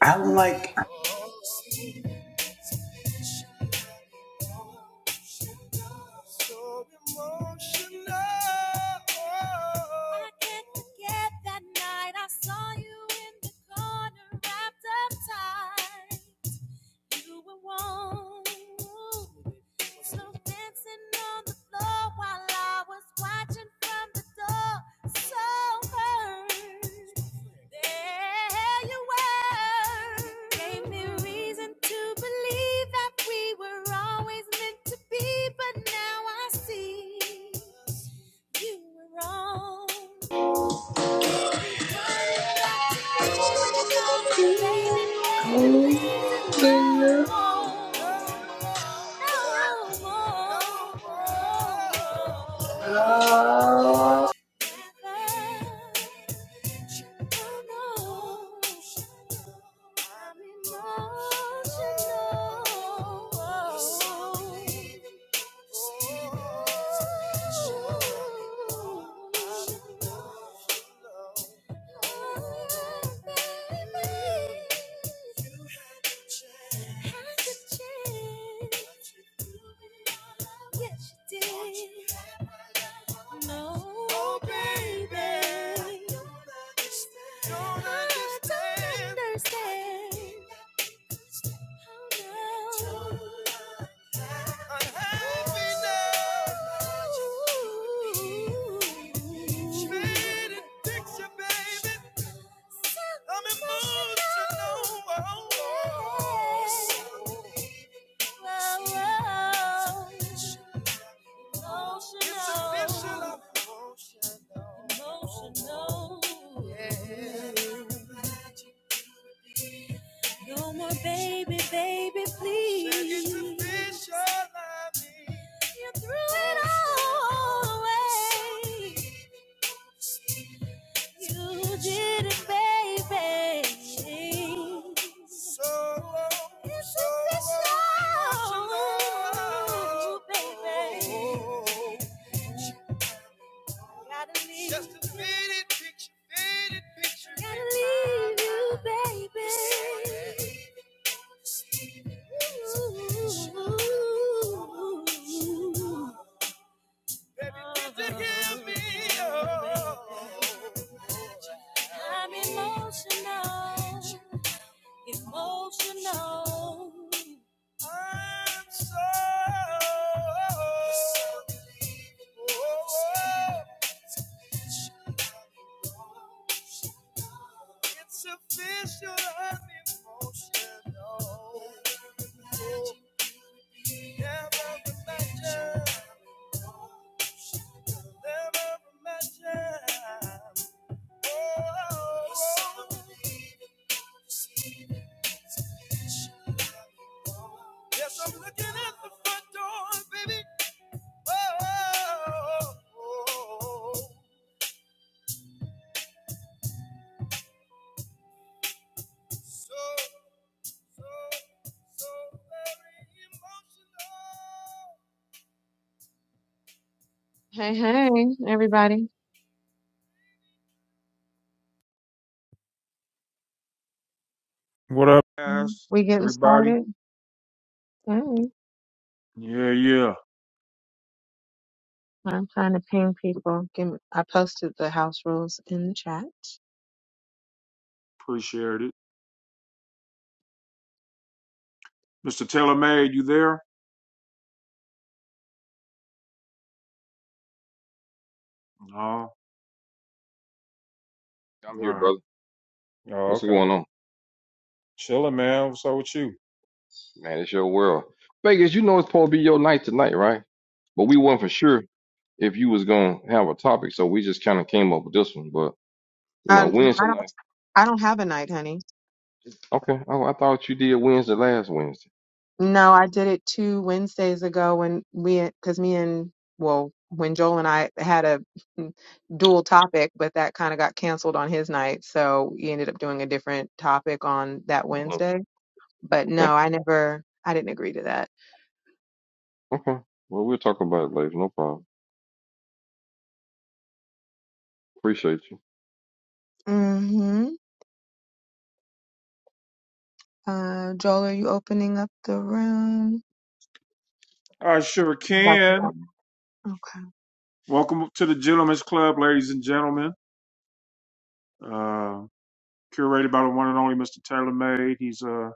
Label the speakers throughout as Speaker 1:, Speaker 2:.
Speaker 1: I like
Speaker 2: Hey, hey, everybody.
Speaker 3: What up,
Speaker 2: Mhm.
Speaker 3: guys?
Speaker 2: We getting
Speaker 3: Everybody?
Speaker 2: started? Hey,
Speaker 3: Yeah, yeah.
Speaker 2: I'm trying to ping people. Give me, I posted the house rules in the chat.
Speaker 3: Appreciate it. Mr. Taylor May, you there? No. All
Speaker 4: I'm here,
Speaker 3: right.
Speaker 4: brother.
Speaker 3: Oh,
Speaker 4: What's
Speaker 3: okay.
Speaker 4: going on?
Speaker 3: Chilling, man. What's up with you?
Speaker 4: Man, it's your world. Vegas, you know it's supposed to be your night tonight, right? But we weren't for sure if you was gonna have a topic, so we just kind of came up with this one. But you know,
Speaker 2: Um, no, I
Speaker 4: Wednesday
Speaker 2: don't,
Speaker 4: night.
Speaker 2: I don't have a night, honey.
Speaker 4: Okay. Oh, I thought you did Wednesday last Wednesday.
Speaker 2: No, I did it two Wednesdays ago when we, cause me and, well, when Joel and I had a dual topic, but that kind of got canceled on his night. So we ended up doing a different topic on that
Speaker 4: Mhm.
Speaker 2: Wednesday. But
Speaker 4: Okay.
Speaker 2: no, I never, I didn't agree to that.
Speaker 4: Okay. Well, we'll talk about it later. No problem. Appreciate you.
Speaker 2: Mm-hmm. Uh, Joel, are you opening up the room?
Speaker 3: I sure
Speaker 2: About to
Speaker 3: can.
Speaker 2: go. Okay.
Speaker 3: Welcome to the Gentlemen's Club, ladies and gentlemen. Uh, curated by the one and only Mr. Taylor May. He's uh,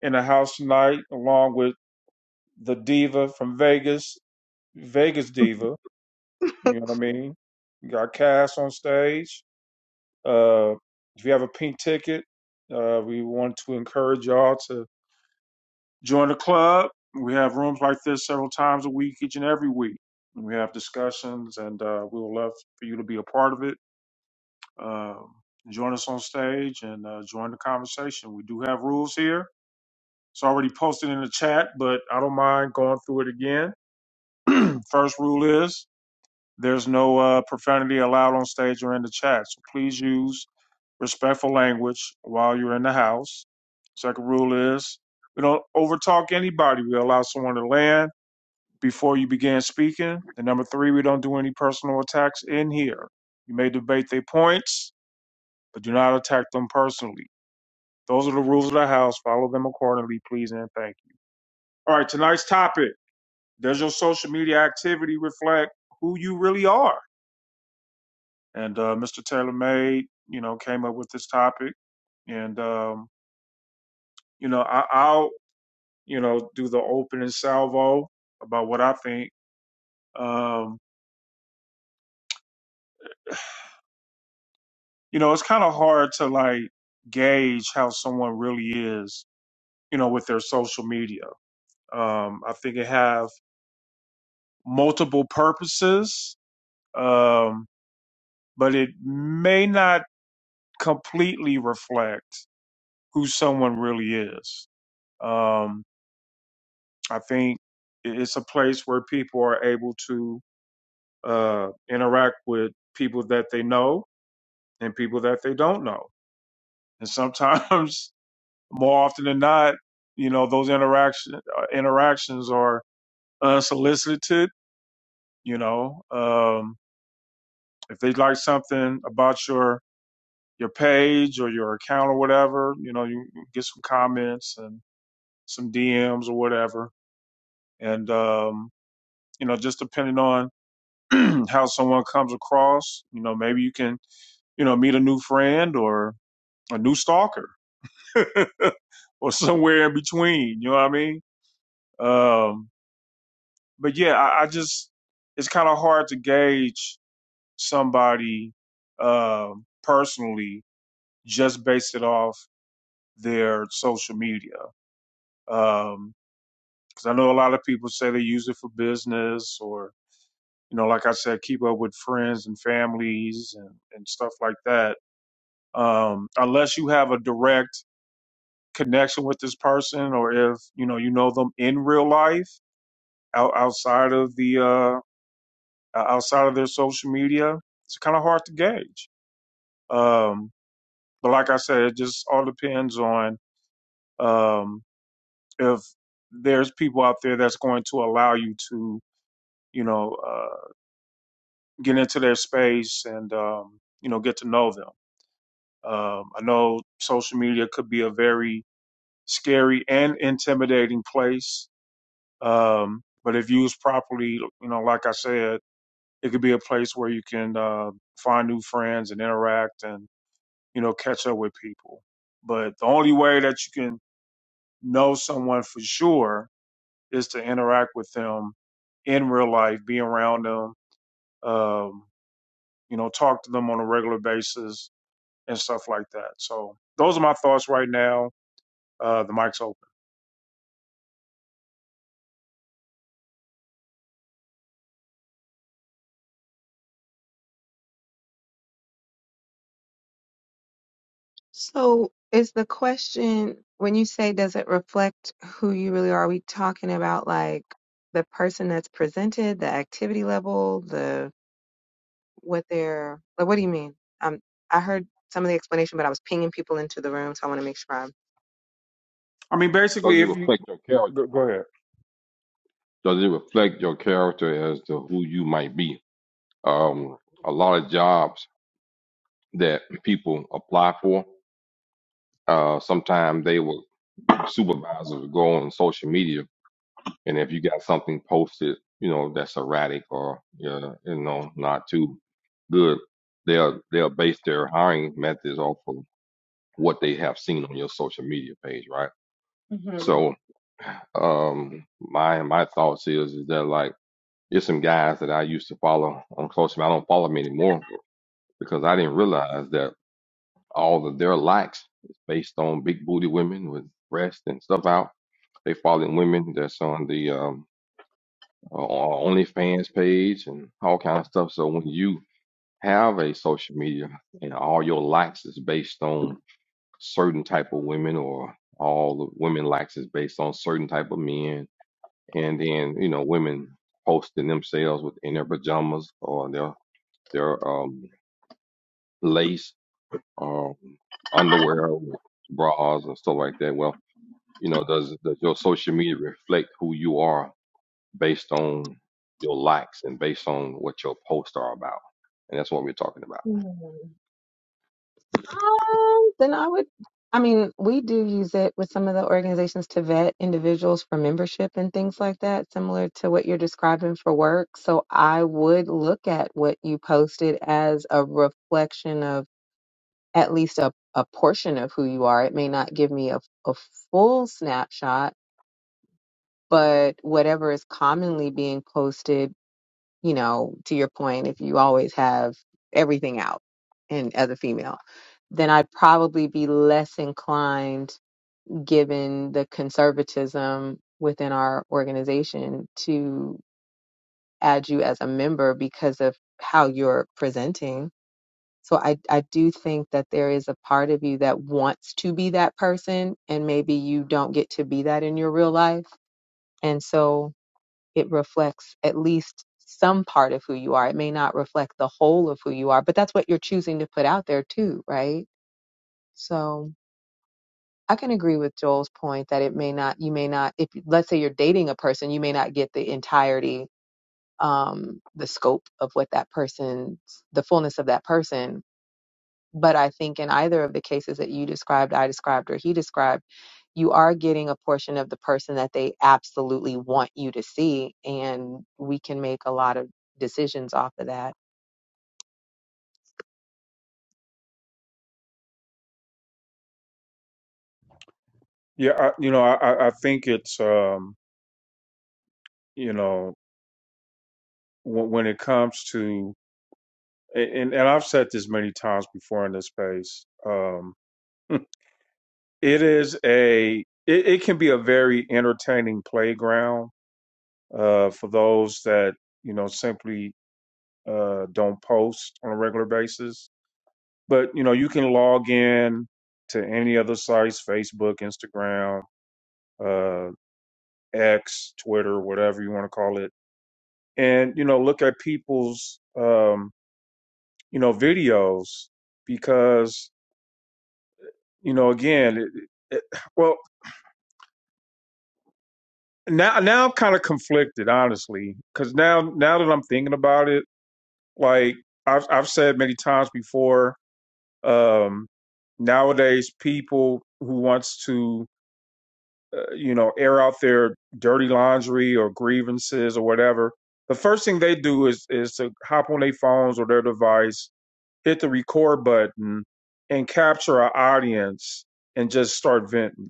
Speaker 3: in the house tonight, along with the diva from Vegas, Vegas diva. You know what I mean? We got Cass on stage. Uh, if you have a pink ticket, uh, we want to encourage y'all to join the club. We have rooms like this several times a week, each and every week. We have discussions, and uh, we would love for you to be a part of it. Um, join us on stage and uh, join the conversation. We do have rules here. It's already posted in the chat, but I don't mind going through it again. First rule is there's no uh, profanity allowed on stage or in the chat. So please use respectful language while you're in the house. Second rule is we don't overtalk anybody. We allow someone to land before you begin speaking. And number three, we don't do any personal attacks in here. You may debate their points, but do not attack them personally. Those are the rules of the house. Follow them accordingly, please and thank you. All right, tonight's topic. Does your social media activity reflect who you really are? And uh, Mr. Taylor made, you know, came up with this topic. And um, you know, I, I'll you know, do the opening salvo about what I think. Um, you know, it's kind of hard to like gauge how someone really is, you know, with their social media. Um, I think it have multiple purposes, um, but it may not completely reflect who someone really is. Um, I think it- it's a place where people are able to uh, interact with people that they know and people that they don't know and sometimes more often than not you know those interaction uh, interactions are unsolicited you know um if they like something about your your page or your account or whatever you know you get some comments and some dms or whatever and um you know just depending on how someone comes across you know maybe you can you know meet a new friend or a new stalker or somewhere in between you know what i mean Um, but yeah, I, I just it's kind of hard to gauge somebody um, personally just based it off their social media. Because I know a lot of people say they use it for business or you know, like I said, keep up with friends and families and, and stuff like that. Um, unless you have a direct connection with this person, or if you know you know them in real life, out, outside of the uh, uh, outside of their social media, it's kind of hard to gauge. Um, but like I said, it just all depends on um, if there's people out there that's going to allow you to, you know, uh, get into their space and, um, you know, get to know them. Um, I know social media could be a very scary and intimidating place. Um, but if used properly, you know, like I said, it could be a place where you can uh, find new friends and interact and you know, catch up with people. But the only way that you can know someone for sure is to interact with them in real life, be around them, um, you know, talk to them on a regular basis and stuff like that. So those are my thoughts right now. Uh, the mic's open.
Speaker 2: So is the question when you say does it reflect who you really are, are we talking about like the person that's presented, the activity level, the what they're like what do you mean? Um I heard some of the explanation, but I was pinging people into the room, so I want to make sure I'm
Speaker 3: I mean,
Speaker 4: Does
Speaker 3: basically,
Speaker 4: it
Speaker 3: if you
Speaker 4: reflect your character?
Speaker 3: go go ahead,
Speaker 4: Does it reflect your character as to who you might be? Um, a lot of jobs that people apply for, uh, sometimes they will supervisor to go on social media and if you got something posted, you know, that's erratic or uh, you know, not too good, they'll they'll base their hiring methods off of what they have seen on your social media page, right?
Speaker 2: Mhm.
Speaker 4: So um my my thoughts is is that like there's some guys that I used to follow on social media. I don't follow them anymore because I didn't realize that all of their likes is based on big booty women with breasts and stuff out. They following women that's on the um uh, OnlyFans page and all kind of stuff. So when you have a social media and all your likes is based on certain type of women or all the women likes is based on certain type of men and then you know women posting themselves with in their pajamas or their their um lace or underwear with bras and stuff like that well you know does does your social media reflect who you are based on your likes and based on what your posts are about. And that's what we're talking about.
Speaker 2: Hmm. Um, then I would, I mean, we do use it with some of the organizations to vet individuals for membership and things like that, similar to what you're describing for work. So I would look at what you posted as a reflection of at least a, a portion of who you are. It may not give me a, a full snapshot but whatever is commonly being posted, you know, to your point, if you always have everything out and as a female, then I'd probably be less inclined, given the conservatism within our organization, to add you as a member because of how you're presenting. So I, I do think that there is a part of you that wants to be that person and maybe you don't get to be that in your real life. And so it reflects at least some part of who you are. It may not reflect the whole of who you are, but that's what you're choosing to put out there too, right? So I can agree with Joel's point that it may not, you may not, if let's say you're dating a person, you may not get the entirety, um, the scope of what that person, the fullness of that person but I think in either of the cases that you described, I described, or he described, you are getting a portion of the person that they absolutely want you to see. And we can make a lot of decisions off of that.
Speaker 3: yeah, I, you know, I, I I think it's, um, you know, w- when it comes to, and, and I've said this many times before in this space, um, It is a it, it can be a very entertaining playground uh, for those that you know simply uh, don't post on a regular basis. But you know you can log in to any other sites, Facebook, Instagram, uh, X, Twitter, whatever you want to call it, and you know look at people's um, you know videos because you know again, it, it, well now now I'm kind of conflicted, honestly, because now now that I'm thinking about it, like I've I've said many times before, um, nowadays people who wants to uh, you know air out their dirty laundry or grievances or whatever, the first thing they do is is to hop on their phones or their device, hit the record button, and capture our audience and just start venting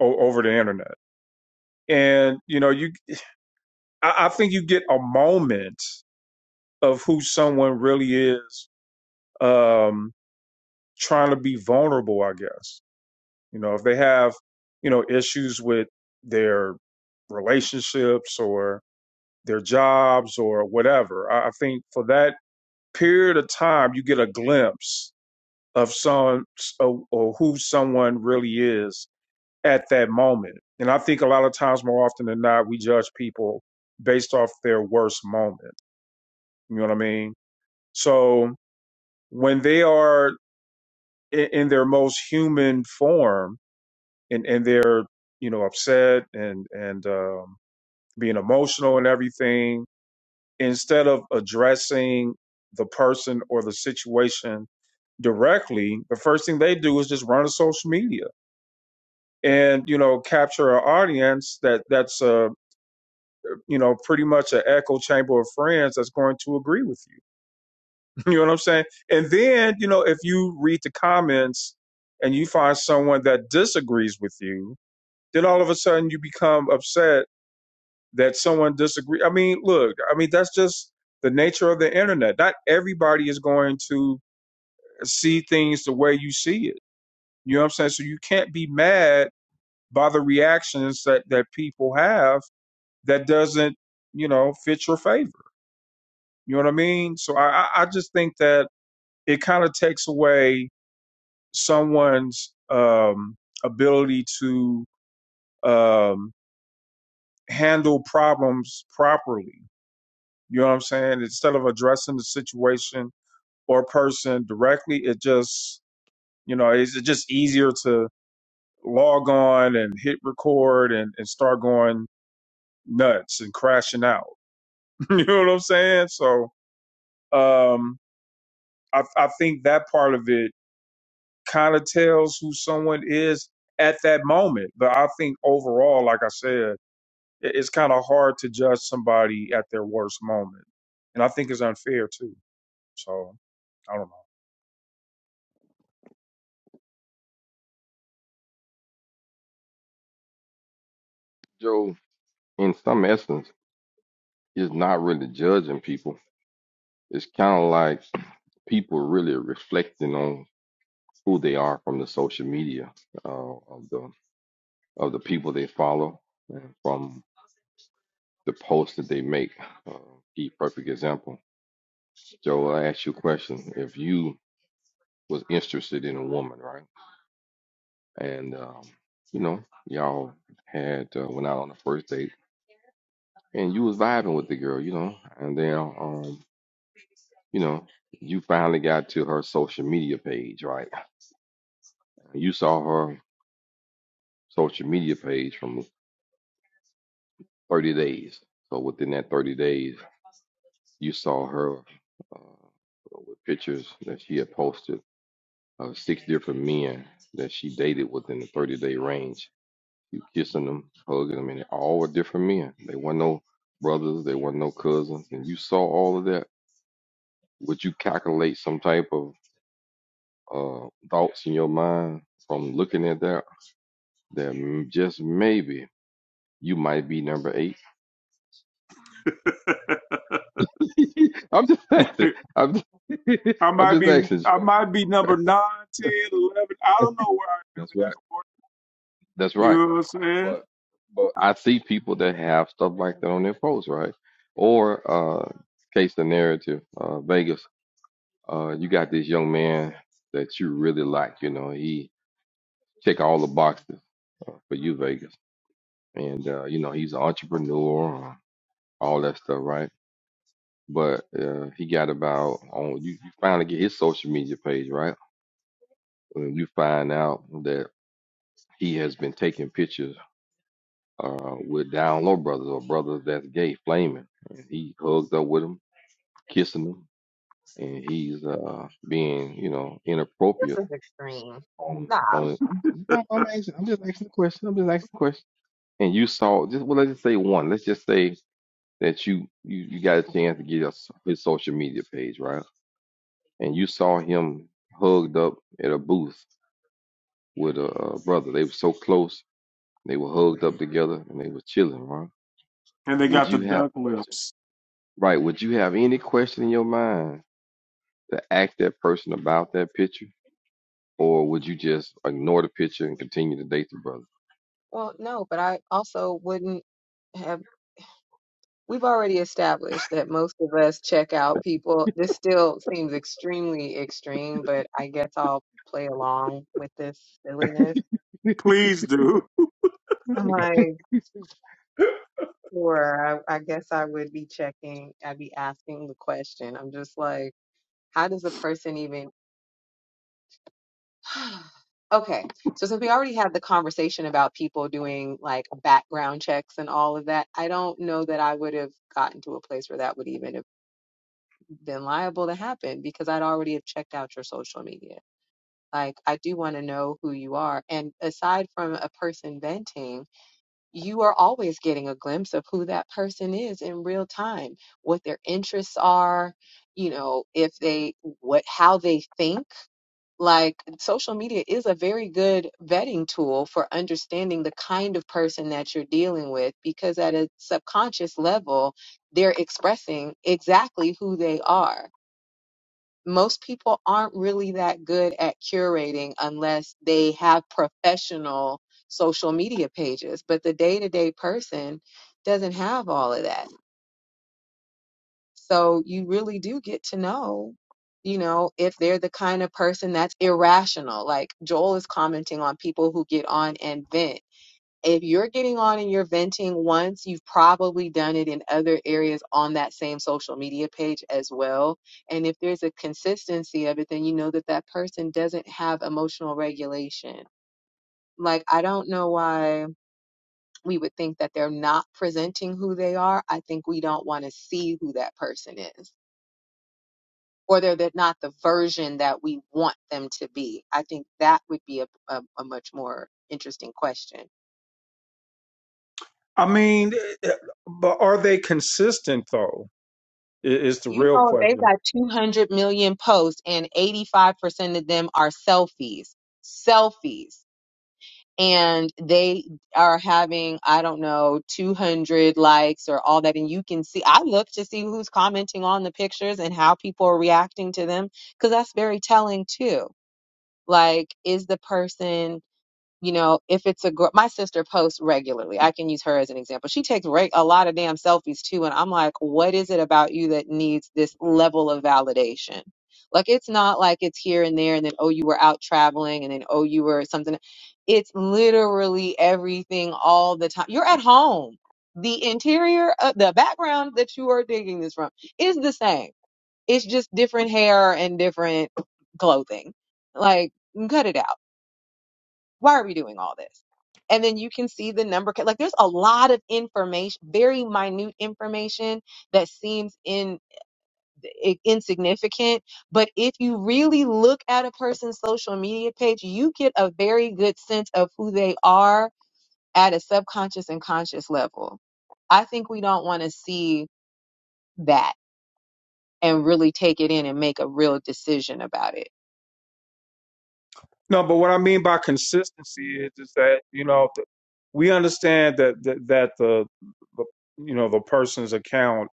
Speaker 3: o- over the internet. And you know you I, I think you get a moment of who someone really is um, trying to be vulnerable, I guess. You know, if they have, you know, issues with their relationships or their jobs or whatever, I, I think for that period of time, you get a glimpse of some or, or who someone really is at that moment. And I think a lot of times, more often than not, we judge people based off their worst moment. You know what I mean? So when they are in, in their most human form and, and they're, you know, upset and, and, um, being emotional and everything, instead of addressing the person or the situation directly, the first thing they do is just run to social media and, you know, capture an audience that that's, uh, you know, pretty much an echo chamber of friends that's going to agree with you You know what I'm saying? And then, you know, if you read the comments and you find someone that disagrees with you, then all of a sudden you become upset that someone disagrees. I mean, look, I mean, that's just the nature of the internet. Not everybody is going to see things the way you see it. You know what I'm saying? So you can't be mad by the reactions that, that people have that doesn't, you know, fit your favor. You know what I mean? So I I just think that it kind of takes away someone's um, ability to um, handle problems properly. You know what I'm saying? Instead of addressing the situation or person directly, it just, you know, it's just easier to log on and hit record and, and start going nuts and crashing out. you know what I'm saying? So um, I, I think that part of it kind of tells who someone is at that moment. But I think overall, like I said, it- it's kind of hard to judge somebody at their worst moment, and I think it's unfair too. So I don't
Speaker 4: Joe, in some essence, is not really judging people. It's kind of like people really reflecting on who they are from the social media uh, of the of the people they follow, and from the posts that they make. Uh, the perfect example, Joe. I asked you a question. If you was interested in a woman, right, and um, you know y'all had uh, went out on the first date and you was vibing with the girl, you know, and then um, you know, you finally got to her social media page, right? You saw her social media page from 30 days. So within that 30 days, you saw her uh, with pictures that she had posted of six different men that she dated within the 30 day range. You kissing them, hugging them, and they all were different men. They weren't no brothers, they weren't no cousins, and you saw all of that would you calculate some type of uh, thoughts in your mind from looking at that? That just maybe you might be number eight. I'm just asking.
Speaker 3: know.
Speaker 4: I'm just,
Speaker 3: I
Speaker 4: I'm
Speaker 3: might
Speaker 4: just
Speaker 3: be
Speaker 4: asking.
Speaker 3: I
Speaker 4: Joe.
Speaker 3: might be number nine, ten, eleven. I don't know where I am
Speaker 4: That's
Speaker 3: in that
Speaker 4: right.
Speaker 3: order.
Speaker 4: That's
Speaker 3: You
Speaker 4: right.
Speaker 3: know what I'm saying?
Speaker 4: But but I see people that have stuff like that on their posts, right? Or uh, case the narrative, uh, Vegas. Uh, you got this young man that you really like. You know, he check all the boxes uh, for you, Vegas and uh, you know he's an entrepreneur, all that stuff, right? But uh, he got about on you, you finally get his social media page, right? When you find out that he has been taking pictures uh, with down low brothers or brothers that's gay, flaming. And he hugs up with them, kissing them, and he's uh, being you know inappropriate
Speaker 2: This is extreme.
Speaker 4: on
Speaker 2: Nah.
Speaker 4: on. I'm, I'm asking, I'm just asking the question. I'm just asking the question. And you saw just well, let's just say one. Let's just say that you you, you got a chance to get his, his social media page right, and you saw him hugged up at a booth with a, uh brother. They were so close. They were hugged up together and they were chilling, right?
Speaker 3: And they
Speaker 4: Would
Speaker 3: got the
Speaker 4: you have
Speaker 3: duck
Speaker 4: question?
Speaker 3: lips.
Speaker 4: Right? Would you have any question in your mind to ask that person about that picture, or would you just ignore the picture and continue to date the brother?
Speaker 2: Well, no, but I also wouldn't have. We've already established that most of us check out people. This still seems extremely extreme, but I guess I'll play along with this silliness.
Speaker 3: Please do.
Speaker 2: I'm like. Or I, I guess I would be checking, I'd be asking the question. I'm just like, how does a person even? Okay, so since we already had the conversation about people doing like background checks and all of that, I don't know that I would have gotten to a place where that would even have been liable to happen because I'd already have checked out your social media. Like, I do want to know who you are. And aside from a person venting, you are always getting a glimpse of who that person is in real time, what their interests are, you know, if they what how they think. Like social media is a very good vetting tool for understanding the kind of person that you're dealing with because at a subconscious level, they're expressing exactly who they are most people aren't really that good at curating unless they have professional social media pages, but the day to day person doesn't have all of that. So you really do get to know, you know, if they're the kind of person that's irrational. Like Joel is commenting on people who get on and vent if you're getting on and you're venting once, you've probably done it in other areas on that same social media page as well. And if there's a consistency of it, then you know that that person doesn't have emotional regulation. Like, I don't know why we would think that they're not presenting who they are. I think we don't want to see who that person is, or they're they're not the version that we want them to be. I think that would be a, a, a much more interesting question
Speaker 3: I mean, eh, eh, but are they consistent though? i- Is the
Speaker 2: You
Speaker 3: real
Speaker 2: know, if they've
Speaker 3: question.
Speaker 2: got 200 million posts and 85% of them are selfies, selfies, and they are having, I don't know, 200 likes or all that. And you can see, I look to see who's commenting on the pictures and how people are reacting to them because that's very telling too. Like, is the person you know, if it's a girl, my sister posts regularly. I can use her as an example. She takes re- a lot of damn selfies too. And I'm like, what is it about you that needs this level of validation? Like, it's not like it's here and there, and then, oh, you were out traveling, and then, oh, you were something. It's literally everything all the time. You're at home. The interior, uh, the background that you are digging this from is the same. It's just different hair and different clothing. Like, cut it out why are we doing all this? And then you can see the number. Like there's a lot of information, very minute information that seems in i- insignificant. But if you really look at a person's social media page, you get a very good sense of who they are at a subconscious and conscious level. I think we don't want to see that and really take it in and make a real decision about it.
Speaker 3: No, but what I mean by consistency is is that you know th- we understand that that, that the, the you know the person's account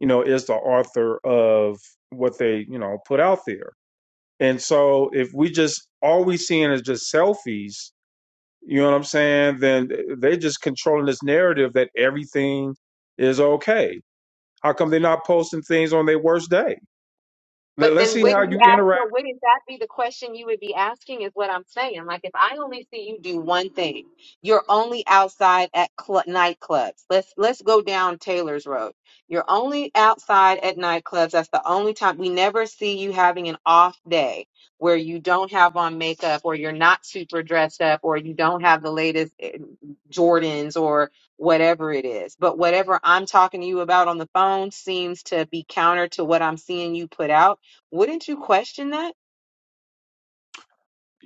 Speaker 3: you know, is the author of what they, you know, put out there. And so if we just all we seeing is just selfies, you know what I'm saying, then they just controlling this narrative that everything is okay. How come they're not posting things on their worst day?
Speaker 2: But
Speaker 3: Let, let's
Speaker 2: then
Speaker 3: see how
Speaker 2: wouldn't you
Speaker 3: you
Speaker 2: ask
Speaker 3: interact.
Speaker 2: her, wouldn't that be the question you would be asking is what I'm saying. Like if I only see you do one thing, you're only outside at cl nightclubs. Let's let's go down Taylor's Road. You're only outside at nightclubs. That's the only time we never see you having an off day where you don't have on makeup or you're not super dressed up or you don't have the latest eh, Jordans or whatever it is. But whatever I'm talking to you about on the phone seems to be counter to what I'm seeing you put out wouldn't you question that?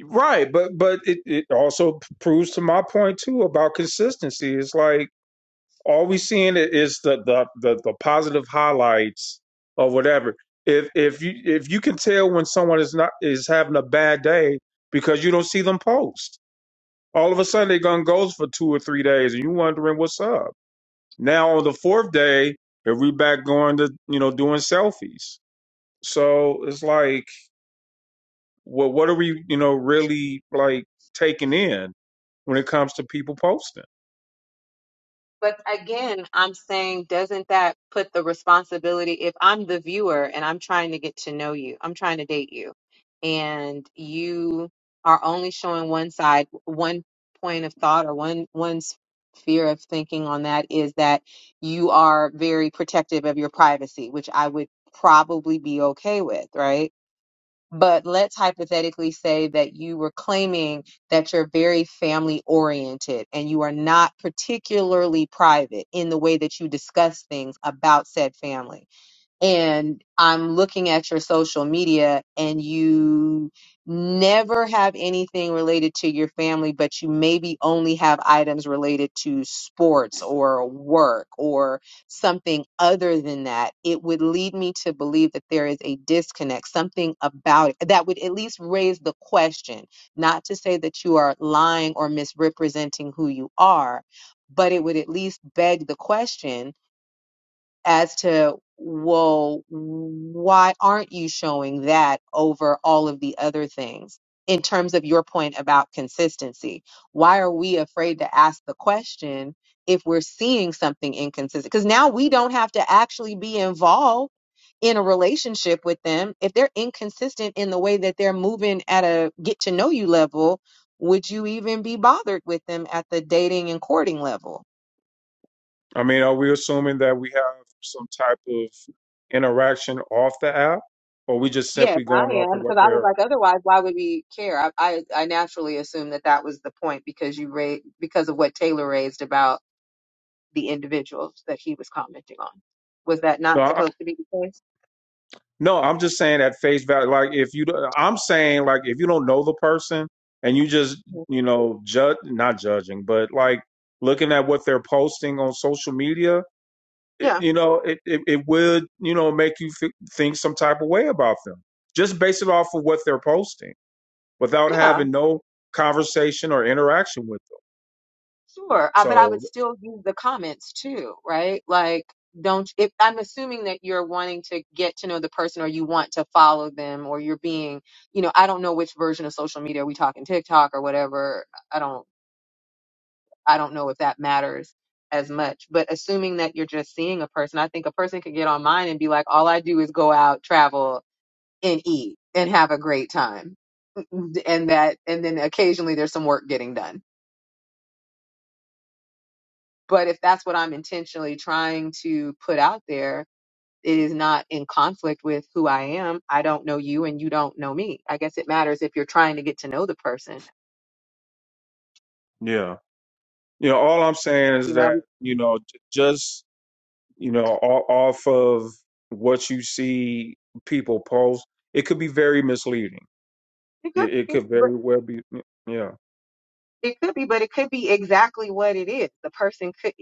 Speaker 3: Right, but but it, it also proves to my point too about consistency. It's like all we seeing i- is the the the, the positive highlights or whatever. If if you if you can tell when someone is not is having a bad day because you don't see them post, all of a sudden they gone goes for two or three days, and you wondering what's up. Now on the fourth day, everybody back going to you know doing selfies? So it's like, well, what are we you know really like taking in when it comes to people posting?
Speaker 2: But again, I'm saying, doesn't that put the responsibility? If I'm the viewer and I'm trying to get to know you, I'm trying to date you, and you are only showing one side, one point of thought, or one one sphere of thinking on that is that you are very protective of your privacy, which I would probably be okay with, right? But let's hypothetically say that you were claiming that you're very family oriented and you are not particularly private in the way that you discuss things about said family and I'm looking at your social media and you never have anything related to your family, but you maybe only have items related to sports or work or something other than that, it would lead me to believe that there is a disconnect, something about it that would at least raise the question. Not to say that you are lying or misrepresenting who you are, but it would at least beg the question as to, well, why aren't you showing that over all of the other things in terms of your point about consistency? Why are we afraid to ask the question if we're seeing something inconsistent? Because now we don't have to actually be involved in a relationship with them. If they're inconsistent in the way that they're moving at a get to know you level, would you even be bothered with them at the dating and courting level?
Speaker 3: I mean, are we assuming that we have some type of interaction off the app, or we just
Speaker 2: Yes,
Speaker 3: simply
Speaker 2: I
Speaker 3: going off
Speaker 2: am
Speaker 3: of
Speaker 2: because
Speaker 3: what
Speaker 2: I was
Speaker 3: they're?
Speaker 2: like, otherwise, why would we care? I, I I naturally assumed that that was the point because you raised because of what Taylor raised about the individuals that he was commenting on. Was that
Speaker 3: No,
Speaker 2: not
Speaker 3: I,
Speaker 2: supposed to be the case?
Speaker 3: no, I'm just saying at face value. Like if you, don't- I'm saying like if you don't know the person and you just
Speaker 2: Mhm.
Speaker 3: you know judge, not judging, but like looking at what they're posting on social media, it,
Speaker 2: Yeah,
Speaker 3: you know, it, it it would you know make you f- think some type of way about them just based it off of what they're posting without
Speaker 2: yeah,
Speaker 3: having no conversation or interaction with them.
Speaker 2: sure. I, but I would
Speaker 3: So
Speaker 2: still use the comments too, right? Like, don't if I'm assuming that you're wanting to get to know the person or you want to follow them or you're being, you know, I don't know which version of social media are we talking TikTok or whatever. I don't. I don't know if that matters as much. But assuming that you're just seeing a person, I think a person could get online and be like, all I do is go out, travel, and eat and have a great time. And that, and then occasionally there's some work getting done. But if that's what I'm intentionally trying to put out there, it is not in conflict with who I am. I don't know you and you don't know me. I guess it matters if you're trying to get to know the person.
Speaker 3: Yeah. You know, all I'm saying
Speaker 2: You
Speaker 3: is
Speaker 2: know, I
Speaker 3: that,
Speaker 2: mean,
Speaker 3: you know, j- just, you know, all, off of what you see people post, it could be very misleading.
Speaker 2: it could
Speaker 3: It, it
Speaker 2: be,
Speaker 3: could
Speaker 2: but
Speaker 3: very well be. Yeah.
Speaker 2: it could be, but it could be exactly what it is. The person could.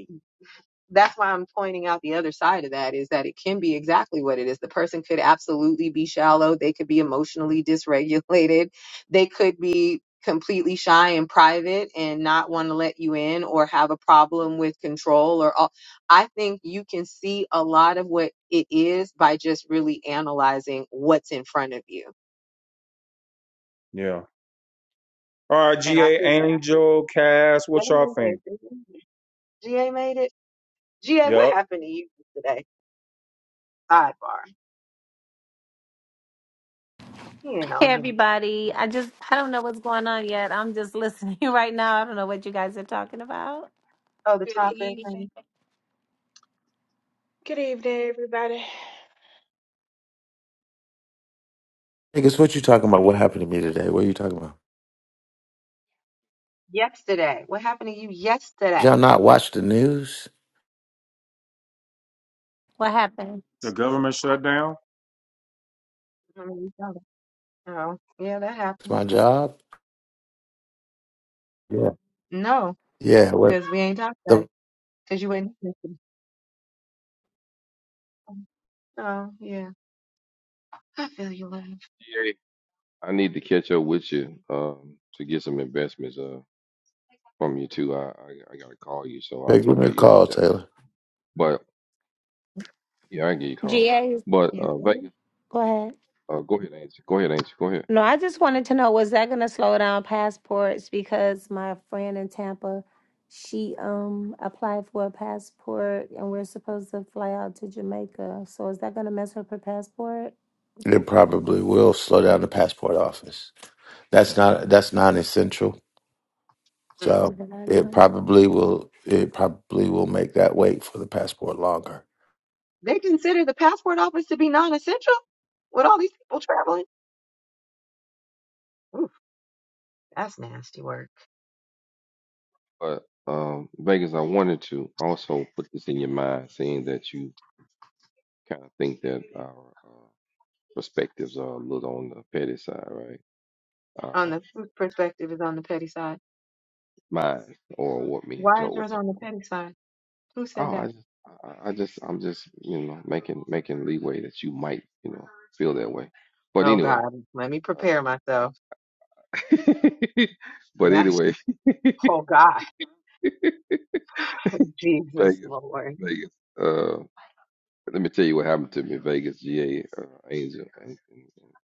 Speaker 2: that's why I'm pointing out the other side of that is that it can be exactly what it is. The person could absolutely be shallow. They could be emotionally dysregulated. They could be completely shy and private and not want to let you in or have a problem with control or all. I think you can see a lot of what it is by just really analyzing what's in front of you.
Speaker 3: Yeah. All right,
Speaker 2: And I
Speaker 3: GA
Speaker 2: think
Speaker 3: Angel, Cass,
Speaker 2: yeah,
Speaker 3: what y'all think?
Speaker 2: GA made it. GA, what
Speaker 3: Yep.
Speaker 2: happened to you today? Sidebar. He ain't
Speaker 5: Hey
Speaker 2: on here.
Speaker 5: everybody. I just I don't know what's going on yet. I'm just listening right now. I don't know what you guys are talking about.
Speaker 2: Oh, the
Speaker 6: Good
Speaker 2: topic.
Speaker 6: evening. Good evening, everybody.
Speaker 7: Hey, guess what you talking about? What happened to me today? What are you talking about?
Speaker 2: Yesterday. What happened to you yesterday?
Speaker 7: y'all not watch the news?
Speaker 5: What happened?
Speaker 3: The government shutdown?
Speaker 2: I mean, no. Oh, yeah, that
Speaker 7: It's
Speaker 2: happens.
Speaker 7: my job. Yeah.
Speaker 2: No,
Speaker 7: Yeah. What
Speaker 2: because we ain't talking about
Speaker 7: the
Speaker 2: it. Because you ain't listening. Oh, yeah. I feel you, love.
Speaker 4: GA, I need to catch up with you um, to get some investments uh, from you too. I, I I gotta call you, so I'll
Speaker 7: hey, give
Speaker 4: talk
Speaker 7: me a
Speaker 4: to you about
Speaker 7: call,
Speaker 4: that later.
Speaker 7: Taylor.
Speaker 4: But yeah, I can get you calm.
Speaker 5: GA,
Speaker 4: But
Speaker 2: You
Speaker 4: uh,
Speaker 2: feel me?
Speaker 4: Vegas,
Speaker 5: go ahead.
Speaker 4: uh, go ahead, Angie. Go ahead, Angie. Go ahead.
Speaker 5: No, I just wanted to know was that going to slow down passports because my friend in Tampa, she um applied for a passport and we're supposed to fly out to Jamaica. So is that going to mess up her passport?
Speaker 7: It probably will slow down the passport office. That's not that's non essential.
Speaker 2: Mm.
Speaker 5: Oh,
Speaker 7: So
Speaker 5: did I
Speaker 7: it
Speaker 5: know?
Speaker 7: probably will it probably will make that wait for the passport longer.
Speaker 2: They consider the passport office to be non-essential with all these people traveling. Oof, that's nasty work.
Speaker 4: But um, Vegas, I wanted to also put this in your mind, seeing that you kind of think that our uh, perspectives are a little on the petty side, right?
Speaker 2: On
Speaker 4: Um,
Speaker 2: the whose perspective is on the petty side?
Speaker 4: mine or what me and
Speaker 2: Why
Speaker 4: Joe
Speaker 2: is
Speaker 4: were
Speaker 2: yours on the
Speaker 4: talking about.
Speaker 2: petty side? Who said
Speaker 4: Oh, I
Speaker 2: that?
Speaker 4: just, I, I I just, I'm just, you know, making making leeway that you might, you know, feel that way. But
Speaker 2: Oh
Speaker 4: anyway,
Speaker 2: God, let me prepare
Speaker 4: uh,
Speaker 2: myself.
Speaker 4: I, but
Speaker 2: Yes.
Speaker 4: anyway,
Speaker 2: Oh God, Jesus
Speaker 4: Vegas,
Speaker 2: Lord.
Speaker 4: Vegas. uh, Let me tell you what happened to me in Vegas, GA, uh, Angel.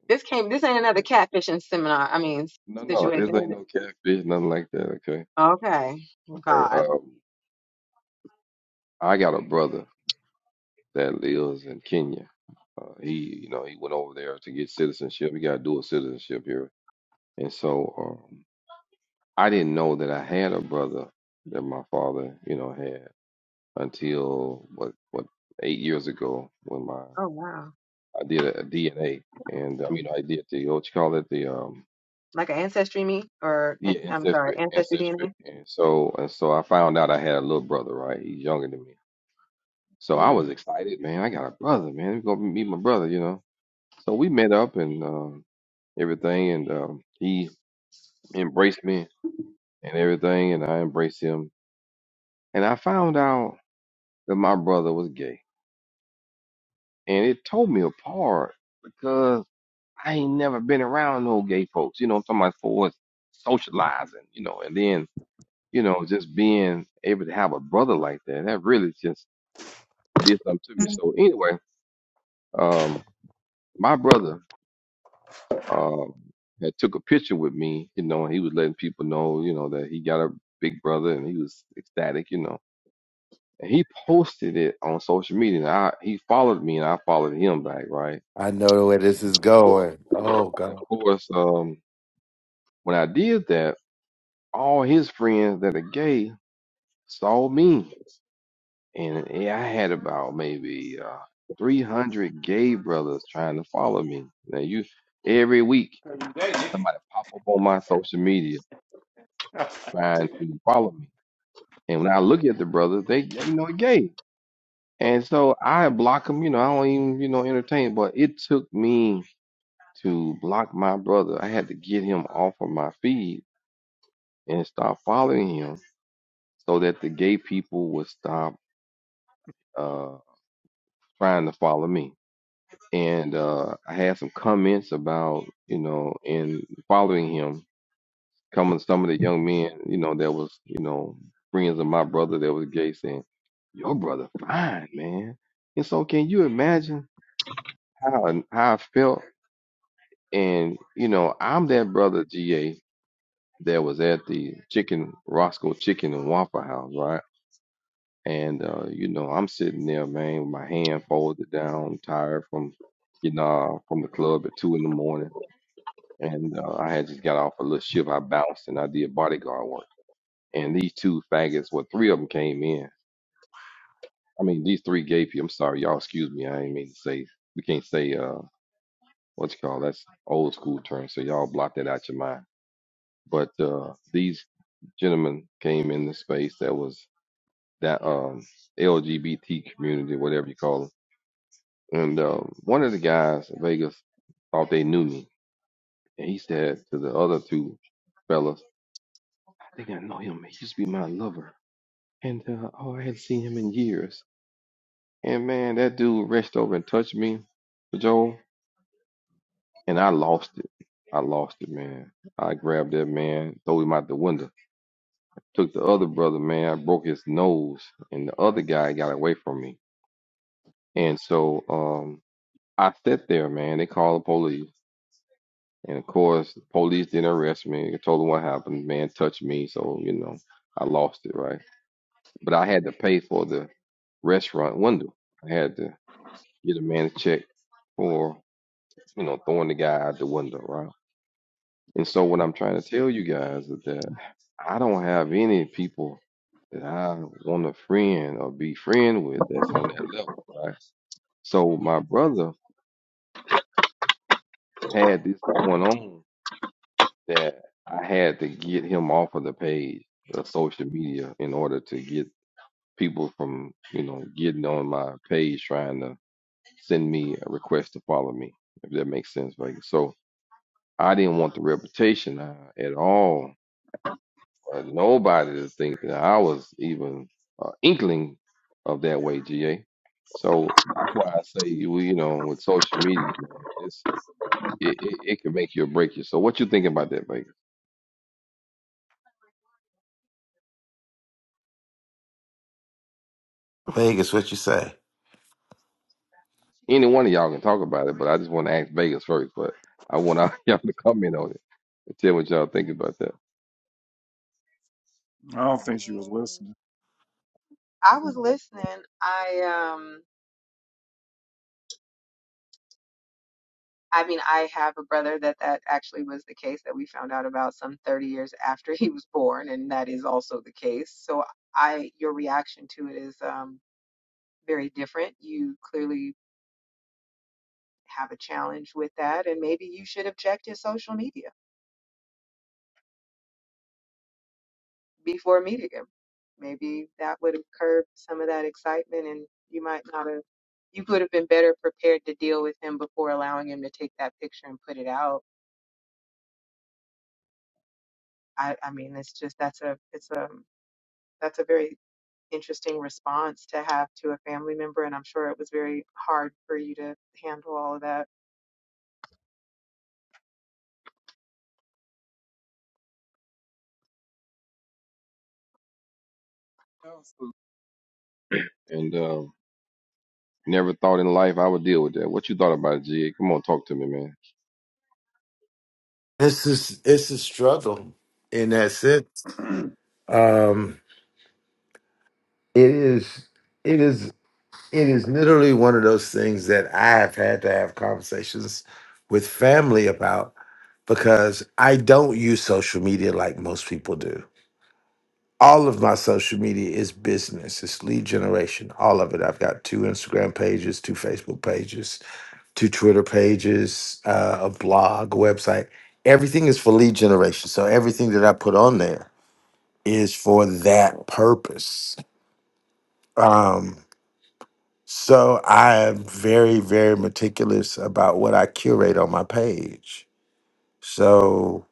Speaker 2: This came. This ain't another catfishing seminar. I mean s-
Speaker 4: No, no, this
Speaker 2: situation. is
Speaker 4: ain't
Speaker 2: it?
Speaker 4: no catfish, nothing like that. Okay,
Speaker 2: Okay.
Speaker 4: okay.
Speaker 2: God.
Speaker 4: Um, I got a brother that lives in Kenya. Uh, he, you know, he went over there to get citizenship. He got dual citizenship here, and so um, I didn't know that I had a brother that my father, you know, had until what what eight years ago when my
Speaker 2: Oh wow.
Speaker 4: I did a, DNA, and I mean I did the what you call it the um
Speaker 2: Like an ancestry me or
Speaker 4: Yeah,
Speaker 2: an- I'm sorry,
Speaker 4: ancestry,
Speaker 2: ancestry
Speaker 4: ancestry.
Speaker 2: DNA.
Speaker 4: And so and so I found out I had a little brother, right? He's younger than me. So I was
Speaker 2: Mm.
Speaker 4: excited, man. I got a brother, man. He's gonna meet my brother, you know. So we met up and um everything and um he embraced me and everything and I embraced him. And I found out that my brother was gay. And it tore me apart because I ain't never been around no gay folks. You know, what I'm talking about for socializing, you know, and then you know, just being able to have a brother like that, that really just did something to me. So anyway, um, my brother um had took a picture with me, you know, and he was letting people know, you know, that he got a big brother and he was ecstatic, you know. And he posted it on social media and I he followed me and I followed him back, right?
Speaker 7: I know the way this
Speaker 4: And
Speaker 7: is
Speaker 4: of course
Speaker 7: going. Oh
Speaker 4: and of
Speaker 7: God.
Speaker 4: course, um when I did that, all his friends that are gay saw me and uh, yeah, I had about maybe uh, 300 gay brothers trying to follow me. Now you, every week somebody pop up on my social media trying to follow me, and when I look at the brothers, they they, you know are gay, and so I block them. You know, I don't even you know entertain. But it took me to block my brother. I had to get him off of my feed and stop following him, so that the gay people would stop uh, trying to follow me. and uh, I had some comments about you know in following him coming some of the young men you know that was you know friends of my brother that was gay saying your brother fine man and so can you imagine how how I felt and you know I'm that brother GA that was at the chicken Roscoe Chicken and Waffle House right and uh, you know I'm sitting there man with my hand folded down tired from you know from the club at two in the morning and uh, I had just got off a little shift. I bounced and I did bodyguard work. And these two faggots, well, three of them came in. I mean, these three gay people. I'm sorry, y'all. Excuse me. I ain't mean to say. We can't say uh, what you call that's old school term. So y'all block that out your mind. But uh, these gentlemen came in the space that was that um, LGBT community, whatever you call it. And uh, one of the guys in Vegas thought they knew me, and he said to the other two fellas I think I know him. He used to be my lover. And uh, oh, I hadn't seen him in years. And man, that dude reached over and touched me, Joel, and I lost it. I lost it, man. I grabbed that man, threw him out the window. Took the other brother, man, I broke his nose, and the other guy got away from me. And so um, I sat there, man. They called the police. And of course, the police didn't arrest me. I told them what happened. Man touched me, so you know, I lost it, right? But I had to pay for the restaurant window. I had to get a man a check for, you know, throwing the guy out the window, right? And so what I'm trying to tell you guys is that I don't have any people that I want to friend or be friend with that's on that level, right? So my brother had this going on that I had to get him off of the page of social media in order to get people from, you know, getting on my page trying to send me a request to follow me, if that makes sense. Like, so I didn't want the reputation uh, at all. Uh, nobody to think that I was even uh, inkling of that way, GA. So that's why I say, you you know, with social media, man, it's, it, it, it can make you or break you. So what you thinking about that, Vegas?
Speaker 7: Vegas, what you say?
Speaker 4: Any one of y'all can talk about it, but I just want to ask Vegas first. But I want all y'all to comment on it and tell what y'all think about that.
Speaker 3: I
Speaker 2: I
Speaker 3: don't think she was
Speaker 2: mean,
Speaker 3: listening.
Speaker 2: I was listening. I um. I mean, I have a brother that that actually was the case that we found out about some 30 years after he was born, and that is also the case. So I, your reaction to it is um, very different. You clearly have a challenge with that, and maybe you should object to social media before meeting him. Maybe that would have curbed some of that excitement, and you might not have. You would have been better prepared to deal with him before allowing him to take that picture and put it out. I, I mean, it's just that's a it's a that's a very interesting response to have to a family member. And I'm sure it was very hard for you to handle all of that.
Speaker 4: And um, never thought in life I would deal with that. What you thought about it, Jig? Come on, talk to me, man.
Speaker 7: This is it's a struggle in that sense. Um, it is. It is. It is literally one of those things that I have had to have conversations with family about because I don't use social media like most people do. All of my social media is business, it's lead generation, all of it. I've got two Instagram pages, two Facebook pages, two Twitter pages, uh, a blog, a website. Everything is for lead generation. So everything that I put on there is for that purpose. Um, So I am very, very meticulous about what I curate on my page. So,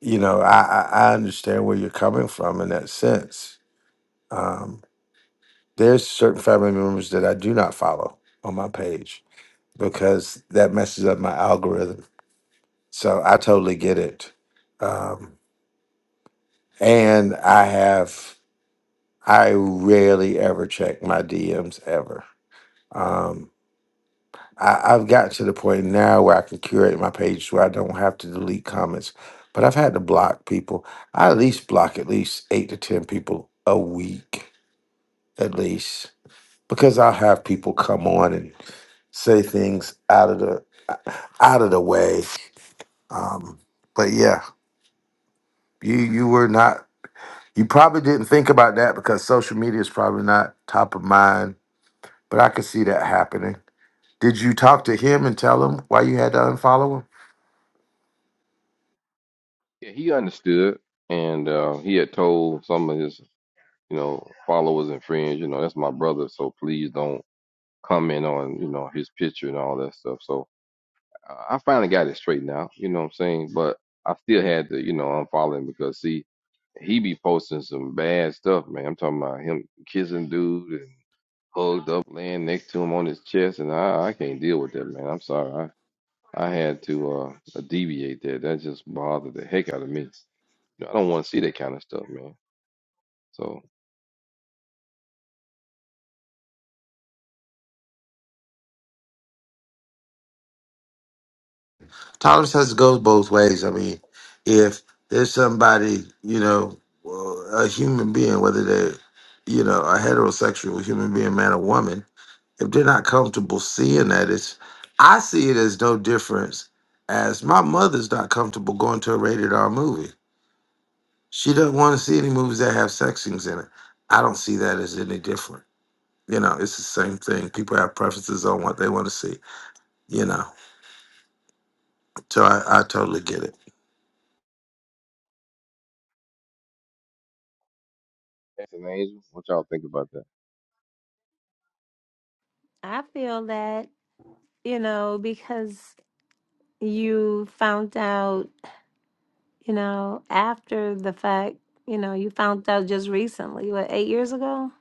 Speaker 7: you know, I, I, I understand where you're coming from in that sense. Um, there's certain family members that I do not follow on my page because that messes up my algorithm. So I totally get it. Um, and I have, I rarely ever check my DMs ever. Um, I, I've got to the point now where I can curate my page where I don't have to delete comments, but I've had to block people. I at least block at least eight to 10 people a week, at least, because I'll have people come on and say things out of the out of the way. Um, but yeah, you you were not you probably didn't think about that because social media is probably not top of mind, but I could see that happening. Did you talk to him and tell him why you had to unfollow him?
Speaker 4: Yeah, he understood, and uh, he had told some of his, you know, followers and friends, you know, that's my brother, so please don't comment on, you know, his picture and all that stuff. So I I finally got it straightened out. You know what I'm saying? But I still had to, you know, unfollow him because see, he be posting some bad stuff, man. I'm talking about him kissing dude and hugged up, laying next to him on his chest, and I, I can't deal with that, man. I'm sorry. I, I had to uh deviate that. That just bothered the heck out of me. You know, I don't want to see that kind of stuff, man. So,
Speaker 7: Tolerance has to go both ways. I mean, if there's somebody, you know, uh, a human being, whether they're, you know, a heterosexual human being, man or woman, if they're not comfortable seeing that, it's, I see it as no difference as my mother's not comfortable going to a rated R movie. She doesn't want to see any movies that have sex scenes in it. I don't see that as any different. You know, it's the same thing. People have preferences on what they want to see, you know. So I, I totally get it.
Speaker 4: that's an angel. What y'all think about that?
Speaker 5: I feel that, you know, because you found out you know, after the fact, you know, you found out just recently, what, eight years ago?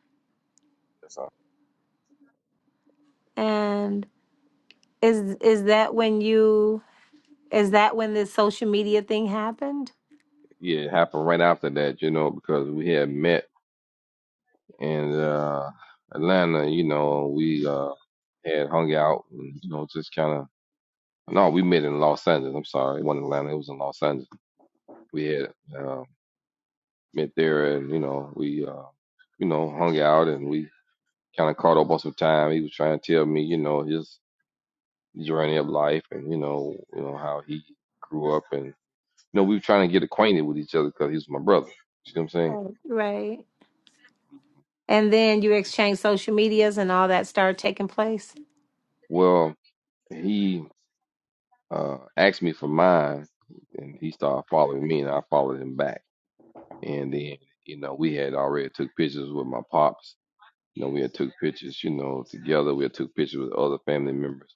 Speaker 4: That's all.
Speaker 5: And is is that when you is that when this social media thing happened?
Speaker 4: Yeah, it happened right after that, you know, because we had met in uh Atlanta, you know, we uh and hung out and you know just kind of no we met in los angeles i'm sorry it wasn't atlanta it was in los angeles we had uh, met there and you know we uh, you know hung out and we kind of caught up on some time he was trying to tell me you know his journey of life and you know you know how he grew up and you know we were trying to get acquainted with each other because he was my brother see what i'm saying
Speaker 5: Oh. Right. And then you exchanged social medias and all that started taking place.
Speaker 4: well he uh, asked me for mine and he started following me and i followed him back And then, you know, we had already took pictures with my pops. You know, we had took pictures, you know, together. We had took pictures with other family members.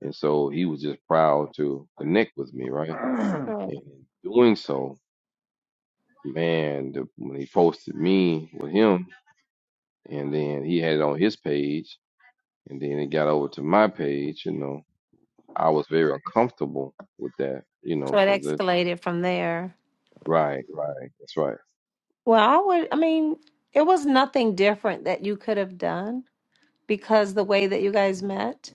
Speaker 4: And so he was just proud to connect with me, right?
Speaker 5: Right.
Speaker 4: And in doing so, man, the, when he posted me with him, and then he had it on his page, and then it got over to my page, you know, I was very uncomfortable with that, you
Speaker 5: So
Speaker 4: know,
Speaker 5: it
Speaker 4: because that's
Speaker 5: escalated from there.
Speaker 4: right, right, that's right.
Speaker 5: Well, I would I mean, it was nothing different that you could have done because the way that you guys met.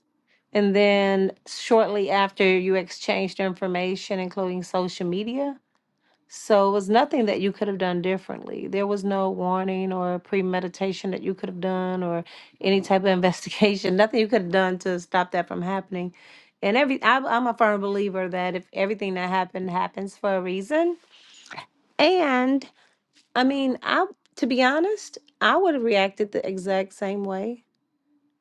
Speaker 5: And then shortly after, you exchanged information, including social media. So it was nothing that you could have done differently. There was no warning or premeditation that you could have done or any type of investigation, nothing you could have done to stop that from happening. And every, I'm I'm a firm believer that if everything that happened happens for a reason. And I mean, I, to be honest, I would have reacted the exact same way,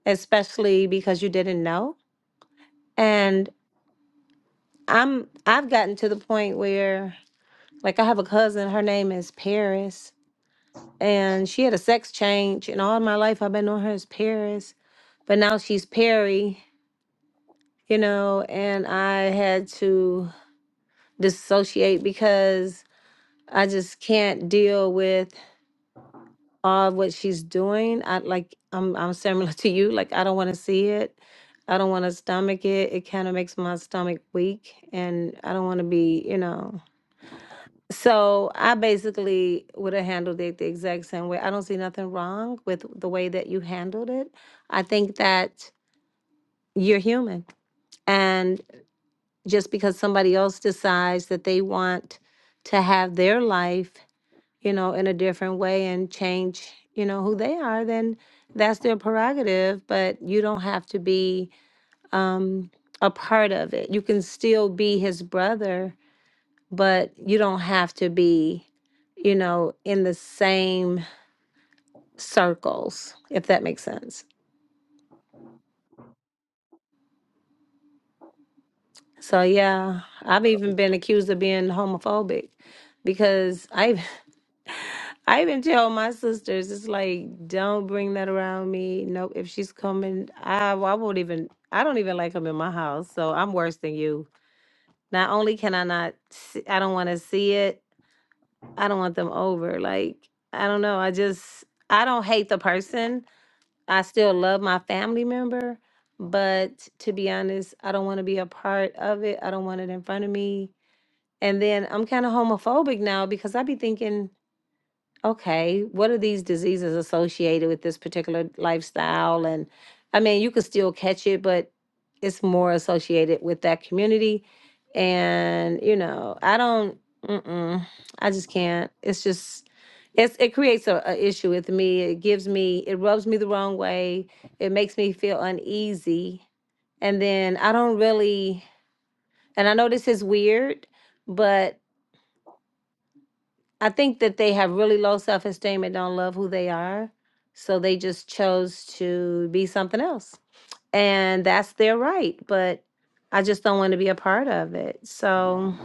Speaker 5: especially because you didn't know. and. I'm I've gotten to the point where like I have a cousin, her name is Paris, and she had a sex change and all my life I've been knowing her as Paris, but now she's Perry, you know, and I had to dissociate because I just can't deal with all of what she's doing. I like I'm I'm similar to you, like I don't want to see it. I don't want to stomach it. It kind of makes my stomach weak and I don't want to be, you know, So I basically would have handled it the exact same way. I don't see nothing wrong with the way that you handled it. I think that you're human. And just because somebody else decides that they want to have their life, you know, in a different way and change, you know, who they are, then that's their prerogative. But you don't have to be um, a part of it. You can still be his brother but you don't have to be, you know, in the same circles, if that makes sense. So yeah,
Speaker 4: Yeah,
Speaker 5: I've
Speaker 4: I appreciate
Speaker 5: even
Speaker 4: that.
Speaker 5: been accused of being homophobic because I I even tell my sisters it's like don't bring that around me. Nope, if she's coming, I I won't even I don't even like them in my house. So I'm worse than you. Not only can I not see, I don't want to see it. I don't want them over. Like I don't know. I just I don't hate the person. I still love my family member, but to be honest, I don't want to be a part of it. I don't want it in front of me. And then I'm kind of homophobic now because I be thinking okay, what are these diseases associated with this particular lifestyle? And I mean, you could still catch it, but it's more associated with that community. And, you know, I don't, mm-mm, I just can't. It's just, it's, it creates a, a issue with me. It gives me, it rubs me the wrong way. It makes me feel uneasy. And then I don't really, and I know this is weird, but I think that they have really low self esteem and don't love who they are. So they just chose to be something else. And that's their right. But I just don't want to be a part of it. So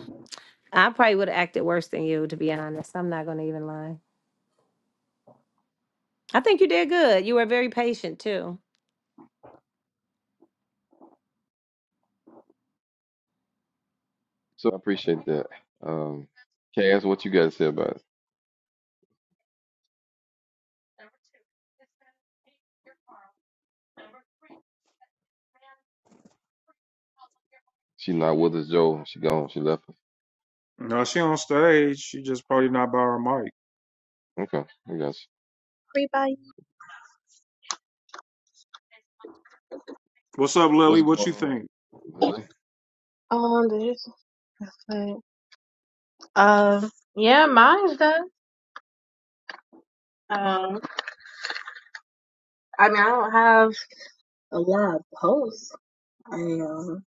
Speaker 5: I probably would have acted worse than you, to be honest. I'm not going to even lie. I think you did good. You were very patient too.
Speaker 4: so I appreciate that. Um, Cass, what you got to say about it? She not with us, Joe. She gone. She left. us.
Speaker 3: no, she on stage. She just probably not by her mic.
Speaker 4: Okay, I got you.
Speaker 8: everybody.
Speaker 3: What's up,
Speaker 4: What's
Speaker 3: Lily?
Speaker 4: going
Speaker 3: What you
Speaker 4: on,
Speaker 3: think?
Speaker 4: Lily?
Speaker 8: Um, this, okay. um, yeah, mine's done. Um, I mean, I don't have a lot of posts. I um,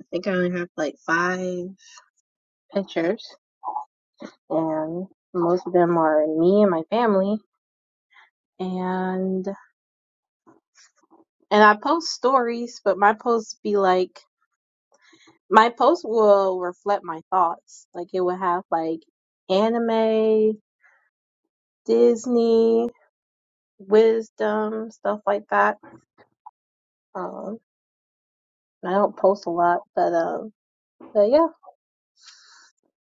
Speaker 8: I think I only have like five pictures, and most of them are me and my family. And and I post stories, but my posts be like my posts will reflect my thoughts. Like it will have like anime, Disney, wisdom, stuff like that. Um. I don't post a lot, but um, but yeah,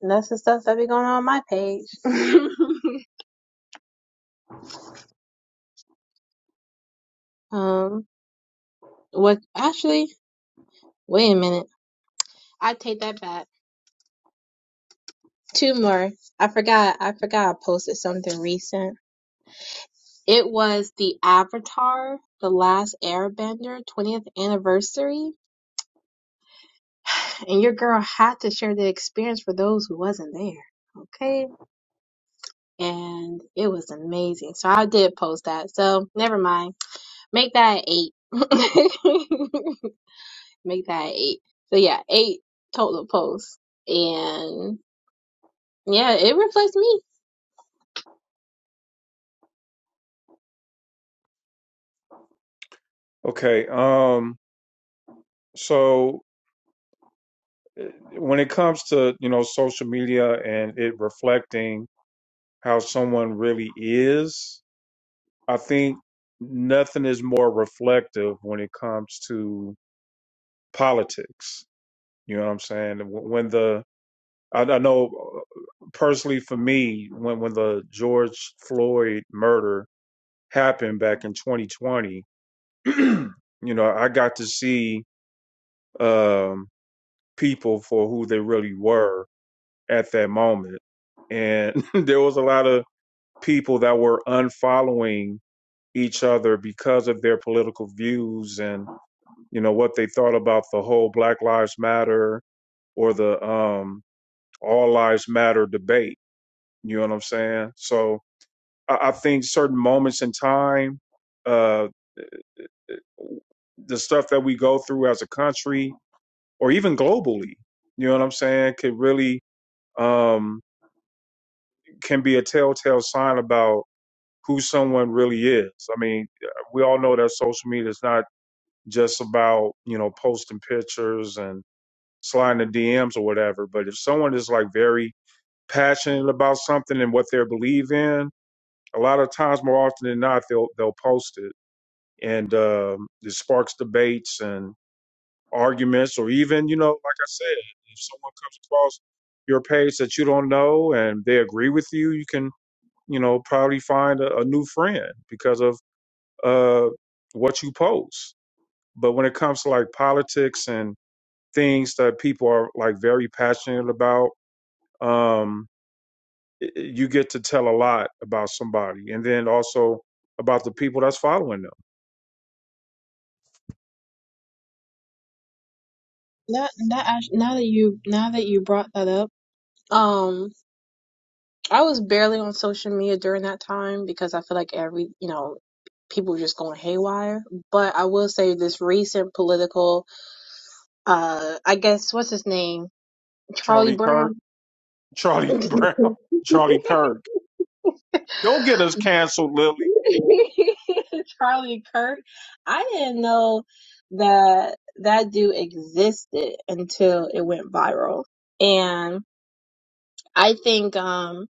Speaker 8: and that's the stuff that be going on, on my page. um, what actually? Wait a minute, I take that back. Two more. I forgot. I forgot. I posted something recent. It was the Avatar, the Last Airbender 20th anniversary, and your girl had to share the experience for those who wasn't there. Okay. And it was amazing. So I did post that. So never mind. Make that an eight. Make that an eight. So yeah, eight total posts. And yeah, it reflects me.
Speaker 3: Okay, um, so when it comes to, you know, social media and it reflecting how someone really is, I think nothing is more reflective when it comes to politics. You know what I'm saying? When the I, I know uh, personally for me, when when the George Floyd murder happened back in 2020, you know, I got to see um, people for who they really were at that moment, and there was a lot of people that were unfollowing each other because of their political views and you know what they thought about the whole Black Lives Matter or the um, All Lives Matter debate. You know what I'm saying? So I, I think certain moments in time, uh, the stuff that we go through as a country or even globally, you know what I'm saying, could really um, can be a telltale sign about who someone really is. I mean, we all know that social media is not just about you know posting pictures and sliding the DMs or whatever, but if someone is like very passionate about something and what they believe in, a lot of times, more often than not, they'll they'll post it and um it sparks debates and arguments, or even you know, like I said, if someone comes across your page that you don't know and they agree with you, you can you know probably find a, a new friend because of uh, what you post. But when it comes to like politics and things that people are like very passionate about, um, y- y- you get to tell a lot about somebody, and then also about the people that's following them.
Speaker 8: That that act- now that you now that you brought that up, Um, I was barely on social media during that time because I feel like every, you know, people were just going haywire. But I will say this recent political, uh, I guess what's his name, Charlie
Speaker 3: Charlie Kirk
Speaker 8: Brown.
Speaker 3: Charlie Brown, Charlie Kirk. Don't get us canceled, Lily.
Speaker 8: Charlie Kirk. I didn't know that that dude existed until it went viral. And I think um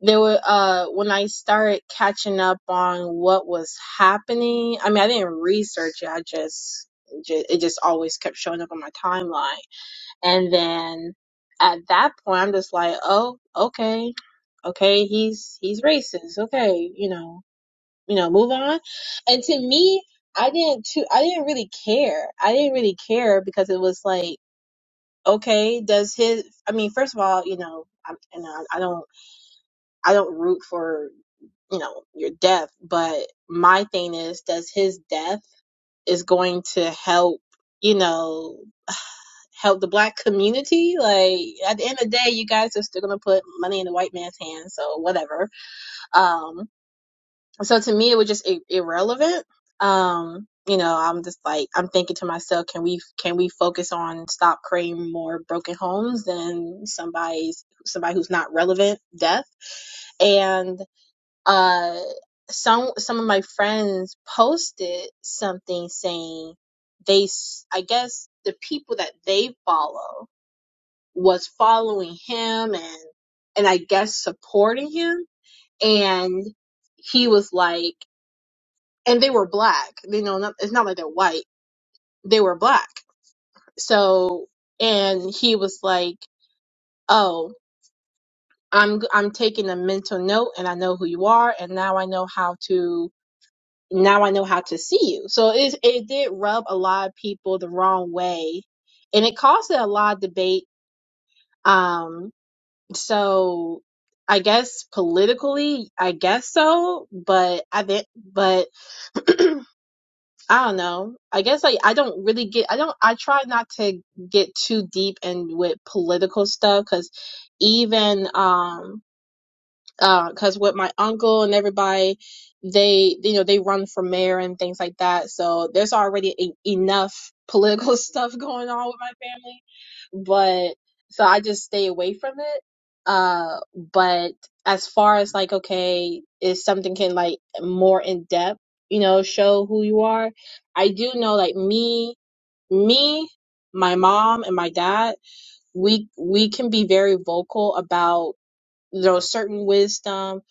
Speaker 8: there were uh when I started catching up on what was happening, I mean I didn't research it, I just ju- it just always kept showing up on my timeline. And then at that point I'm just like, "Oh, okay. Okay, he's he's racist. Okay, you know, you know, move on. And to me, I didn't too, I didn't really care. I didn't really care because it was like, okay, does his, I mean, first of all, you know, I'm, and I don't, I don't root for, you know, your death, but my thing is, does his death is going to help, you know, help the black community? Like at the end of the day, you guys are still going to put money in the white man's hands. So whatever. Um, so to me it was just I- irrelevant um you know i'm just like i'm thinking to myself can we can we focus on stop creating more broken homes than somebody's somebody who's not relevant death and uh some some of my friends posted something saying they s- i guess the people that they follow was following him and and i guess supporting him and he was like and they were black. You know, not, it's not like they're white. They were black. So, and he was like, "Oh, I'm I'm taking a mental note, and I know who you are, and now I know how to now I know how to see you." So it it did rub a lot of people the wrong way, and it caused a lot of debate. Um, so. I guess politically, I guess so, but I think, but I don't know. I guess I I don't really get I don't I try not to get too deep in with political stuff because even um because with my uncle and everybody, they you know they run for mayor and things like that. So there's already e enough political stuff going on with my family, but so I just stay away from it. Uh, but as far as like, okay, if something can like more in depth, you know, show who you are, I do know like me, me, my mom and my dad, we we can be very vocal about you know certain wisdom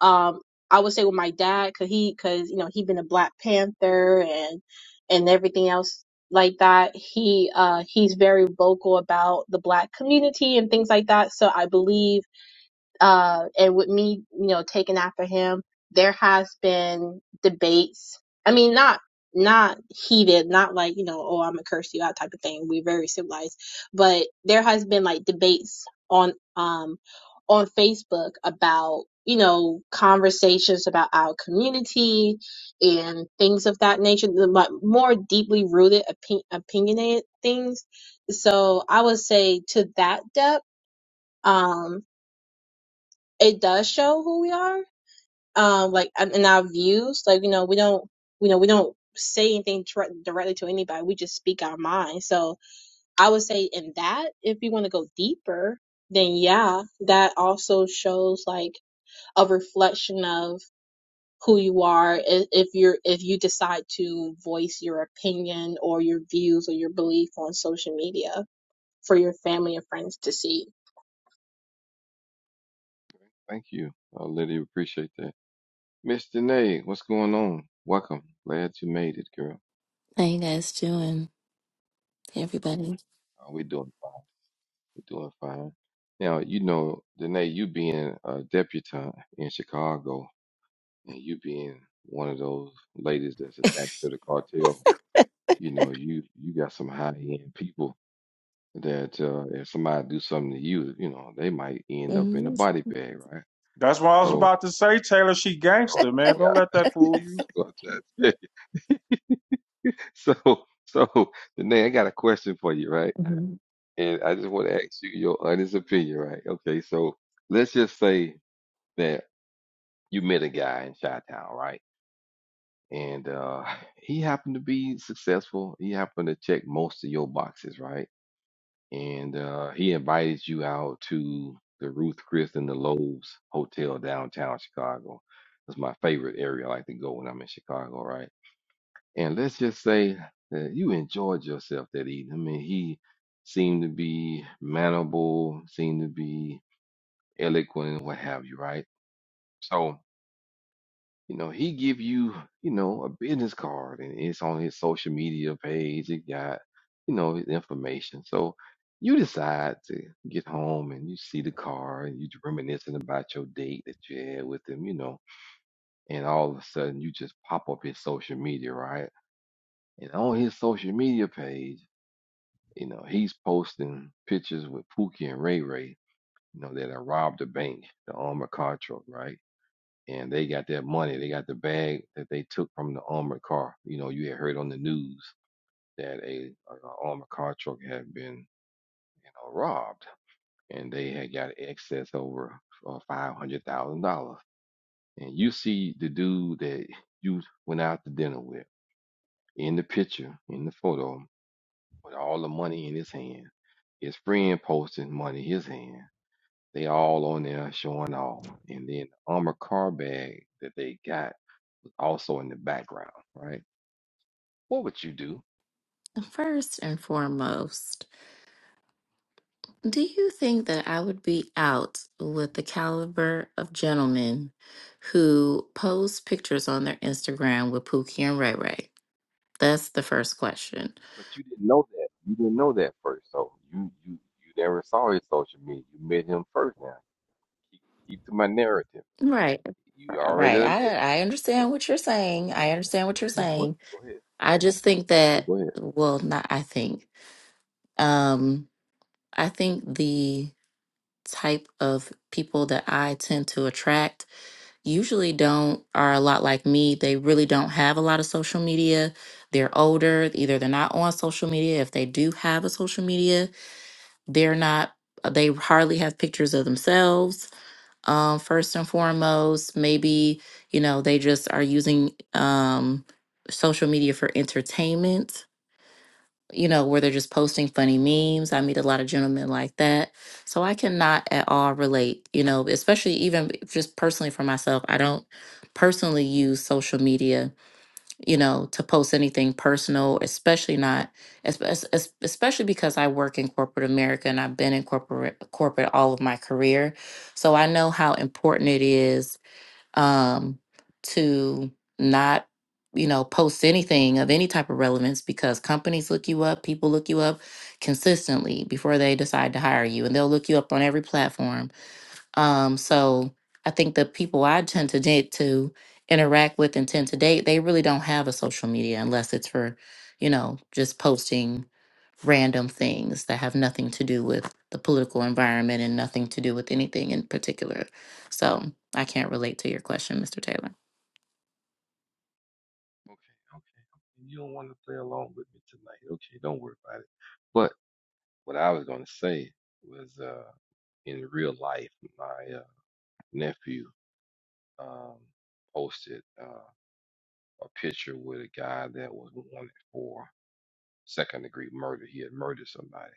Speaker 8: um i would say with my dad because he because you know he been a black panther and and everything else like that he uh he's very vocal about the black community and things like that so i believe uh, and with me, you know, taking after him, there has been debates. I mean, not not heated, not like you know, oh, I'm gonna curse you out type of thing. We're very civilized, but there has been like debates on um on Facebook about you know conversations about our community and things of that nature, the mo- more deeply rooted opin- opinionated things. So I would say to that depth. Um, it does show who we are um like and and our views like you know we don't you know we don't say anything tr- directly to anybody we just speak our mind so i would say in that if you want to go deeper then yeah that also shows like a reflection of who you are i- if you're if you decide to voice your opinion or your views or your belief on social media for your family and friends to see.
Speaker 4: Thank you, uh, Lily. Appreciate that, Mr. Nay. What's going on? Welcome. Glad you made it, girl.
Speaker 9: How you guys doing, everybody?
Speaker 4: Uh, we doing fine. We doing fine. Now you know, Danae, you being a debutante in Chicago, and you being one of those ladies that's attached to the cartel. You know, you you got some high end people that uh, if somebody do something to you, you know, they might end up in the
Speaker 9: Mhm.
Speaker 4: body bag, right?
Speaker 3: That's what I was
Speaker 4: So
Speaker 3: about to say, Taylor. She
Speaker 4: So
Speaker 3: gangster, man.
Speaker 4: I
Speaker 3: Don't let
Speaker 4: got
Speaker 3: that fool you.
Speaker 4: that's what I'm trying to say. So so Danae, I got a question for you, right?
Speaker 9: Mhm.
Speaker 4: And I just want to ask you your honest opinion, right? Okay, so let's just say that you met a guy in Chi-Town, right? And uh, he happened to be successful. He happened to check most of your boxes, right? And uh, he invited you out to the Ruth Chris and the Lowe's Hotel downtown Chicago. It's my favorite area I like to go when I'm in Chicago, right? And let's just say that you enjoyed yourself that evening. I mean, he seemed to be manable, seemed to be eloquent, and what have you, right? So, you know, he give you, you know, a business card, and it's on his social media page. It got, you know, his information. So you decide to get home and you see the card and you reminiscing about your date that you had with him, you know, and all of a sudden you just pop up his social media, right? And on his social media page You know, he's posting pictures with Pookie and Ray Ray, you know, that I robbed a bank, the armored car truck, right? And they got that money. They got the bag that they took from the armored car. You know, you had heard on the news that a, a a armored car truck had been, you know, robbed, and they had got excess over uh, five hundred thousand dollars. And you see the dude that you went out to dinner with in the picture, in the photo, with all the money in his hand. His friend posted money in his hand. They all on there showing off. And then the armor car bag that they got was also in the background, right? What would you do?
Speaker 9: First and foremost, do you think that I would be out with the caliber of gentlemen who post pictures on their Instagram with Pookie and Ray Ray? That's the first question.
Speaker 4: But you didn't know that. You didn't know that first. So you you you never saw his social media. You met him first now. Keep keep to my narrative.
Speaker 9: Right,
Speaker 4: You already
Speaker 9: right.
Speaker 4: done met him.
Speaker 9: I I
Speaker 4: Okay,
Speaker 9: understand what you're
Speaker 4: Go
Speaker 9: saying.
Speaker 4: ahead.
Speaker 9: I
Speaker 4: Okay,
Speaker 9: understand what you're
Speaker 4: okay, go
Speaker 9: saying.
Speaker 4: Go ahead.
Speaker 9: I just think
Speaker 4: Okay,
Speaker 9: that,
Speaker 4: go ahead.
Speaker 9: well, not I think. Um, I think the type of people that I tend to attract usually don't are a lot like me. They really don't have a lot of social media. They're older, either they're not on social media. If they do have a social media, they're not uh, they hardly have pictures of themselves. Um, first and foremost, maybe, you know, they just are using um social media for entertainment you know, where they're just posting funny memes. I meet a lot of gentlemen like that. So I cannot at all relate, you know, especially even just personally for myself. I don't personally use social media, you know, to post anything personal, especially not, es- es- es- especially because I work in corporate America and I've been in corporate corporate all of my career. So I know how important it is um, to not, you know, post anything of any type of relevance because companies look you up, people look you up consistently before they decide to hire you, and they'll look you up on every platform um, so I think the people I tend to date to interact with and tend to date, they really don't have a social media unless it's for, you know, just posting random things that have nothing to do with the political environment and nothing to do with anything in particular. So I can't relate to your question, Mr. Taylor.
Speaker 4: Okay, okay. You don't want to play along with me tonight. Okay, don't worry about it. But what I was gonna say was uh in real life. my nephew um, posted uh, a picture with a guy that was wanted for second degree murder. He had murdered somebody,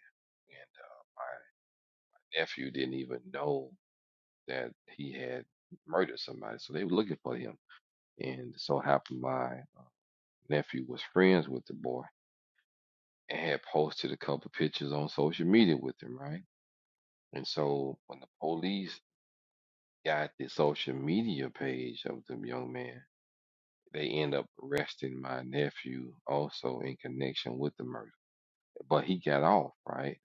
Speaker 4: and uh, my nephew didn't even know that he had murdered somebody. So they were looking for him, and so happened my uh, nephew was friends with the boy and had posted a couple pictures on social media with him, right? And so when the police got the social media page of the young man, They end up arresting my nephew also in connection with the murder. But he got off, right?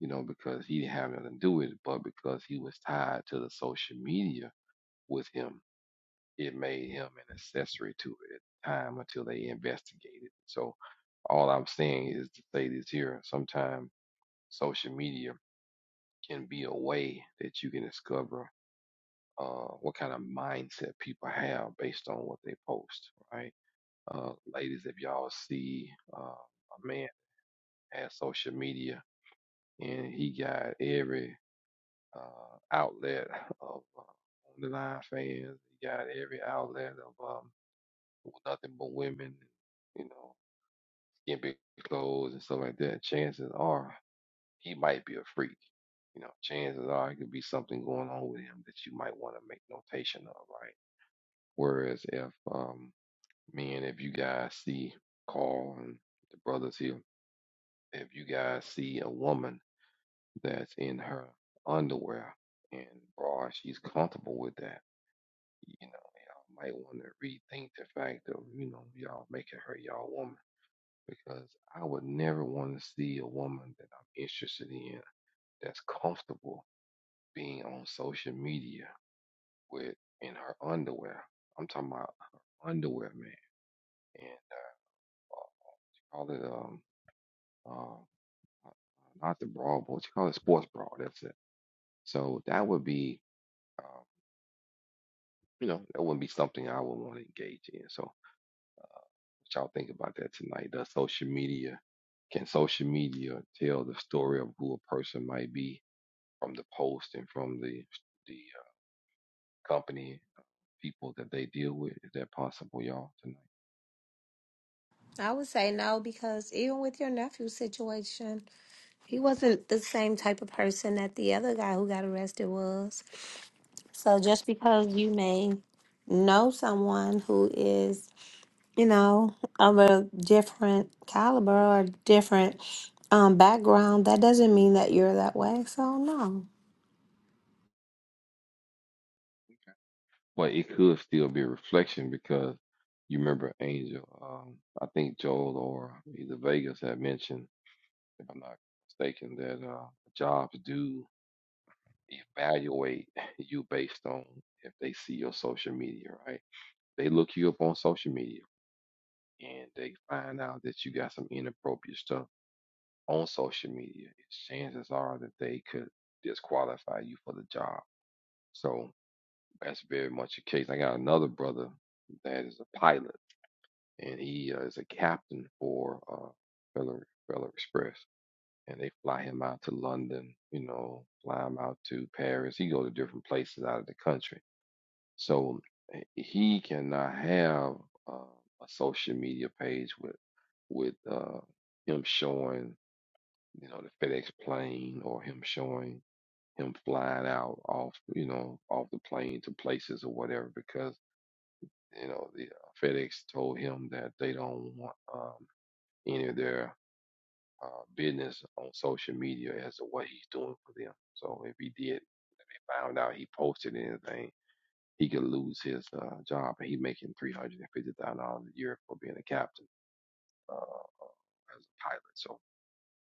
Speaker 4: You know, because he didn't have nothing to do with it, but because he was tied to the social media with him, it made him an accessory to it at the time until they investigated. So all I'm saying is to say this here. Sometimes social media can be a way that you can discover uh, what kind of mindset people have based on what they post, right? Uh, ladies, if y'all see uh, a man at social media and he got every uh, outlet of uh, on the line fans, he got every outlet of um, nothing but women, you know, skin big clothes and stuff like that. Chances are he might be a freak. You know, chances are it could be something going on with him that you might want to make notation of, right? Whereas if um, men, if you guys see Carl and the brothers here if you guys see a woman that's in her underwear and bra, she's comfortable with that. You know, y'all might want to rethink the fact of, you know, y'all making her y'all woman. Because I would never want to see a woman that I'm interested in that's comfortable being on social media with in her underwear. I'm talking about her underwear, man. And uh, call it um uh, not the bra, but what you call it, sports bra. That's it. So that would be Um, you know, that wouldn't be something I would want to engage in. So, what y'all think about that tonight? Does social media, can social media tell the story of who a person might be from the post and from the the uh, company uh, people that they deal with? Is that possible, y'all, tonight?
Speaker 5: I would say no because even with your nephew's situation, he wasn't the same type of person that the other guy who got arrested was. So just because you may know someone who is, you know, of a different caliber or different um, background, that doesn't mean that you're that way. So no.
Speaker 4: But it could still be a reflection because you remember Angel. Um, I think Joel or either Vegas had mentioned, if I'm not mistaken, that uh, jobs do evaluate you based on if they see your social media, right? They look you up on social media and they find out that you got some inappropriate stuff on social media. Chances are that they could disqualify you for the job. So that's very much the case. I got another brother that is a pilot and he uh, is a captain for uh, Feller, Feller Express. And they fly him out to London, you know, fly him out to Paris. He go to different places out of the country So eh, he cannot have uh, a social media page with with uh, him showing you know the FedEx plane or him showing him flying out off you know off the plane to places or whatever because you know the uh, FedEx told him that they don't want um, any of their uh, business on social media as to what he's doing for them. So if he did found out he posted anything he could lose his uh, job and he making three hundred and fifty thousand dollars a year for being a captain uh, as a pilot. So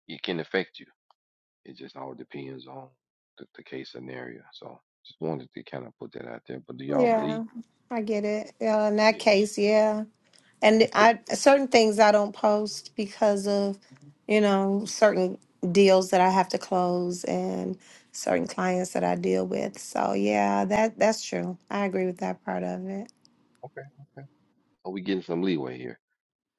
Speaker 4: it can affect you. It just all depends on the, the case scenario. So just wanted to kind of put that out there. But do y'all
Speaker 5: Yeah,
Speaker 4: bleed?
Speaker 5: I get it. Yeah, in that
Speaker 4: Yeah.
Speaker 5: case, yeah. And I certain things I don't post because of, you know, certain deals that I have to close and certain clients that I deal with. So yeah, that that's true. I agree with that part of it.
Speaker 4: Okay. So we getting some leeway here.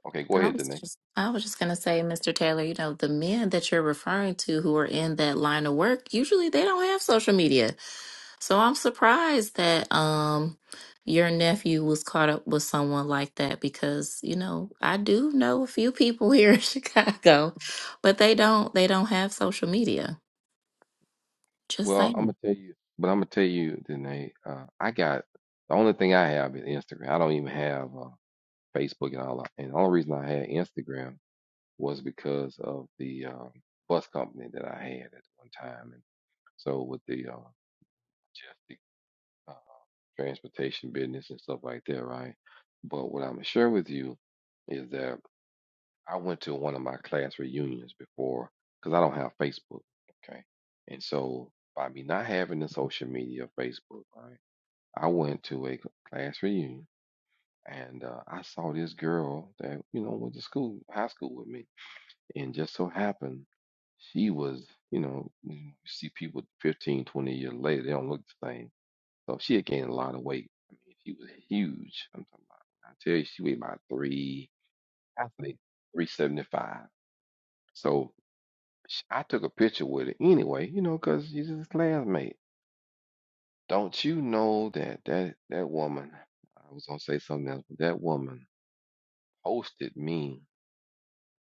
Speaker 4: Okay, go
Speaker 9: I
Speaker 4: ahead,
Speaker 9: was
Speaker 4: Danae.
Speaker 9: just I was just gonna say, Mr. Taylor, you know, the men that you're referring to who are in that line of work, usually they don't have social media So I'm surprised that um your nephew was caught up with someone like that because, you know, I do know a few people here in Chicago, but they don't they don't have social media. Just
Speaker 4: Well, I'm
Speaker 9: saying.
Speaker 4: gonna tell you, but I'm gonna tell you, Danae. Uh, I got the only thing I have is Instagram. I don't even have uh, Facebook and all. that. And the only reason I had Instagram was because of the um, bus company that I had at one time. And so with the uh, just the uh, transportation business and stuff like that, right? But what I'm gonna share with you is that I went to one of my class reunions before because I don't have Facebook, okay? And so by me not having the social media, of Facebook, right? I went to a class reunion and uh, I saw this girl that you know went to school, high school with me and just so happened she was you know you see people 15, 20 years later they don't look the same so she had gained a lot of weight i mean she was huge i'm talking about i tell you she weighed about three i think 375 so sh- i took a picture with her anyway you know because she's his classmate don't you know that that that woman i was gonna say something else but that woman posted me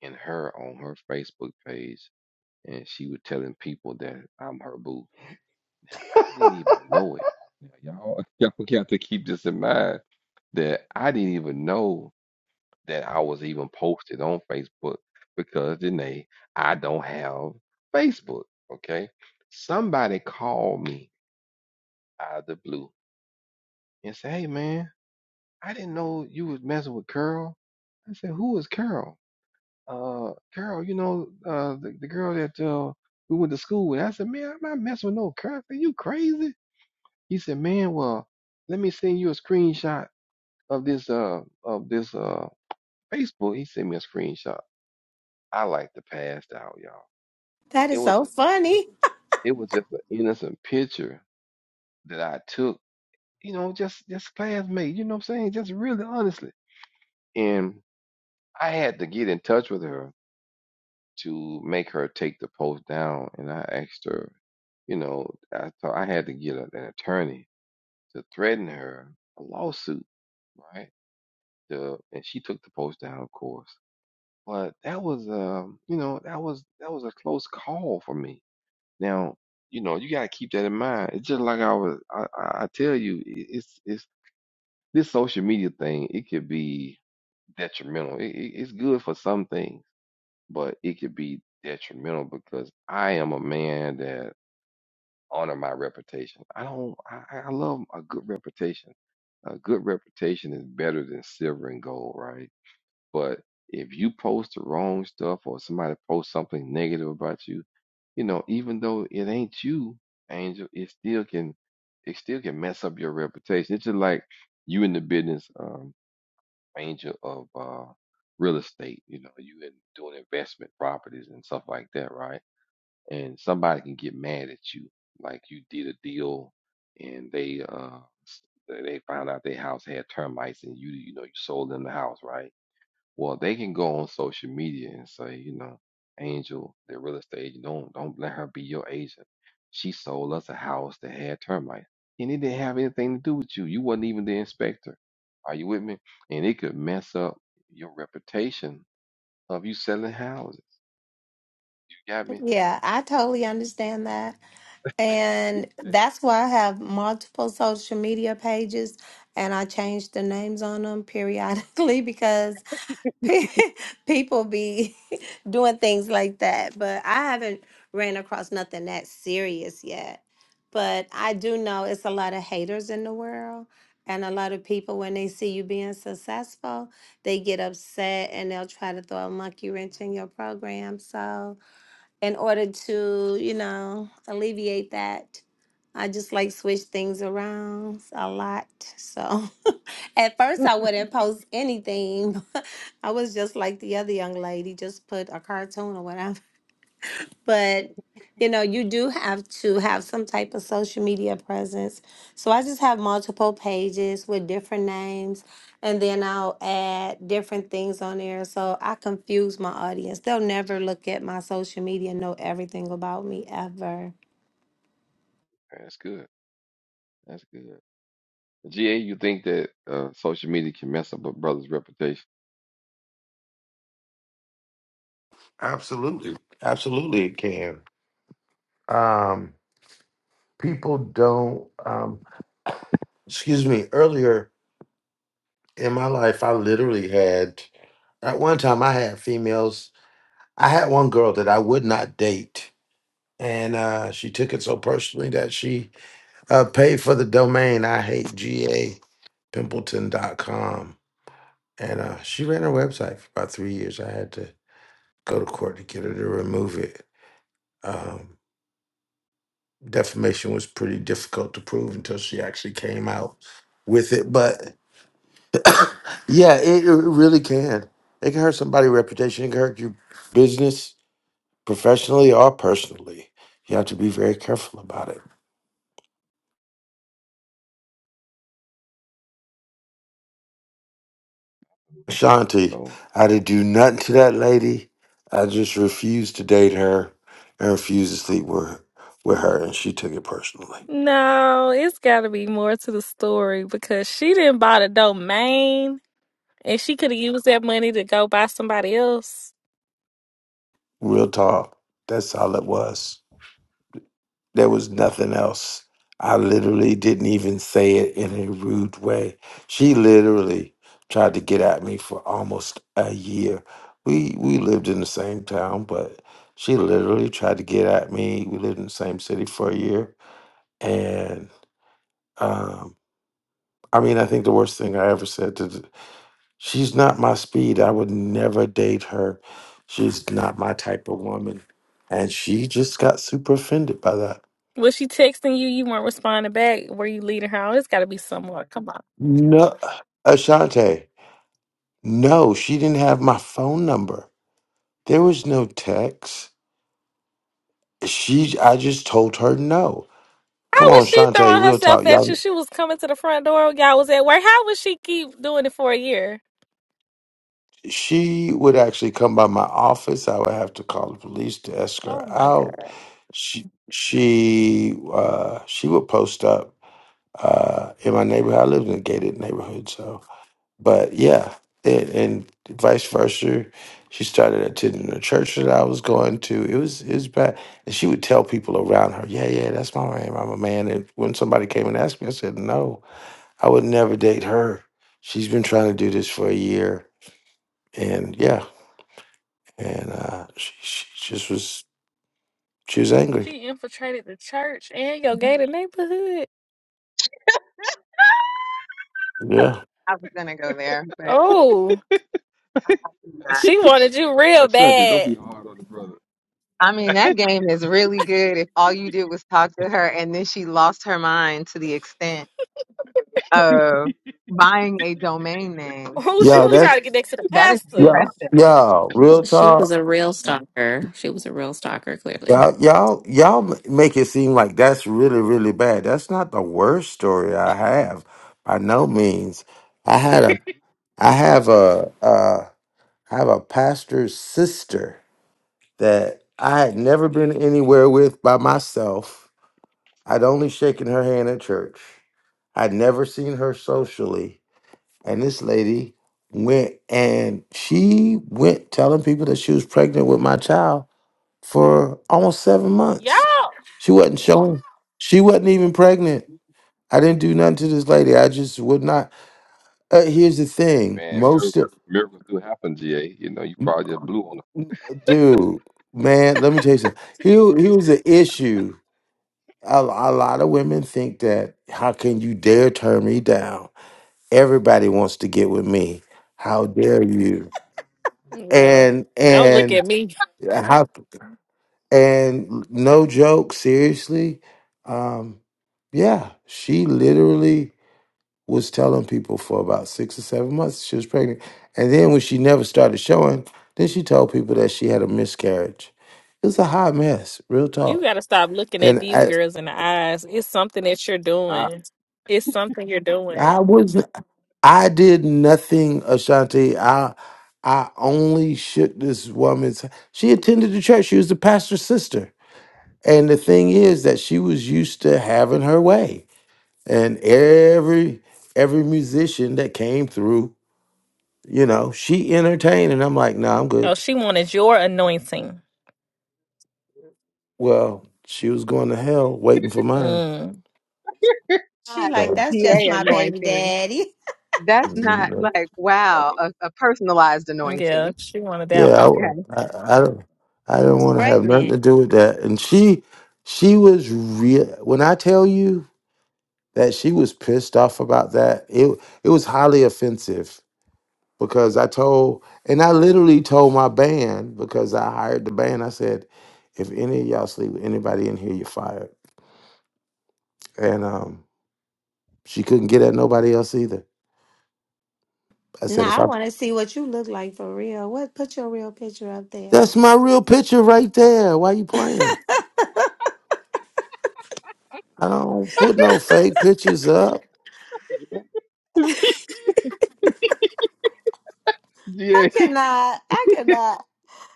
Speaker 4: and her on her facebook page and she was telling people that i'm her boo I didn't even know it. Now, Y'all, y'all got to keep this in mind that I didn't even know that I was even posted on Facebook because Janae, I don't have Facebook. Okay. Somebody called me out of the blue and said, Hey man, I didn't know you was messing with Carol. I said, Who is Carol? Uh Carol, you know, uh the, the girl that uh we went to school with. I said, Man, I'm not messing with no Carol. Are you crazy? He said, "Man, well, let me send you a screenshot of this uh of this uh Facebook." He sent me a screenshot. I like to pass out, y'all.
Speaker 5: That
Speaker 4: It
Speaker 5: is
Speaker 4: was
Speaker 5: so
Speaker 4: just an
Speaker 5: funny.
Speaker 4: innocent. It was just an innocent picture that I took. You know, just just classmate. You know what I'm saying? Just really honestly. And I had to get in touch with her to make her take the post down. And I asked her, you know, I thought I had to get an attorney to threaten her a lawsuit, right? the and she took the post down, of course. But that was um, you know, that was that was a close call for me. Now, you know, you gotta keep that in mind. It's just like I was I, I I tell you, i- it's it's this social media thing, it could be detrimental. It, it, it's good for some things, but it could be detrimental because I am a man that honor my reputation. I don't I, I I love a good reputation a good reputation is better than silver and gold, right? But if you post the wrong stuff or somebody posts something negative about you, you know, even though it ain't you, Angel, it still can it still can mess up your reputation. It's just like you in the business, um, Angel of uh real estate, you know, you in doing investment properties and stuff like that, right? And somebody can get mad at you, like you did a deal and they uh s- they they found out their house had termites and you you know you sold them the house, right? Well, they can go on social media and say, you know, Angel, the real estate agent, don't don't let her be your agent. She sold us a house that had termites, and it didn't have anything to do with you. You wasn't even the inspector. Are you with me? And it could mess up your reputation of you selling houses. You got me?
Speaker 5: Yeah, I totally understand that. And
Speaker 4: Yeah.
Speaker 5: that's why I have multiple social media pages and I change the names on them periodically because pe- people be doing things like that. But I haven't ran across nothing that serious yet. But I do know it's a lot of haters in the world. And a lot of people, when they see you being successful, they get upset and they'll try to throw a monkey wrench in your program. So, in order to, you know, alleviate that. I just like switch things around a lot. So at first I wouldn't post anything. I was just like the other young lady, just put a cartoon or whatever but you know you do have to have some type of social media presence so i just have multiple pages with different names and then i'll add different things on there so i confuse my audience they'll never look at my social media and know everything about me ever
Speaker 4: That's good. That's good. GA, you think that uh, social media can mess up a brother's reputation?
Speaker 7: Absolutely. Absolutely, it can. Um, people don't, um, excuse me, earlier in my life, I literally had, at one time, I had females. I had one girl that I would not date. And uh, she took it so personally that she uh, paid for the domain I hate GA pimpleton dot com, And uh, she ran her website for about three years. I had to go to court to get her to remove it. Um, defamation was pretty difficult to prove until she actually came out with it. But yeah, it, it really can. It can hurt somebody's reputation. It can hurt your business professionally or personally. You have to be very careful about it. Ashanti,
Speaker 4: So,
Speaker 7: I didn't do nothing to that lady. I just refused to date her and refused to sleep with, with her. And she took it personally.
Speaker 10: No, it's got to be more to the story because she didn't buy the domain and she could have used that money to go buy somebody else.
Speaker 7: Real talk. That's all it was. There was nothing else. I literally didn't even say it in a rude way. She literally tried to get at me for almost a year. We we lived in the same town, but she literally tried to get at me. We lived in the same city for a year, and um, I mean, I think the worst thing I ever said to th- she's not my speed. I would never date her. She's not my type of woman, and she just got super offended by that.
Speaker 10: Was she texting you? You weren't responding back. Were you leading her on? It's got to be somewhere. Come on.
Speaker 7: No, Ashante, no, she didn't have my phone number. There was no text. She, I just told her no. Come
Speaker 10: How
Speaker 7: on,
Speaker 10: was she
Speaker 7: Shante,
Speaker 10: throwing
Speaker 7: real talk,
Speaker 10: herself at you?
Speaker 7: y'all.
Speaker 10: She was coming to the front door. Y'all was at work. How would she keep doing it for a year?
Speaker 7: She would actually come by my office. I would have to call the police to escort
Speaker 10: Oh
Speaker 7: her
Speaker 10: my
Speaker 7: out.
Speaker 10: God.
Speaker 7: She, she, uh, she would post up uh, in my neighborhood. I lived in a gated neighborhood, so but yeah, it, and vice versa. She started attending the church that I was going to. It was it was bad, and she would tell people around her, "Yeah, yeah, that's my man. I'm a man." And when somebody came and asked me, I said, "No, I would never date her. She's been trying to do this for a year, and yeah, and uh, she, she just was she was angry.
Speaker 10: She infiltrated the church and your gated neighborhood.
Speaker 7: Yeah,
Speaker 2: I was gonna go there, but
Speaker 10: Oh,
Speaker 2: i not.
Speaker 10: she wanted you real
Speaker 4: Ashanti, don't be
Speaker 10: bad.
Speaker 4: hard on the brother.
Speaker 2: I mean, that game is really good if all you did was talk to her and then she lost her mind to the extent of buying a domain name.
Speaker 10: Oh, she
Speaker 7: yeah,
Speaker 10: was trying
Speaker 7: that's
Speaker 10: to get next to the
Speaker 2: That is
Speaker 10: pastor.
Speaker 7: yeah,
Speaker 2: impressive.
Speaker 7: yeah. Real
Speaker 9: She
Speaker 7: talk.
Speaker 9: was a real stalker. She was a real stalker, clearly.
Speaker 7: Y'all, y'all, y'all make it seem like that's really, really bad. That's not the worst story I have, by no means. I had a, I have a, uh, I have a pastor's sister that I had never been anywhere with by myself. I'd only shaken her hand at church. I'd never seen her socially, and this lady went and she went telling people that she was pregnant with my child for almost seven
Speaker 10: Y'all
Speaker 7: months. She wasn't showing. She wasn't even pregnant. I didn't do nothing to this lady. I just would not. Uh, here's the thing,
Speaker 4: Man,
Speaker 7: most
Speaker 4: miracles
Speaker 7: of,
Speaker 4: miracles do happen, GA. You know, you probably just blew on the
Speaker 7: dude, man. Let me tell you something. Here, here's the issue. A, a lot of women think that how can you dare turn me down? Everybody wants to get with me. How dare you?
Speaker 10: Yeah.
Speaker 7: And
Speaker 10: Don't look
Speaker 7: and
Speaker 10: at me.
Speaker 7: how and no joke, seriously. Um, yeah, she literally. was telling people for about six or seven months she was pregnant. And then when she never started showing, then she told people that she had a miscarriage. It was a hot mess, real
Speaker 10: You
Speaker 7: talk.
Speaker 10: got to stop looking at
Speaker 7: And
Speaker 10: these
Speaker 7: I
Speaker 10: girls in the eyes. It's something that you're
Speaker 7: I,
Speaker 10: doing. It's something you're
Speaker 7: I
Speaker 10: doing.
Speaker 7: was I did nothing, Ashanti. I I only shook this woman's she attended the church. She was the pastor's sister. And the thing is that she was used to having her way. And every every musician that came through You know, she entertained, and I'm like, nah, I'm good.
Speaker 10: Oh, she wanted your anointing.
Speaker 7: Well, she was going to hell waiting for mine.
Speaker 10: Mm.
Speaker 5: she
Speaker 2: Not
Speaker 5: like
Speaker 2: the
Speaker 7: No,
Speaker 5: that's just
Speaker 2: GA
Speaker 5: my baby
Speaker 2: anointing.
Speaker 5: daddy
Speaker 2: That's not
Speaker 7: no.
Speaker 2: like, wow, a, a personalized
Speaker 10: Yeah,
Speaker 2: anointing.
Speaker 10: she wanted that
Speaker 7: yeah,
Speaker 10: one.
Speaker 2: Okay.
Speaker 7: I, I, I don't, I
Speaker 5: she
Speaker 7: don't
Speaker 5: was
Speaker 7: want to have nothing
Speaker 5: pregnant
Speaker 7: to do with that. And she, she was real. When I tell you that she was pissed off about that, it, it was highly offensive because I told, and I literally told my band because I hired the band. I said, if any of y'all sleep with anybody in here, you're fired. And um, she couldn't get at nobody else either. I said, if
Speaker 5: Nah, i
Speaker 7: I
Speaker 5: want to see what you look like for real what put your real picture up there
Speaker 7: that's my real picture right there. Why you playing? I don't put no fake pictures up.
Speaker 5: i
Speaker 4: GA,
Speaker 5: cannot i cannot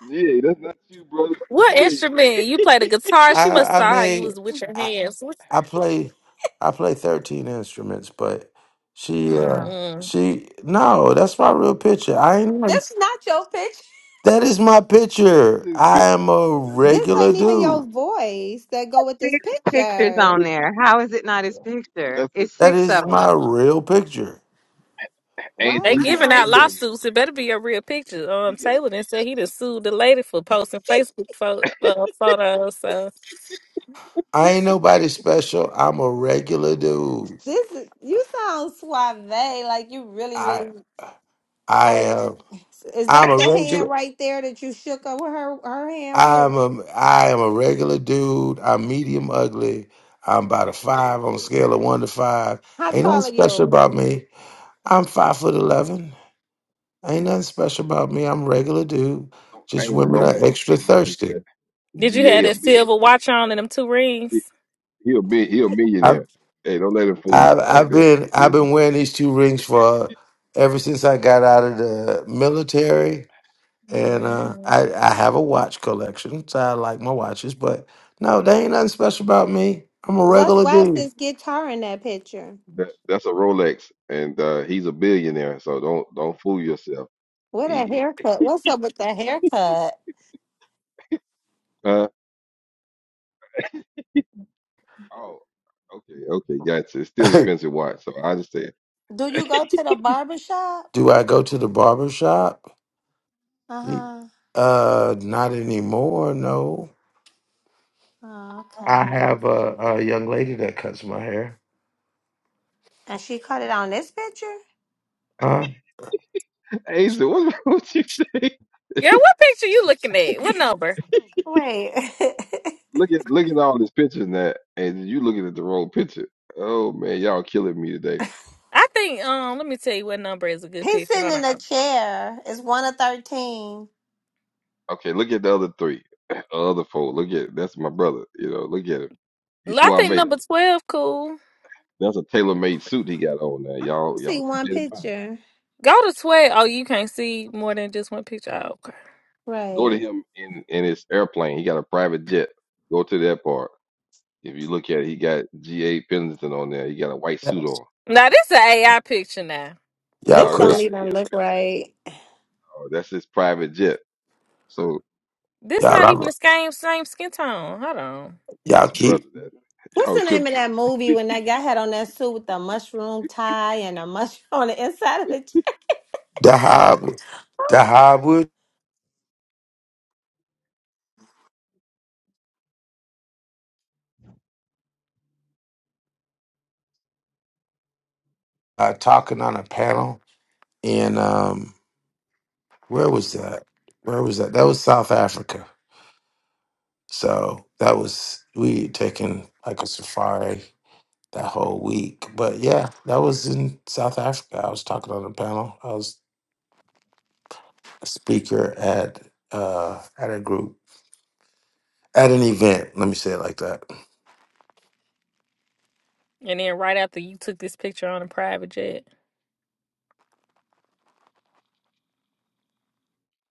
Speaker 4: GA, that's not you, brother.
Speaker 10: What
Speaker 4: GA.
Speaker 10: instrument? You play the guitar? She must
Speaker 7: I I
Speaker 10: saw how you
Speaker 7: mean,
Speaker 10: was with your
Speaker 7: I,
Speaker 10: hands. What's
Speaker 7: I
Speaker 10: that?
Speaker 7: play I play thirteen instruments, but she uh
Speaker 10: Mm.
Speaker 7: she no, that's my real picture. I ain't even-
Speaker 5: This not your picture
Speaker 7: that is my picture.
Speaker 4: That's his
Speaker 7: I am
Speaker 4: picture.
Speaker 7: a
Speaker 4: That's his
Speaker 5: This
Speaker 7: regular
Speaker 5: ain't even your
Speaker 7: dude.
Speaker 5: voice that go with this
Speaker 2: Six pictures
Speaker 5: picture.
Speaker 2: on
Speaker 4: picture.
Speaker 2: there. How is it not his picture?
Speaker 4: That's his
Speaker 2: It's
Speaker 7: That
Speaker 2: six
Speaker 4: picture.
Speaker 7: is
Speaker 2: of 'em.
Speaker 7: my real picture.
Speaker 5: Why
Speaker 4: Angel,
Speaker 10: They
Speaker 5: you
Speaker 4: he got
Speaker 10: giving out
Speaker 5: sound
Speaker 4: three of them.
Speaker 10: lawsuits. It better be a real picture. Um,
Speaker 4: He got
Speaker 10: Taylor then said he done sued the lady for posting Facebook pho- uh, photos. So
Speaker 7: I ain't nobody special. I'm a regular
Speaker 4: oh man.
Speaker 7: dude.
Speaker 5: this? is- You sound suave, like you really,
Speaker 7: I
Speaker 5: really
Speaker 7: I
Speaker 5: like.
Speaker 7: am
Speaker 5: Is
Speaker 7: I'm
Speaker 5: that
Speaker 7: a
Speaker 5: the
Speaker 7: regular.
Speaker 5: hand right there that you shook up with her her hand with?
Speaker 7: I'm a I am a regular dude. I'm medium ugly. I'm about a
Speaker 4: Oh
Speaker 7: five on a
Speaker 4: man.
Speaker 7: scale of one to five.
Speaker 5: How
Speaker 7: Ain't nothing
Speaker 5: tall are
Speaker 7: special
Speaker 5: you?
Speaker 7: about me. I'm five foot eleven. Ain't nothing special about me. I'm a regular dude.
Speaker 4: Don't,
Speaker 7: Just
Speaker 4: Angel,
Speaker 7: women
Speaker 4: don't let
Speaker 7: are
Speaker 4: him
Speaker 7: extra
Speaker 4: fool you like that.
Speaker 7: thirsty.
Speaker 10: did you have
Speaker 4: GA a a
Speaker 10: that
Speaker 4: million.
Speaker 10: silver watch on and them two
Speaker 4: He,
Speaker 10: rings?
Speaker 4: he a mi- he a
Speaker 7: I've
Speaker 4: millionaire. Hey, don't let him fool you
Speaker 7: I've
Speaker 4: all like
Speaker 7: I've
Speaker 4: that.
Speaker 7: been I've
Speaker 4: This
Speaker 7: been
Speaker 4: brother,
Speaker 7: wearing these two rings for ever since I got out of the military. And uh,
Speaker 10: hmm
Speaker 7: I I have a watch collection, so I like my watches. But no, they ain't nothing special about me. I'm a
Speaker 5: What's
Speaker 7: regular
Speaker 5: why is
Speaker 7: dude.
Speaker 5: this guitar in that picture?
Speaker 4: that that's a Rolex, and uh, he's a billionaire. So don't don't fool yourself.
Speaker 5: What a haircut! What's up with the haircut?
Speaker 4: Uh oh, okay, okay, gotcha. It's still expensive watch, so I just said,
Speaker 5: Do you go to the barber shop?
Speaker 7: Do I go to the barber shop?
Speaker 5: Uh huh.
Speaker 7: Uh, not anymore. No,
Speaker 5: Oh,
Speaker 7: I
Speaker 5: okay.
Speaker 7: have a, a young lady that cuts my hair.
Speaker 5: And she cut it on this picture.
Speaker 7: Huh?
Speaker 4: hey, so what, what you think?
Speaker 10: Yeah, what picture you looking at? What number?
Speaker 5: Wait.
Speaker 4: Look at look at all this pictures that, and you looking at the wrong picture. Oh man, y'all killing me today.
Speaker 10: I think um let me tell you what number is a good
Speaker 5: He's
Speaker 10: picture.
Speaker 5: sitting
Speaker 10: Hold
Speaker 5: in
Speaker 10: on.
Speaker 5: a chair. It's one of thirteen.
Speaker 4: Okay, look at the other three, other four. Look at that's my brother. You know, look at him. He's
Speaker 10: I
Speaker 4: suave.
Speaker 10: think number twelve cool.
Speaker 4: That's a tailor-made suit he got on now.
Speaker 5: I only
Speaker 4: Y'all,
Speaker 5: see
Speaker 4: y'all
Speaker 5: one
Speaker 4: keep that in mind.
Speaker 5: picture.
Speaker 10: Go to twelve. Oh, you can't see more than just one picture. Oh,
Speaker 4: Go to
Speaker 5: Right.
Speaker 4: him in in his airplane. He got a private jet. Go to that part. If you look at it, he got G.A. Pendleton on there. He got a white suit on.
Speaker 10: Now this an AI picture now.
Speaker 7: Y'all
Speaker 4: No,
Speaker 5: This
Speaker 4: that's
Speaker 5: don't
Speaker 4: not
Speaker 7: quit.
Speaker 4: an
Speaker 5: even
Speaker 4: AI
Speaker 5: look
Speaker 4: bitch.
Speaker 5: right.
Speaker 4: No, that's his private jet. So
Speaker 10: This
Speaker 7: Y'all,
Speaker 10: not even the
Speaker 7: I-
Speaker 10: same same skin tone. Hold on.
Speaker 7: y'all
Speaker 4: that's a
Speaker 7: keep
Speaker 4: brother that
Speaker 5: What's
Speaker 4: y'all
Speaker 5: the name of
Speaker 4: tripping.
Speaker 5: that movie when that guy had on that suit with the mushroom tie and a mushroom on the inside of the chair?
Speaker 7: the Hobwood. The Hobwood uh, talking on a panel in um, where was that? Where was that? That was South Africa. So that was we taking like a safari that whole week. But yeah, that was in South Africa. I was talking on a panel. I was speaker at uh at a group at an event let me say it like that
Speaker 10: And then right after you took this picture on a private jet.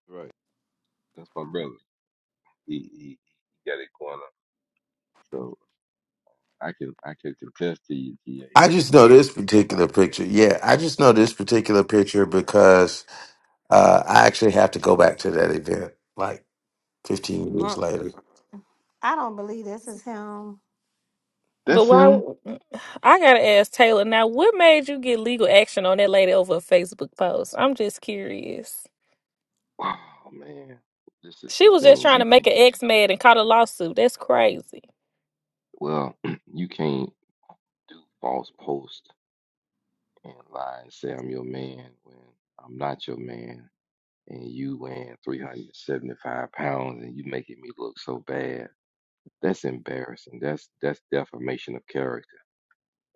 Speaker 4: Right. That's my brother. He he, he got it going on. So I can I can contest to you, GA,
Speaker 7: i just know this particular
Speaker 4: about Big
Speaker 7: picture yeah i just know this particular picture
Speaker 4: Brother.
Speaker 7: because uh i actually have to go back to that event like 15 years
Speaker 5: Mm,
Speaker 7: later
Speaker 5: I don't believe this is him.
Speaker 10: But
Speaker 4: That's
Speaker 10: why
Speaker 4: him.
Speaker 10: w- I gotta ask Taylor now, what made you get legal action on that lady over a Facebook post? I'm just curious.
Speaker 4: Oh man, this is
Speaker 10: She
Speaker 4: the
Speaker 10: was just
Speaker 4: thing.
Speaker 10: trying to
Speaker 4: You
Speaker 10: make
Speaker 4: can't.
Speaker 10: an ex mad and caught a lawsuit. That's crazy.
Speaker 4: Well, you can't do false post and lie and say I'm your man when I'm not your man, and you weighing 375 pounds and you making me look so bad. That's embarrassing. That's that's defamation of character.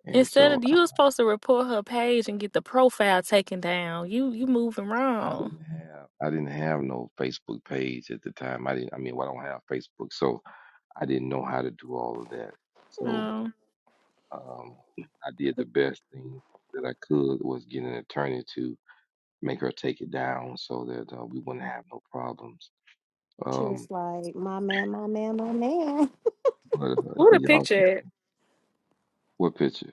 Speaker 4: And
Speaker 10: Instead
Speaker 4: so
Speaker 10: of
Speaker 4: I,
Speaker 10: you was supposed to report her page and get the profile taken down. You you moving
Speaker 4: I
Speaker 10: wrong.
Speaker 4: didn't have I didn't have no Facebook page at the time. I didn't. I mean, well, I don't have Facebook, so I didn't know how to do all of that. So
Speaker 10: Um,
Speaker 4: um, I did the best thing that I could was get an attorney to make her take it down so that uh, we wouldn't have no problems.
Speaker 5: She was
Speaker 4: Um,
Speaker 5: like, "My man, my man, my man."
Speaker 4: but uh,
Speaker 10: what a
Speaker 4: y'all
Speaker 10: picture. at?
Speaker 4: tripping. What picture?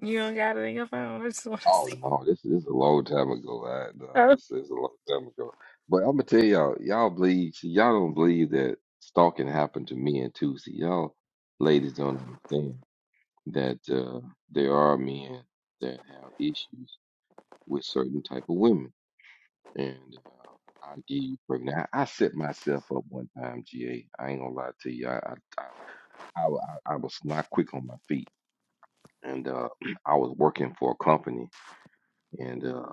Speaker 10: You don't got it in your phone. I just want to
Speaker 4: Oh
Speaker 10: see.
Speaker 4: no, this this is a long time ago. I no,
Speaker 10: Oh,
Speaker 4: this is a long time ago. But I'm gonna tell y'all, y'all believe, see, y'all don't believe that stalking happened to men too. See, y'all ladies don't understand that uh, there are men that have issues with certain type of women, and uh, I give you pregnant. I, I set myself up one time, GA. I ain't gonna lie to you. I I I, I, wa- I was not quick on my feet, and uh, I was working for a company. And uh,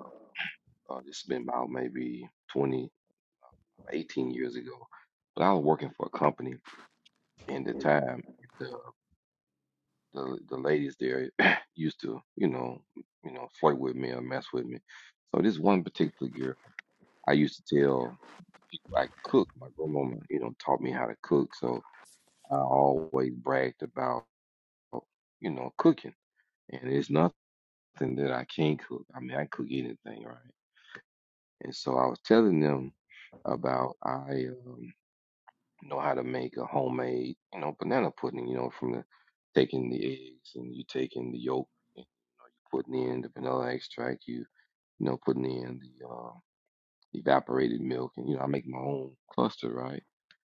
Speaker 4: Uh, this has been about maybe 20, 18 years ago. But I was working for a company in the time. The the the ladies there used to, you know, you know, flirt with me or mess with me. So this one particular girl, I used to tell people I could cook. My grandmama, you know, taught me how to cook. So I always bragged about, you know, cooking. And it's nothing that I can't cook. I mean, I cook anything, right? And so I was telling them about I um, know how to make a homemade, you know, banana pudding, you know, from the taking the eggs and you taking the yolk and putting in the vanilla extract, you you know, putting in the uh, evaporated milk and you know, I make my own cluster, right?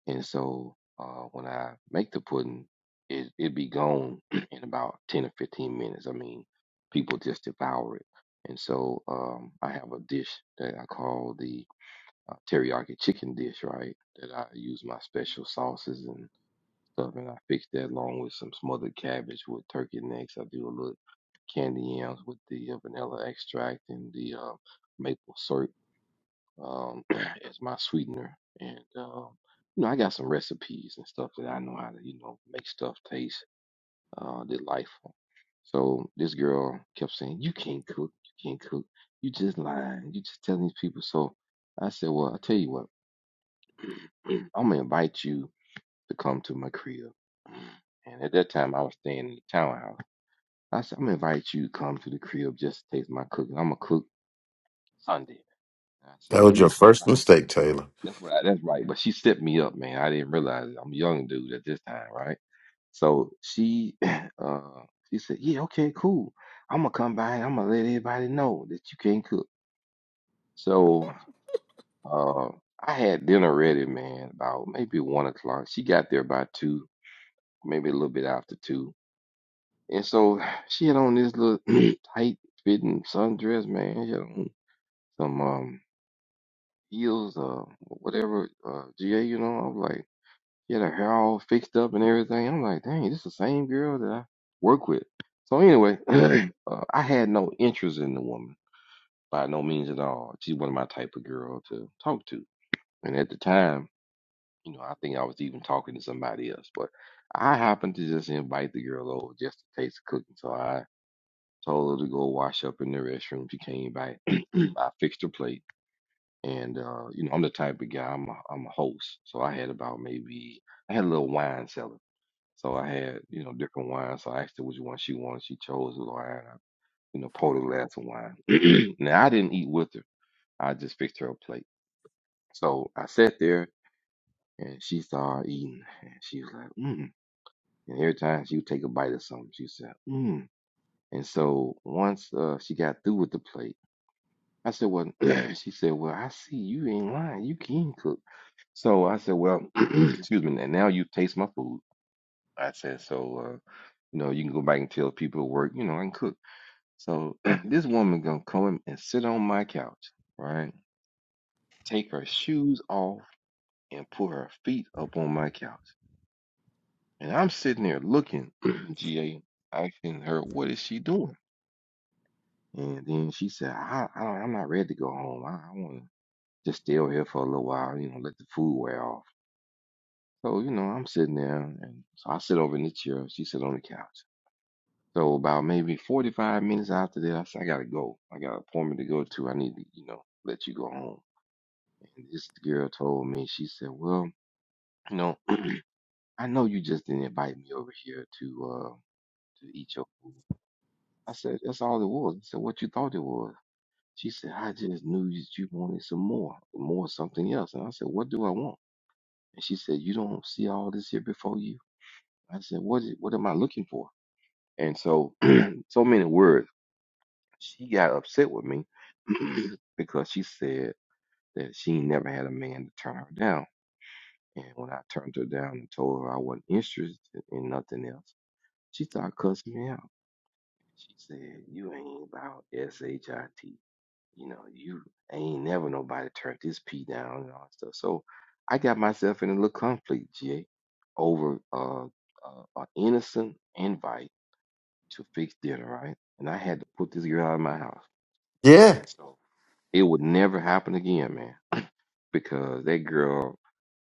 Speaker 4: And so uh when I make the pudding, it it be gone in about ten or fifteen minutes. I mean, people just devour it. And so um I have a dish that I call the uh, teriyaki chicken dish, right? That I use my special sauces and stuff, And I fix that along with some smothered cabbage with turkey necks. I do a little candy yams with the uh, vanilla extract and the uh, maple syrup um, as my sweetener. And um, you know, I got some recipes and stuff that I know how to you know make stuff taste uh, delightful. So this girl kept saying, "You can't cook. You can't cook. You just lying. You just telling these people." So I said, "Well, I tell you what." I'm gonna invite you to come to my crib. And at that time, I was staying in the townhouse. I said, I'm going to invite you to come to the crib just to taste my cooking. I'm going to cook Sunday. I said,
Speaker 7: that was
Speaker 4: You can
Speaker 7: your
Speaker 4: come
Speaker 7: first
Speaker 4: by.
Speaker 7: mistake taylor
Speaker 4: That's what I, that's right. But she stepped me up, man. I didn't realize it. I'm a young dude at this time, right? So she uh, she said, Yeah, okay, cool. I'm going to come by and I'm going to let everybody know that you can cook. So uh, I had dinner ready, man, about maybe one o'clock. She got there by two, maybe a little bit after two And so she had on this little tight fitting sundress, man. She had on some um heels, uh, whatever, uh, GA, you know. I was like, she had her hair all fixed up and everything. I'm like, dang, this is the same girl that I work with. So anyway, uh, I had no interest in the woman by no means at all. She's one of my type of girl to talk to. And at the time, you know, I think I was even talking to somebody else, but I happened to just invite the girl over just to taste the cooking. So I told her to go wash up in the restroom. She came back. I fixed her plate. And uh, you know, I'm the type of guy. I'm a, I'm a host, so I had about maybe I had a little wine cellar. So I had you know different wines. So I asked her which one she wanted. She chose the wine. I, you know, poured a glass of wine. now I didn't eat with her. I just fixed her a plate. So I sat there and she started eating. And she was like, mm. And every time she would take a bite of something, she said, mm. And so once uh, she got through with the plate. I said, Well, she said, Well, I see you ain't lying. You can cook. So I said, Well, excuse me. And now you taste my food. I said, So, uh, you know, you can go back and tell people at work, you know, I can cook. So this woman gonna come and sit on my couch, right? Take her shoes off and put her feet up on my couch. And I'm sitting there looking, GA, asking her, what is she doing? And then she said, I, I I'm not ready to go home. I, I want." to just still here for a little while, you know, let the food wear off. So, you know, I'm sitting there and so I sit over in the chair, she sit on the couch. So about maybe 45 minutes after that, I said, I gotta go. I got an appointment to go to. I need to, you know, let you go home. And this girl told me, she said, well, you know, I know you just didn't invite me over here to, uh, to eat your food. I said, that's all it was. I said, what you thought it was? She said, I just knew that you wanted some more, more something else. And I said, what do I want? And she said, You don't see all this here before you? I said, What is what am I looking for? And so so many words. She got upset with me because she said that she never had a man to turn her down. And when I turned her down and told her I wasn't interested in nothing else, she started cussing me out. She said, You ain't about S H I T. you know, you ain't never nobody turned this P down and all that stuff. So I got myself in a little conflict, GA, over uh, uh, an innocent invite to fix dinner, right? And I had to put this girl out of my house.
Speaker 7: yeah
Speaker 4: And so it would never happen again, man, because that girl,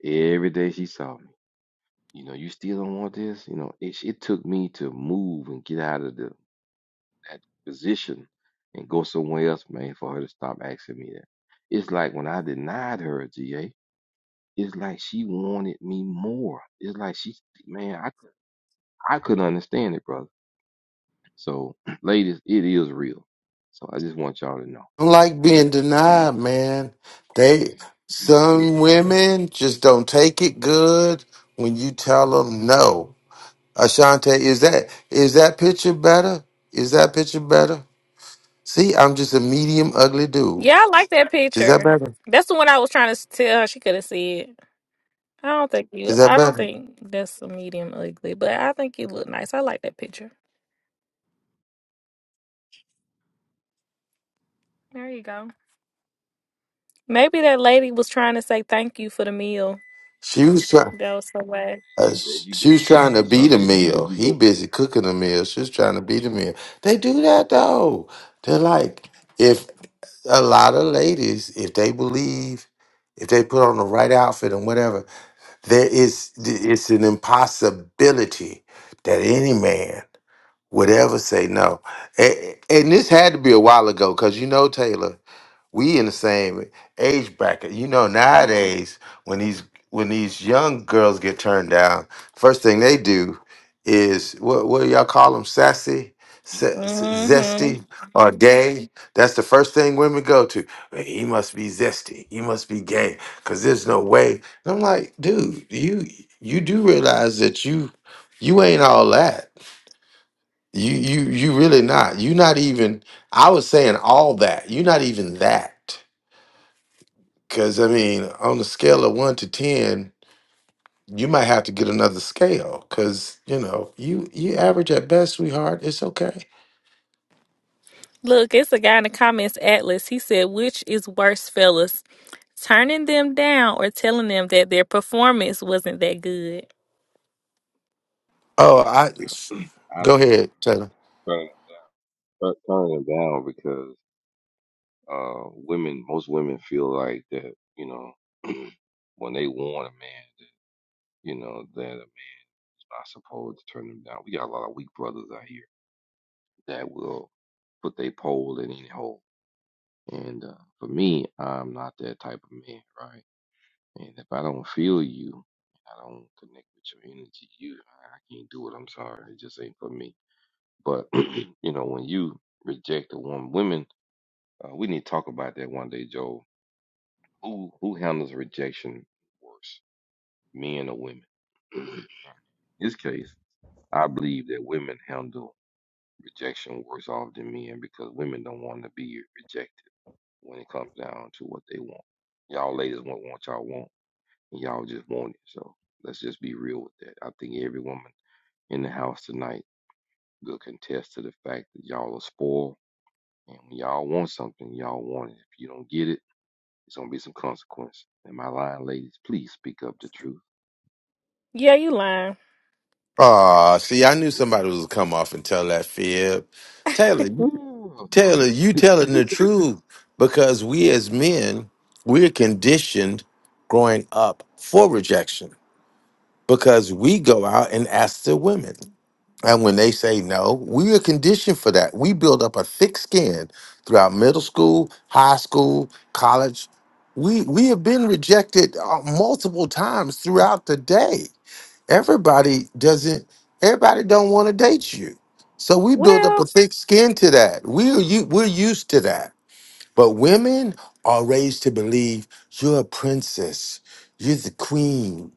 Speaker 4: every day she saw me, you know, you still don't want this? You know, it, it took me to move and get out of the that position and go somewhere else, man, for her to stop asking me that. It's like when I denied her G a GA, it's like she wanted me more. It's like she, man, I, could- I couldn't understand it, brother. So, ladies, it is real. So I just want y'all to know
Speaker 7: i don't like being
Speaker 4: that we,
Speaker 7: denied man they some
Speaker 4: yeah, man,
Speaker 7: women just don't take it good when you tell them no ashante is that is that picture better is that picture better See, I'm just a medium ugly dude.
Speaker 10: Yeah, I like that
Speaker 7: Is that
Speaker 10: picture.
Speaker 7: better?
Speaker 10: That's the one I was trying to tell her she couldn't see it. I don't think you.
Speaker 7: Is that
Speaker 10: I don't
Speaker 7: better?
Speaker 10: think that's a medium ugly, but I think you look nice. I like that picture. There you go. Maybe that lady was trying to say thank you for the meal.
Speaker 7: She was trying.
Speaker 10: That was so bad.
Speaker 7: Uh,
Speaker 4: there
Speaker 7: sh-
Speaker 4: you
Speaker 7: she was
Speaker 4: go.
Speaker 7: trying to beat a
Speaker 4: Ashanti, see, there
Speaker 7: meal.
Speaker 4: you
Speaker 7: He
Speaker 4: go with
Speaker 7: busy cooking a meal. She was trying to beat a meal. They do that though. They're like, if a lot of ladies, if they believe, if they put on the right outfit and whatever, there is it's an impossibility that any man would ever say no. A- And, this had to be a while ago, because you know Taylor. we in the same age bracket. You know, nowadays when these when these young girls get turned down, first thing they do is what what do y'all call them? Sassy, Se- se-
Speaker 10: hmm
Speaker 7: zesty, or gay? That's the first thing women go to. "Well, He must be zesty. He must be gay. Cause there's no way. And I'm like, dude, you you do realize that you you ain't all that. You you you really not. You not even. I was saying all that. You not even that because, I mean, on the scale of one to 10, you might have to get another scale because, you know, you you average at best, sweetheart. It's okay.
Speaker 10: Look, it's a guy in the comments, Atlas. He said, which is worse, fellas? Turning them down or telling them that their performance wasn't that good?
Speaker 7: Oh, I
Speaker 4: some, I
Speaker 7: go
Speaker 4: think,
Speaker 7: ahead, Taylor.
Speaker 4: turning them down, tur- turning them down because uh, women, most women feel like that, you know, when they want a man. you know, that are not supposed to turn them down. We got a lot of weak brothers out here that will put their pole in any hole. And uh, for me, I'm not that type of man, right? And if I don't feel you, I don't connect with your energy. You, I I can't do it. I'm sorry, it just ain't for me. But you know, when you reject a woman, women, uh, we need to talk about that one day, Joe. Who who handles rejection worse, men or women? In this case, I believe that women handle Rejection works off than men because women don't want to be rejected when it comes down to what they want. Y'all ladies want what y'all want, and y'all just want it. So let's just be real with that. I think every woman in the house tonight will contest to the fact that y'all are spoiled, and when y'all want something, y'all want it. If you don't get it, it's gonna be some consequence. Am I lying, ladies? Please speak up the truth.
Speaker 10: Yeah, you lying.
Speaker 7: Ah, see, I knew somebody was gonna come off and tell that fib. Taylor, you-
Speaker 4: Ooh,
Speaker 7: Taylor, you telling the truth because we as men, we're conditioned growing up for rejection because we go out and ask the women. And when they say no, we are conditioned for that. We build up a thick skin throughout middle school, high school, college. We we have been rejected uh, multiple times throughout the day. Everybody doesn't. Everybody don't want to date you, so we build up a
Speaker 10: Well,
Speaker 7: thick skin to that. We're you we're used to that but women are raised to believe you're a princess, you're the queen,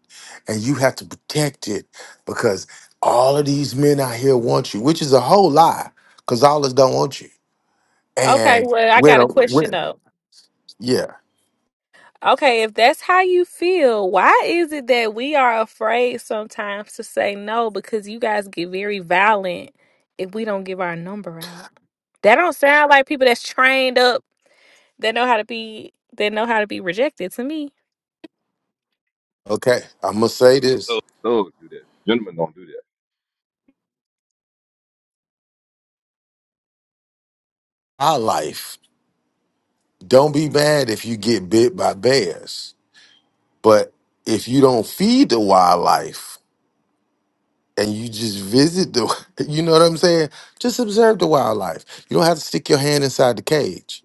Speaker 7: and you have to protect it because all of these men out here want you, which is a whole lie, because all us don't want you.
Speaker 10: okay,
Speaker 7: And
Speaker 10: well, I
Speaker 7: when,
Speaker 10: got
Speaker 7: a-
Speaker 10: a question
Speaker 7: when
Speaker 10: though.
Speaker 7: yeah,
Speaker 10: Okay, if that's how you feel, why is it that we are afraid sometimes to say no because you guys get very violent if we don't give our number out? That don't sound like people that's trained up They know how to be they know how to be rejected to me.
Speaker 7: okay, I'm gonna say this:
Speaker 4: thugs do that. Gentlemen don't do that.
Speaker 7: our life. Don't be mad if you get bit by bears, but if you don't feed the wildlife, and you just visit the you know what I'm saying? Just observe the wildlife. You don't have to stick your hand inside the cage.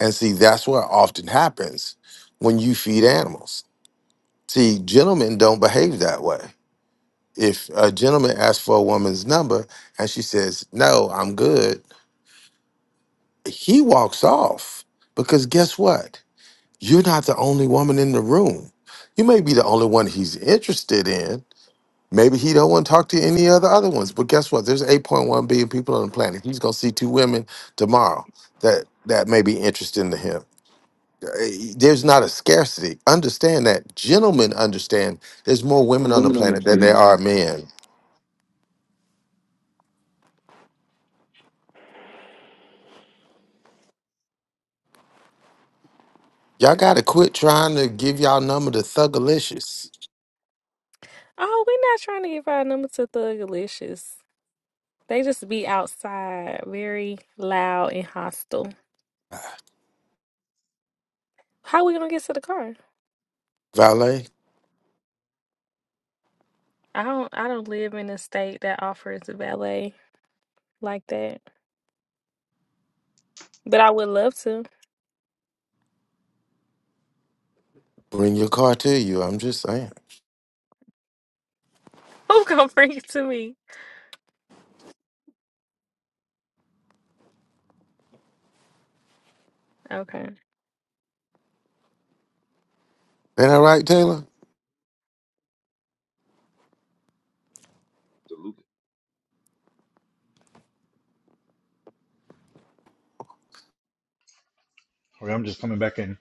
Speaker 7: And see, that's what often happens when you feed animals. See, gentlemen don't behave that way. If a gentleman asks for a woman's number and she says, No, I'm good, he walks off. Because guess what? You're not the only woman in the room. You may be the only one he's interested in, Maybe he don't want to talk to any of the other ones. But guess what? There's 8.1 billion people on the planet. He's gonna see two women tomorrow that that may be interesting to him. Uh, There's not a scarcity. Understand that. Gentlemen understand there's more women on the
Speaker 5: Women on the
Speaker 7: planet than
Speaker 5: planet.
Speaker 7: there
Speaker 5: bro.
Speaker 7: are men. Y'all gotta quit trying to give y'all number to thugalicious.
Speaker 10: Oh, we're not trying to give our number to Thugalicious. They just be outside, very loud and hostile. How we gonna get to the car?
Speaker 7: Valet,
Speaker 10: I don't I don't live in a state that offers valet like that. But I would love to.
Speaker 7: bring your car to you. I'm just saying.
Speaker 10: Who gonna bring it to me? Okay.
Speaker 7: Ain't that right, Taylor?
Speaker 4: Absolutely.
Speaker 11: All right, I'm just coming back in.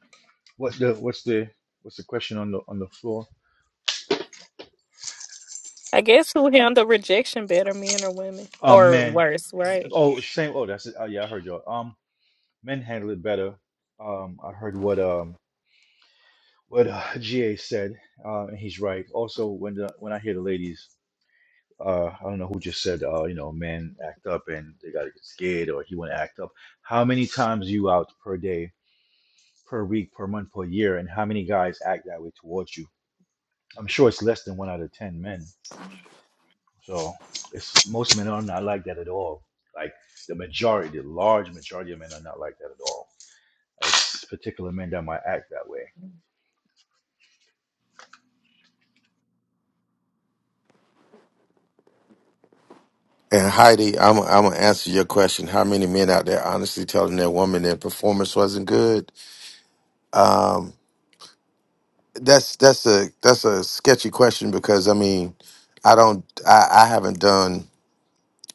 Speaker 11: What's the what's the what's the question on the on the floor?
Speaker 10: I guess who handle rejection better, men or women?
Speaker 11: Um,
Speaker 10: Or
Speaker 11: men.
Speaker 10: worse, right?
Speaker 11: Oh, same. Oh, that's it. Oh, yeah, I heard y'all. Um, men handle it better. Um, I heard what um what uh, GA said. Uh, and he's right. Also, when the when I hear the ladies, uh, I don't know who just said, uh, you know, men act up and they gotta get scared or he wanna act up. How many times you out per day, per week, per month, per year, and how many guys act that way towards you? I'm sure it's less than one out of ten men So it's most men are not like that at all. Like the majority, the large majority of men are not like that at all. It's particular men that might act that way.
Speaker 7: And Heidi, I'm I'm gonna answer your question. How many men out there honestly telling their woman their performance wasn't good? That's that's a that's a sketchy question because I mean, I don't I, I haven't done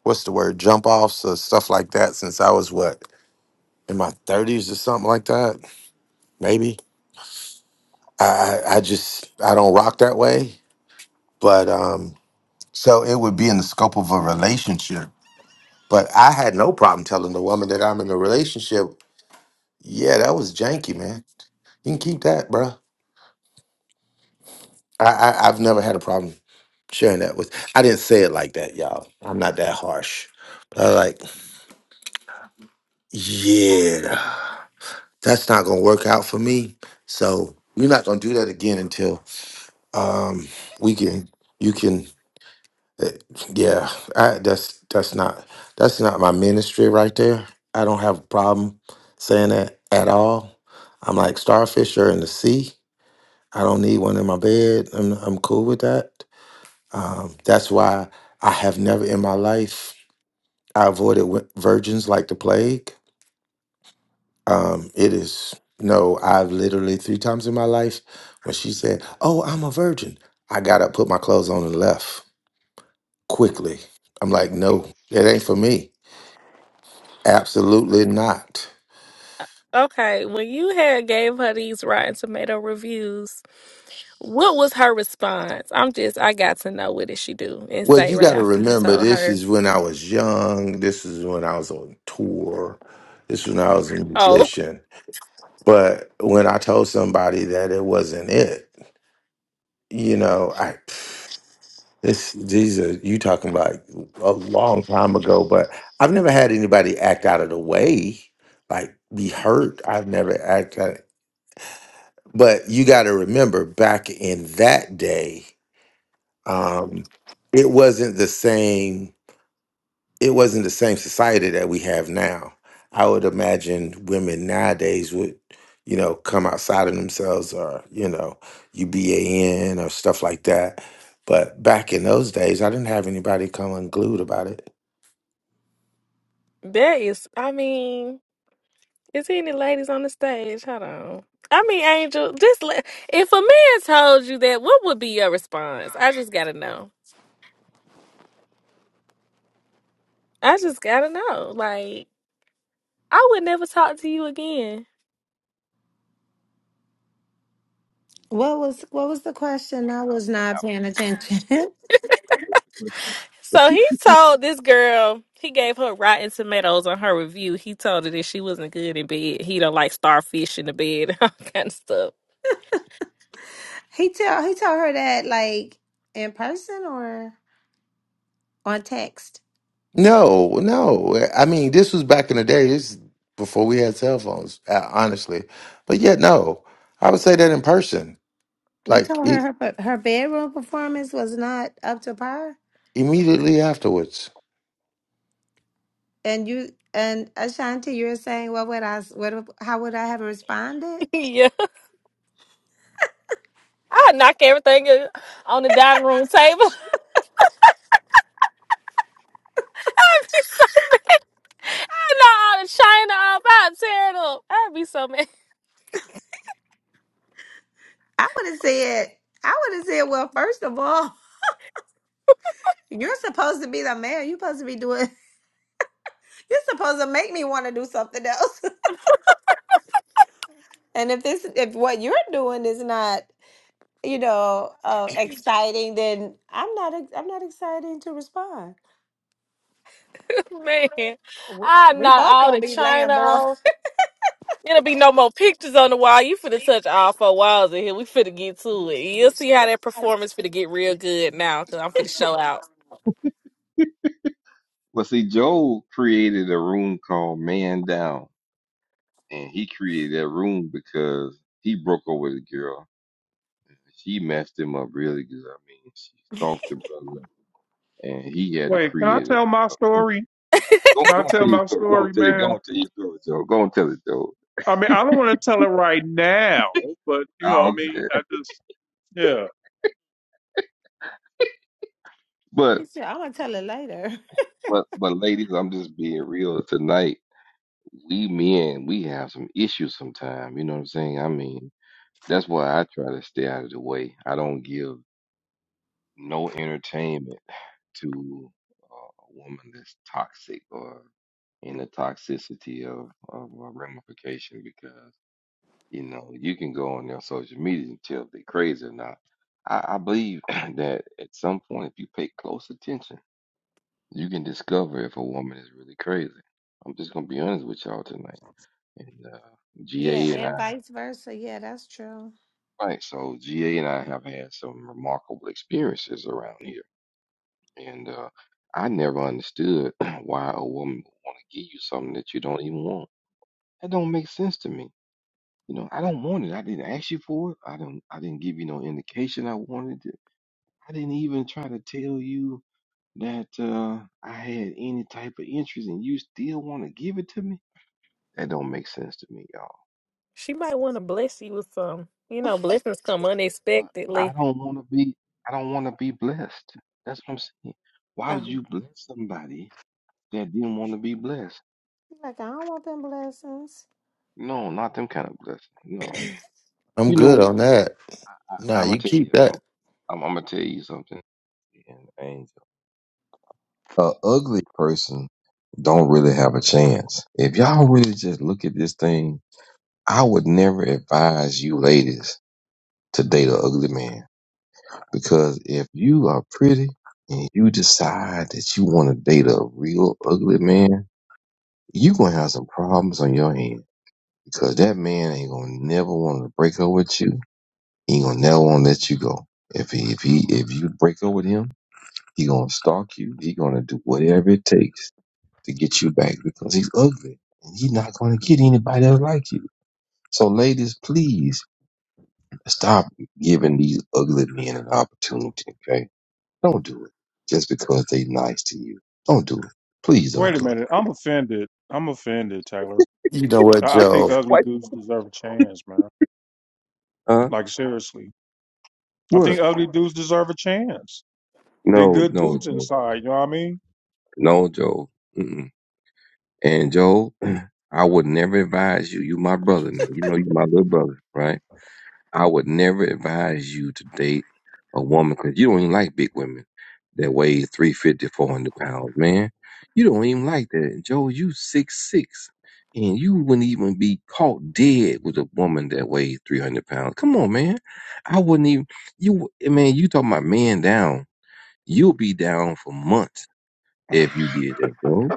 Speaker 7: what's the word jump offs or stuff like that since I was what in my thirties or something like that. Maybe I, I I just I don't rock that way. But um, so it would be in the scope of a relationship. But I had no problem telling the woman that I'm in a relationship. Yeah, that was janky, man. You can keep that, bro I, I I've never had a problem. sharing that with. I didn't say it like that, y'all. I'm not that harsh. But I was like, yeah, that's not gonna work out for me. So we're not gonna do that again until um we can you can uh, yeah, I, that's that's not that's not my ministry right there. I don't have a problem saying that at all. I'm like starfish are in the sea. I don't need one in my bed. I'm I'm cool with that. Um, that's why I have never in my life I avoided wi- virgins like the plague. Um, it is no, I've literally three times in my life when she said, "Oh, I'm a virgin," I got up, put my clothes on, and left quickly. I'm like, no, it ain't for me. Absolutely not.
Speaker 10: Okay. When you had gave her these Rotten Tomato reviews, what was her response? I'm just I got to know what did she do and
Speaker 7: Well,
Speaker 10: say
Speaker 7: you
Speaker 10: right
Speaker 7: got to
Speaker 10: after you
Speaker 7: remember,
Speaker 10: told
Speaker 7: this
Speaker 10: her.
Speaker 7: is when I was young. This is when I was on tour. This is when I was a
Speaker 10: Oh.
Speaker 7: musician. But when I told somebody that it wasn't it, you know, I. This Jesus, you talking about a long time ago, but I've never had anybody act out of the way, like be hurt. I've never acted, but you got to remember back in that day, um, it wasn't the same it wasn't the same society that we have now. I would imagine women nowadays would, you know, come outside of themselves or, you know, UBAN or stuff like that. But back in those days, I didn't have anybody come unglued about it.
Speaker 10: That is I mean, is there any ladies on the stage? Hold on. I mean, Angel, just let, if a man told you that, what would be your response? I just gotta know. I just gotta know. Like I would never talk to you again.
Speaker 5: What was what was the question? I was
Speaker 4: What
Speaker 5: not
Speaker 4: happened?
Speaker 5: paying attention.
Speaker 4: What's the
Speaker 10: So he
Speaker 4: question?
Speaker 10: told this girl, he gave her rotten tomatoes on her review. He told her that she wasn't good in bed. He don't like starfish in the bed and all kind of stuff.
Speaker 5: he tell he told her that like in person or on text.
Speaker 7: No, no. I mean, this was back in the day. This is before we had cell phones, uh, honestly. But yeah, no, I would say that in person,
Speaker 5: You
Speaker 7: like
Speaker 5: told
Speaker 7: i
Speaker 5: her her her bedroom performance was not up to par,
Speaker 7: immediately afterwards.
Speaker 5: and you and Ashanti, you're saying, what would I? s- What? How would I have responded?
Speaker 10: yeah. I knock everything on the dining room table. I'd be so, I knock all the china off. I'd tear it up. I'd be so mad.
Speaker 5: I would have said, I would have said, well, first of all, you're supposed to be the mayor. You're supposed to be doing. You're supposed to make me want to do something else. And if this, if what you're doing is not, you know, uh, exciting, then I'm not. ex- I'm not excited to respond.
Speaker 10: Man,
Speaker 5: We
Speaker 10: I
Speaker 5: we
Speaker 10: knock
Speaker 5: both
Speaker 10: all
Speaker 5: gonna
Speaker 10: the
Speaker 5: be laying
Speaker 10: china
Speaker 5: more.
Speaker 10: off. It'll be no more pictures on the wall. You finna touch all four walls in here. We finna get to it. You'll see how that performance finna get real good now, cause I'm finna show out.
Speaker 4: Well, see, Joel created a room called Man Down, and he created that room because he broke over the girl. She messed him up really good. I mean, she stalked the brother, and he had to
Speaker 3: Wait, can I
Speaker 4: create a,
Speaker 3: tell my
Speaker 4: a room.
Speaker 3: story?
Speaker 4: Go,
Speaker 3: Can
Speaker 4: go
Speaker 3: I
Speaker 4: and tell
Speaker 3: tell
Speaker 4: your
Speaker 3: my
Speaker 4: story. Go and
Speaker 3: story,
Speaker 4: tell your, go
Speaker 3: man?
Speaker 4: and tell your story, Joel. Go and tell it, Joel.
Speaker 3: I mean, I don't want to tell it right now, but you
Speaker 4: I
Speaker 3: know, what I
Speaker 4: don't
Speaker 3: mean,
Speaker 4: care.
Speaker 3: I just, yeah.
Speaker 4: But,
Speaker 5: He said, I'm gonna tell it later.
Speaker 4: but, but, ladies, I'm just being real tonight. We men, we have some issues sometimes. You know what I'm saying? I mean, that's why I try to stay out of the way. I don't give. no entertainment to uh, a woman that's toxic or in the toxicity of, of a ramification because you know you can go on their social media and tell if they're crazy or not. I, I believe that at some point, if you pay close attention, you can discover if a woman is really crazy. I'm just gonna be honest with y'all tonight. And uh,
Speaker 5: Yeah,
Speaker 4: GA and I,
Speaker 5: and vice versa. Yeah, that's true.
Speaker 4: right? So GA and I have had some remarkable experiences around here And uh, I never understood why a woman would want to give you something that you don't even want. That don't make sense to me. You know, I don't want it. I didn't ask you for it. I don't. I didn't give you no indication I wanted it. I didn't even try to tell you that uh, I had any type of interest, and you still want to give it to me. That don't make sense to me, y'all.
Speaker 10: She might want to bless you with some. You know, blessings come
Speaker 4: But I
Speaker 10: unexpectedly.
Speaker 4: don't want to be. I don't want to be blessed. That's what I'm saying. Why would
Speaker 10: Um,
Speaker 4: you bless somebody that didn't want to be blessed?
Speaker 5: Like, I don't want them blessings.
Speaker 4: No, not them kind of blessing. No.
Speaker 7: I'm
Speaker 4: You
Speaker 7: good
Speaker 4: know,
Speaker 7: on that.
Speaker 4: I,
Speaker 7: Nah,
Speaker 4: I'm gonna
Speaker 7: you
Speaker 4: tell
Speaker 7: keep
Speaker 4: you, I'm,
Speaker 7: that.
Speaker 4: I'm, I'm gonna tell you something. An Angel, A ugly person don't really have a chance. If y'all really just look at this thing, I would never advise you ladies to date an ugly man because if you are pretty and you decide that you want to date a real ugly man, you gonna have some problems on your hand because that man ain't gonna never want to break up with you. He ain't gonna never want to let you go. If he if he if you break up with him. He gonna stalk you. He gonna do whatever it takes to get you back because he's ugly and he's not gonna get anybody that like you. So ladies, please stop giving these ugly men an opportunity, okay? Don't do it just because they nice to you. Don't do it. Please don't
Speaker 3: Wait a
Speaker 4: do it.
Speaker 3: minute. I'm offended. I'm offended, Taylor.
Speaker 7: You know what,
Speaker 3: I, I think
Speaker 7: Joe?
Speaker 3: ugly dudes deserve a chance, man.
Speaker 4: Huh?
Speaker 3: Like seriously, I
Speaker 4: What?
Speaker 3: think ugly dudes deserve a chance. They
Speaker 4: No,
Speaker 3: good
Speaker 4: no,
Speaker 3: dudes
Speaker 4: Joe.
Speaker 3: inside, you know what I mean?
Speaker 4: No, Joe. Mm-mm. And Joe, I would never advise you. You my brother now. You know you my little brother, right? I would never advise you to date a woman because you don't even like big women that weigh three fifty, four hundred pounds, man. You don't even like that. Joe, you six six, and you wouldn't even be caught dead with a woman that weighs 300 pounds. Come on, man. I wouldn't even, you, man, you talking about man down. You'll be down for months if you did that, Joe.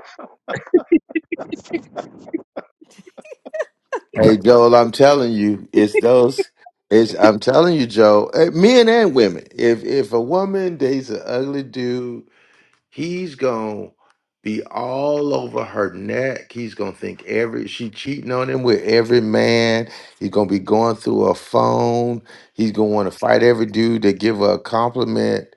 Speaker 7: Hey Joel, I'm telling you, it's those. It's I'm telling you, Joel. eh, Men and women. If if a woman dates an ugly dude, he's gonna be all over her neck. He's gonna think every she cheating on him with every man. He's gonna be going through her phone. He's gonna want to fight every dude that give her a compliment.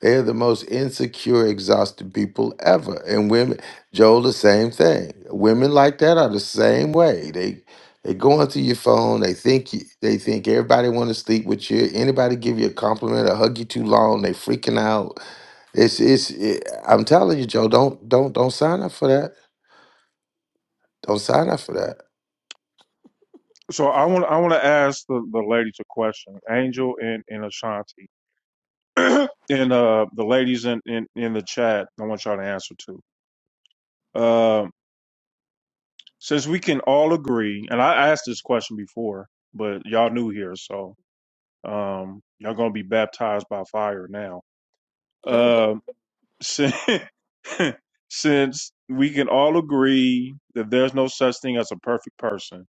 Speaker 7: They're the most insecure, exhausted people ever. And women, Joel, the same thing. Women like that are the same way. They they go onto your phone. They think you, they think everybody want to sleep with you. Anybody give you a compliment or hug you too long, they freaking out. It's it's. It, I'm telling you, Joe, don't don't don't sign up for that. Don't sign up for that.
Speaker 3: So I want I want to ask the, the ladies a question, Angel and, and Ashanti, and uh, the ladies in, in, in the chat. I want y'all to answer too. Um, since we can all agree, and I asked this question before, but y'all new here, so Um, y'all gonna be baptized by fire now.
Speaker 10: oh,
Speaker 3: Um, since, since we can all agree that there's no such thing as a perfect person,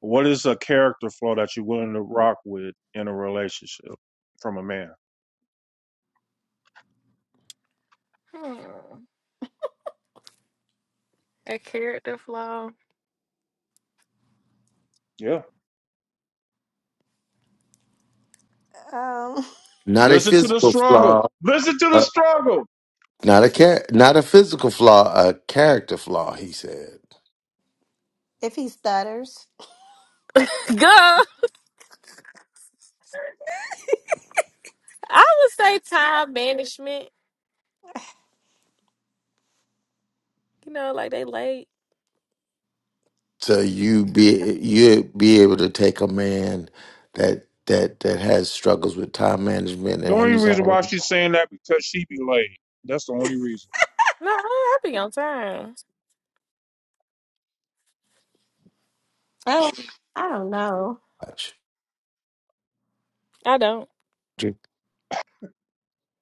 Speaker 3: what is a character flaw that you're willing to rock with in a relationship from a man?
Speaker 10: hmm. that character flaw.
Speaker 3: Yeah.
Speaker 5: Um,
Speaker 7: Not a
Speaker 3: Listen to the
Speaker 7: physical
Speaker 3: struggle.
Speaker 7: flaw.
Speaker 3: Listen to the
Speaker 7: uh,
Speaker 3: struggle.
Speaker 7: not a char- Not a physical flaw. A character flaw. He said.
Speaker 5: if he stutters.
Speaker 10: Girl, I would say time management. You know, like they late.
Speaker 7: So you be you be able to take a man that that that has struggles with time management
Speaker 3: The
Speaker 7: and
Speaker 3: only
Speaker 7: he's
Speaker 3: reason why
Speaker 7: already
Speaker 3: she's saying that because she be laid. That's the only reason.
Speaker 10: No, I I be on time.
Speaker 5: Oh, I don't know.
Speaker 7: much.
Speaker 10: I don't.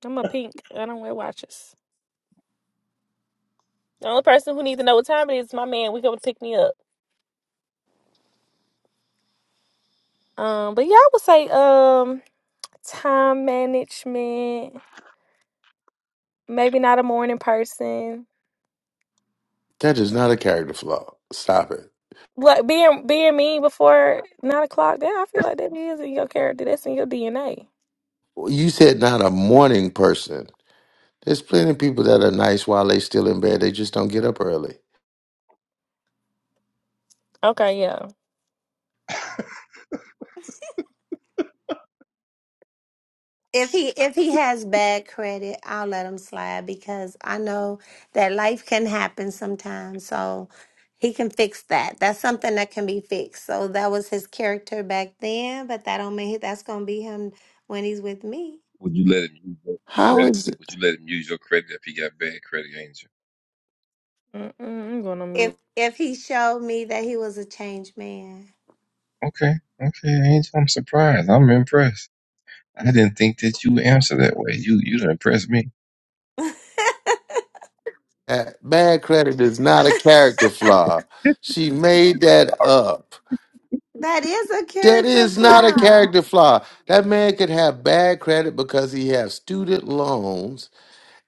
Speaker 10: I'm a pink. I don't wear watches. The only person who needs to know what time it is is my man. We going to pick me up. Um, but yeah, I would say um time management. Maybe not a morning person.
Speaker 7: That is not a character flaw. Stop it.
Speaker 10: Like being being mean before nine o'clock. Yeah, I feel like that is in your character. That's in your DNA.
Speaker 7: You said not a morning person. There's plenty of people that are nice while they still in bed. They just don't get up early.
Speaker 10: Okay, yeah.
Speaker 5: If he if he has bad credit, I'll let him slide because I know that life can happen sometimes. So he can fix that. That's something that can be fixed. So that was his character back then, but that don't mean that's gonna be him when he's with me.
Speaker 4: Would you let him use your
Speaker 7: How
Speaker 4: credit?
Speaker 7: is it
Speaker 4: Would you let him use your credit if he got bad credit, Angel?
Speaker 10: Mm-mm, I'm going to
Speaker 5: If
Speaker 10: mute.
Speaker 5: if he showed me that he was a changed man,
Speaker 4: Okay, okay, Angel. I'm surprised. I'm impressed. I didn't think that you would answer that way. You you done impressed me.
Speaker 7: that bad credit is not a character flaw? She made that up.
Speaker 5: that is a
Speaker 7: That
Speaker 5: character
Speaker 7: is not a
Speaker 5: flaw.
Speaker 7: character flaw. That man could have bad credit because he has student loans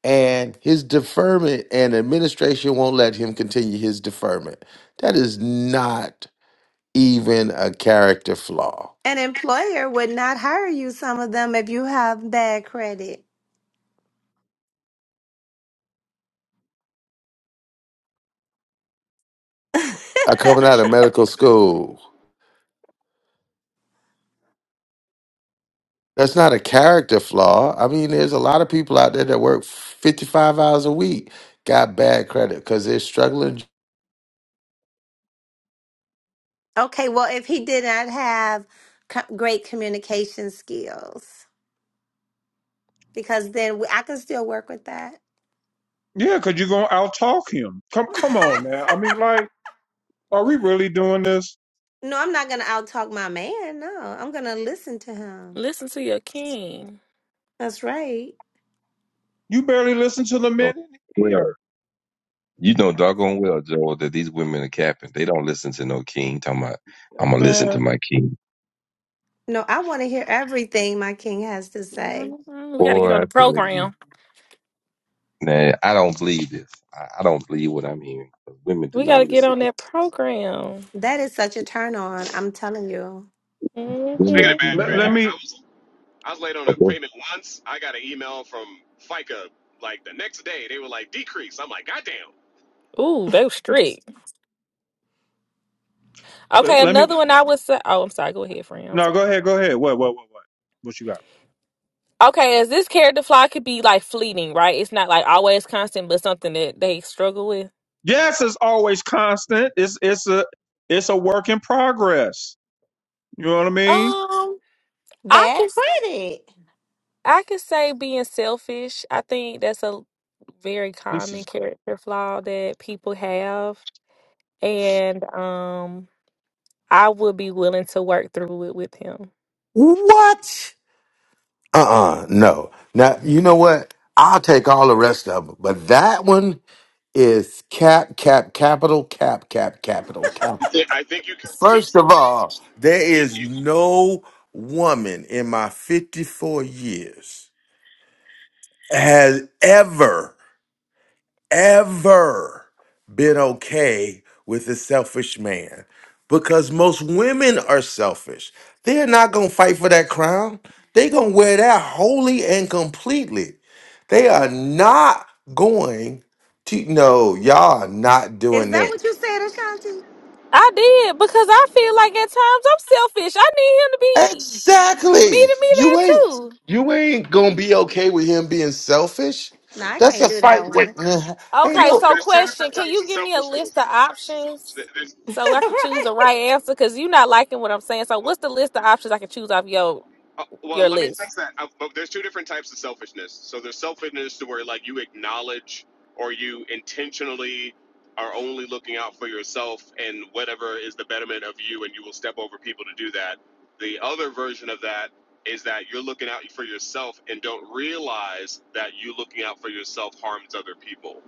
Speaker 7: and his deferment and administration won't let him continue his deferment. That is not even a character flaw.
Speaker 5: An employer would not hire you. Some of them if you have bad credit.
Speaker 7: Uh, coming
Speaker 12: This
Speaker 7: out of medical school, that's not a character flaw. I mean, there's a lot of people out there that work 55 hours a week, got bad credit because they're struggling.
Speaker 5: Okay, well, if he did not have co- great communication skills, because then we, I can still work with that.
Speaker 3: Yeah, because you're gonna outtalk him. Come come on now. I mean, like, are we really doing this?
Speaker 5: No, I'm not gonna outtalk my man. No, I'm gonna listen to him.
Speaker 10: Listen to your king.
Speaker 5: That's right.
Speaker 3: You barely listen to the
Speaker 4: No,
Speaker 3: men in
Speaker 4: well,
Speaker 3: here.
Speaker 4: you know doggone well, Joel, that these women are capping. They don't listen to no king. Talking about, I'm gonna listen to
Speaker 3: Man.
Speaker 4: my king.
Speaker 5: No, I want to hear everything my king has to say.
Speaker 10: Mhm. We got to
Speaker 4: Boy,
Speaker 10: get
Speaker 4: I
Speaker 10: on the
Speaker 4: tell you,
Speaker 10: program.
Speaker 4: man, I don't believe this. I, I don't believe what I'm hearing. Women do
Speaker 10: We got
Speaker 4: not
Speaker 10: to get
Speaker 4: listen.
Speaker 10: on that program.
Speaker 5: That is such a turn on. I'm telling you.
Speaker 12: Speaking
Speaker 10: hmm
Speaker 12: of
Speaker 4: Women
Speaker 12: bad
Speaker 3: Let,
Speaker 4: do
Speaker 3: let
Speaker 12: credit,
Speaker 3: me
Speaker 12: I was I was late on a
Speaker 4: not.
Speaker 12: payment once. I got an email from FICA like the next day. They were like decrease. I'm like, goddamn.
Speaker 10: Ooh, they was strict. Okay,
Speaker 3: let, let me
Speaker 10: another one I would say. Oh, I'm sorry. Go ahead, friend. I'm
Speaker 3: no, go
Speaker 10: sorry.
Speaker 3: ahead, go ahead. What what what what? What you got?
Speaker 10: Okay, as this character flaw could be like fleeting, right? It's not like always constant, but something that they struggle with.
Speaker 3: Yes, it's always constant. It's it's a it's a work in progress. You know what I mean?
Speaker 10: Um, I
Speaker 5: Bad
Speaker 10: can
Speaker 5: credit.
Speaker 10: I can say being selfish. I think that's a very
Speaker 3: This
Speaker 10: common
Speaker 3: is
Speaker 10: character flaw that people have, and um, I would be willing to work through it with him.
Speaker 7: What? Uh-uh, no. Now, you know what? I'll take all the rest of them, but that one is cap, cap, capital, cap, cap, capital, capital.
Speaker 12: I think you can
Speaker 7: First
Speaker 12: teach.
Speaker 7: of all, there
Speaker 12: You
Speaker 7: is no woman in my 54 years has ever, ever been okay with a selfish man because most women are selfish. They're not going to fight for that crown, they're going to wear that wholly and completely. They are not going to, no, y'all are not
Speaker 5: Is
Speaker 7: doing
Speaker 5: that
Speaker 7: this.
Speaker 5: what you said, Ashanti?
Speaker 10: I did because I feel like at times I'm selfish. I need him to be
Speaker 7: Exactly.
Speaker 10: meeting me there
Speaker 7: You ain't
Speaker 10: too.
Speaker 7: you ain't gonna be okay with him being selfish.
Speaker 5: No, I
Speaker 7: That's
Speaker 5: can't
Speaker 7: a
Speaker 5: do
Speaker 7: fight.
Speaker 5: that one.
Speaker 7: waiting to ha- Hey,
Speaker 12: can,
Speaker 10: Okay,
Speaker 7: look,
Speaker 10: so
Speaker 12: there's two
Speaker 10: question:
Speaker 12: different
Speaker 10: Can
Speaker 12: types
Speaker 10: you
Speaker 12: of
Speaker 10: give me a list of
Speaker 12: selfishness.
Speaker 10: options
Speaker 12: There's
Speaker 10: so I can choose the
Speaker 5: right.
Speaker 10: right answer? Because you're not liking what I'm saying. So what's the list of options I can choose off your?
Speaker 12: Uh,
Speaker 10: your
Speaker 12: well, let me
Speaker 10: list.
Speaker 12: fix that. Uh, but there's two different types of selfishness. So there's selfishness to where like you acknowledge or you intentionally are only looking out for yourself and whatever is the betterment of you, and you will step over people to do that. The other version of that is that you're looking out for yourself and don't realize that you looking out for yourself harms other people.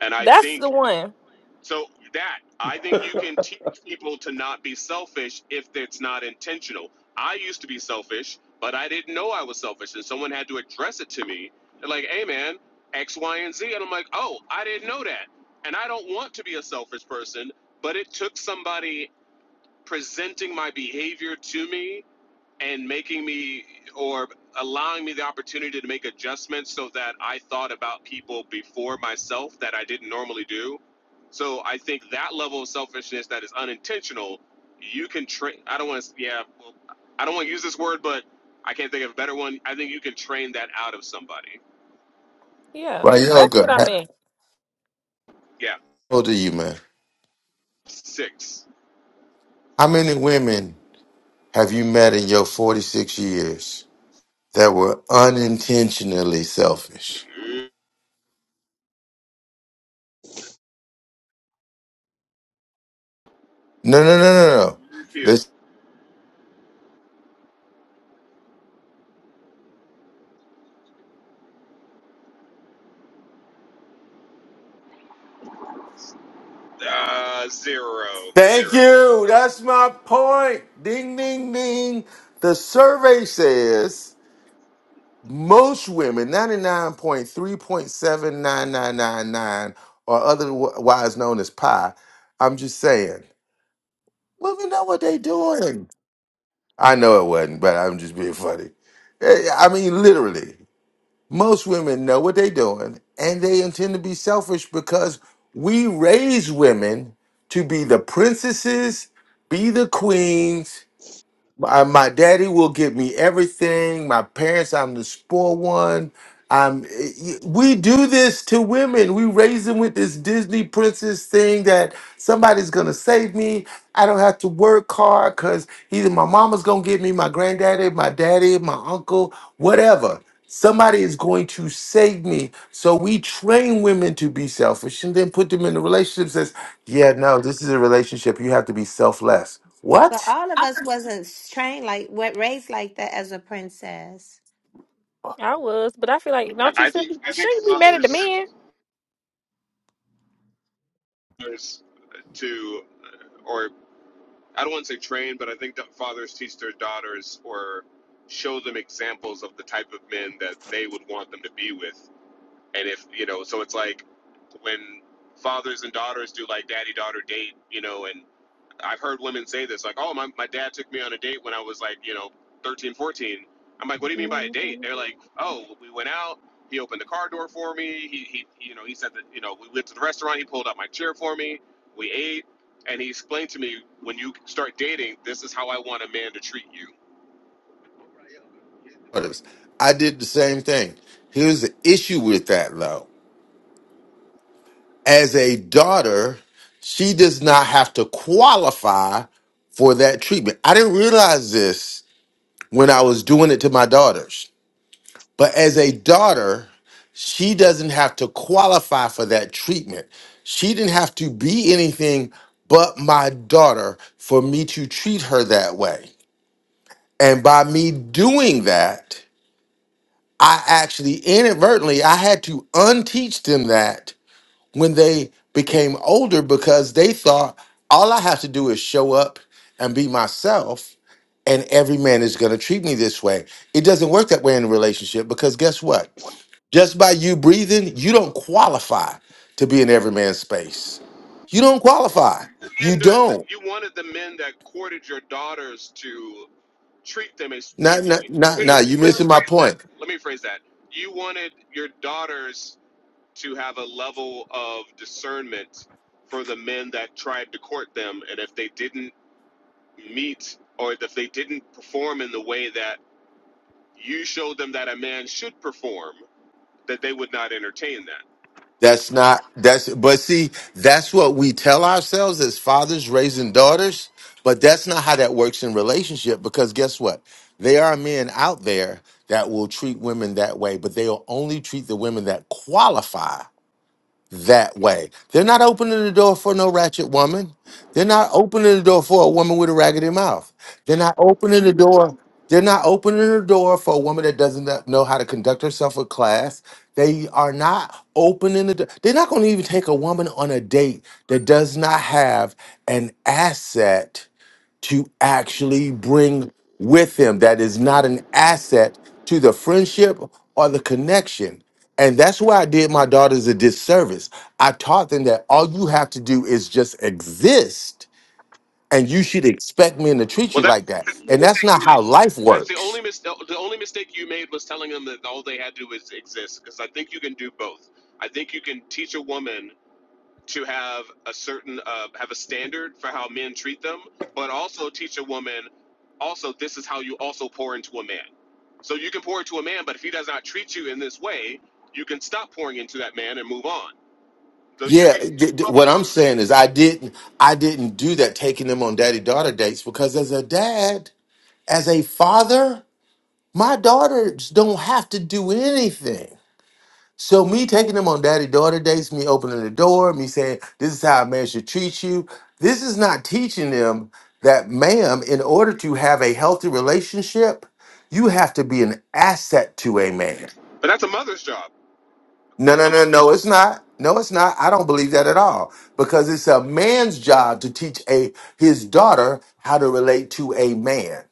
Speaker 12: And I
Speaker 10: That's the
Speaker 12: think
Speaker 10: one.
Speaker 12: so that I think you can teach people to not be selfish if it's not intentional. I used to be selfish, but I didn't know I was selfish, and someone had to address it to me. They're like, "Hey, man, X, Y, and Z," and I'm like, "Oh, I didn't know that." And I don't want to be a selfish person, but it took somebody presenting my behavior to me and making me or allowing me the opportunity to make adjustments so that I thought about people before myself that I didn't normally do. So I think that level of selfishness that is unintentional, you can train. I don't want to, yeah, well, I don't want to use this word, but I can't think of a better one. I think you can train that out of somebody.
Speaker 10: Yeah,
Speaker 7: right,
Speaker 10: that's what
Speaker 7: Yoga.
Speaker 10: I
Speaker 7: How
Speaker 10: meant.
Speaker 12: Yeah,
Speaker 7: old are you, man?
Speaker 12: six.
Speaker 7: How many women have you met in your forty six years that were unintentionally selfish?
Speaker 12: Mm,
Speaker 7: No, no, no, no, no.
Speaker 12: Few.
Speaker 7: Listen.
Speaker 12: Uh, zero,
Speaker 7: Thank
Speaker 12: zero.
Speaker 7: you. That's my point. Ding, ding, ding. The survey says. most women, ninety-nine point three point seven nine nine nine nine, or otherwise known as pi, I'm just saying, women know what they doing. I know it wasn't, but I'm just being funny. Eh, yeah, I mean, literally, most women know what they doing, and they intend to be selfish because we raise women to be the princesses, be the queens, I, my daddy will give me everything. My parents, I'm the spoiled one. I'm, we do this to women. We raise them with this Disney princess thing that somebody's gonna save me. I don't have to work hard because either my mama's gonna get me, my granddaddy, my daddy, my uncle, whatever. Somebody is going to save me. So we train women to be selfish and then put them in a relationship that says, yeah, no, this is a relationship. You have to be selfless.
Speaker 5: But
Speaker 7: What?
Speaker 5: all of us wasn't trained like what raised like that as a princess.
Speaker 10: I was, but I feel like
Speaker 12: I
Speaker 10: don't you
Speaker 12: I
Speaker 10: shouldn't
Speaker 12: think
Speaker 10: be,
Speaker 12: I think
Speaker 10: shouldn't be mad at the
Speaker 12: fathers
Speaker 10: men?
Speaker 12: fathers to, or I don't want to say train, but I think that fathers teach their daughters or show them examples of the type of men that they would want them to be with. And if, you know, so it's like when fathers and daughters do like daddy daughter date, you know, and. I've heard women say this, like, oh, my, my dad took me on a date when I was like, you know, 13, 14. I'm like, what do you mean by a date? They're like, oh, we went out. He opened the car door for me. He, he you know, he said that, you know, we went to the restaurant. He pulled out my chair for me. We ate. And he explained to me, when you start dating, this is how I want a man to treat you.
Speaker 7: daughters. I did the same thing. Here's the issue with that though. As a daughter, she does not have to qualify for that treatment. I didn't realize this when I was doing it to my daughters. But as a daughter, she doesn't have to qualify for that treatment. She didn't have to be anything but my daughter for me to treat her that way. And by me doing that, I actually inadvertently I had to unteach them that when they became older because they thought all I have to do is show up and be myself and every man is going to treat me this way. It doesn't work that way in a relationship because guess what? Just by you breathing, you don't qualify to be in every man's space. You don't qualify. You
Speaker 12: And uh,
Speaker 7: don't.
Speaker 12: you wanted the men that courted your daughters to treat them as.
Speaker 7: Not
Speaker 12: Let
Speaker 7: not not not you are
Speaker 12: me
Speaker 7: missing my
Speaker 12: phrase that.
Speaker 7: point.
Speaker 12: Let me phrase that. You wanted your daughters to have a level of discernment for the men that tried to court them. And if they didn't meet or if they didn't perform in the way that you showed them that a man should perform, that they would not entertain that.
Speaker 7: That's not that's but see, that's what we tell ourselves as fathers raising daughters, but that's not how that works in relationship because guess what? There are men out there that will treat women that way, but they'll only treat the women that qualify that way. They're not opening the door for no ratchet woman. They're not opening the door for a woman with a raggedy mouth. They're not opening the door. They're not opening the door for a woman that doesn't know how to conduct herself with class. They are not opening the door. They're not going to even take a woman on a date that does not have an asset to actually bring with them that is not an asset to the friendship or the connection. And that's why I did my daughters a disservice. I taught them that all you have to do is just exist and you should expect men to treat
Speaker 12: Well,
Speaker 7: you
Speaker 12: that,
Speaker 7: like that.
Speaker 12: that's the only
Speaker 7: And that's
Speaker 12: mistake
Speaker 7: not
Speaker 12: you made.
Speaker 7: how life
Speaker 12: That's the
Speaker 7: works.
Speaker 12: only mis- the only mistake you made was telling them that all they had to do was exist. Because I think you can do both. I think you can teach a woman to have a certain uh, have a standard for how men treat them, but also teach a woman also this is how you also pour into a man. So you can pour into a man, but if he does not treat you in this way, you can stop pouring into that man and move on. So you
Speaker 7: Yeah,
Speaker 12: can,
Speaker 7: d- d- what I'm saying is I didn't I didn't do that taking them on daddy daughter dates because as a dad, as a father, my daughters don't have to do anything. So me taking them on daddy daughter dates, me opening the door, me saying, This is how a man should treat you. This is not teaching them that, ma'am, in order to have a healthy relationship, you have to be an asset to a man.
Speaker 12: but that's a mother's job. A,
Speaker 7: No, no,
Speaker 12: a
Speaker 7: no, no, it's not. No, it's not. I don't believe that at all. Because it's a man's job to teach a his daughter how to relate to a man.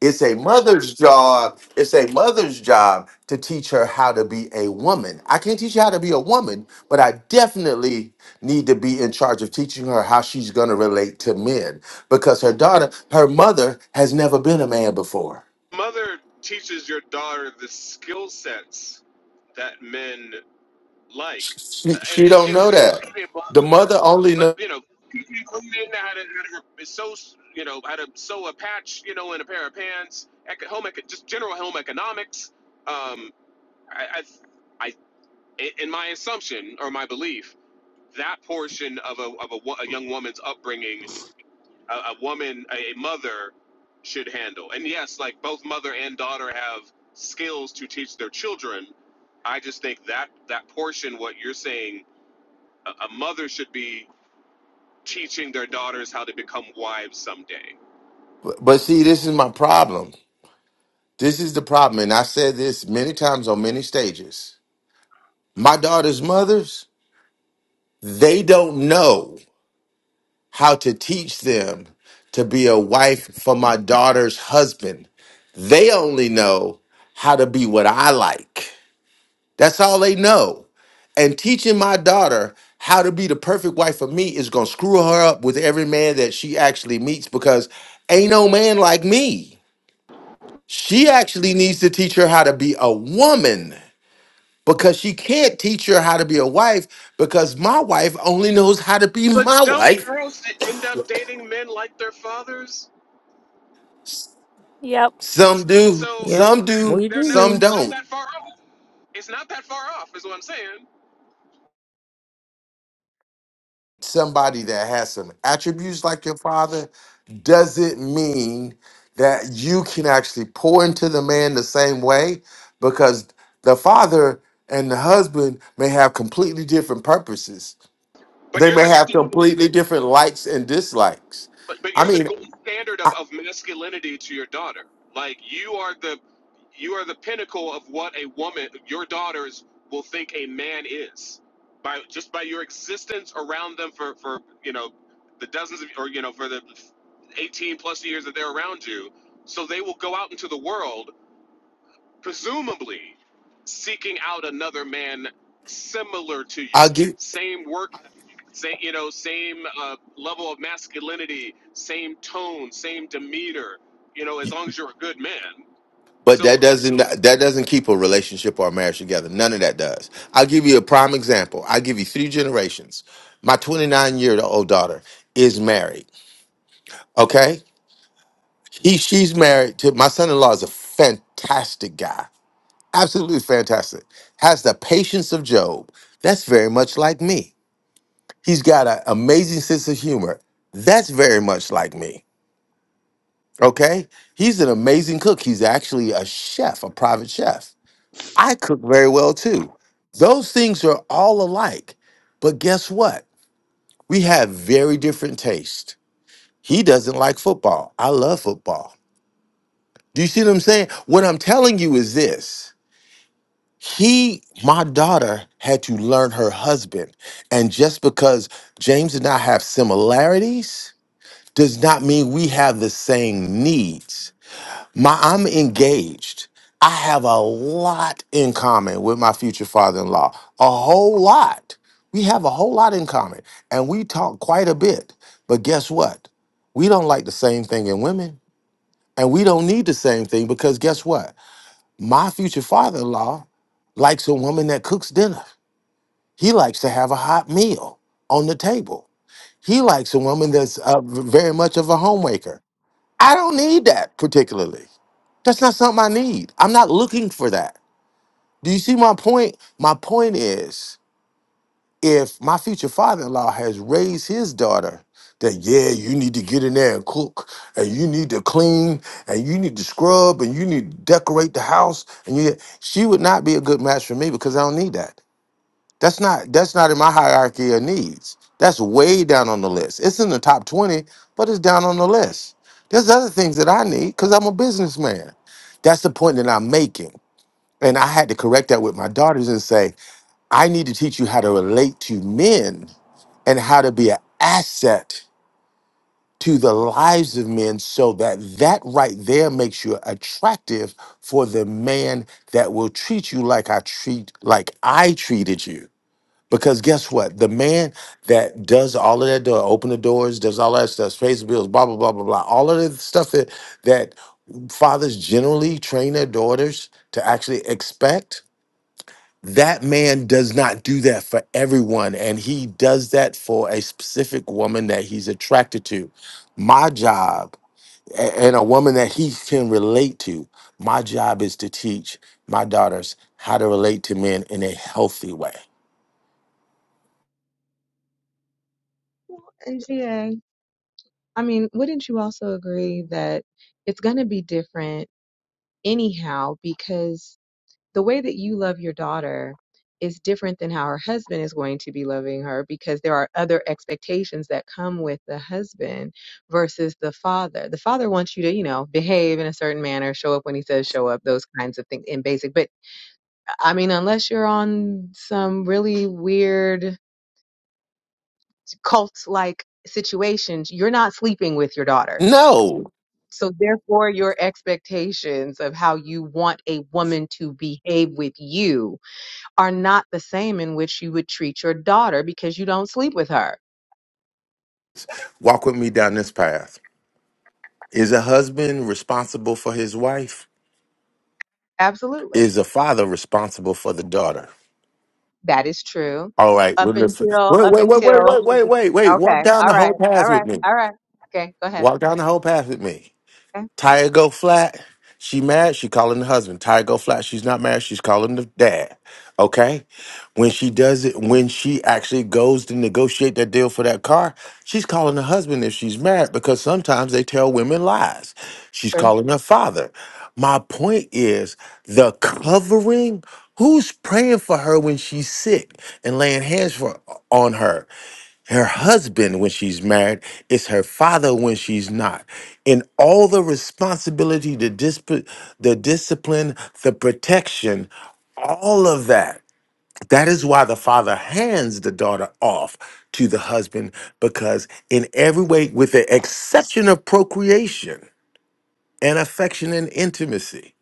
Speaker 7: It's a mother's job. It's a mother's job to teach her how to be a woman. I can't teach you how to be a woman, but I definitely need to be in charge of teaching her how she's going to relate to men because her daughter, her mother has never been a man before.
Speaker 12: mother teaches your daughter the skill sets that men like,
Speaker 7: She,
Speaker 12: and
Speaker 7: she
Speaker 12: and
Speaker 7: don't
Speaker 12: you know,
Speaker 7: know
Speaker 12: this
Speaker 7: that. The mother only
Speaker 12: But
Speaker 7: knows.
Speaker 12: you know, teaching cleaning how to, how to sew, you know, how to sew a patch, you know, in a pair of pants, eco- home eco- just general home economics. Um, I, I, I, in my assumption or my belief, that portion of a of a, wo- a young woman's upbringing, a, a woman, a, a mother, should handle. And yes, like both mother and daughter have skills to teach their children. I just think that that portion, what you're saying, a, a mother should be teaching their daughters how to become wives someday.
Speaker 7: but see this is my problem. This is the problem and I said this many times on many stages. My daughter's mothers, they don't know. how to teach them to be a wife for my daughter's husband. They only know how to be what I like. That's all they know. And teaching my daughter how to be the perfect wife for me is going to screw her up with every man that she actually meets because ain't no man like me. She actually needs to teach her how to be a woman because she can't teach her how to be a wife because my wife only knows how to be
Speaker 12: But
Speaker 7: my
Speaker 12: don't
Speaker 7: wife
Speaker 12: girls end up dating men like their fathers?
Speaker 10: Yep.
Speaker 7: Some do,
Speaker 12: So
Speaker 13: Yep,
Speaker 7: some do,
Speaker 13: we
Speaker 12: they're not.
Speaker 7: some
Speaker 13: do.
Speaker 12: It's not
Speaker 7: don't.
Speaker 12: that far off. It's not that far off, is what I'm saying.
Speaker 7: Somebody that has some attributes like your father doesn't mean that you can actually pour into the man the same way because the father and the husband may have completely different purposes.
Speaker 12: But
Speaker 7: They
Speaker 12: you're
Speaker 7: may
Speaker 12: the
Speaker 7: have
Speaker 12: standard.
Speaker 7: completely different likes and dislikes.
Speaker 12: But but
Speaker 7: I
Speaker 12: you're the
Speaker 7: mean,
Speaker 12: gold standard of,
Speaker 7: I,
Speaker 12: of masculinity to your daughter. Like you are the you are the pinnacle of what a woman your daughters will think a man is. By just by your existence around them for, for you know the dozens of or you know for the eighteen plus years that they're around you. So they will go out into the world presumably seeking out another man similar to you,
Speaker 7: I'll give.
Speaker 12: same work, same you know, same uh, level of masculinity, same tone, same demeanor. You know, as long as you're a good man.
Speaker 7: But that
Speaker 12: So
Speaker 7: doesn't that doesn't keep a relationship or a marriage together. None of that does. I'll give you a prime example. I'll give you three generations. My 29 year old daughter is married. Okay? He she's married to my son-in-law is a fantastic guy. Absolutely fantastic. Has the patience of Job. That's very much like me. He's got an amazing sense of humor. That's very much like me. Okay? He's an amazing cook. He's actually a chef, a private chef I cook very well too. Those things are all alike. But guess what? We have very different tastes. He doesn't like football. I love football. Do you see what I'm saying? What I'm telling you is this. He, my daughter, had to learn her husband. And just because James and I have similarities does not mean we have the same needs My I'm engaged. I have a lot in common with my future father-in-law. A whole lot. We have a whole lot in common. And we talk quite a bit. But guess what? We don't like the same thing in women. And we don't need the same thing because guess what? My future father-in-law likes a woman that cooks dinner. He likes to have a hot meal on the table. He likes a woman that's uh, v- very much of a homemaker. I don't need that particularly. That's not something I need. I'm not looking for that. Do you see my point? My point is if my future father in law has raised his daughter that, yeah, you need to get in there and cook, and you need to clean, and you need to scrub, and you need to decorate the house, and you, she would not be a good match for me because I don't need that. That's not that's not in my hierarchy of needs. That's way down on the list. It's in the top 20, but it's down on the list. There's other things that I need because I'm a businessman. That's the point that I'm making. And I had to correct that with my daughters and say, I need to teach you how to relate to men and how to be an asset to the lives of men so that that right there makes you attractive for the man that will treat you like I treat like I treated you because guess what? The man that does all of that door, open the doors, does all that stuff, pays the bills, blah, blah, blah, blah, blah. All of the stuff that that fathers generally train their daughters to actually expect. That man does not do that for everyone. And he does that for a specific woman that he's attracted to. My job a- and a woman that he can relate to, my job is to teach my daughters how to relate to men in a healthy way.
Speaker 2: Well, and GA, I mean, wouldn't you also agree that it's going to be different anyhow because the way that you love your daughter is different than how her husband is going to be loving her because there are other expectations that come with the husband versus the father. The father wants you to, you know, behave in a certain manner, show up when he says show up, those kinds of things in basic. But I mean, unless you're on some really weird cult like situations, you're not sleeping with your daughter
Speaker 7: No.
Speaker 2: So therefore, your expectations of how you want a woman to behave with you are not the same in which you would treat your daughter because you don't sleep with her.
Speaker 7: Walk with me down this path. Is a husband responsible for his wife?
Speaker 2: Absolutely.
Speaker 7: Is a father responsible for the daughter?
Speaker 2: That is true.
Speaker 7: All right, we're
Speaker 2: Up until,
Speaker 7: Wait,
Speaker 2: up
Speaker 7: wait, wait, wait,
Speaker 2: until
Speaker 7: wait,
Speaker 2: she
Speaker 7: wait,
Speaker 2: be,
Speaker 7: wait, wait. Walk
Speaker 2: okay.
Speaker 7: down
Speaker 2: All
Speaker 7: the
Speaker 2: right.
Speaker 7: whole
Speaker 2: All
Speaker 7: path
Speaker 2: right.
Speaker 7: with me.
Speaker 2: All right. Okay. Go ahead.
Speaker 7: Walk down the whole path with me.
Speaker 2: Okay.
Speaker 7: Tire go flat. She mad. She calling the husband. Tire go flat. She's not married. She's calling the dad. Okay. When she does it, when she actually goes to negotiate that deal for that car, she's calling the husband if she's married because sometimes they tell women lies. She's
Speaker 2: True.
Speaker 7: calling her father. My point is the covering. Who's praying for her when she's sick and laying hands for on her? her husband when she's married, it's her father when she's not. And all the responsibility, the, disp- the discipline, the protection, all of that. That is why the father hands the daughter off to the husband because, in every way, with the exception of procreation and affection and intimacy,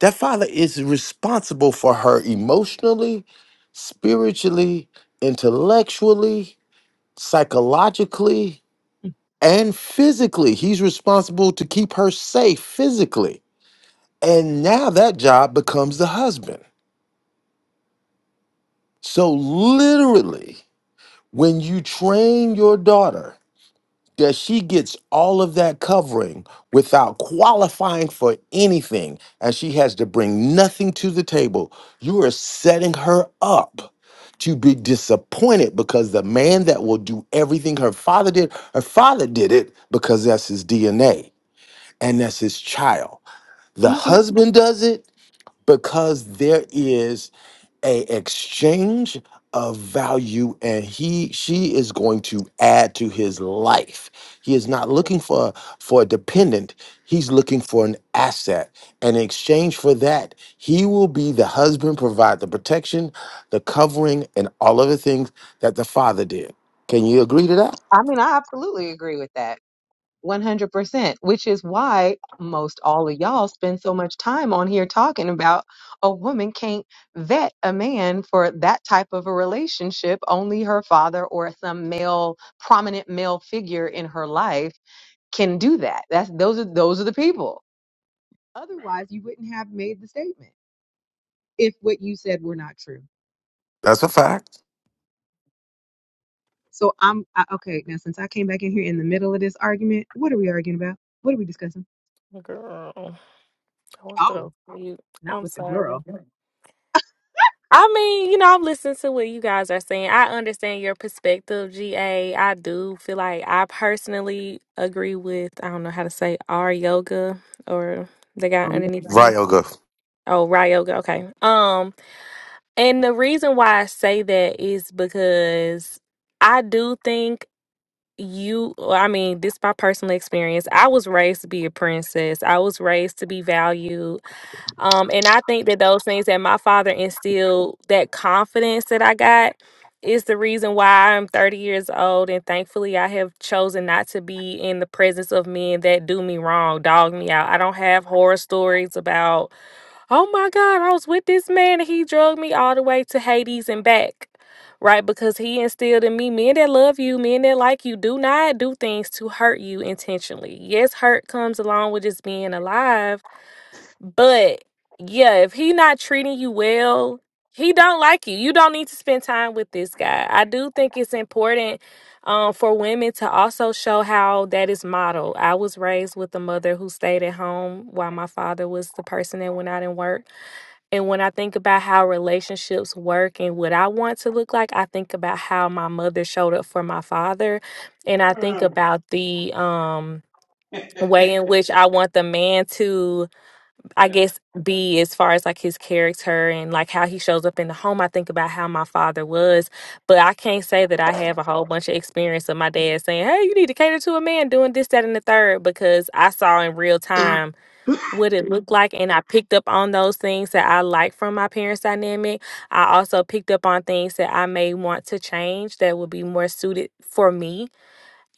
Speaker 7: that father is responsible for her emotionally, spiritually, intellectually, psychologically, and physically he's responsible to keep her safe physically and now that job becomes the husband so literally when you train your daughter that she gets all of that covering without qualifying for anything and she has to bring nothing to the table you are setting her up to be disappointed because the man that will do everything her father did her father did it because that's his dna and that's his child The
Speaker 2: hmm
Speaker 7: husband does it because there is a exchange of value and he she is going to add to his life. He is not looking for for a dependent. He's looking for an asset. And in exchange for that, he will be the husband provide the protection, the covering and all of the things that the father did. Can you agree to that?
Speaker 2: I mean, I absolutely agree with that. 100%, which is why most all of y'all spend so much time on here talking about a woman can't vet a man for that type of a relationship. Only her father or some male prominent male figure in her life can do that. That's those are those are the people. Otherwise, you wouldn't have made the statement if what you said were not true.
Speaker 7: That's a fact.
Speaker 2: So I'm I, okay, now since I came back in here in the middle of this argument, what are we arguing about? What are we discussing?
Speaker 10: Girl, I want to
Speaker 2: Oh,
Speaker 10: throw you.
Speaker 2: not
Speaker 10: I'm
Speaker 2: with the
Speaker 10: sorry.
Speaker 2: girl.
Speaker 10: I mean, you know, I've listened to what you guys are saying. I understand your perspective, GA. I do feel like I personally agree with, I don't know how to say, R Yoga or the guy underneath
Speaker 7: Right,
Speaker 10: me.
Speaker 7: Olga.
Speaker 10: Oh, Ry Yoga. Okay. Um, and the reason why I say that is because I do think you well, I mean, this is my personal experience. I was raised to be a princess. I was raised to be valued. Um, and I think that those things that my father instilled, that confidence that I got, is the reason why I'm 30 years old. And thankfully, I have chosen not to be in the presence of men that do me wrong, dog me out. I don't have horror stories about, oh my God, I was with this man and he drugged me all the way to Hades and back. Right, because he instilled in me men that love you, men that like you, do not do things to hurt you intentionally. Yes, hurt comes along with just being alive, but yeah, if he not treating you well, he don't like you. You don't need to spend time with this guy. I do think it's important um, for women to also show how that is modeled. I was raised with a mother who stayed at home while my father was the person that went out and worked. And when I think about how relationships work and what I want to look like, I think about how my mother showed up for my father, and I think about the um, way in which I want the man to I guess be as far as like his character and like how he shows up in the home. I think about how my father was, but I can't say that I have a whole bunch of experience of my dad saying, "Hey, you need to cater to a man doing this, that, and the third." because I saw in real time what it looked like and I picked up on those things that I like from my parents' dynamic. I also picked up on things that I may want to change that would be more suited for me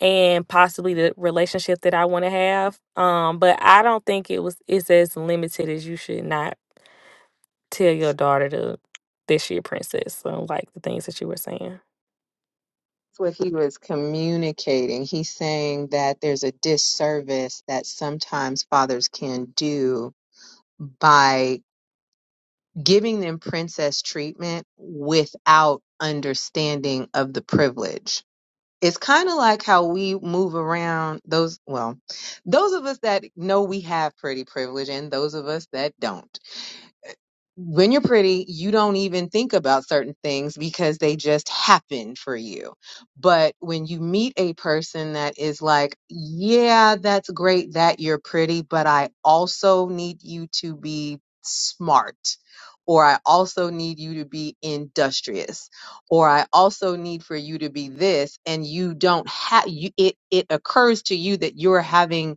Speaker 10: and possibly the relationship that I want to have. Um, but I don't think it was it's as limited as you should not tell your daughter to this year princess. So like the things that you were saying.
Speaker 2: what he was communicating. He's saying that there's a disservice that sometimes fathers can do by giving them princess treatment without understanding of the privilege. It's kind of like how we move around those, well, those of us that know we have pretty privilege and those of us that don't when you're pretty, you don't even think about certain things because they just happen for you. But when you meet a person that is like, yeah, that's great that you're pretty, but I also need you to be smart. Or I also need you to be industrious, or I also need for you to be this, and you don't have you. It it occurs to you that you're having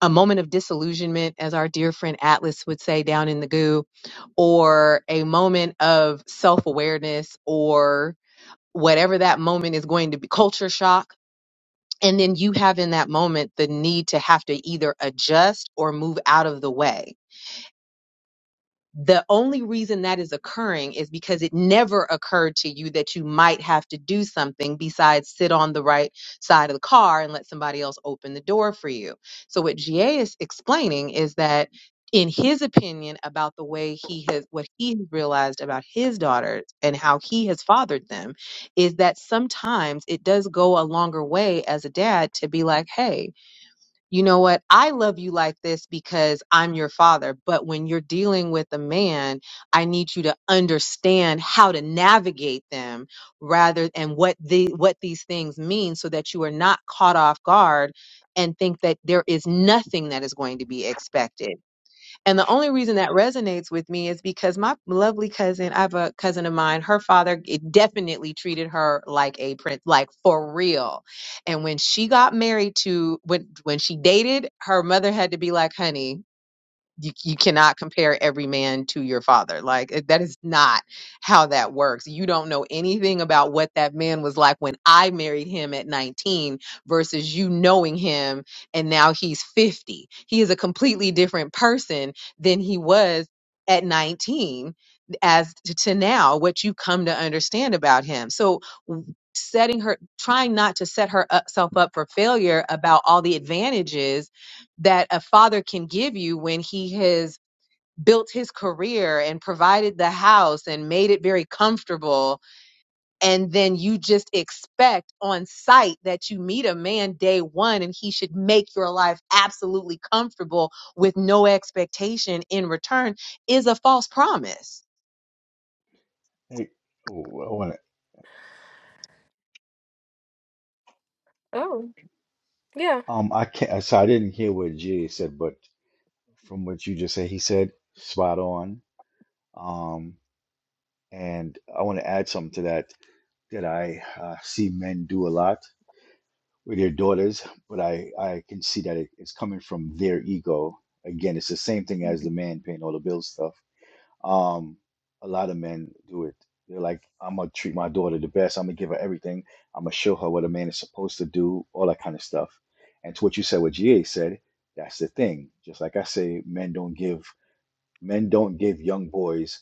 Speaker 2: a moment of disillusionment, as our dear friend Atlas would say down in the goo, or a moment of self awareness, or whatever that moment is going to be, culture shock. And then you have in that moment the need to have to either adjust or move out of the way the only reason that is occurring is because it never occurred to you that you might have to do something besides sit on the right side of the car and let somebody else open the door for you. So what GA is explaining is that in his opinion about the way he has what he has realized about his daughters and how he has fathered them is that sometimes it does go a longer way as a dad to be like, "Hey, you know what? I love you like this because I'm your father. But when you're dealing with a man, I need you to understand how to navigate them rather and what the what these things mean so that you are not caught off guard and think that there is nothing that is going to be expected. And the only reason that resonates with me is because my lovely cousin, I have a cousin of mine, her father it definitely treated her like a prince, like for real. And when she got married to when when she dated, her mother had to be like, honey, you, you cannot compare every man to your father. Like it- that is not how that works. You don't know anything about what that man was like when I married him at 19 versus you knowing him and now he's 50. He is a completely different person than he was at 19 as to, to now what you come to understand about him. So w- setting her trying not to set her up, self up for failure about all the advantages that a father can give you when he has built his career and provided the house and made it very comfortable and then you just expect on sight that you meet a man day 1 and he should make your life absolutely comfortable with no expectation in return is a false promise.
Speaker 11: Hey, w- w- when-
Speaker 10: Oh, yeah.
Speaker 11: um, I can't. So I didn't hear what Jay said, but from what you just said, he said spot on. Um, and I want to add something to that that I uh, see men do a lot with their daughters, but I I can see that it, it's coming from their ego. Again, it's the same thing as the man paying all the bills stuff. Um, a lot of men do it. They're like, I'm gonna treat my daughter the best. I'm gonna give her everything. I'm gonna show her what a man is supposed to do, all that kind of stuff. And to what you said, what GA said, that's the thing. Just like I say, men don't give men don't give young boys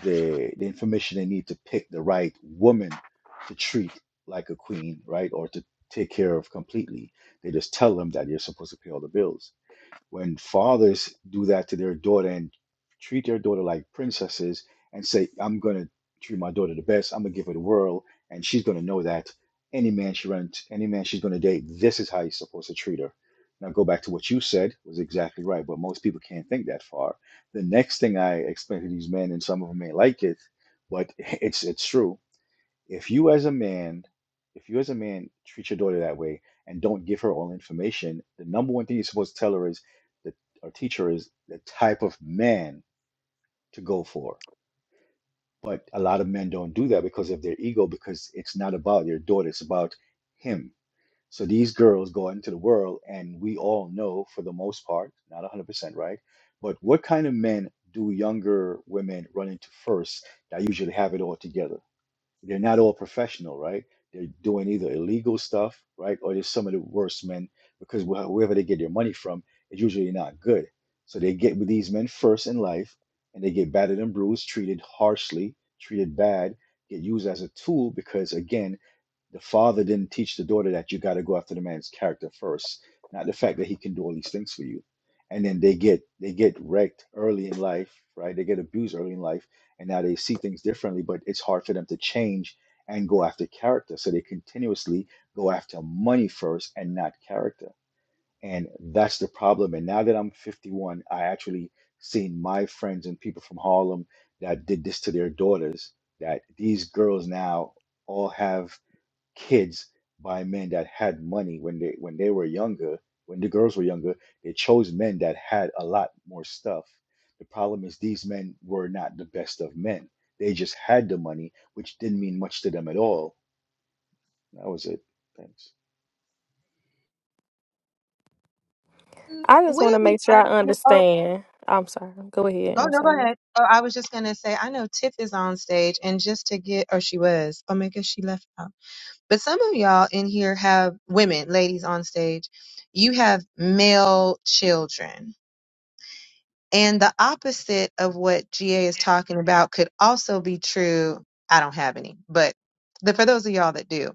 Speaker 11: the the information they need to pick the right woman to treat like a queen, right? Or to take care of completely. They just tell them that you're supposed to pay all the bills when fathers do that to their daughter and treat their daughter like princesses and say, I'm going to treat my daughter the best, I'm going to give her the world, and she's going to know that any man she runs, any man she's going to date, this is how you're supposed to treat her. Now, go back to what you said was exactly right, but most people can't think that far. The next thing I explain to these men, and some of them may like it, but it's it's true if you as a man, if you as a man treat your daughter that way and don't give her all information, the number one thing you're supposed to tell her is that or teach her is the type of man to go for. But a lot of men don't do that because of their ego, because it's not about your daughter, it's about him. So these girls go into the world, and we all know for the most part, not 100% right, but what kind of men do younger women run into first that usually have it all together? They're not all professional, right? They're doing either illegal stuff, right? Or they're some of the worst men because wh- wherever they get their money from is usually not good. So they get with these men first in life and they get battered and bruised, treated harshly, treated bad, get used as a tool because, again, the father didn't teach the daughter that you got to go after the man's character first, not the fact that he can do all these things for you. And then they get they get wrecked early in life, right? They get abused early in life, and now they see things differently, but it's hard for them to change and go after character. So they continuously go after money first and not character. And that's the problem. And now that I'm 51, I actually seen my friends and people from Harlem that did this to their daughters, that these girls now all have kids by men that had money when they when they were younger when the girls were younger they chose men that had a lot more stuff the problem is these men were not the best of men they just had the money which didn't mean much to them at all that was it thanks
Speaker 2: Mm,
Speaker 10: I just want to
Speaker 2: Wouldn't we
Speaker 10: make sure
Speaker 2: argue?
Speaker 10: I
Speaker 2: Oh,
Speaker 10: understand. I'm sorry. Go ahead.
Speaker 2: go
Speaker 10: I'm
Speaker 2: no, go
Speaker 10: sorry.
Speaker 2: ahead. Oh, I was just gonna say, I know Tiff is on stage, and just to get, or she was. Oh my gosh, she left out. But some of y'all in here have women, ladies on stage. You have male children. And the opposite of what GA is talking about could also be true. I don't have any, but the, for those of y'all that do,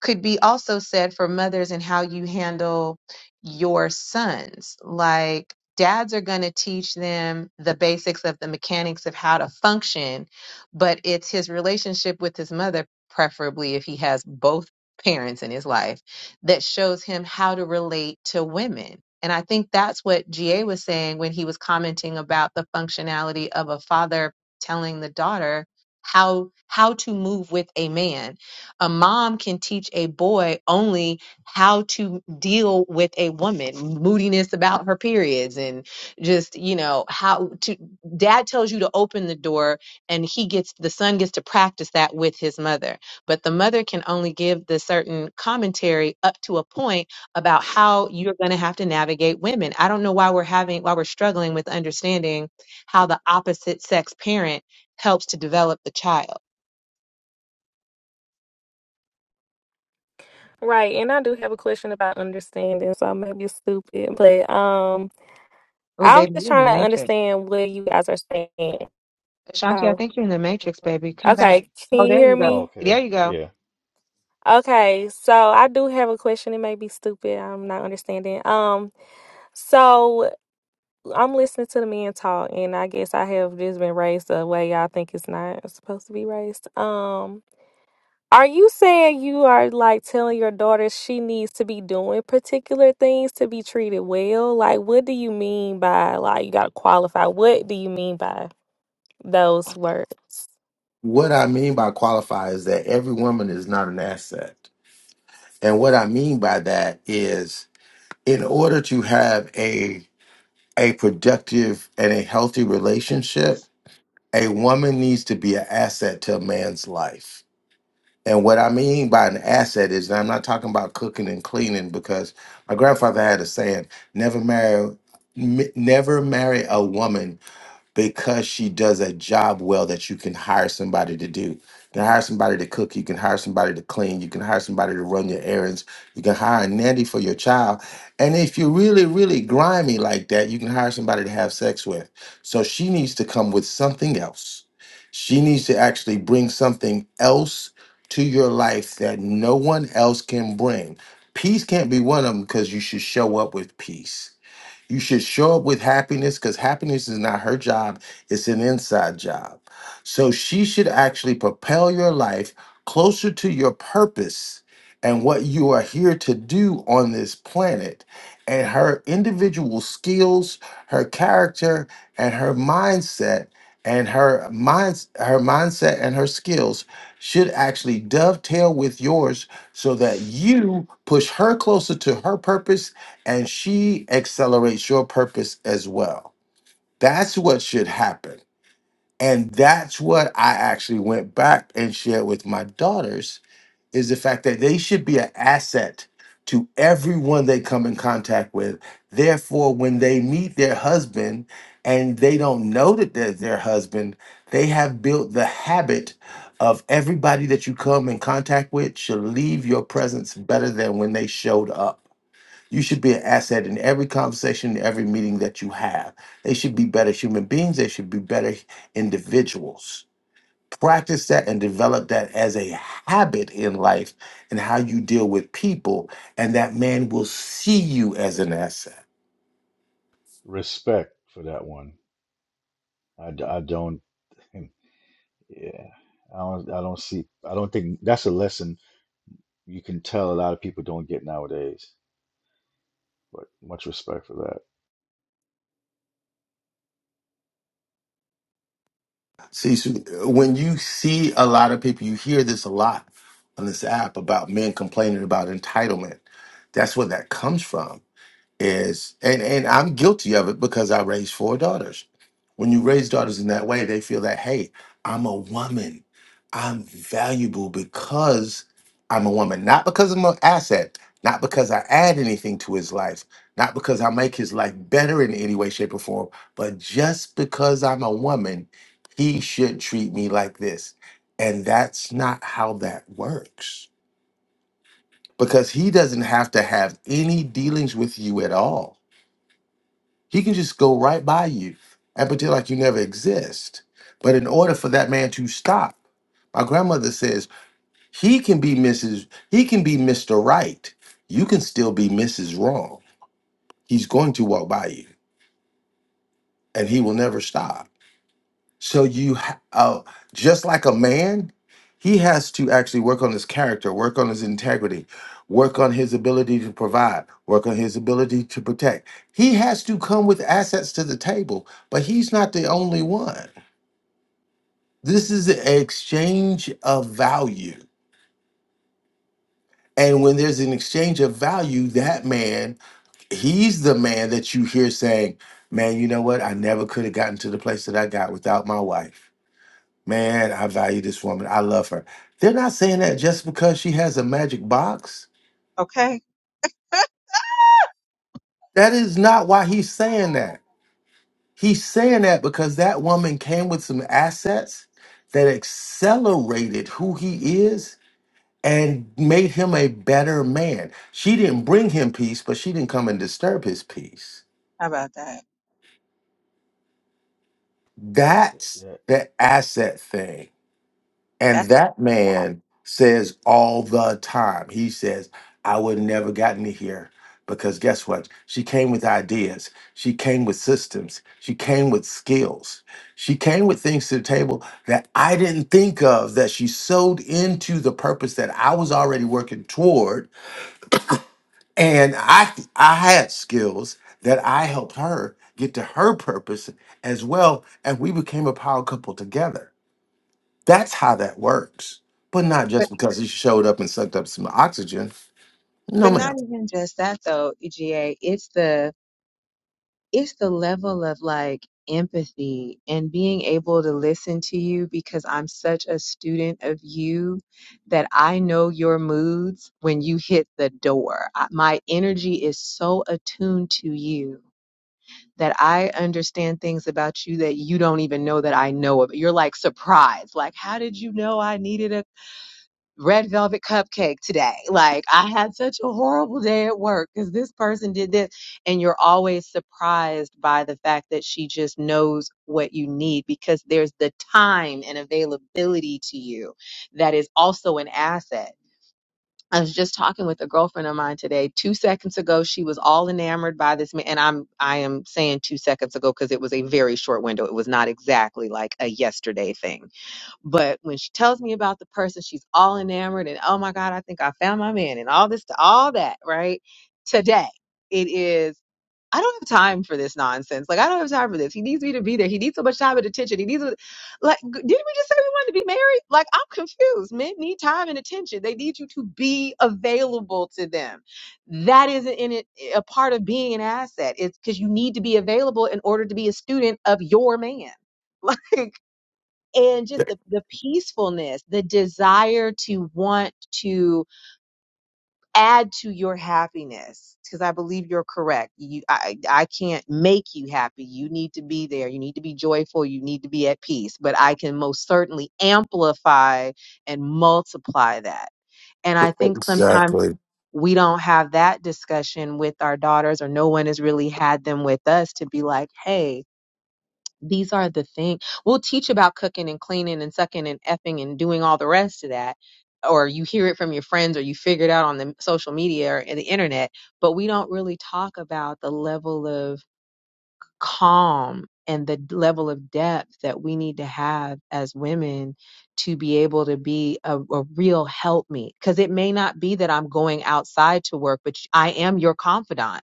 Speaker 2: could be also said for mothers and how you handle your sons. Like dads are going to teach them the basics of the mechanics of how to function, but it's his relationship with his mother, preferably if he has both parents in his life that shows him how to relate to women. And I think that's what GA was saying when he was commenting about the functionality of a father telling the daughter how how to move with a man. A mom can teach a boy only how to deal with a woman, moodiness about her periods and just, you know, how to dad tells you to open the door and he gets the son gets to practice that with his mother but the mother can only give the certain commentary up to a point about how you're going to have to navigate women. I don't know why we're having why we're struggling with understanding how the opposite sex parent helps to develop the child.
Speaker 10: Right, and I do have a question about understanding, so I may be stupid, but um,
Speaker 2: Oh,
Speaker 10: I'm
Speaker 2: baby,
Speaker 10: just
Speaker 2: you're in
Speaker 10: trying
Speaker 2: the
Speaker 10: to
Speaker 2: matrix.
Speaker 10: understand what you guys are saying.
Speaker 2: Ashanti, I
Speaker 10: Oh,
Speaker 2: think you're in the matrix, baby. Come back.
Speaker 10: okay. Can
Speaker 2: Oh,
Speaker 10: you
Speaker 2: there
Speaker 10: hear
Speaker 2: you go.
Speaker 11: Oh,
Speaker 10: me?
Speaker 11: okay.
Speaker 2: There you go.
Speaker 11: Yeah.
Speaker 10: Okay, so I do have a question. It may be stupid. I'm not understanding. Um, so I'm listening to the men talk, and I guess I have just been raised the way y'all think it's not supposed to be raised. Um, Are you saying you are like telling your daughter she needs to be doing particular things to be treated well? Like, what do you mean by like you gotta qualify? What do you mean by those words?
Speaker 7: What I mean by qualify is that every woman is not an asset. And what I mean by that is in order to have a a productive and a healthy relationship, a woman needs to be an asset to a man's life. And what I mean by an asset is, and I'm not talking about cooking and cleaning because my grandfather had a saying: "Never marry, m- never marry a woman because she does a job well that you can hire somebody to do. You can hire somebody to cook, you can hire somebody to clean, you can hire somebody to run your errands, you can hire a nanny for your child. And if you're really, really grimy like that, you can hire somebody to have sex with. So she needs to come with something else. She needs to actually bring something else to your life that no one else can bring. Peace can't be one of them because you should show up with peace you should show up with happiness because happiness is not her job, it's an inside job. So she should actually propel your life closer to your purpose and what you are here to do on this planet. And her individual skills, her character, and her mindset. And her mind, her mindset and her skills should actually dovetail with yours so that you push her closer to her purpose and she accelerates your purpose as well. That's what should happen. And that's what I actually went back and shared with my daughters is the fact that they should be an asset to everyone they come in contact with. Therefore, when they meet their husband and they don't know that they're their husband, they have built the habit of everybody that you come in contact with should leave your presence better than when they showed up you should be an asset in every conversation, every meeting that you have. They should be better human beings. They should be better individuals. Practice that and develop that as a habit in life and how you deal with people. And that man will see you as an asset.
Speaker 11: Respect for that one. I, d- I don't, yeah. I don't, I don't see, I don't think that's a lesson you can tell a lot of people don't get nowadays, but much respect for
Speaker 7: See, so uh, when you see a lot of people, you hear this a lot on this app about men complaining about entitlement. That's where that comes from is and and I'm guilty of it because I raised four daughters. When you raise daughters in that way, they feel that hey, I'm a woman. I'm valuable because I'm a woman, not because I'm an asset, not because I add anything to his life, not because I make his life better in any way shape or form, but just because I'm a woman, he should treat me like this. And that's not how that works because he doesn't have to have any dealings with you at all he can just go right by you and pretend like you never exist. But in order for that man to stop, my grandmother says he can be Mrs. He can be Mr. Right. You can still be Mrs. Wrong. He's going to walk by you, and he will never stop. So you, ha- uh, just like a man, he has to actually work on his character, work on his integrity, work on his ability to provide, work on his ability to protect. He has to come with assets to the table, but he's not the only one. This
Speaker 2: Mm,
Speaker 7: is an exchange of value. And when there's an exchange of value, that man, he's the man that you hear saying, Man, you know what? I never could have gotten to the place that I got without my wife Man, I value this woman. I love her. They're not saying that just because she has a magic box.
Speaker 2: Okay,
Speaker 7: That is not why he's saying that. He's saying that because that woman came with some assets that accelerated who he is and made him a better man. She didn't bring him peace, but she didn't come and disturb his peace.
Speaker 2: how about that?
Speaker 11: that.
Speaker 7: That's the asset thing. And
Speaker 2: That's a
Speaker 7: that man says all the time, he says, I would have never gotten to here because guess what? She came with ideas. She came with systems. She came with skills. She came with things to the table that I didn't think of that she sewed into the purpose that I was already working toward. And I I had skills that I helped her get to her purpose as well. And we became a power couple together that's how that works. But not
Speaker 2: but,
Speaker 7: just because he showed up and sucked up some oxygen. No,
Speaker 2: but not
Speaker 7: ma'am.
Speaker 2: even just that though, EGA. It's the it's the level of like empathy and being able to listen to you because I'm such a student of you that I know your moods when you hit the door. I- My energy is so attuned to you that I understand things about you that you don't even know that I know of. You're like surprised, like, how did you know I needed a red velvet cupcake today. Like I had such a horrible day at work because this person did this. And you're always surprised by the fact that she just knows what you need because there's the time and availability to you that is also an asset. I was just talking with a girlfriend of mine today. Two seconds ago, she was all enamored by this man, and I'm I am saying two seconds ago because it was a very short window. It was not exactly like a yesterday thing but when she tells me about the person, she's all enamored and oh my God, I think I found my man and all this to all that, right? Today it is I don't have time for this nonsense. Like I don't have time for this. He needs me to be there. He needs so much time and attention. He needs a- like g- didn't we just say we wanted to be married? Like I'm confused. Men need time and attention. They need you to be available to them. That isn't in it eh, a part of being an asset. It's because you need to be available in order to be a student of your man. Like and just the, the peacefulness, the desire to want to add to your happiness. Because I believe you're correct. You, I, I can't make you happy. You need to be there. You need to be joyful. You need to be at peace. But I can most certainly amplify and multiply that. And I think sometimes
Speaker 7: Exactly.
Speaker 2: we don't have that discussion with our daughters, or no one has really had them with us to be like, hey, these are the things we'll teach about cooking and cleaning and sucking and effing and doing all the rest of that. Or you hear it from your friends or you figure it out on the social media or in the internet, but we don't really talk about the level of calm and the d- level of depth that we need to have as women to be able to be a, a real help me. Because it may not be that I'm going outside to work, but sh- I am your confidant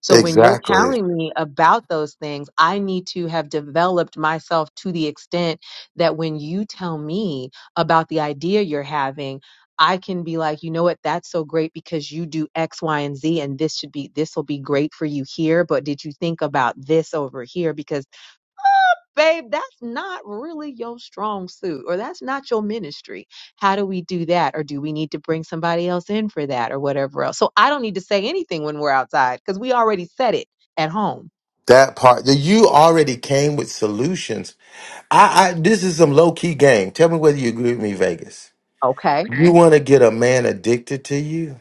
Speaker 2: so when you're
Speaker 7: Exactly.
Speaker 2: telling me about those things, I need to have developed myself to the extent that when you tell me about the idea you're having, I can be like, you know what, that's so great because you do X, Y, and Z, and this should be, this will be great for you here. But did you think about this over here? Because babe, that's not really your strong suit or that's not your ministry. How do we do that? Or do we need to bring somebody else in for that or whatever else? So I don't need to say anything when we're outside because we already said it at home.
Speaker 7: That part that you already came with solutions. I, I this is some low key game. Tell me whether you agree with me, Vegas.
Speaker 2: Okay.
Speaker 7: You want to get a man addicted to you?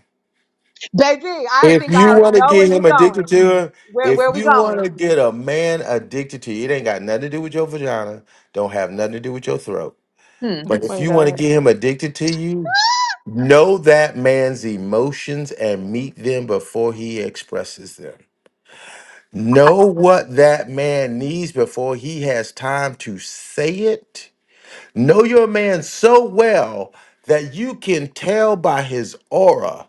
Speaker 2: Baby, I
Speaker 7: If
Speaker 2: think I
Speaker 7: you
Speaker 2: already
Speaker 7: want to
Speaker 2: know where
Speaker 7: get
Speaker 2: you
Speaker 7: him addicted
Speaker 2: going.
Speaker 7: to her,
Speaker 2: Where
Speaker 7: if
Speaker 2: where we
Speaker 7: you want to
Speaker 2: going?
Speaker 7: get a man addicted to you, it ain't got nothing to do with your vagina. Don't have nothing to do with your throat.
Speaker 2: Hmm.
Speaker 10: Oh
Speaker 7: But if
Speaker 10: my
Speaker 7: you want to
Speaker 10: God.
Speaker 7: get him addicted to you, Know that man's emotions and meet them before he expresses them.
Speaker 2: I-
Speaker 7: Know what that man needs before he has time to say it. Know your man so well that you can tell by his aura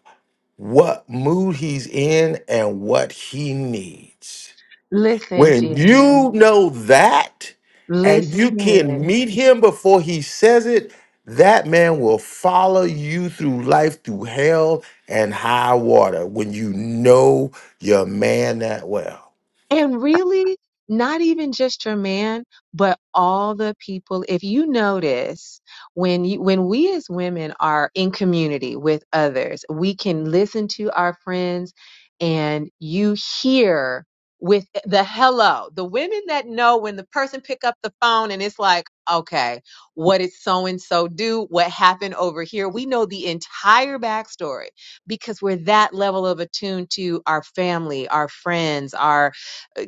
Speaker 7: what mood he's in and what he needs.
Speaker 2: Listen,
Speaker 7: When
Speaker 2: Gianna.
Speaker 7: you know that and you
Speaker 2: Listen.
Speaker 7: can meet him before he says it, that man will follow you through life, through hell and high water when you know your man that well.
Speaker 2: And really, not even just your man, but all the people. If you notice, when you, when we as women are in community with others, we can listen to our friends, and you hear with the hello. The women that know when the person pick up the phone and it's like, okay, what did so and so do? What happened over here? We know the entire backstory because we're that level of attuned to our family, our friends, our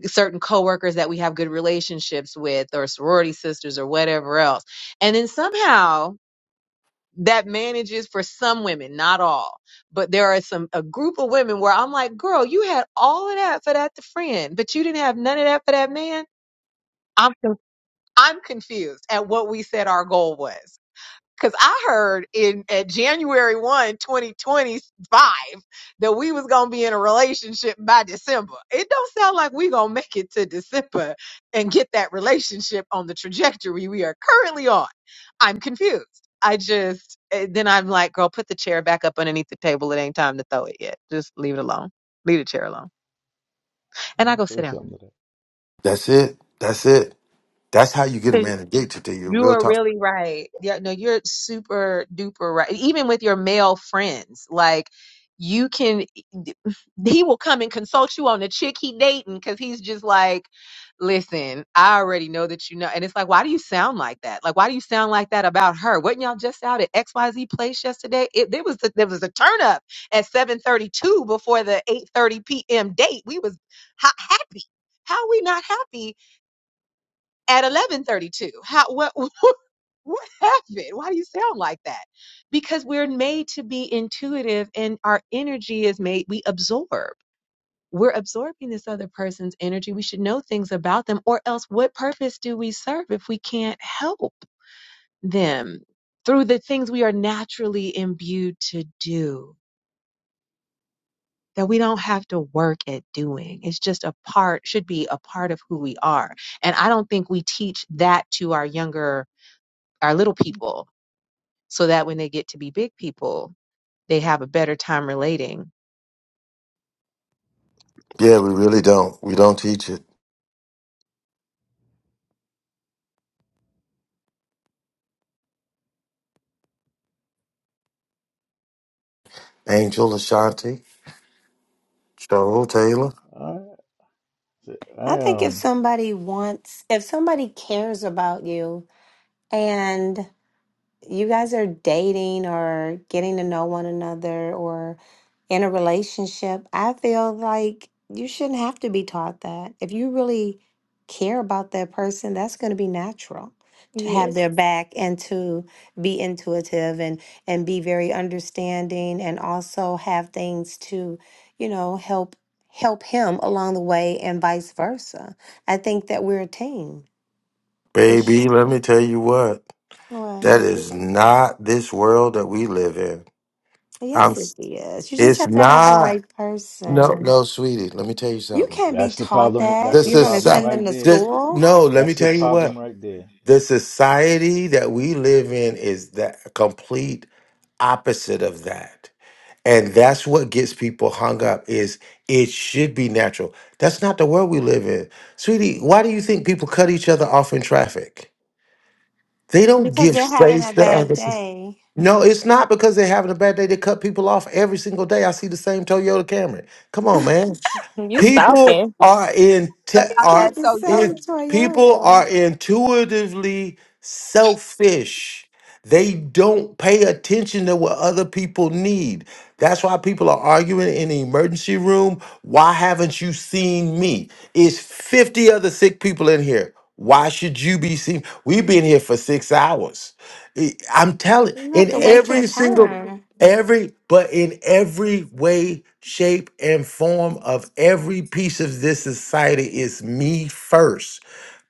Speaker 2: certain coworkers that we have good relationships with or sorority sisters or whatever else. And then somehow that manages for some women, not all, but there are some a group of women where I'm like, girl, you had all of that for that friend, but you didn't have none of that for that man. I'm con- I'm confused at what we said our goal was. Cause I heard in at January 1, 2025 that we was gonna be in a relationship by December. It don't sound like we gonna make it to December and get that relationship on the trajectory we are currently on. I'm confused. I just eh, then I'm like, girl, put the chair back up underneath the table. It ain't time to throw it yet. Just leave it alone. Leave the chair alone. And
Speaker 11: I
Speaker 2: I go sit
Speaker 11: say
Speaker 2: down.
Speaker 11: something to
Speaker 7: That's it. That's it. That's how you get a man to date today, you
Speaker 2: You
Speaker 7: real
Speaker 2: are
Speaker 7: time.
Speaker 2: really right. Yeah, no, you're super duper right. Even with your male friends, like you can, he will come and consult you on the chick he dating because he's just like, listen, I already know that you know. And it's like, why do you sound like that? Like, why do you sound like that about her? Wasn't y'all just out at XYZ place yesterday? It there was a, there was a turn up at 7:32 before the 8:30 p.m. date. We was ha- happy. How we not happy at 11:32? How what? What happened? Why do you sound like that? Because we're made to be intuitive and our energy is made, we absorb. We're absorbing this other person's energy. We should know things about them, or else what purpose do we serve if we can't help them through the things we are naturally imbued to do that we don't have to work at doing? It's just a part, should be a part of who we are. And I don't think we teach that to our younger, our little people so that when they get to be big people, they have a better time relating.
Speaker 7: Yeah, we really don't. We don't teach it. Angel Ashanti, Cheryl Taylor.
Speaker 11: that. I, said, I
Speaker 5: I think if
Speaker 11: um,
Speaker 5: somebody wants, if somebody cares about you and you guys are dating or getting to know one another or in a relationship, I feel like you shouldn't have to be taught that. If you really care about that person, that's going to be natural to have
Speaker 10: Yes.
Speaker 5: their back and to be intuitive and and be very understanding and also have things to, you know, help help him along the way and vice versa. I think that we're a team.
Speaker 7: Baby,
Speaker 5: It's
Speaker 7: let me tell you what.
Speaker 5: what?
Speaker 7: That is not this world that we live in. I'm
Speaker 5: Yes, it is. You just
Speaker 7: it's
Speaker 5: have to have the
Speaker 7: not.
Speaker 5: right
Speaker 7: No,
Speaker 5: person.
Speaker 7: no, sweetie. Let me tell you
Speaker 5: You
Speaker 7: something.
Speaker 5: can't be
Speaker 11: that's the
Speaker 5: taught
Speaker 11: problem.
Speaker 5: that.
Speaker 11: That's the
Speaker 7: This
Speaker 5: You're going
Speaker 7: is
Speaker 5: to
Speaker 11: problem
Speaker 7: so-
Speaker 5: send them
Speaker 11: right
Speaker 5: to
Speaker 11: there.
Speaker 7: this,
Speaker 5: school
Speaker 7: no. Let me
Speaker 11: That's the
Speaker 7: tell you what.
Speaker 11: problem right there.
Speaker 7: The society that we live in is the complete opposite of that, and that's what gets people hung up. Is it should be natural? That's not the world we live in, sweetie. Why do you think people cut each other off in traffic? They don't
Speaker 5: because
Speaker 7: give
Speaker 5: they're having
Speaker 7: space
Speaker 5: a
Speaker 7: to
Speaker 5: bad
Speaker 7: others.
Speaker 5: day.
Speaker 7: No, it's not because they're having a bad day. They cut people off every single day. I see the same Toyota Camry. Come on, man.
Speaker 10: You
Speaker 7: People
Speaker 10: stalking.
Speaker 7: are in te-
Speaker 2: about
Speaker 5: He
Speaker 7: are
Speaker 2: that
Speaker 5: said the
Speaker 2: so
Speaker 5: same
Speaker 2: Yoda.
Speaker 7: it, people
Speaker 5: Toyota.
Speaker 7: are intuitively selfish. They don't pay attention to what other people need. That's why people are arguing in the emergency room. Why haven't you seen me? It's 50 other sick people in here. Why should you be seen? We've been here for six hours. I- I'm telling
Speaker 5: You have
Speaker 7: in
Speaker 5: to wait your
Speaker 7: every single
Speaker 5: turn.
Speaker 7: every but in every way, shape, and form of every piece of this society is me first.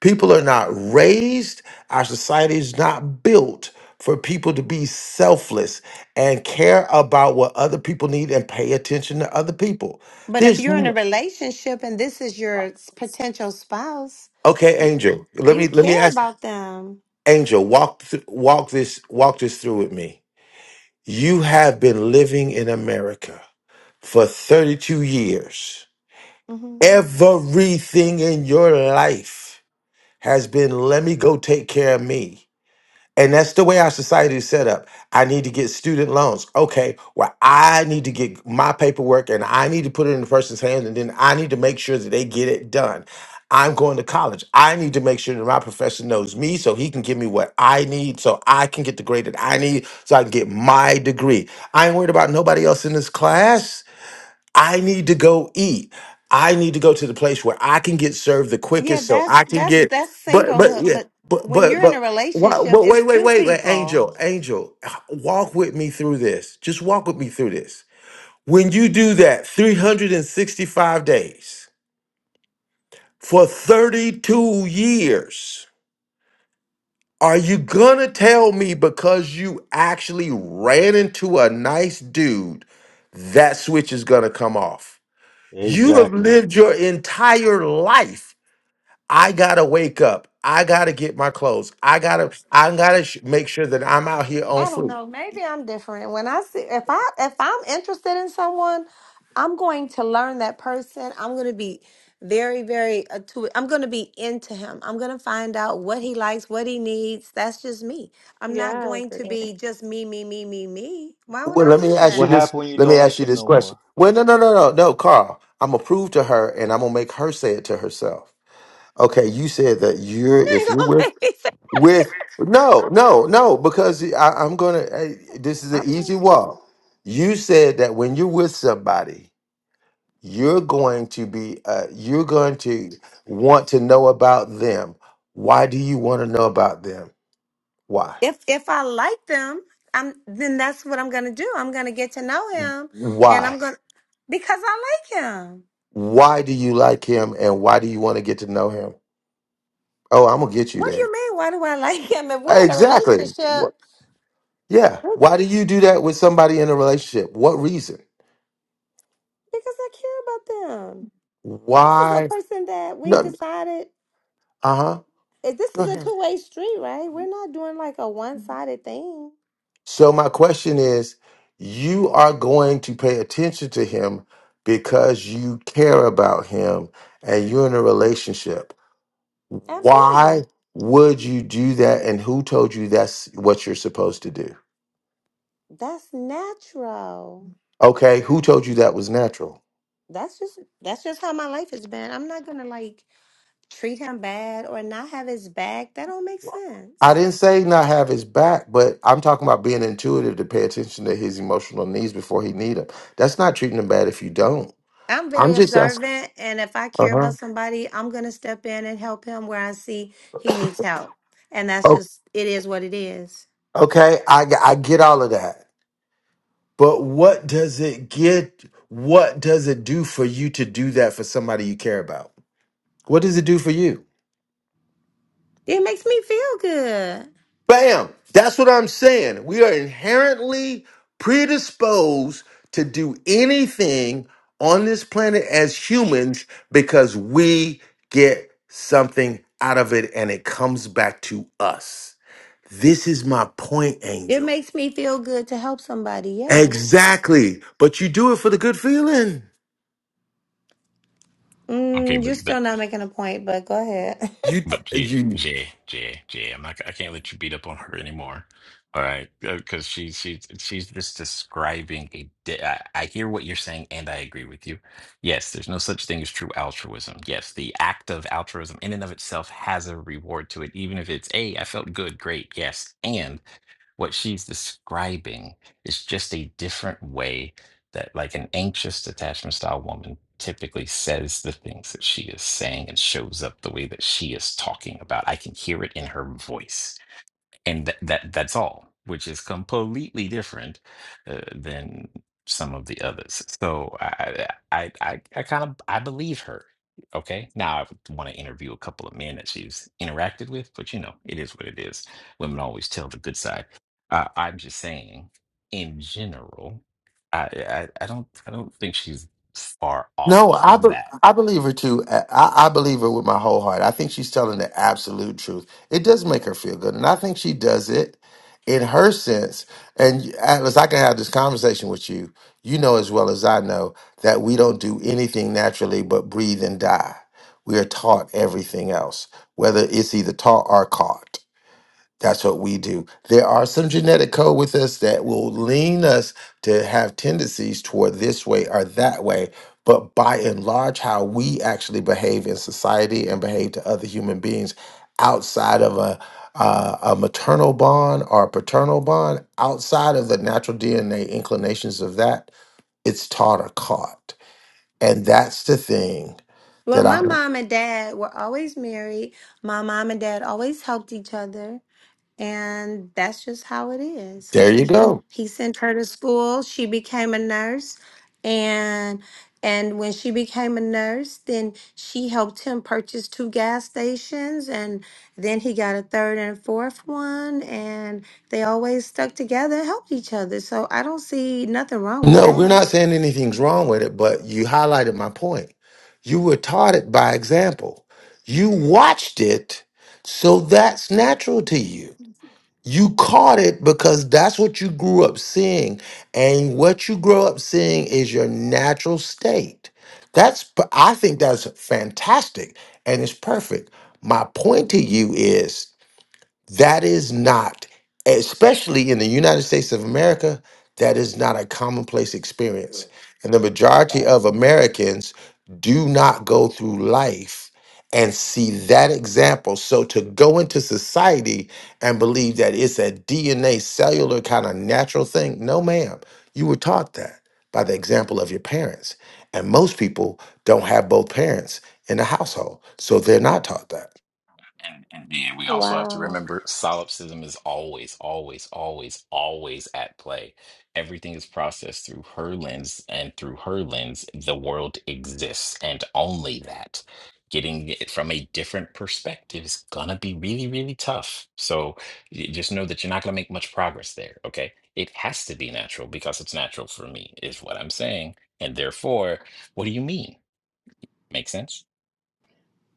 Speaker 7: People are not raised, our society is not built for people to be selfless and care about what other people need and pay attention to other people.
Speaker 5: But if
Speaker 7: There's
Speaker 5: you're in a
Speaker 7: n-
Speaker 5: relationship and this is your s- potential spouse,
Speaker 7: okay, Angel. Let me
Speaker 5: you
Speaker 7: let me
Speaker 5: care
Speaker 7: ask
Speaker 5: about them.
Speaker 7: Angel, walk th- walk this walk this through with me. You have been living in America for 32 years.
Speaker 5: hmm
Speaker 7: Everything in your life has been, let me go take care of me. And that's the way our society is set up. I need to get student loans. Okay, well, I need to get my paperwork and I need to put it in the person's hands and then I need to make sure that they get it done. I'm going to college. I need to make sure that my professor knows me so he can give me what I need so I can get the grade that I need so I can get my degree. I ain't worried about nobody else in this class. I need to go eat. I need to go to the place where I can get served the
Speaker 5: Yeah,
Speaker 7: quickest so
Speaker 5: that's
Speaker 7: I can
Speaker 5: that's
Speaker 7: get
Speaker 5: that's
Speaker 7: but but
Speaker 5: singlehood.
Speaker 7: yeah,
Speaker 5: But
Speaker 7: but
Speaker 5: when
Speaker 7: but
Speaker 5: you're in a
Speaker 7: but why,
Speaker 5: relationship,
Speaker 7: but
Speaker 5: it's
Speaker 7: wait, wait,
Speaker 5: two
Speaker 7: wait, wait,
Speaker 5: people.
Speaker 7: Angel, Angel, walk with me through this. Just walk with me through this. When you do that 365 days for 32 years, are you gonna tell me because you actually ran into a nice dude, that switch is gonna come off? You have
Speaker 11: Exactly.
Speaker 7: lived your entire life. I gotta wake up. I gotta get my clothes. I gotta. I gotta sh- make sure that I'm out here on
Speaker 5: I don't
Speaker 7: flu.
Speaker 5: know. Maybe I'm different. When I see if I if I'm interested in someone, I'm going to learn that person. I'm going to be very very attu- I'm going to be into him. I'm going to find out what he likes, what he needs. That's just me. I'm
Speaker 10: Yeah,
Speaker 5: not
Speaker 10: I
Speaker 5: going to
Speaker 10: agree.
Speaker 5: be just me me me me me. Why would
Speaker 7: Well,
Speaker 5: I
Speaker 7: let
Speaker 5: do
Speaker 7: me ask you
Speaker 5: that?
Speaker 11: What
Speaker 7: this.
Speaker 11: happened when you
Speaker 7: Let me
Speaker 11: don't
Speaker 7: ask
Speaker 11: like
Speaker 7: you
Speaker 11: him
Speaker 7: this
Speaker 11: no
Speaker 7: question.
Speaker 11: more?
Speaker 7: Well, no, no, no, no, no, Carl. I'm gonna prove to her, and I'm gonna make her say it to herself. Okay, you said that you're
Speaker 5: You
Speaker 7: if
Speaker 5: ain't
Speaker 7: you're
Speaker 5: gonna
Speaker 7: with
Speaker 5: make me say
Speaker 7: with no, no, no, because I, I'm gonna. eh, This is an
Speaker 5: I'm
Speaker 7: easy
Speaker 5: listening.
Speaker 7: walk. You said that when you're with somebody, you're going to be uh, you're going to want to know about them why do you want to know about them why
Speaker 5: If if I like them, I'm then that's what I'm going to do. I'm going to get to know him and
Speaker 7: why
Speaker 5: I'm going to because I like him.
Speaker 7: why do you like him and why do you want to get to know him oh i'm gonna get you
Speaker 5: What do
Speaker 7: there
Speaker 5: you mean? Why do I like him? If we're in a
Speaker 7: exactly
Speaker 5: relationship,
Speaker 7: Wh- yeah
Speaker 5: Well,
Speaker 7: why do you do that with somebody in a relationship what reason
Speaker 5: because I care about them. This is a
Speaker 7: why
Speaker 5: person that we
Speaker 7: no,
Speaker 5: decided.
Speaker 7: uh-huh
Speaker 5: if This is a two way street, right? We're not doing like a one sided thing.
Speaker 7: So my question is, you are going to pay attention to him because you care about him and you're in a relationship. Why
Speaker 5: Absolutely,
Speaker 7: would you do that and who told you that's what you're supposed to do?
Speaker 5: that's natural.
Speaker 7: Okay, who told you that was natural?
Speaker 5: That's just that's just how my life has been. I'm not gonna like treat him bad or not have his back. That don't make sense.
Speaker 7: I didn't say not have his back, but I'm talking about being intuitive to pay attention to his emotional needs before he need them. That's not treating him bad if you don't.
Speaker 5: I'm very
Speaker 7: I'm
Speaker 5: observant, and if I care
Speaker 7: uh-huh.
Speaker 5: about somebody, I'm gonna step in and help him where I see he needs help. And that's
Speaker 7: Oh,
Speaker 5: just it is what it is.
Speaker 7: okay, I g- I get all of that. But what does it get? What does it do for you to do that for somebody you care about? What does it do for you?
Speaker 5: It makes me feel good.
Speaker 7: Bam! That's what I'm saying. We are inherently predisposed to do anything on this planet as humans because we get something out of it and it comes back to us. This is my point,
Speaker 5: It
Speaker 7: Angel.
Speaker 5: makes me feel good to help somebody. Yes.
Speaker 7: Exactly. But you do it for the good feeling.
Speaker 14: Okay,
Speaker 5: Mm, you're
Speaker 14: but but
Speaker 5: still not making a point, but go ahead.
Speaker 7: You
Speaker 14: but Jay
Speaker 7: you
Speaker 14: Jay Jay Jay, I'm not. I can't let you beat up on her anymore. All right, because she she's she's just describing a. di- I, I hear what you're saying, and I agree with you. Yes, there's no such thing as true altruism. Yes, the act of altruism in and of itself has a reward to it, even if it's a. I felt good, great, yes, and what she's describing is just a different way that, like an anxious detachment style woman, typically says the things that she is saying and shows up the way that she is talking about. I can hear it in her voice and that that that's all, which is completely different uh, than some of the others. So I I I, I kind of I believe her. Okay, now I want to interview a couple of men that she's interacted with, but you know it is what it is. Women always tell the good side. Uh, I'm just saying, in general, I, I I don't I don't think she's far off
Speaker 7: No, I
Speaker 14: from
Speaker 7: be-
Speaker 14: that.
Speaker 7: I believe her too. I, I believe her with my whole heart. I think she's telling the absolute truth. It does make her feel good, and I think she does it in her sense. And Atlas, I can have this conversation with you. You know as well as I know that we don't do anything naturally but breathe and die. We are taught everything else, whether it's either taught or caught. That's what we do. There are some genetic code with us that will lean us to have tendencies toward this way or that way. But by and large, how we actually behave in society and behave to other human beings outside of a, uh, a maternal bond or a paternal bond, outside of the natural DNA inclinations of that, it's taught or caught. And that's the thing
Speaker 5: well,
Speaker 7: that I,
Speaker 5: my mom and dad were always married. My mom and dad always helped each other. And that's just how it is.
Speaker 7: there you
Speaker 5: Like
Speaker 7: go.
Speaker 5: he sent her to school, she became a nurse and and when she became a nurse, then she helped him purchase two gas stations and then he got a third and a fourth one and they always stuck together and helped each other. So I don't see nothing wrong with
Speaker 7: No, we're
Speaker 5: that.
Speaker 7: not saying anything's wrong with it, but you highlighted my point. You were taught it by example. You watched it, so that's natural to you. You caught it because that's what you grew up seeing. And what you grow up seeing is your natural state. That's, p- I think that's fantastic and it's perfect. My point to you is that is not, especially in the United States of America, that is not a commonplace experience. And the majority of Americans do not go through life and see that example. So to go into society and believe that it's a DNA cellular kind of natural thing, no, ma'am. You were taught that by the example of your parents. And most people don't have both parents in the household. So they're not taught that.
Speaker 14: And and man, we also have to
Speaker 5: Wow.
Speaker 14: remember solipsism is always, always, always, always at play. Everything is processed through her lens, and through her lens, the world exists, and only that. Getting it from a different perspective is gonna be really, really tough. So y- just know that you're not gonna make much progress there, okay? It has to be natural because it's natural for me, is what I'm saying. And therefore, what do you mean? Make sense?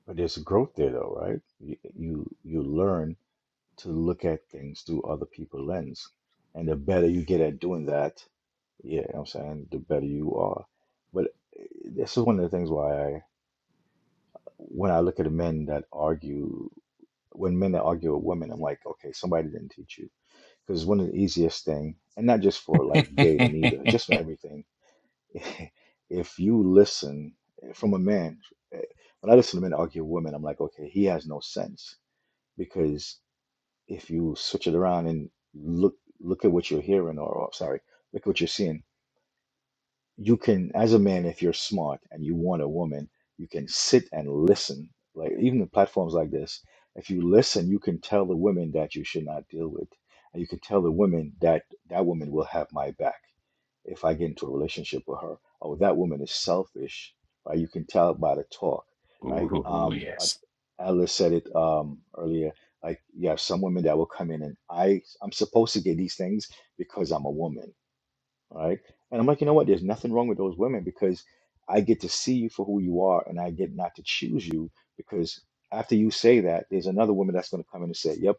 Speaker 11: But there's growth there, though, right? You you, you learn to look at things through other people's lens, and the better you get at doing that, yeah, you know what I'm saying the better you are. But eh, this is one of the things why I, when I look at the men that argue, when men that argue with women, I'm like, okay, somebody didn't teach you Because one of the easiest thing, and not just for like dating either, just for everything. If you listen eh, from a man, eh, when I listen to men argue with women, I'm like, okay, he has no sense because if you switch it around and look look at what you're hearing, or, or sorry, look at what you're seeing you can as a man if you're smart and you want a woman you can sit and listen like even the platforms like this if you listen you can tell the women that you should not deal with and you can tell the women that that woman will have my back if i get into a relationship with her oh that woman is selfish right you can tell by the talk right
Speaker 14: Ooh,
Speaker 11: um uh,
Speaker 14: yes.
Speaker 11: alice said it um earlier like you have some women that will come in and i i'm supposed to get these things because i'm a woman right? And I'm like, you know what? There's nothing wrong with those women because I get to see you for who you are and I get not to choose you because after you say that, there's another woman that's going to come in and say, yep,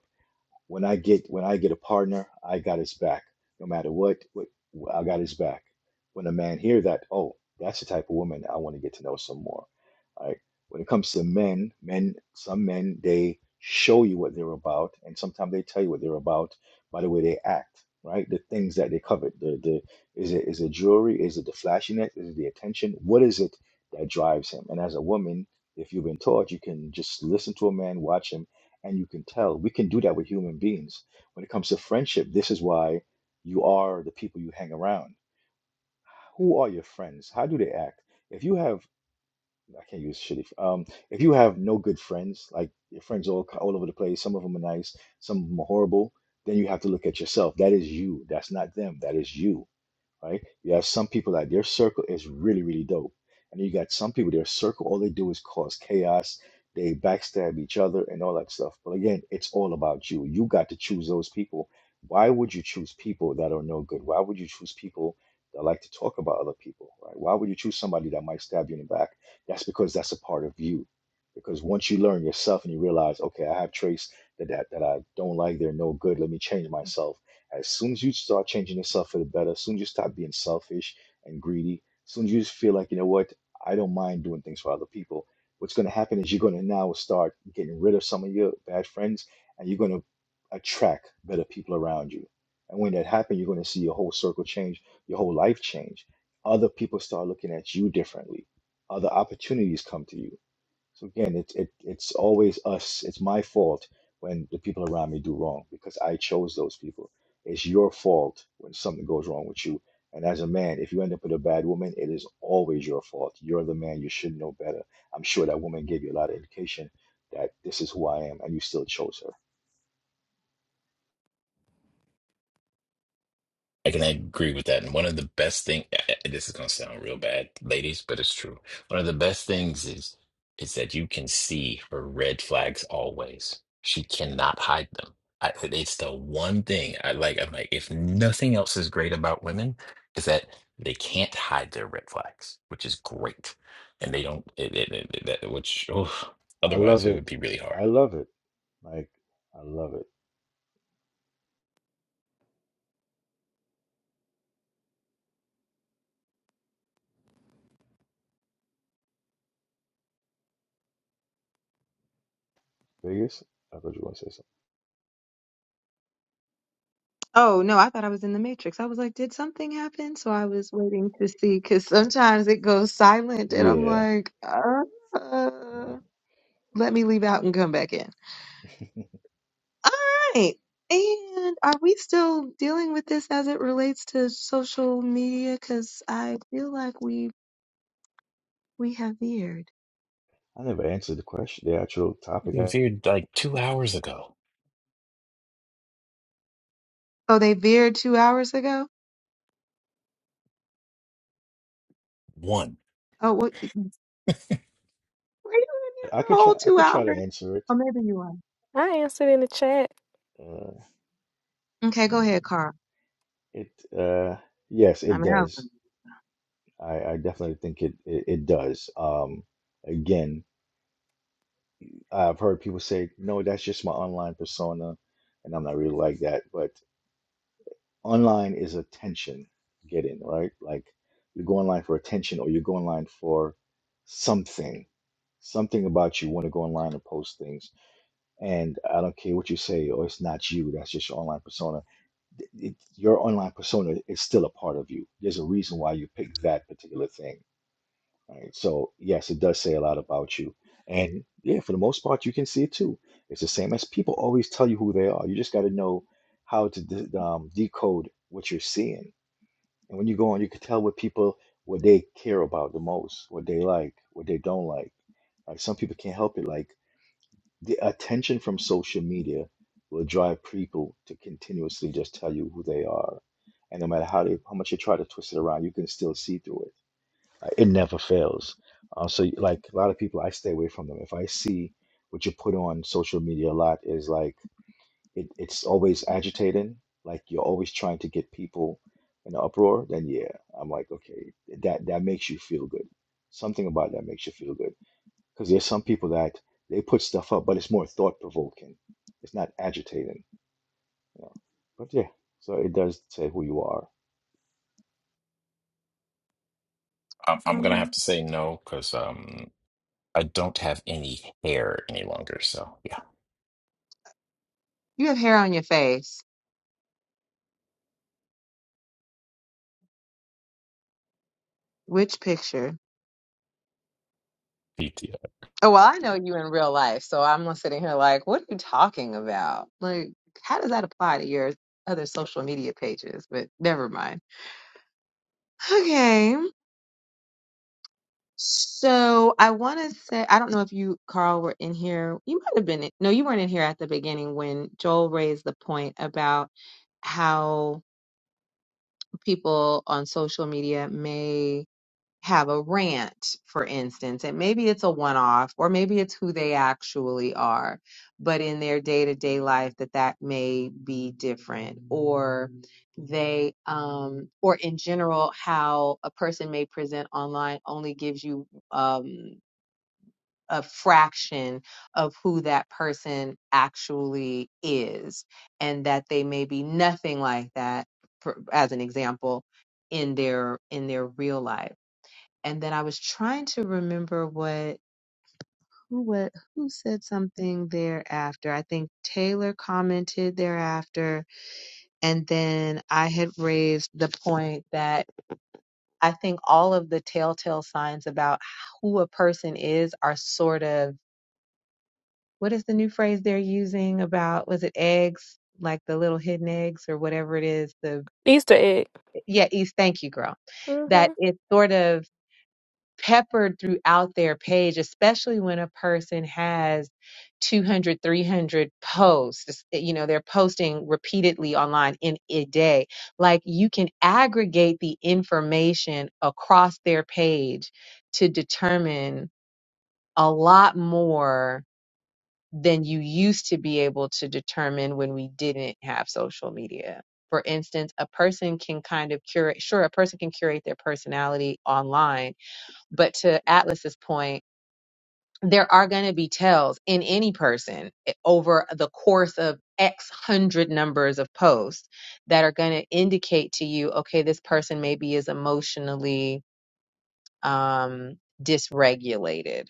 Speaker 11: when I get when I get a partner, I got his back. No matter what, what I got his back. When a man hear that, oh, that's the type of woman I want to get to know some more. All Right? When it comes to men, men, some men they show you what they're about, and sometimes they tell you what they're about by the way they act. Right? The things that they covet. The the is it is it jewelry? Is it the flashiness? Is it the attention? What is it that drives him? And as a woman, if you've been taught, you can just listen to a man, watch him and you can tell. We can do that with human beings. When it comes to friendship, this is why you are the people you hang around. Who are your friends? How do they act? If you have, I can't use shitty. Um, if you have no good friends, like your friends all all over the place, some of them are nice, some of them are horrible. Then you have to look at yourself. That is you. That's not them. That is you right? You have some people that their circle is really, really dope. And you got some people, their circle, all they do is cause chaos. They backstab each other and all that stuff. But again, it's all about you. You got to choose those people. Why would you choose people that are no good? Why would you choose people that like to talk about other people, right? Why would you choose somebody that might stab you in the back? That's because that's a part of you. Because once you learn yourself and you realize, okay, I have traits that, that, that I don't like, they're no good, let me change myself as soon as you start changing yourself for the better, as soon as you stop being selfish and greedy, as soon as you just feel like, you know what, I don't mind doing things for other people, what's going to happen is you're going to now start getting rid of some of your bad friends and you're going to attract better people around you. And when that happens, you're going to see your whole circle change, your whole life change. Other people start looking at you differently. Other opportunities come to you so again, it's it it's always us. It's my fault when the people around me do wrong because I chose those people. It's your fault when something goes wrong with you. And as a man, if you end up with a bad woman, it is always your fault. You're the man. You should know better. I'm sure that woman gave you a lot of indication that this is who I am, and you still chose her.
Speaker 14: I can agree with that. And one of the best thing, this is gonna sound real bad, ladies, but it's true. One of the best things is is that you can see her red flags always. She cannot hide them. I, it's the one thing I like. I'm like, if nothing else is great about women, is that they can't hide their red flags, which is great. And they don't, it, it, it, that, which, oh,
Speaker 11: I
Speaker 14: otherwise
Speaker 11: love
Speaker 14: it would
Speaker 11: it.
Speaker 14: be really hard.
Speaker 11: I love it. Like I love it. Vegas, I thought you were gonna say something.
Speaker 2: Oh no, I thought I was in the Matrix. I was like, did something happen? So I was waiting to see because sometimes it goes silent and I'm
Speaker 11: Yeah.
Speaker 2: like, uh,
Speaker 11: Well,
Speaker 2: let me leave out and come back in. All right. And are we still dealing with this as it relates to social media? Because I feel like we we have veered.
Speaker 11: I never answered the question, the actual topic.
Speaker 14: You
Speaker 11: I,
Speaker 14: viewed like two hours ago.
Speaker 2: Oh, they veered two hours ago.
Speaker 14: One.
Speaker 2: Oh, what? Were you in here
Speaker 11: I
Speaker 2: for
Speaker 11: could
Speaker 2: a whole
Speaker 11: try. I
Speaker 2: two
Speaker 11: could try to
Speaker 2: hours?
Speaker 11: answer it.
Speaker 2: Or maybe you are.
Speaker 10: I answered in the chat.
Speaker 11: Uh,
Speaker 2: Okay, go ahead, Carl.
Speaker 11: it uh, yes,
Speaker 2: I
Speaker 11: it
Speaker 2: mean, I was.
Speaker 11: does. I, I definitely think it, it it does. Um, again, I've heard people say, no, that's just my online persona, and I'm not really like that. But online is attention getting, right? Like you go online for attention, or you go online for something. Something about you want to go online and post things, and I don't care what you say, or it's not you. That's just your online persona it, your online persona is still a part of you. There's a reason why you pick that particular thing, right? So yes, it does say a lot about you, and yeah, for the most part, you can see it too. It's the same as people always tell you who they are. You just got to know how to de- um, decode what you're seeing, and when you go on, you can tell what people what they care about the most, what they like, what they don't like. Like some people can't help it. Like the attention from social media will drive people to continuously just tell you who they are. And no matter how they, how much you try to twist it around, you can still see through it. Uh, It never fails. Uh, so, y- like a lot of people, I stay away from them. If I see what you put on social media a lot is like it, it's always agitating. Like you're always trying to get people in an uproar. Then yeah, I'm like, okay, that that makes you feel good. Something about that makes you feel good because there's some people that they put stuff up, but it's more thought provoking. It's not agitating. You know? But yeah, so it does say who you are.
Speaker 14: I'm, I'm gonna
Speaker 2: hmm
Speaker 14: have to say no because um. I don't have any hair any longer. So yeah,
Speaker 2: You have hair on your face. Which picture?
Speaker 14: PTO.
Speaker 2: Oh, well, I know you in real life, so I'm sitting here like, what are you talking about? Like, how does that apply to your other social media pages? But never mind. Okay. So I want to say, I don't know if you, Carl, were in here. You might have been. in- No, you weren't in here at the beginning when Joel raised the point about how people on social media may have a rant, for instance, and maybe it's a one off or maybe it's who they actually are, but in their day to day life that that may be different or they um or in general how a person may present online only gives you um a fraction of who that person actually is, and that they may be nothing like that, for, as an example, in their in their real life. And then I was trying to remember what who what who said something thereafter. I think Taylor commented thereafter, and then I had raised the point that I think all of the telltale signs about who a person is are sort of what is the new phrase they're using about was it eggs like the little hidden eggs or whatever it is the
Speaker 10: Easter egg.
Speaker 2: yeah east thank you girl
Speaker 10: hmm
Speaker 2: that it's sort of peppered throughout their page especially when a person has 200, 300 posts It's- you know they're posting repeatedly online in a day like you can aggregate the information across their page to determine a lot more than you used to be able to determine when we didn't have social media. For instance, a person can kind of curate, sure, a person can curate their personality online, but to Atlas's point, there are going to be tells in any person eh, over the course of X hundred numbers of posts that are going to indicate to you, okay, this person maybe is emotionally um, dysregulated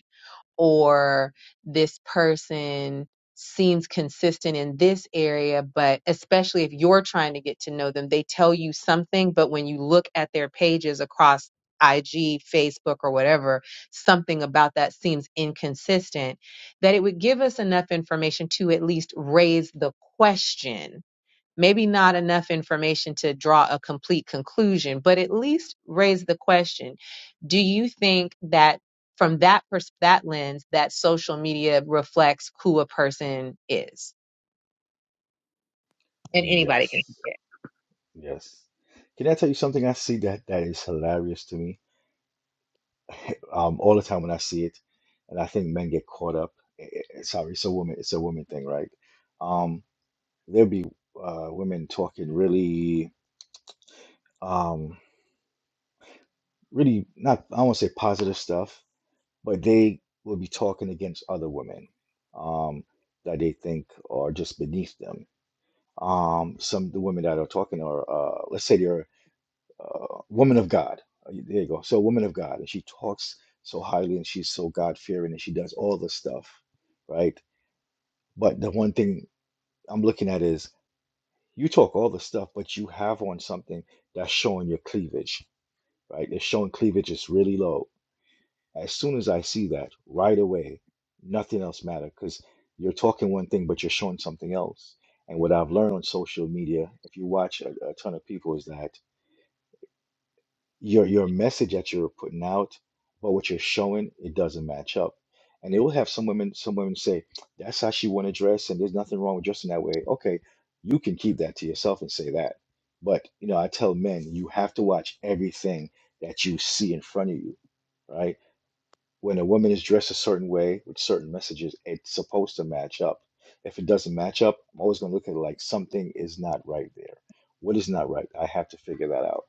Speaker 2: or this person seems consistent in this area, but especially if you're trying to get to know them, they tell you something, but when you look at their pages across IG, Facebook, or whatever, something about that seems inconsistent, that it would give us enough information to at least raise the question maybe not enough information to draw a complete conclusion, but at least raise the question do you think that from that pers- that lens that social media reflects who a person is and anybody can
Speaker 11: Yes, yes. Can I tell you something I see that that is hilarious to me? Um, all the time when I see it, and I think men get caught up. eh, eh, eh, Sorry, it's a woman. It's a woman thing, right? Um, there'll be uh, women talking really, um, really not. I won't say positive stuff, but they will be talking against other women um, that they think are just beneath them. Um, some of the women that are talking are, uh, let's say they're uh, woman of God. Uh, There you go. So, woman of God, and she talks so highly, and she's so God fearing, and she does all the stuff, right? But the one thing I'm looking at is you talk all the stuff, but you have on something that's showing your cleavage, right? It's showing cleavage is really low As soon as I see that right away, nothing else matters because you're talking one thing, but you're showing something else. And what I've learned on social media, if you watch a, a ton of people, is that your your message that you're putting out, but what you're showing, it doesn't match up. And they will have some women, some women say, that's how she want to dress, and there's nothing wrong with dressing that way. Okay, you can keep that to yourself and say that. But you know, I tell men, you have to watch everything that you see in front of you, right? when a woman is dressed a certain way with certain messages, it's supposed to match up. If it doesn't match up, I'm always going to look at it like something is not right there. What is not right? I have to figure that out.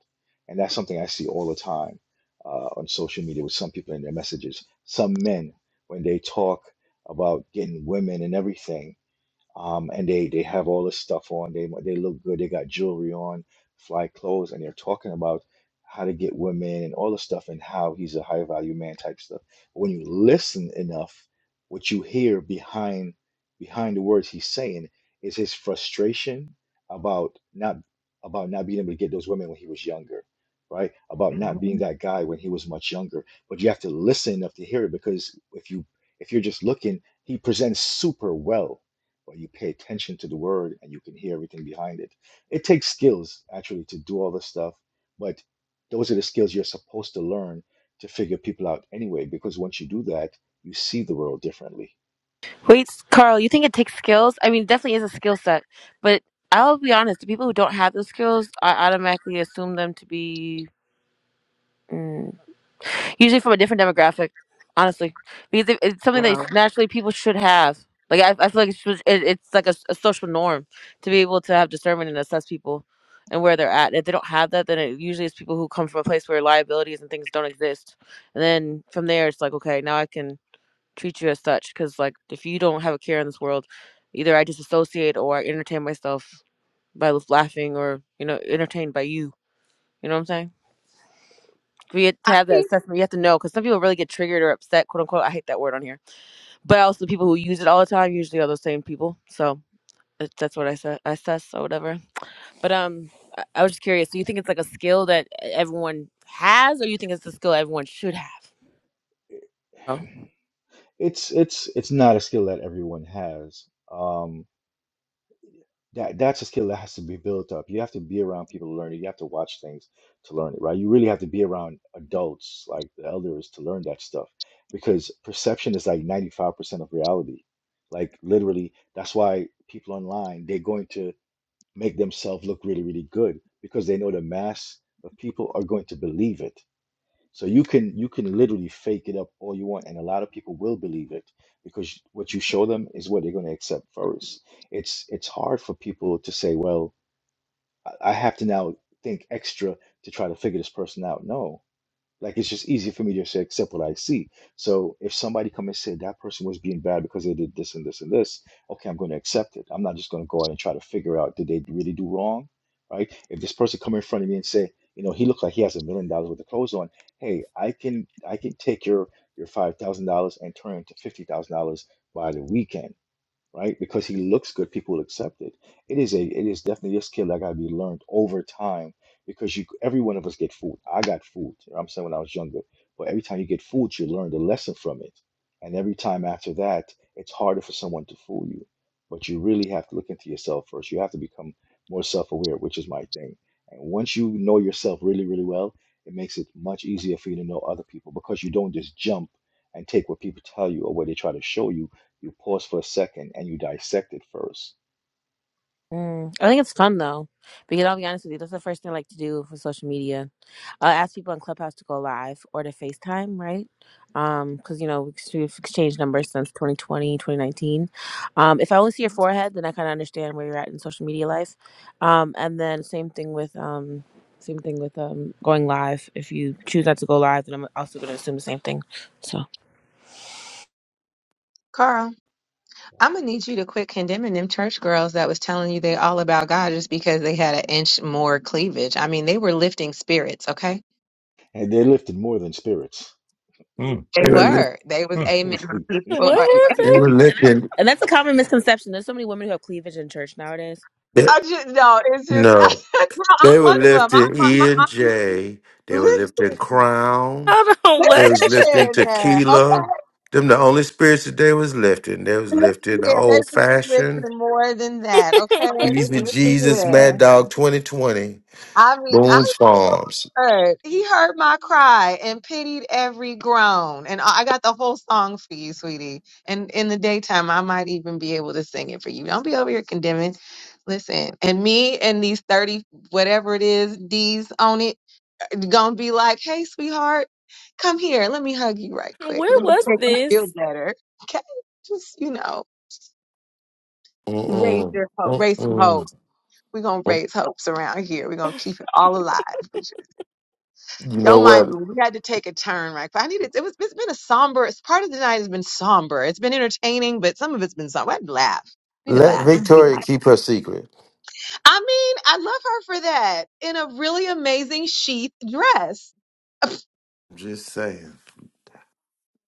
Speaker 11: And that's something I see all the time uh, on social media with some people in their messages. Some men, when they talk about getting women and everything, um, and they they have all this stuff on. They they look good. They got jewelry on, fly clothes, and they're talking about how to get women and all the stuff and how he's a high value man type stuff. But when you listen enough, what you hear behind behind the words he's saying is his frustration about not about not being able to get those women when he was younger, right? About not being that guy when he was much younger. But you have to listen enough to hear it because if you if you're just looking, he presents super well but you pay attention to the word and you can hear everything behind it. It takes skills actually to do all this stuff, but those are the skills you're supposed to learn to figure people out anyway, because once you do that, you see the world differently.
Speaker 15: Wait, Carl, you think it takes skills? I mean, it definitely is a skill set, but I'll be honest, the people who don't have those skills, I automatically assume them to be mm, usually from a different demographic, honestly, because it, it's something that
Speaker 2: Wow.
Speaker 15: naturally people should have. Like, I, I feel like it's, just- it, it's like a, s- a social norm to be able to have discernment and assess people and where they're at. If they don't have that, then it usually is people who come from a place where liabilities and things don't exist. And then from there, it's like, okay, now I can treat you as such because like if you don't have a care in this world either i disassociate or i entertain myself by l- laughing or you know entertained by you you know what i'm saying we have to
Speaker 2: I
Speaker 15: have that
Speaker 2: mean,
Speaker 15: assessment you have to know because some people really get triggered or upset quote unquote i hate that word on here but also the people who use it all the time usually are those same people so that's that's what i said i assess or whatever but um I, I was just curious do you think it's like a skill that e, everyone has or you think it's a skill everyone should have Oh.
Speaker 11: It's it's it's not a skill that everyone has. Um, That that's a skill that has to be built up. You have to be around people to learn it. You have to watch things to learn it, right? You really have to be around adults, like the elders, to learn that stuff because perception is like 95% of reality. Like literally, that's why people online, they're going to make themselves look really, really good because they know the mass of people are going to believe it. So you can you can literally fake it up all you want, and a lot of people will believe it because what you show them is what they're going to accept first. It's it's hard for people to say, well, I I have to now think extra to try to figure this person out. No, like it's just easier for me to just say, accept what I see. So if somebody come and say that person was being bad because they did this and this and this, okay, I'm going to accept it. I'm not just going to go out and try to figure out did they really do wrong, right? If this person come in front of me and say, you know, he looked like he has a million dollars worth of clothes on, hey, I can I can take your your five thousand dollars and turn it into fifty thousand dollars by the weekend right? Because he looks good, people will accept it. It is a it is definitely a skill that gotta be learned over time because you every one of us get fooled. I got fooled. you know what I'm saying when I was younger, but every time you get fooled, you learn the lesson from it. And every time after that, it's harder for someone to fool you. But you really have to look into yourself first. You have to become more self-aware, which is my thing. And once you know yourself really, really well, it makes it much easier for you to know other people because you don't just jump and take what people tell you or what they try to show you you pause for a second and you dissect it first.
Speaker 15: Mm, I think it's fun though, because I'll be honest with you, that's the first thing I like to do for social media. I'll ask people on Clubhouse to go live or to FaceTime, right? Um, because you know we've ex- we've exchanged numbers since 2020, 2019. Um, if I only see your forehead, then I kind of understand where you're at in social media life. Um, and then same thing with um, same thing with um going live. If you choose not to go live, then I'm also going to assume the same thing. So,
Speaker 2: Carl. I'm
Speaker 11: Yes.
Speaker 2: gonna need you to quit condemning them church girls that was telling you they all about God just because they had an inch more cleavage. I mean, they were lifting spirits, okay?
Speaker 11: And they're lifted more than spirits.
Speaker 2: They
Speaker 7: They were, li-
Speaker 2: were. They was amen. for- or-
Speaker 10: What
Speaker 7: they
Speaker 10: happened?
Speaker 7: were living.
Speaker 15: and that's a common misconception. There's so many women who have cleavage in church nowadays
Speaker 2: I just no. It's just
Speaker 7: No,
Speaker 2: no, I'm
Speaker 7: they were
Speaker 2: one of them. I'm
Speaker 7: lifting
Speaker 2: my, my
Speaker 7: E and
Speaker 2: auntie.
Speaker 7: J. They were lifting
Speaker 2: Listen,
Speaker 7: Crown.
Speaker 10: Hold on,
Speaker 7: They
Speaker 10: what?
Speaker 7: was lifting
Speaker 2: listen.
Speaker 7: Tequila.
Speaker 2: Okay,
Speaker 7: Them the only spirits that they was lifting. They was
Speaker 2: listen.
Speaker 7: lifting the
Speaker 2: here. They
Speaker 7: old
Speaker 2: do
Speaker 7: fashioned
Speaker 2: listen more than that. Okay,
Speaker 7: Easy
Speaker 2: listen
Speaker 7: Jesus,
Speaker 2: here.
Speaker 7: Mad Dog, Twenty Twenty,
Speaker 2: I mean, I
Speaker 7: Boone's Farms.
Speaker 2: heard. He heard my cry and pitied every groan. And I I got the whole song for you, sweetie. And in the daytime, I might even be able to sing it for you. Don't be over here condemning. Listen, and me and these 30, whatever it is, D's on it, gonna be like, hey, sweetheart, come here. Let me hug you right quick.
Speaker 10: Where
Speaker 2: Let me
Speaker 10: was
Speaker 2: make you feel
Speaker 10: this?
Speaker 2: better. Okay? Just, you know, raise
Speaker 7: Mm-mm.
Speaker 2: your hope, raise some
Speaker 7: Mm-mm.
Speaker 2: hope. We're gonna raise hopes around here. We're gonna keep it all alive.
Speaker 7: You know
Speaker 2: Don't mind
Speaker 7: what?
Speaker 2: me. We had to take a turn, right? But I needed. It was. It's been a somber. It's part of the night has been somber. It's been entertaining, but some of it's been somber. I had to laugh. We need to
Speaker 7: Let
Speaker 2: laugh.
Speaker 7: Victoria keep her secret.
Speaker 2: I mean, I love her for that in a really amazing sheath dress.
Speaker 7: Just saying.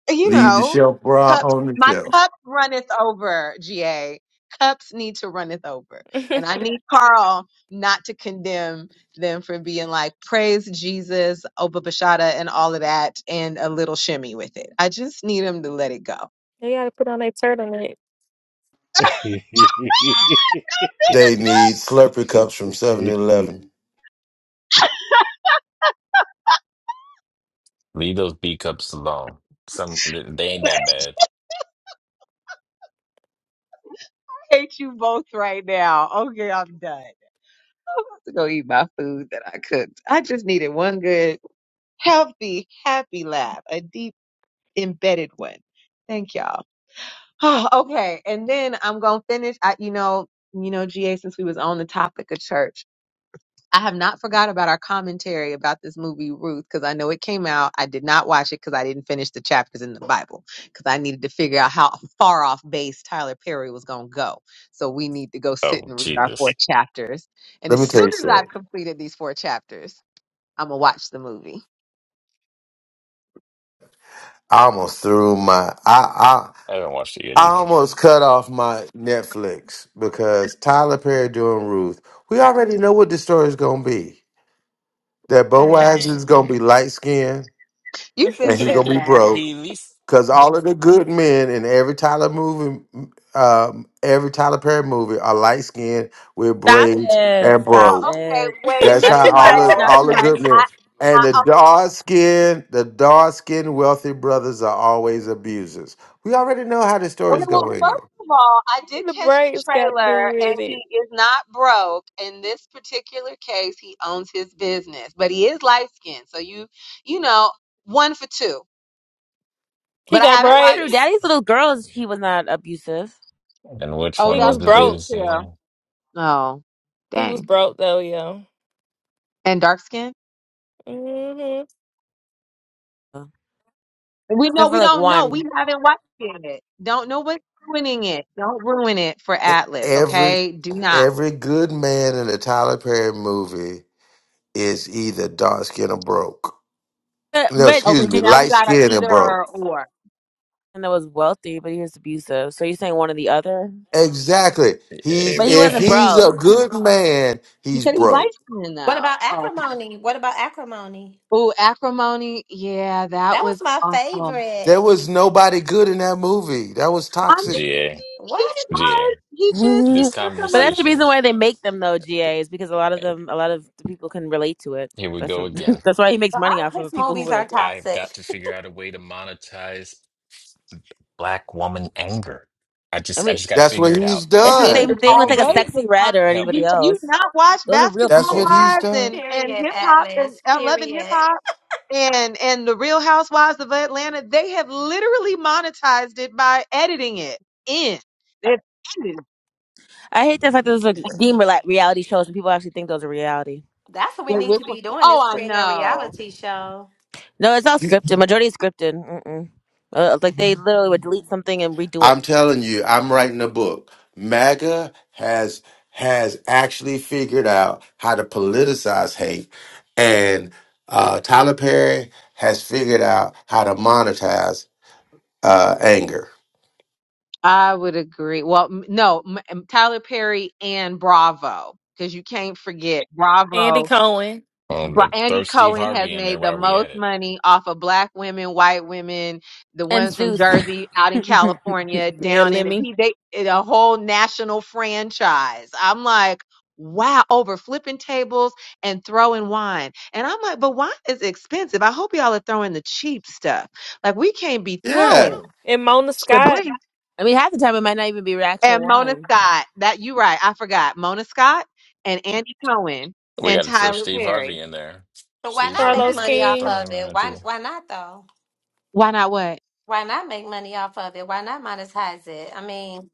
Speaker 2: you
Speaker 7: Leave the
Speaker 2: know,
Speaker 7: shelf bra
Speaker 2: cups,
Speaker 7: on the
Speaker 2: my
Speaker 7: shelf.
Speaker 2: cup runneth over, GA. Cups need to runneth over. And I need Carl not to condemn them for being like, praise Jesus, Oba Bashada, and all of that, and a little shimmy with it. I just need him to let it go.
Speaker 10: They gotta put on their turtleneck
Speaker 7: They need Slurpee cups from Seven Eleven.
Speaker 14: Leave those B cups alone. Some they ain't that bad.
Speaker 2: hate you both right now. Okay, I'm done. I'm about to go eat my food that I cooked. I just needed one good, healthy, happy laugh, a deep, embedded one. Thank y'all. Oh, okay. And then I'm going to finish. I, you know, you know, GA, since we was on the topic of church, I have not forgot about our commentary about this movie Ruth because I know it came out. I did not watch it because I didn't finish the chapters in the Bible because I needed to figure out how far off base Tyler Perry was going to go. So we need to go sit
Speaker 14: Oh
Speaker 2: and read our four
Speaker 14: Jesus,
Speaker 2: chapters. And
Speaker 7: Let
Speaker 2: as
Speaker 7: me tell
Speaker 2: soon
Speaker 7: you
Speaker 2: as
Speaker 7: something.
Speaker 2: I've completed these four chapters, I'm gonna watch the movie.
Speaker 7: I almost threw my I
Speaker 14: I haven't watched it yet
Speaker 7: I I
Speaker 14: either.
Speaker 7: almost cut off my Netflix because Tyler Perry doing Ruth. We already know what the story's gonna be. That Boaz
Speaker 10: thing.
Speaker 7: is gonna be light skinned
Speaker 2: You've been
Speaker 7: and he's
Speaker 10: the
Speaker 2: said
Speaker 7: gonna be
Speaker 2: that.
Speaker 7: broke. Cause all of the good men in every Tyler movie, um, every Tyler Perry movie are light skinned with
Speaker 15: Stop
Speaker 7: braids
Speaker 15: it.
Speaker 7: and
Speaker 15: Stop
Speaker 2: Well,
Speaker 7: bro.
Speaker 2: okay,
Speaker 15: it.
Speaker 2: wait a
Speaker 7: That's
Speaker 15: Not
Speaker 2: minute
Speaker 7: how
Speaker 15: too
Speaker 7: all
Speaker 15: much.
Speaker 7: the
Speaker 2: though.
Speaker 15: Not
Speaker 7: all
Speaker 15: too
Speaker 7: the
Speaker 15: much.
Speaker 7: good
Speaker 2: I
Speaker 7: men and the
Speaker 2: I
Speaker 7: dark skinned, the dark skinned wealthy brothers are always abusers. We already know how the
Speaker 2: Okay,
Speaker 7: story's
Speaker 2: well,
Speaker 7: going.
Speaker 2: first of all, I did catch the
Speaker 10: braids got to do
Speaker 2: trailer, and
Speaker 10: with
Speaker 2: he
Speaker 10: it.
Speaker 2: is not broke. In this particular case, he owns his business, but he is light skinned, so you, you know, one for two.
Speaker 10: He
Speaker 2: But I
Speaker 10: got
Speaker 15: Oh,
Speaker 2: haven't
Speaker 15: that's
Speaker 2: watched
Speaker 15: true.
Speaker 2: it.
Speaker 10: braids.
Speaker 15: Daddy's little girls, he was not abusive.
Speaker 14: And which
Speaker 2: Oh,
Speaker 10: He
Speaker 14: one
Speaker 10: was
Speaker 14: was
Speaker 2: that's true
Speaker 10: broke.
Speaker 14: abused
Speaker 2: too.
Speaker 14: again?
Speaker 2: Oh,
Speaker 10: He was
Speaker 2: dang.
Speaker 10: broke though, yo.
Speaker 2: And dark skin?
Speaker 10: hmm
Speaker 2: We know
Speaker 15: Except for
Speaker 2: we
Speaker 15: like
Speaker 2: don't know. We
Speaker 15: one.
Speaker 2: haven't watched it. Don't know what's ruining it. Don't ruin it for
Speaker 7: E-
Speaker 2: Atlas.
Speaker 7: Every
Speaker 2: Okay, do not.
Speaker 7: every good man in a Tyler Perry movie is either dark skinned or broke.
Speaker 15: But,
Speaker 7: No,
Speaker 15: but
Speaker 2: Okay,
Speaker 7: excuse me,
Speaker 2: so now we
Speaker 7: light
Speaker 2: got an
Speaker 7: skinned and
Speaker 2: either
Speaker 7: broke.
Speaker 2: or. or.
Speaker 15: and that was wealthy, but he was abusive. So you're saying one or the other?
Speaker 7: Exactly. He's
Speaker 15: But he
Speaker 7: if
Speaker 15: wasn't
Speaker 14: Aram,
Speaker 7: he's a
Speaker 15: broke.
Speaker 7: good man,
Speaker 2: He
Speaker 7: he's
Speaker 2: said he's light
Speaker 7: broke.
Speaker 2: skinned
Speaker 5: What about
Speaker 2: though.
Speaker 5: acrimony? What about acrimony?
Speaker 2: Ooh, acrimony. Yeah, that
Speaker 5: That was
Speaker 2: was
Speaker 5: my
Speaker 2: awful.
Speaker 7: There
Speaker 5: favorite.
Speaker 7: was nobody good in that movie. That was
Speaker 2: I
Speaker 7: toxic.
Speaker 14: GA,
Speaker 2: mean, he
Speaker 5: What?
Speaker 2: tried.
Speaker 14: GA.
Speaker 2: He just it
Speaker 14: This
Speaker 15: but
Speaker 2: took him a
Speaker 15: that's the
Speaker 2: minute.
Speaker 14: conversation.
Speaker 15: reason why they make them though, GA, is because a lot of
Speaker 14: eh,
Speaker 15: them a lot of the people can relate to it.
Speaker 14: Here we
Speaker 15: That's
Speaker 14: go
Speaker 15: what,
Speaker 14: again.
Speaker 15: that's why he makes
Speaker 5: Well,
Speaker 15: money
Speaker 5: all
Speaker 15: off
Speaker 5: of
Speaker 15: of
Speaker 5: his
Speaker 15: people who
Speaker 5: movies are
Speaker 15: relate to it.
Speaker 14: I've
Speaker 5: toxic.
Speaker 14: got to figure out a way to monetize black woman anger. I
Speaker 15: I
Speaker 14: just, I
Speaker 15: mean
Speaker 14: just got to
Speaker 7: That's
Speaker 14: figure
Speaker 7: what
Speaker 14: it out.
Speaker 7: he's
Speaker 15: it's the
Speaker 2: It
Speaker 7: done.
Speaker 15: same
Speaker 2: has
Speaker 15: thing
Speaker 14: Help
Speaker 15: with
Speaker 14: me,
Speaker 15: like a
Speaker 2: already
Speaker 14: GA.
Speaker 15: sexy
Speaker 2: been um,
Speaker 15: red or
Speaker 14: Help
Speaker 2: you
Speaker 15: anybody
Speaker 14: me.
Speaker 2: have you
Speaker 15: else.
Speaker 2: not watched
Speaker 15: Those are real
Speaker 7: That's
Speaker 2: Basketball
Speaker 7: what
Speaker 15: people.
Speaker 7: he's
Speaker 2: Wives
Speaker 7: done.
Speaker 2: and and
Speaker 5: Period,
Speaker 2: Hip Hop and
Speaker 5: Atlas.
Speaker 2: uh, Love and
Speaker 5: Period.
Speaker 2: Hip Hop and and the Real Housewives of Atlanta? They have literally monetized it by editing it in. They've edited.
Speaker 15: I hate the fact that those are deemed like reality shows and people actually think those are reality.
Speaker 5: That's what we
Speaker 2: Wait,
Speaker 5: need
Speaker 2: which
Speaker 5: to
Speaker 2: one?
Speaker 5: be doing is
Speaker 2: Oh, I
Speaker 5: creating a
Speaker 2: know.
Speaker 5: reality show.
Speaker 15: No, it's all
Speaker 7: You-
Speaker 15: scripted. Majority is scripted. Mm-mm. Uh, like they literally would delete something and redo it.
Speaker 7: I'm telling you, I'm writing a book. MAGA has has actually figured out how to politicize hate, and uh, Tyler Perry has figured out how to monetize uh, anger.
Speaker 2: I would agree. Well, m- no, m- m- Tyler Perry and Bravo, because you can't forget
Speaker 10: Andy
Speaker 2: Bravo.
Speaker 10: Cohen.
Speaker 14: Um,
Speaker 2: Bra-
Speaker 14: th-
Speaker 2: Andy
Speaker 14: throw Steve
Speaker 2: Cohen has
Speaker 14: Harvey in there
Speaker 2: made the
Speaker 14: while we
Speaker 2: most
Speaker 14: at it.
Speaker 2: money off of black women, white women, the
Speaker 15: And
Speaker 2: ones from
Speaker 15: Zeus.
Speaker 2: Jersey, out in
Speaker 15: I
Speaker 2: California,
Speaker 10: Yeah,
Speaker 2: down in
Speaker 10: Lemmy.
Speaker 2: he they it a whole national franchise. I'm like, wow, over flipping tables and throwing wine. And I'm like, but wine is expensive. I hope y'all are throwing the cheap stuff. Like we can't be
Speaker 7: Yeah.
Speaker 2: throwing
Speaker 10: And Mona
Speaker 2: Chablis.
Speaker 10: Scott,
Speaker 15: mean, half the time it might not even be actual
Speaker 2: and Mona
Speaker 15: wine.
Speaker 2: Scott. That you right. I forgot Mona Scott and Andy Cohen
Speaker 14: We
Speaker 2: and
Speaker 14: got to throw
Speaker 2: Tyler
Speaker 14: Steve
Speaker 2: Perry.
Speaker 14: Harvey in there.
Speaker 5: But why
Speaker 14: Steve
Speaker 5: not
Speaker 14: Harvey.
Speaker 5: make
Speaker 10: Carlos
Speaker 14: We
Speaker 5: money
Speaker 14: got to
Speaker 5: off
Speaker 10: King.
Speaker 14: throw
Speaker 5: of
Speaker 14: him in
Speaker 5: it?
Speaker 14: there
Speaker 5: Why
Speaker 14: too.
Speaker 5: why not though?
Speaker 2: Why not what?
Speaker 5: Why not make money off of it? Why not monetize it? I mean,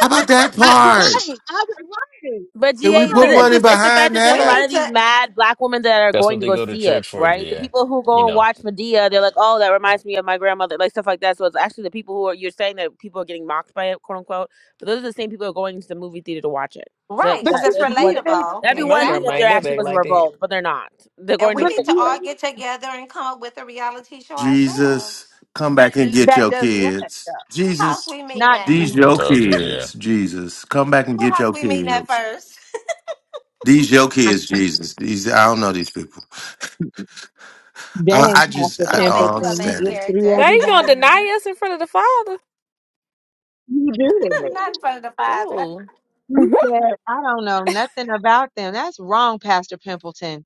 Speaker 7: How about that
Speaker 2: I,
Speaker 7: part?
Speaker 2: right. I, right.
Speaker 15: But
Speaker 7: Can we
Speaker 15: GA, but
Speaker 7: put
Speaker 15: it's
Speaker 2: Right.
Speaker 7: money
Speaker 15: the, it's the fact
Speaker 7: behind
Speaker 15: that there's a
Speaker 5: we
Speaker 7: that?
Speaker 15: lot
Speaker 5: need
Speaker 15: of these
Speaker 5: to
Speaker 15: mad black women that are
Speaker 14: That's
Speaker 15: going
Speaker 14: what
Speaker 15: to
Speaker 14: they
Speaker 15: go
Speaker 14: go to
Speaker 15: see it,
Speaker 14: church for,
Speaker 15: right? The
Speaker 14: GA.
Speaker 15: people who
Speaker 14: You
Speaker 15: go and
Speaker 14: know,
Speaker 15: watch Medea, they're like, oh, that reminds me of my grandmother, like stuff like that. So it's actually the people who are, you're saying that people are getting mocked by it, quote unquote, but those are the same people who are going to the movie theater to watch it. So
Speaker 5: right
Speaker 2: But
Speaker 5: because
Speaker 15: that
Speaker 2: you,
Speaker 5: it's
Speaker 15: that'd be one,
Speaker 2: you ain't-
Speaker 5: relatable,
Speaker 15: that'd be
Speaker 10: My
Speaker 15: one thing
Speaker 2: you-
Speaker 10: grandma
Speaker 15: if there
Speaker 10: ain't
Speaker 5: exactly.
Speaker 10: never
Speaker 15: actually
Speaker 10: act
Speaker 15: was a
Speaker 10: like that.
Speaker 15: revolt, but they're not. They're
Speaker 5: And
Speaker 15: going
Speaker 5: we
Speaker 15: to
Speaker 2: but
Speaker 5: need
Speaker 15: pay
Speaker 5: to
Speaker 2: you
Speaker 15: for
Speaker 5: all get
Speaker 2: ain't-
Speaker 5: together and come up with a reality show
Speaker 7: Jesus,
Speaker 5: ourselves.
Speaker 7: come back and get
Speaker 2: that
Speaker 7: your
Speaker 2: does what though?
Speaker 7: kids.
Speaker 5: Who house
Speaker 7: Jesus,
Speaker 5: we meeting
Speaker 2: Not
Speaker 5: at?
Speaker 7: these
Speaker 14: I
Speaker 2: Jesus
Speaker 7: your
Speaker 14: told you,
Speaker 2: Christ.
Speaker 14: GA.
Speaker 7: kids. Jesus, come back and
Speaker 5: Who
Speaker 7: get
Speaker 5: house
Speaker 7: your
Speaker 5: we meeting at
Speaker 7: kids.
Speaker 5: first?
Speaker 7: These your kids,
Speaker 2: Okay.
Speaker 7: Jesus. These I don't know these people. I,
Speaker 2: Dang,
Speaker 7: I just
Speaker 2: Pastor
Speaker 5: We're
Speaker 7: I
Speaker 5: gonna
Speaker 7: don't
Speaker 5: make you a
Speaker 2: Templeton, you
Speaker 5: main
Speaker 7: understand
Speaker 2: just
Speaker 7: it.
Speaker 2: threw
Speaker 5: character,
Speaker 10: They gonna
Speaker 2: everybody out.
Speaker 10: deny us in front of the father.
Speaker 2: You did. it.
Speaker 5: not in front of the father.
Speaker 10: Ooh.
Speaker 15: it.
Speaker 2: You said, I don't know nothing about them. That's wrong, Pastor Pimpleton.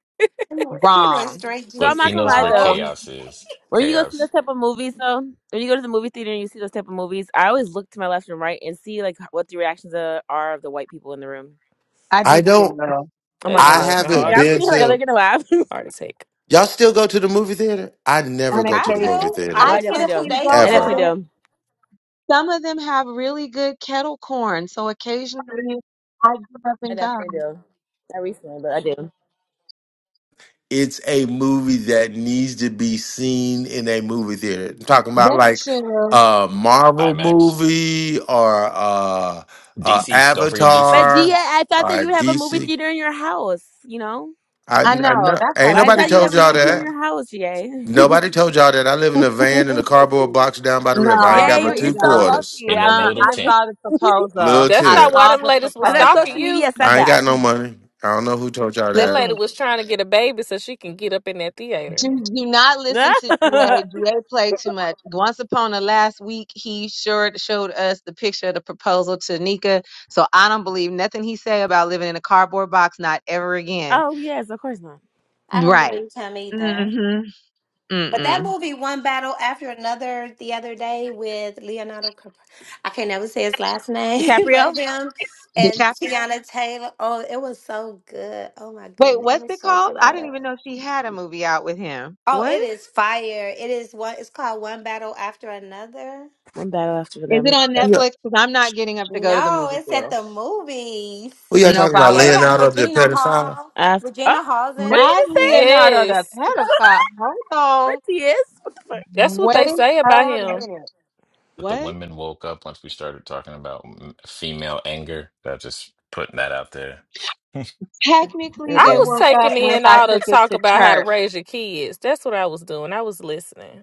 Speaker 5: He went
Speaker 2: Wrong.
Speaker 5: straight
Speaker 15: So I'm
Speaker 14: Look, he
Speaker 15: not
Speaker 5: Jesus
Speaker 15: gonna
Speaker 14: knows
Speaker 15: lie
Speaker 14: where
Speaker 5: mode.
Speaker 15: though,
Speaker 14: chaos is.
Speaker 15: when you go see
Speaker 14: Chaos,
Speaker 15: those type of movies though, when you go to the movie theater and you see those type of movies, I always look to my left and right and see like what the reactions are, are of the white people in the room.
Speaker 2: I
Speaker 7: I
Speaker 2: do
Speaker 7: don't.
Speaker 2: too.
Speaker 15: Oh
Speaker 10: They
Speaker 15: my
Speaker 10: be
Speaker 7: I
Speaker 15: god.
Speaker 10: laughing
Speaker 7: haven't
Speaker 10: hard
Speaker 15: Like,
Speaker 10: as
Speaker 15: I'm
Speaker 7: been
Speaker 15: sitting here
Speaker 10: hell.
Speaker 15: like, are they
Speaker 7: to.
Speaker 15: gonna laugh?
Speaker 10: Hard as heck.
Speaker 7: Y'all still go to the movie theater? I never
Speaker 2: on
Speaker 7: go to
Speaker 5: I
Speaker 7: the
Speaker 2: occasion.
Speaker 7: movie
Speaker 5: do. I
Speaker 15: no,
Speaker 2: I
Speaker 15: I
Speaker 7: theater
Speaker 5: just
Speaker 2: get up
Speaker 15: definitely
Speaker 5: went two
Speaker 15: do.
Speaker 2: and
Speaker 5: days
Speaker 2: go
Speaker 15: I
Speaker 2: because
Speaker 7: ever.
Speaker 15: definitely
Speaker 5: ago.
Speaker 15: do.
Speaker 2: some of them have really good kettle corn. So occasionally I get up
Speaker 15: I
Speaker 2: and go.
Speaker 15: definitely do. Not recently, but I do.
Speaker 7: it's a movie that needs to be seen in a movie theater. I'm talking about
Speaker 2: That's
Speaker 7: like
Speaker 2: true.
Speaker 7: a Marvel
Speaker 14: IMAX,
Speaker 7: movie or uh, uh,
Speaker 14: DC. Don't forget
Speaker 15: But
Speaker 14: DC.
Speaker 15: Gia,
Speaker 7: Avatar
Speaker 15: I thought
Speaker 7: or
Speaker 15: that you would have a movie
Speaker 7: DC.
Speaker 15: theater in your house, you know?
Speaker 7: I,
Speaker 2: I
Speaker 7: I
Speaker 2: know.
Speaker 7: know
Speaker 2: That's
Speaker 7: ain't
Speaker 2: why
Speaker 15: Well, I
Speaker 2: you're
Speaker 7: nobody
Speaker 15: thought
Speaker 2: not
Speaker 15: you'd
Speaker 7: told
Speaker 15: have
Speaker 2: going
Speaker 15: a
Speaker 7: y'all
Speaker 15: movie theater in
Speaker 2: nowhere.
Speaker 7: that.
Speaker 15: your house, GA.
Speaker 7: Nobody told y'all that. I live in a van in a cardboard box down by the river. I ain't
Speaker 2: No,
Speaker 7: got
Speaker 15: GA,
Speaker 2: no,
Speaker 15: you're,
Speaker 7: but
Speaker 2: you
Speaker 15: you're
Speaker 7: two
Speaker 15: so
Speaker 2: don't.
Speaker 7: quarters,
Speaker 15: wealthy.
Speaker 14: In a
Speaker 15: I thought
Speaker 2: Uh-uh.
Speaker 15: you were
Speaker 14: little
Speaker 2: I
Speaker 15: living.
Speaker 14: tent.
Speaker 2: saw the proposal.
Speaker 7: little
Speaker 10: That's
Speaker 2: I
Speaker 10: not
Speaker 7: tip.
Speaker 10: why
Speaker 2: saw
Speaker 10: them
Speaker 2: the
Speaker 10: ladies was
Speaker 15: I thought
Speaker 10: stalking
Speaker 2: proposal.
Speaker 15: social
Speaker 10: you.
Speaker 15: media said
Speaker 7: I ain't
Speaker 15: that.
Speaker 7: got no money. I don't know who told y'all
Speaker 10: That
Speaker 7: that.
Speaker 2: Listen.
Speaker 10: lady was trying to get a baby so she can get up in that
Speaker 2: Do,
Speaker 10: theater.
Speaker 2: do not listen to GA. GA played too much. Once upon a last week, he sure showed us the picture of the proposal to Nika. So I don't believe nothing he say about living in a cardboard box, not ever again.
Speaker 15: oh, yes, of course not.
Speaker 5: I don't
Speaker 2: Right.
Speaker 5: believe him either.
Speaker 2: Mm-hmm.
Speaker 5: But that
Speaker 2: Mm-mm.
Speaker 5: movie, one battle after another, the other day with Leonardo, Cap- I can never say his last name, but
Speaker 15: DiCaprio?
Speaker 5: him and
Speaker 2: DiCaprio?
Speaker 5: Tiana Taylor. Oh, it was so good. Oh my
Speaker 2: Wait,
Speaker 5: goodness, it
Speaker 2: what's
Speaker 5: was
Speaker 2: it
Speaker 5: so
Speaker 2: called?
Speaker 5: good.
Speaker 2: I didn't even know she had a movie out with him.
Speaker 5: Oh,
Speaker 2: What?
Speaker 5: it is fire. It is one. It's called One Battle After Another.
Speaker 15: One battle after
Speaker 2: Is it
Speaker 15: them.
Speaker 2: on
Speaker 14: That-
Speaker 7: Yeah.
Speaker 2: Netflix? Because I'm not getting up to go to the
Speaker 5: No,
Speaker 2: movie
Speaker 5: it's at
Speaker 2: theater.
Speaker 5: the movies,
Speaker 7: Who y'all
Speaker 2: Nope,
Speaker 7: talking
Speaker 2: I'll
Speaker 7: about?
Speaker 5: and it
Speaker 2: wait.
Speaker 5: has
Speaker 7: Leonardo the
Speaker 5: Regina
Speaker 7: pedophile?
Speaker 5: Hall.
Speaker 15: After. Oh,
Speaker 5: Regina Hall's
Speaker 15: what
Speaker 5: in
Speaker 15: did you
Speaker 5: it.
Speaker 2: Not
Speaker 15: just say?
Speaker 2: Leonardo the
Speaker 10: Yes.
Speaker 2: pedophile. Hold
Speaker 15: what
Speaker 2: on.
Speaker 15: he is?
Speaker 10: That's what
Speaker 2: Wait
Speaker 10: they say about
Speaker 15: What
Speaker 2: a
Speaker 15: the fuck?
Speaker 10: him.
Speaker 2: minute.
Speaker 14: But the
Speaker 2: What?
Speaker 14: women woke up once we started talking about m- female anger. That just putting that out there.
Speaker 15: Oh,
Speaker 2: Technically,
Speaker 10: I
Speaker 2: they
Speaker 10: was
Speaker 15: dear.
Speaker 2: woke up
Speaker 10: taking
Speaker 2: once
Speaker 10: in
Speaker 2: I
Speaker 10: all the
Speaker 2: took it
Speaker 10: talk
Speaker 2: to
Speaker 10: about how to
Speaker 2: church.
Speaker 10: raise your kids. That's what I was doing. I was listening.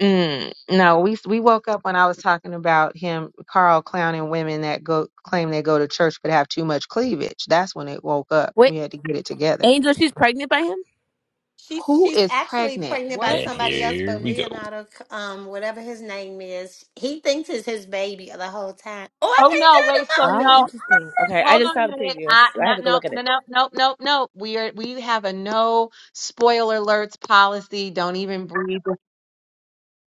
Speaker 2: Mm, no, we we woke up when I was talking about him, Carl clowning women that go claim they go to church but have too much cleavage. That's when it woke up. We had to get it together.
Speaker 15: Angel, she's pregnant by him?
Speaker 5: She's
Speaker 2: Who
Speaker 5: she's
Speaker 2: is
Speaker 5: actually
Speaker 2: pregnant?
Speaker 5: pregnant by
Speaker 2: What?
Speaker 14: and
Speaker 5: somebody else,
Speaker 14: here
Speaker 5: but
Speaker 14: we go.
Speaker 5: Leonardo, um, whatever his name is, he thinks it's his baby the whole time. Oh, I
Speaker 2: Oh no! Wait.
Speaker 5: can't
Speaker 2: So
Speaker 5: do the
Speaker 15: Oh,
Speaker 2: no.
Speaker 5: movie.
Speaker 15: interesting. Okay, I
Speaker 2: Hold
Speaker 15: just
Speaker 2: on a
Speaker 15: saw the
Speaker 2: minute.
Speaker 15: preview.
Speaker 2: I
Speaker 15: I
Speaker 2: no
Speaker 15: had to go
Speaker 2: no
Speaker 15: look at
Speaker 2: no
Speaker 15: it.
Speaker 2: no no no no. We are we have a no spoiler alerts policy. Don't even breathe.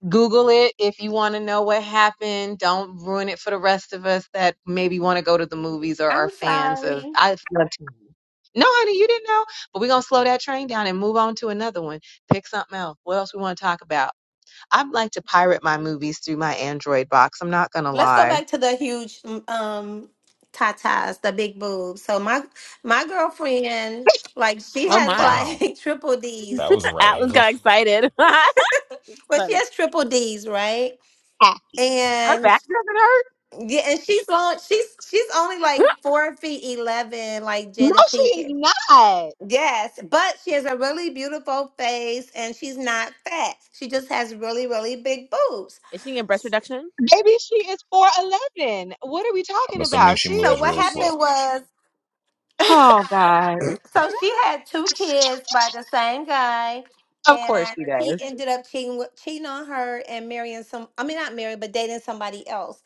Speaker 2: Google it if you want to know what happened. Don't ruin it for the rest of us that maybe want to go to the movies or are
Speaker 5: I'm
Speaker 2: fans of.
Speaker 5: sorry.
Speaker 2: I love TV. No, honey, you didn't know. But we're gonna slow that train down and move on to another one. Pick something else. What else we want to talk about? I'd like to pirate my movies through my Android box. I'm not gonna
Speaker 5: Let's go
Speaker 2: lie.
Speaker 5: back to the huge um tatas, the big boobs. So my my girlfriend, like she
Speaker 15: Oh
Speaker 5: has
Speaker 15: my.
Speaker 14: Wow.
Speaker 5: like triple D's.
Speaker 14: That was a right
Speaker 15: Atlas
Speaker 14: angle.
Speaker 15: got excited. That's
Speaker 5: Well, she
Speaker 15: funny.
Speaker 5: has triple D's, right?
Speaker 2: Her
Speaker 5: And
Speaker 2: back doesn't hurt.
Speaker 5: yeah, and she's long. She's she's only like four feet eleven, like Jada Pinkett.
Speaker 2: No,
Speaker 5: Yes, but she has a really beautiful face and she's not fat. She just has really, really big boobs.
Speaker 15: Is she in breast reduction?
Speaker 2: baby, she is four eleven. What are we
Speaker 14: I'm
Speaker 2: talking
Speaker 14: assuming
Speaker 2: about?
Speaker 14: she
Speaker 2: She
Speaker 5: So
Speaker 2: is
Speaker 14: moves
Speaker 5: what
Speaker 14: real
Speaker 2: giving.
Speaker 5: happened
Speaker 14: slow.
Speaker 5: was
Speaker 2: Oh God.
Speaker 5: so she had two kids by the same guy
Speaker 2: Of course
Speaker 5: and
Speaker 2: she
Speaker 5: he
Speaker 2: does.
Speaker 5: ended up cheating with- cheating on her and marrying some I mean not marrying but dating somebody else.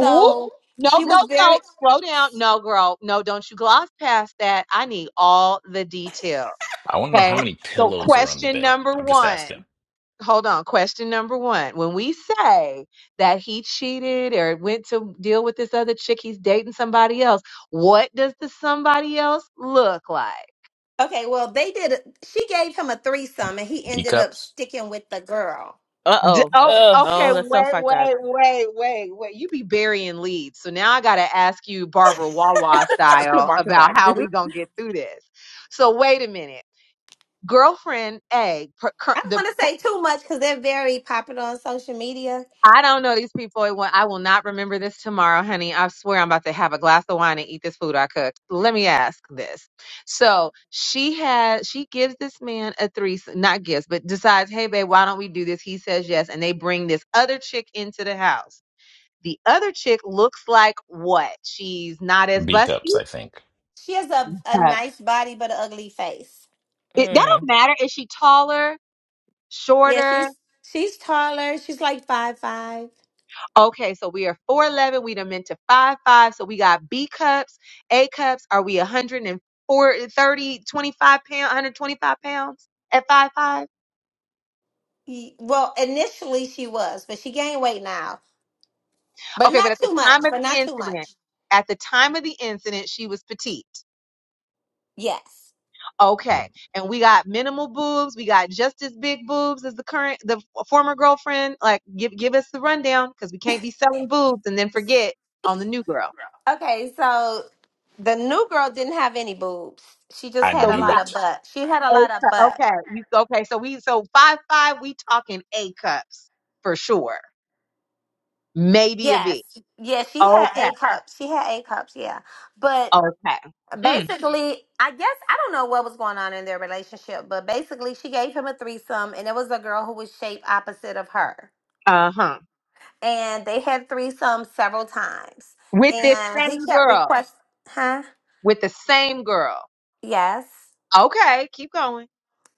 Speaker 2: Ooh, no,
Speaker 5: she
Speaker 2: no,
Speaker 5: was
Speaker 2: no.
Speaker 5: very
Speaker 2: Slow down. No, girl. No, don't you gloss past that. I need all the detail.
Speaker 14: I want to know how
Speaker 2: Okay.
Speaker 14: many
Speaker 2: So,
Speaker 14: pillows are on the
Speaker 2: question
Speaker 14: bed.
Speaker 2: number
Speaker 14: I'm just asking.
Speaker 2: one. Hold on. Question number one. When we say that he cheated or went to deal with this other chick, he's dating somebody else. What does the somebody else look like?
Speaker 5: okay, well they did a- she gave him a threesome and he
Speaker 14: B
Speaker 5: ended up
Speaker 14: cups?
Speaker 5: sticking with the girl.
Speaker 15: Uh
Speaker 2: D-
Speaker 15: oh.
Speaker 2: oh,
Speaker 10: Ugh.
Speaker 2: okay.
Speaker 15: Oh, that's so
Speaker 2: Wait,
Speaker 15: fucked up.
Speaker 2: wait, wait, wait, wait. You be burying leads. So now I got to ask you, Barbara Wawa style,
Speaker 15: Walk it
Speaker 2: about
Speaker 15: back.
Speaker 2: how we gonna get through this. So wait a minute, girlfriend A. per- cur-
Speaker 5: I don't
Speaker 2: The
Speaker 5: want to say too much because they're very popular on social media.
Speaker 2: I don't know these people. It wa- I will not remember this tomorrow, honey. I swear I'm about to have a glass of wine and eat this food I cooked. Let me ask this. So she had she gives this man a threesome, not gives, but decides, hey babe, why don't we do this? He says yes, and they bring this other chick into the house The other chick looks like what? She's not as
Speaker 14: B cups,
Speaker 2: busty.
Speaker 14: I think.
Speaker 5: She has a, a
Speaker 2: Uh,
Speaker 5: nice body but an ugly face.
Speaker 2: It, that don't
Speaker 10: Mm.
Speaker 2: matter. Is she taller,
Speaker 5: Yeah,
Speaker 2: shorter?
Speaker 5: she's she's taller. She's like five five.
Speaker 2: Okay, so we are 4'11. We done meant to five five. So we got B cups, A cups. Are we 130, 25 pounds, 125 pounds at five five?
Speaker 5: Well, initially she was, but she gained weight now. But
Speaker 2: Okay, but
Speaker 5: not
Speaker 2: at the
Speaker 5: too
Speaker 2: time
Speaker 5: much.
Speaker 2: of
Speaker 5: But
Speaker 2: the
Speaker 5: not too
Speaker 2: incident,
Speaker 5: much.
Speaker 2: at the time of the incident, she was petite.
Speaker 5: Yes.
Speaker 2: Okay. And we got minimal boobs. We got just as big boobs as the current, the former girlfriend. Like, give give us the rundown because we can't be selling boobs and then forget on the new girl.
Speaker 5: Okay, so the new girl didn't have any boobs. She just
Speaker 14: I
Speaker 5: had
Speaker 2: So
Speaker 5: a
Speaker 2: we
Speaker 14: knew
Speaker 5: lot
Speaker 2: got
Speaker 14: it.
Speaker 5: of butt. She had a
Speaker 2: A
Speaker 5: lot of
Speaker 2: cup.
Speaker 5: butt.
Speaker 2: Okay, you okay? So we so five five. We talking A cups for sure. Maybe a
Speaker 5: Yes.
Speaker 2: B.
Speaker 5: Yeah, she had
Speaker 2: Okay.
Speaker 5: A cups. She had A cups, yeah. But
Speaker 2: Okay. Mm,
Speaker 5: basically, I guess I don't know what was going on in their relationship, but basically, she gave him a threesome, and it was a girl who was shaped opposite of her,
Speaker 2: uh huh.
Speaker 5: and they had threesomes several times,
Speaker 2: With this
Speaker 5: and he
Speaker 2: same
Speaker 5: kept
Speaker 2: girl.
Speaker 5: request, huh?
Speaker 2: With the same girl.
Speaker 5: Yes,
Speaker 2: Okay. Keep going.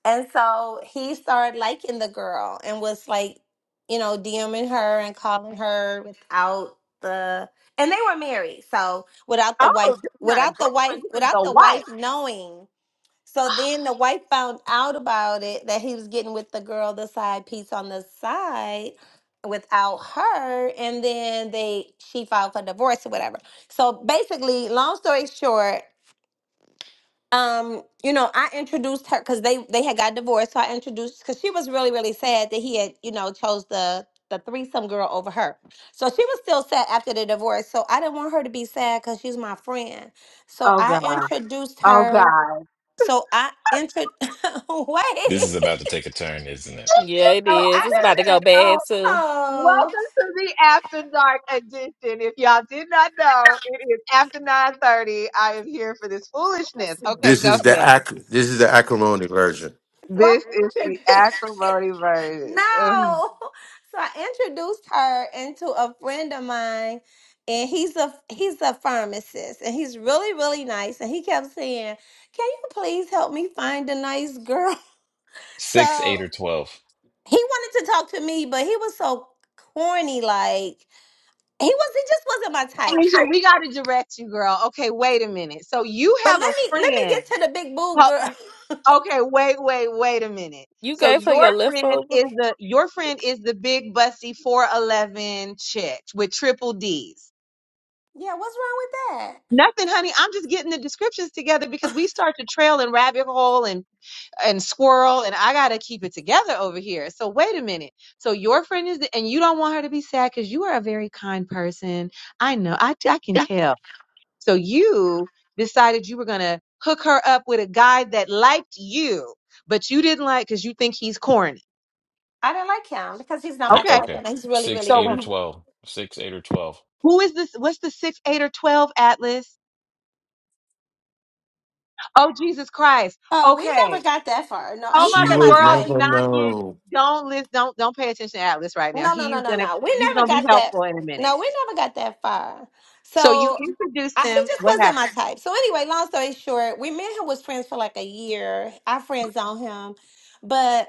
Speaker 5: and so he started liking the girl and was like, you know, DMing her and calling her without the. And they were married, so without
Speaker 2: Oh,
Speaker 5: the wife,
Speaker 2: this is not a
Speaker 5: without the
Speaker 2: girlfriend.
Speaker 5: wife,
Speaker 2: This is the
Speaker 5: without the
Speaker 2: wife.
Speaker 5: wife knowing, So then the wife found out about it that he was getting with the girl, the side piece on the side without her and then they she filed for divorce or whatever. So basically, long story short, um you know, I introduced her cuz they they had got divorced, so I introduced cuz she was really really sad that he had, you know, chose the the threesome girl over her. So she was still sad after the divorce. So I didn't want her to be sad cuz she's my friend. So
Speaker 2: Oh
Speaker 5: I
Speaker 2: God.
Speaker 5: introduced
Speaker 2: Oh
Speaker 5: her
Speaker 2: God.
Speaker 5: so I entered.
Speaker 14: This is
Speaker 5: Wait.
Speaker 14: about to take a turn, isn't it?
Speaker 10: Yeah, it
Speaker 5: So
Speaker 10: is. It's
Speaker 5: I
Speaker 10: about to go
Speaker 2: And oh,
Speaker 10: bad too.
Speaker 2: welcome
Speaker 5: no.
Speaker 2: to the After Dark edition. If y'all did not know, it is after 9:30. I am here for this foolishness. Okay,
Speaker 7: This
Speaker 2: go
Speaker 7: is the
Speaker 2: ahead.
Speaker 7: ac- this is the acrimony version.
Speaker 5: So I
Speaker 2: This is the
Speaker 5: entered.
Speaker 2: acrimony version. Ugh.
Speaker 5: No. So I introduced her into a friend of mine, and he's a he's a pharmacist, and he's really really nice. And he kept saying, "Can you please help me find a nice girl?"
Speaker 14: Six,
Speaker 5: So
Speaker 14: eight, or 12.
Speaker 5: he wanted to talk to me, but he was so corny. Like he was, he just wasn't my type.
Speaker 2: Asia,
Speaker 5: So,
Speaker 2: we gotta direct you, girl. Okay, wait a minute. So you
Speaker 5: but
Speaker 2: have a
Speaker 5: let me let me
Speaker 2: friend.
Speaker 5: get to the big boob
Speaker 2: Ho-
Speaker 5: girl.
Speaker 2: Okay, wait, wait, wait a minute.
Speaker 10: You
Speaker 2: So
Speaker 10: gave her
Speaker 2: your
Speaker 10: your
Speaker 2: friend
Speaker 10: leftover.
Speaker 2: is the your friend is the big bussy 411 chick with triple D's.
Speaker 5: Yeah, what's wrong with that?
Speaker 2: Nothing, honey. I'm just getting the descriptions together because we start to trail and rabbit hole and and squirrel, and I gotta keep it together over here. So wait a minute. So your friend is, and you don't want her to be sad because you are a very kind person. I know. I I can tell. So you decided you were gonna hook her up with a guy that liked you, but you didn't like because you think he's corny.
Speaker 5: I didn't like him because he's not
Speaker 14: Yeah,
Speaker 5: my
Speaker 2: Okay.
Speaker 5: type,
Speaker 14: okay.
Speaker 5: and he's really,
Speaker 14: Six,
Speaker 5: really
Speaker 2: So
Speaker 14: eight,
Speaker 2: we.
Speaker 14: or
Speaker 5: good.
Speaker 14: 12. Six, eight, or 12.
Speaker 2: Who is this? What's the six, eight, or twelve atlas? Oh Jesus Christ!
Speaker 5: Oh, we
Speaker 2: Okay.
Speaker 5: never got that far. No,
Speaker 2: Oh
Speaker 5: he's
Speaker 2: my
Speaker 7: She
Speaker 5: not
Speaker 2: god,
Speaker 5: my
Speaker 7: would
Speaker 2: girl, do
Speaker 5: type.
Speaker 7: never
Speaker 2: not get
Speaker 7: know.
Speaker 2: don't listen don't don't pay attention to Atlas right
Speaker 5: No,
Speaker 2: now.
Speaker 5: no,
Speaker 2: He's
Speaker 5: no, no,
Speaker 2: gonna
Speaker 5: no. We
Speaker 2: he's
Speaker 5: never
Speaker 2: gonna be
Speaker 5: got that.
Speaker 2: helpful in a minute.
Speaker 5: No, we never got that far.
Speaker 2: So you
Speaker 5: So
Speaker 2: introduced
Speaker 5: I, he
Speaker 2: him.
Speaker 5: just
Speaker 2: What
Speaker 5: wasn't my
Speaker 2: happened?
Speaker 5: type. So anyway, long story short, we me and him was friends for like a year. I friend zoned him, but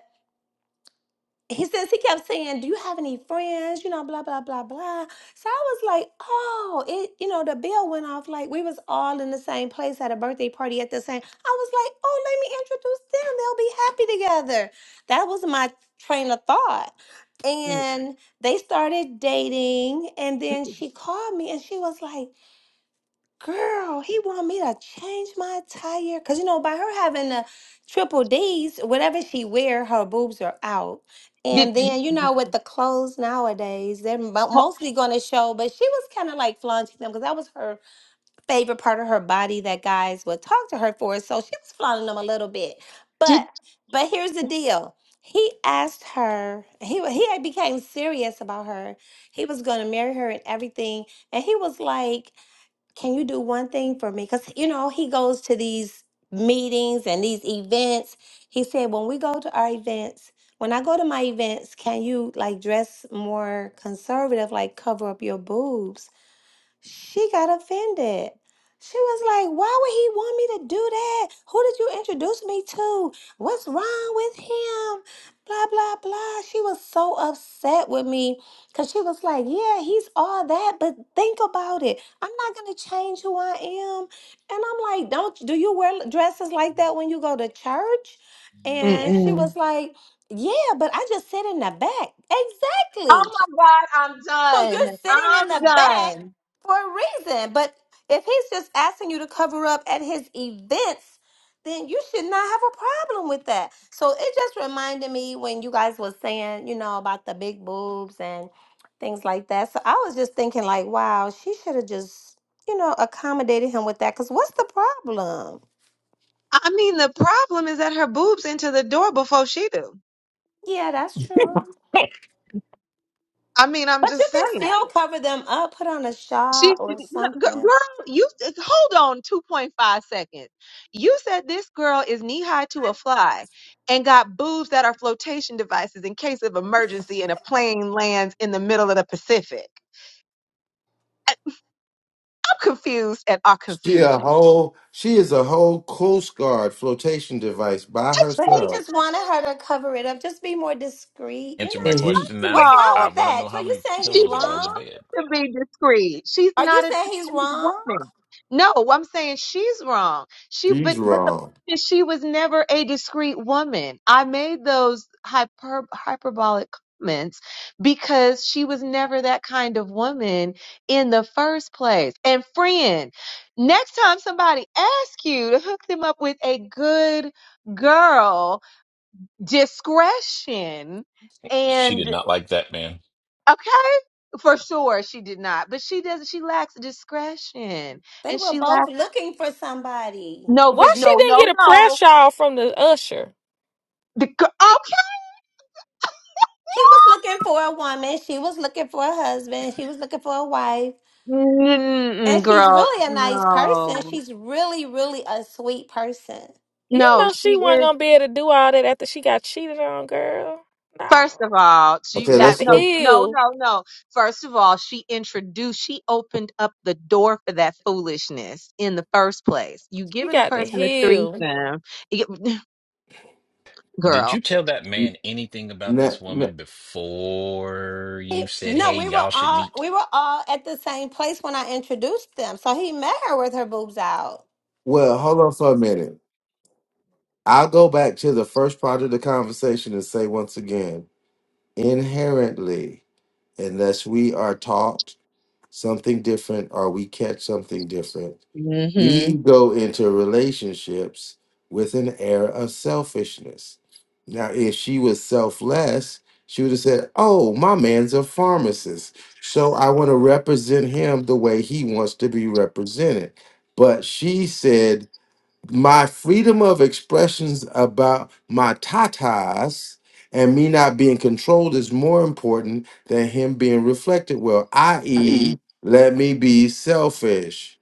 Speaker 5: he says he kept saying, "Do you have any friends?" You know, blah blah blah blah. So I was like, "Oh, it." You know, the bell went off. Like we was all in the same place at a birthday party at the same. I was like, "Oh, let me introduce them. They'll be happy together." That was my train of thought.
Speaker 2: Mm.
Speaker 5: And they started dating, and then she called me, and she was like. Girl, he want me to change my tire. Cause you know, by her having the triple D's, whatever she wear, her boobs are out.
Speaker 2: Did
Speaker 5: And then you know, with the clothes nowadays, they're mo-
Speaker 2: oh,
Speaker 5: mostly going to show. But she was kind of like flaunting them because that was her favorite part of her body that guys would talk to her for. So she was flaunting them a little bit.
Speaker 2: did
Speaker 5: But but here's the deal. He asked her. He wa- he had became serious about her. He was going to marry her and everything. And he was like can you do one thing for me? Because, you know, he goes to these meetings and these events. He said, when we go to our events, when I go to my events, can you like dress more conservative, like cover up your boobs? She got offended. She was like, Why would he want me to do that? Who did you introduce me to? What's wrong with him? Blah, blah, blah. She was so upset with me because she was like, Yeah, he's all that, but think about it. I'm not going to change who I am. And I'm like, Don't do you wear dresses like that when you go to church? And she
Speaker 2: mm-mm.
Speaker 5: was like, Yeah, but I just sit in the back.
Speaker 2: Oh
Speaker 5: Exactly.
Speaker 2: my god,
Speaker 5: So
Speaker 2: I'm
Speaker 5: you're
Speaker 2: done.
Speaker 5: sitting
Speaker 2: I'm
Speaker 5: in the back
Speaker 2: done.
Speaker 5: for a reason. But if he's just asking you to cover up at his events, then you should not have a problem with that. So it just reminded me when you guys were saying, you know, about the big boobs and things like that. So I was just thinking like, wow, she should have just, you know, accommodated him with that cuz what's the problem?
Speaker 2: I mean the problem is that her boobs into the door before she do.
Speaker 5: Yeah, that's true.
Speaker 2: I mean, I'm
Speaker 5: But you
Speaker 2: just
Speaker 5: can
Speaker 2: saying.
Speaker 5: still cover them up, put on a
Speaker 2: She,
Speaker 5: shawl or
Speaker 2: no, g-
Speaker 5: something.
Speaker 2: girl, you hold on 2.5 seconds. You said this girl is knee high to a fly and got boobs that are flotation devices in case of emergency and a plane lands in the middle of the Pacific. I- I'm confused at our
Speaker 7: She a
Speaker 2: confusion.
Speaker 7: whole she is a whole Coast Guard flotation device by
Speaker 5: But he
Speaker 7: herself.
Speaker 5: just wanted her to cover it up, just be more discreet, you
Speaker 14: Answer my
Speaker 7: And
Speaker 5: know.
Speaker 7: he
Speaker 14: question
Speaker 5: What's
Speaker 14: now.
Speaker 5: wrong
Speaker 14: I
Speaker 5: with
Speaker 14: want to
Speaker 5: that?
Speaker 14: know
Speaker 5: So
Speaker 14: how
Speaker 5: you
Speaker 14: many
Speaker 5: saying
Speaker 2: She
Speaker 5: he's
Speaker 14: pillows are
Speaker 2: wasn't
Speaker 14: on the
Speaker 5: wrong?
Speaker 14: bed.
Speaker 2: trying to be discreet. She's
Speaker 5: Are you
Speaker 2: not a
Speaker 5: saying he's
Speaker 2: discreet
Speaker 5: wrong?
Speaker 2: woman. No, I'm saying she's wrong. She,
Speaker 7: he's
Speaker 2: but but the
Speaker 7: wrong.
Speaker 2: point is she was never a discreet woman. I made those hyper hyperbolic comments because she was never that kind of woman in the first place. And friend, next time somebody asks you to hook them up with a good girl, discretion.
Speaker 14: She
Speaker 2: and
Speaker 14: did not like that man.
Speaker 2: Okay. For sure, she did not. But she doesn't, she lacks discretion.
Speaker 5: They
Speaker 2: And
Speaker 5: were
Speaker 2: she
Speaker 5: both
Speaker 2: lacks,
Speaker 5: looking for somebody.
Speaker 2: no,
Speaker 10: Why
Speaker 2: but
Speaker 10: she
Speaker 2: no,
Speaker 10: didn't
Speaker 2: no,
Speaker 10: get a press
Speaker 2: no.
Speaker 10: shawl from the usher?
Speaker 2: The, gir- okay.
Speaker 5: He was looking for a woman. She was looking for a husband. She was looking for a wife.
Speaker 2: Mm-mm,
Speaker 5: And she's
Speaker 2: girl,
Speaker 5: really a nice
Speaker 2: no.
Speaker 5: person. She's really, really a sweet person.
Speaker 10: You
Speaker 2: No,
Speaker 10: know she
Speaker 2: she
Speaker 10: wasn't
Speaker 2: is,
Speaker 10: gonna be able to do all that after she got cheated on, girl. No,
Speaker 2: first of all, she,
Speaker 10: she
Speaker 7: Okay,
Speaker 10: got
Speaker 2: that,
Speaker 7: let's
Speaker 10: the
Speaker 2: no,
Speaker 7: go.
Speaker 2: no,
Speaker 10: heel.
Speaker 2: no, no. First of all, she introduced, she opened up the door for that foolishness in the first place. You
Speaker 10: She
Speaker 2: giving a
Speaker 10: got the
Speaker 2: person a
Speaker 10: heel.
Speaker 2: threesome, you get-
Speaker 14: Did you
Speaker 2: girl.
Speaker 14: tell that
Speaker 7: n-
Speaker 14: man anything about
Speaker 7: n-
Speaker 14: this
Speaker 7: n-
Speaker 14: woman before
Speaker 5: He,
Speaker 14: you said,
Speaker 5: no,
Speaker 14: hey,
Speaker 5: we were
Speaker 14: y'all should
Speaker 5: all
Speaker 14: meet?
Speaker 5: we were all at the same place when I introduced them. So he met her with her boobs out.
Speaker 7: well, hold on for a minute. I'll go back to the first part of the conversation and say once again, inherently, unless we are taught something different or we catch something different, We
Speaker 2: hmm
Speaker 7: go into relationships with an air of selfishness. Now, if she was selfless, she would have said, Oh, my man's a pharmacist. So I want to represent him the way he wants to be represented. But she said, my freedom of expressions about my tatas and me not being controlled is more important than him being reflected well, i.e.,
Speaker 5: Yeah,
Speaker 7: let me be selfish.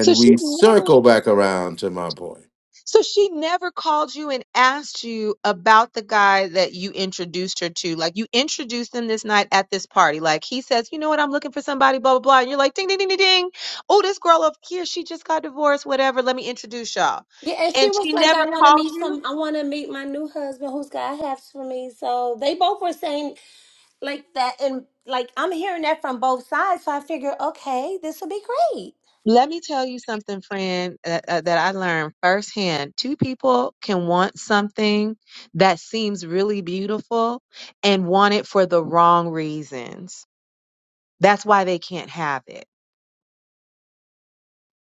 Speaker 2: So she
Speaker 7: we
Speaker 2: never.
Speaker 7: circle back around to my point.
Speaker 2: So she never called you and asked you about the guy that you introduced her to. Like you introduced him this night at this party. Like he says, you know what, I'm looking for somebody, blah, blah, blah. And you're like, ding, ding, ding, ding, ding. Oh, this girl up here, she just got divorced, whatever. Let me introduce y'all.
Speaker 5: and she
Speaker 2: And
Speaker 5: was
Speaker 2: she
Speaker 5: like, I
Speaker 2: never
Speaker 5: want to
Speaker 2: called
Speaker 5: meet
Speaker 2: you.
Speaker 5: some, I want to meet my new husband who's got halves for me. So they both were saying like that. And like, I'm hearing that from both sides. So I figure, okay, this will be great.
Speaker 2: Let me tell you something, friend, uh, uh, that I learned firsthand. Two people can want something that seems really beautiful and want it for the wrong reasons. That's why they can't have it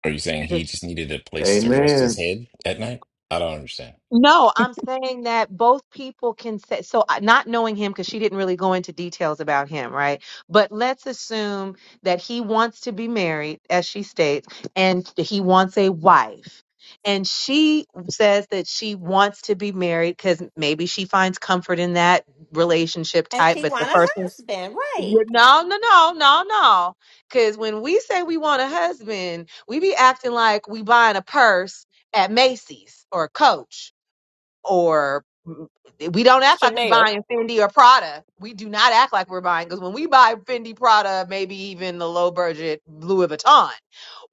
Speaker 14: Are you saying he just needed a place to rest his
Speaker 7: Amen.
Speaker 14: head at night? I don't understand.
Speaker 2: No, I'm saying that both people can say, so I- not knowing him, because she didn't really go into details about him, right? But let's assume that he wants to be married, as she states, and he wants a wife. And she says that she wants to be married because maybe she finds comfort in that relationship
Speaker 5: And
Speaker 2: type,
Speaker 5: she
Speaker 2: but the
Speaker 5: want a
Speaker 2: first one.
Speaker 5: husband, right?
Speaker 2: No, no, no, no, no. Because when we say we want a husband, we be acting like we buying a purse at Macy's or Coach or mm, we don't act like we
Speaker 10: Chanel.
Speaker 2: buying Fendi or Prada. We do not act like we're buying because when we buy Fendi, Prada, maybe even the low budget Louis Vuitton,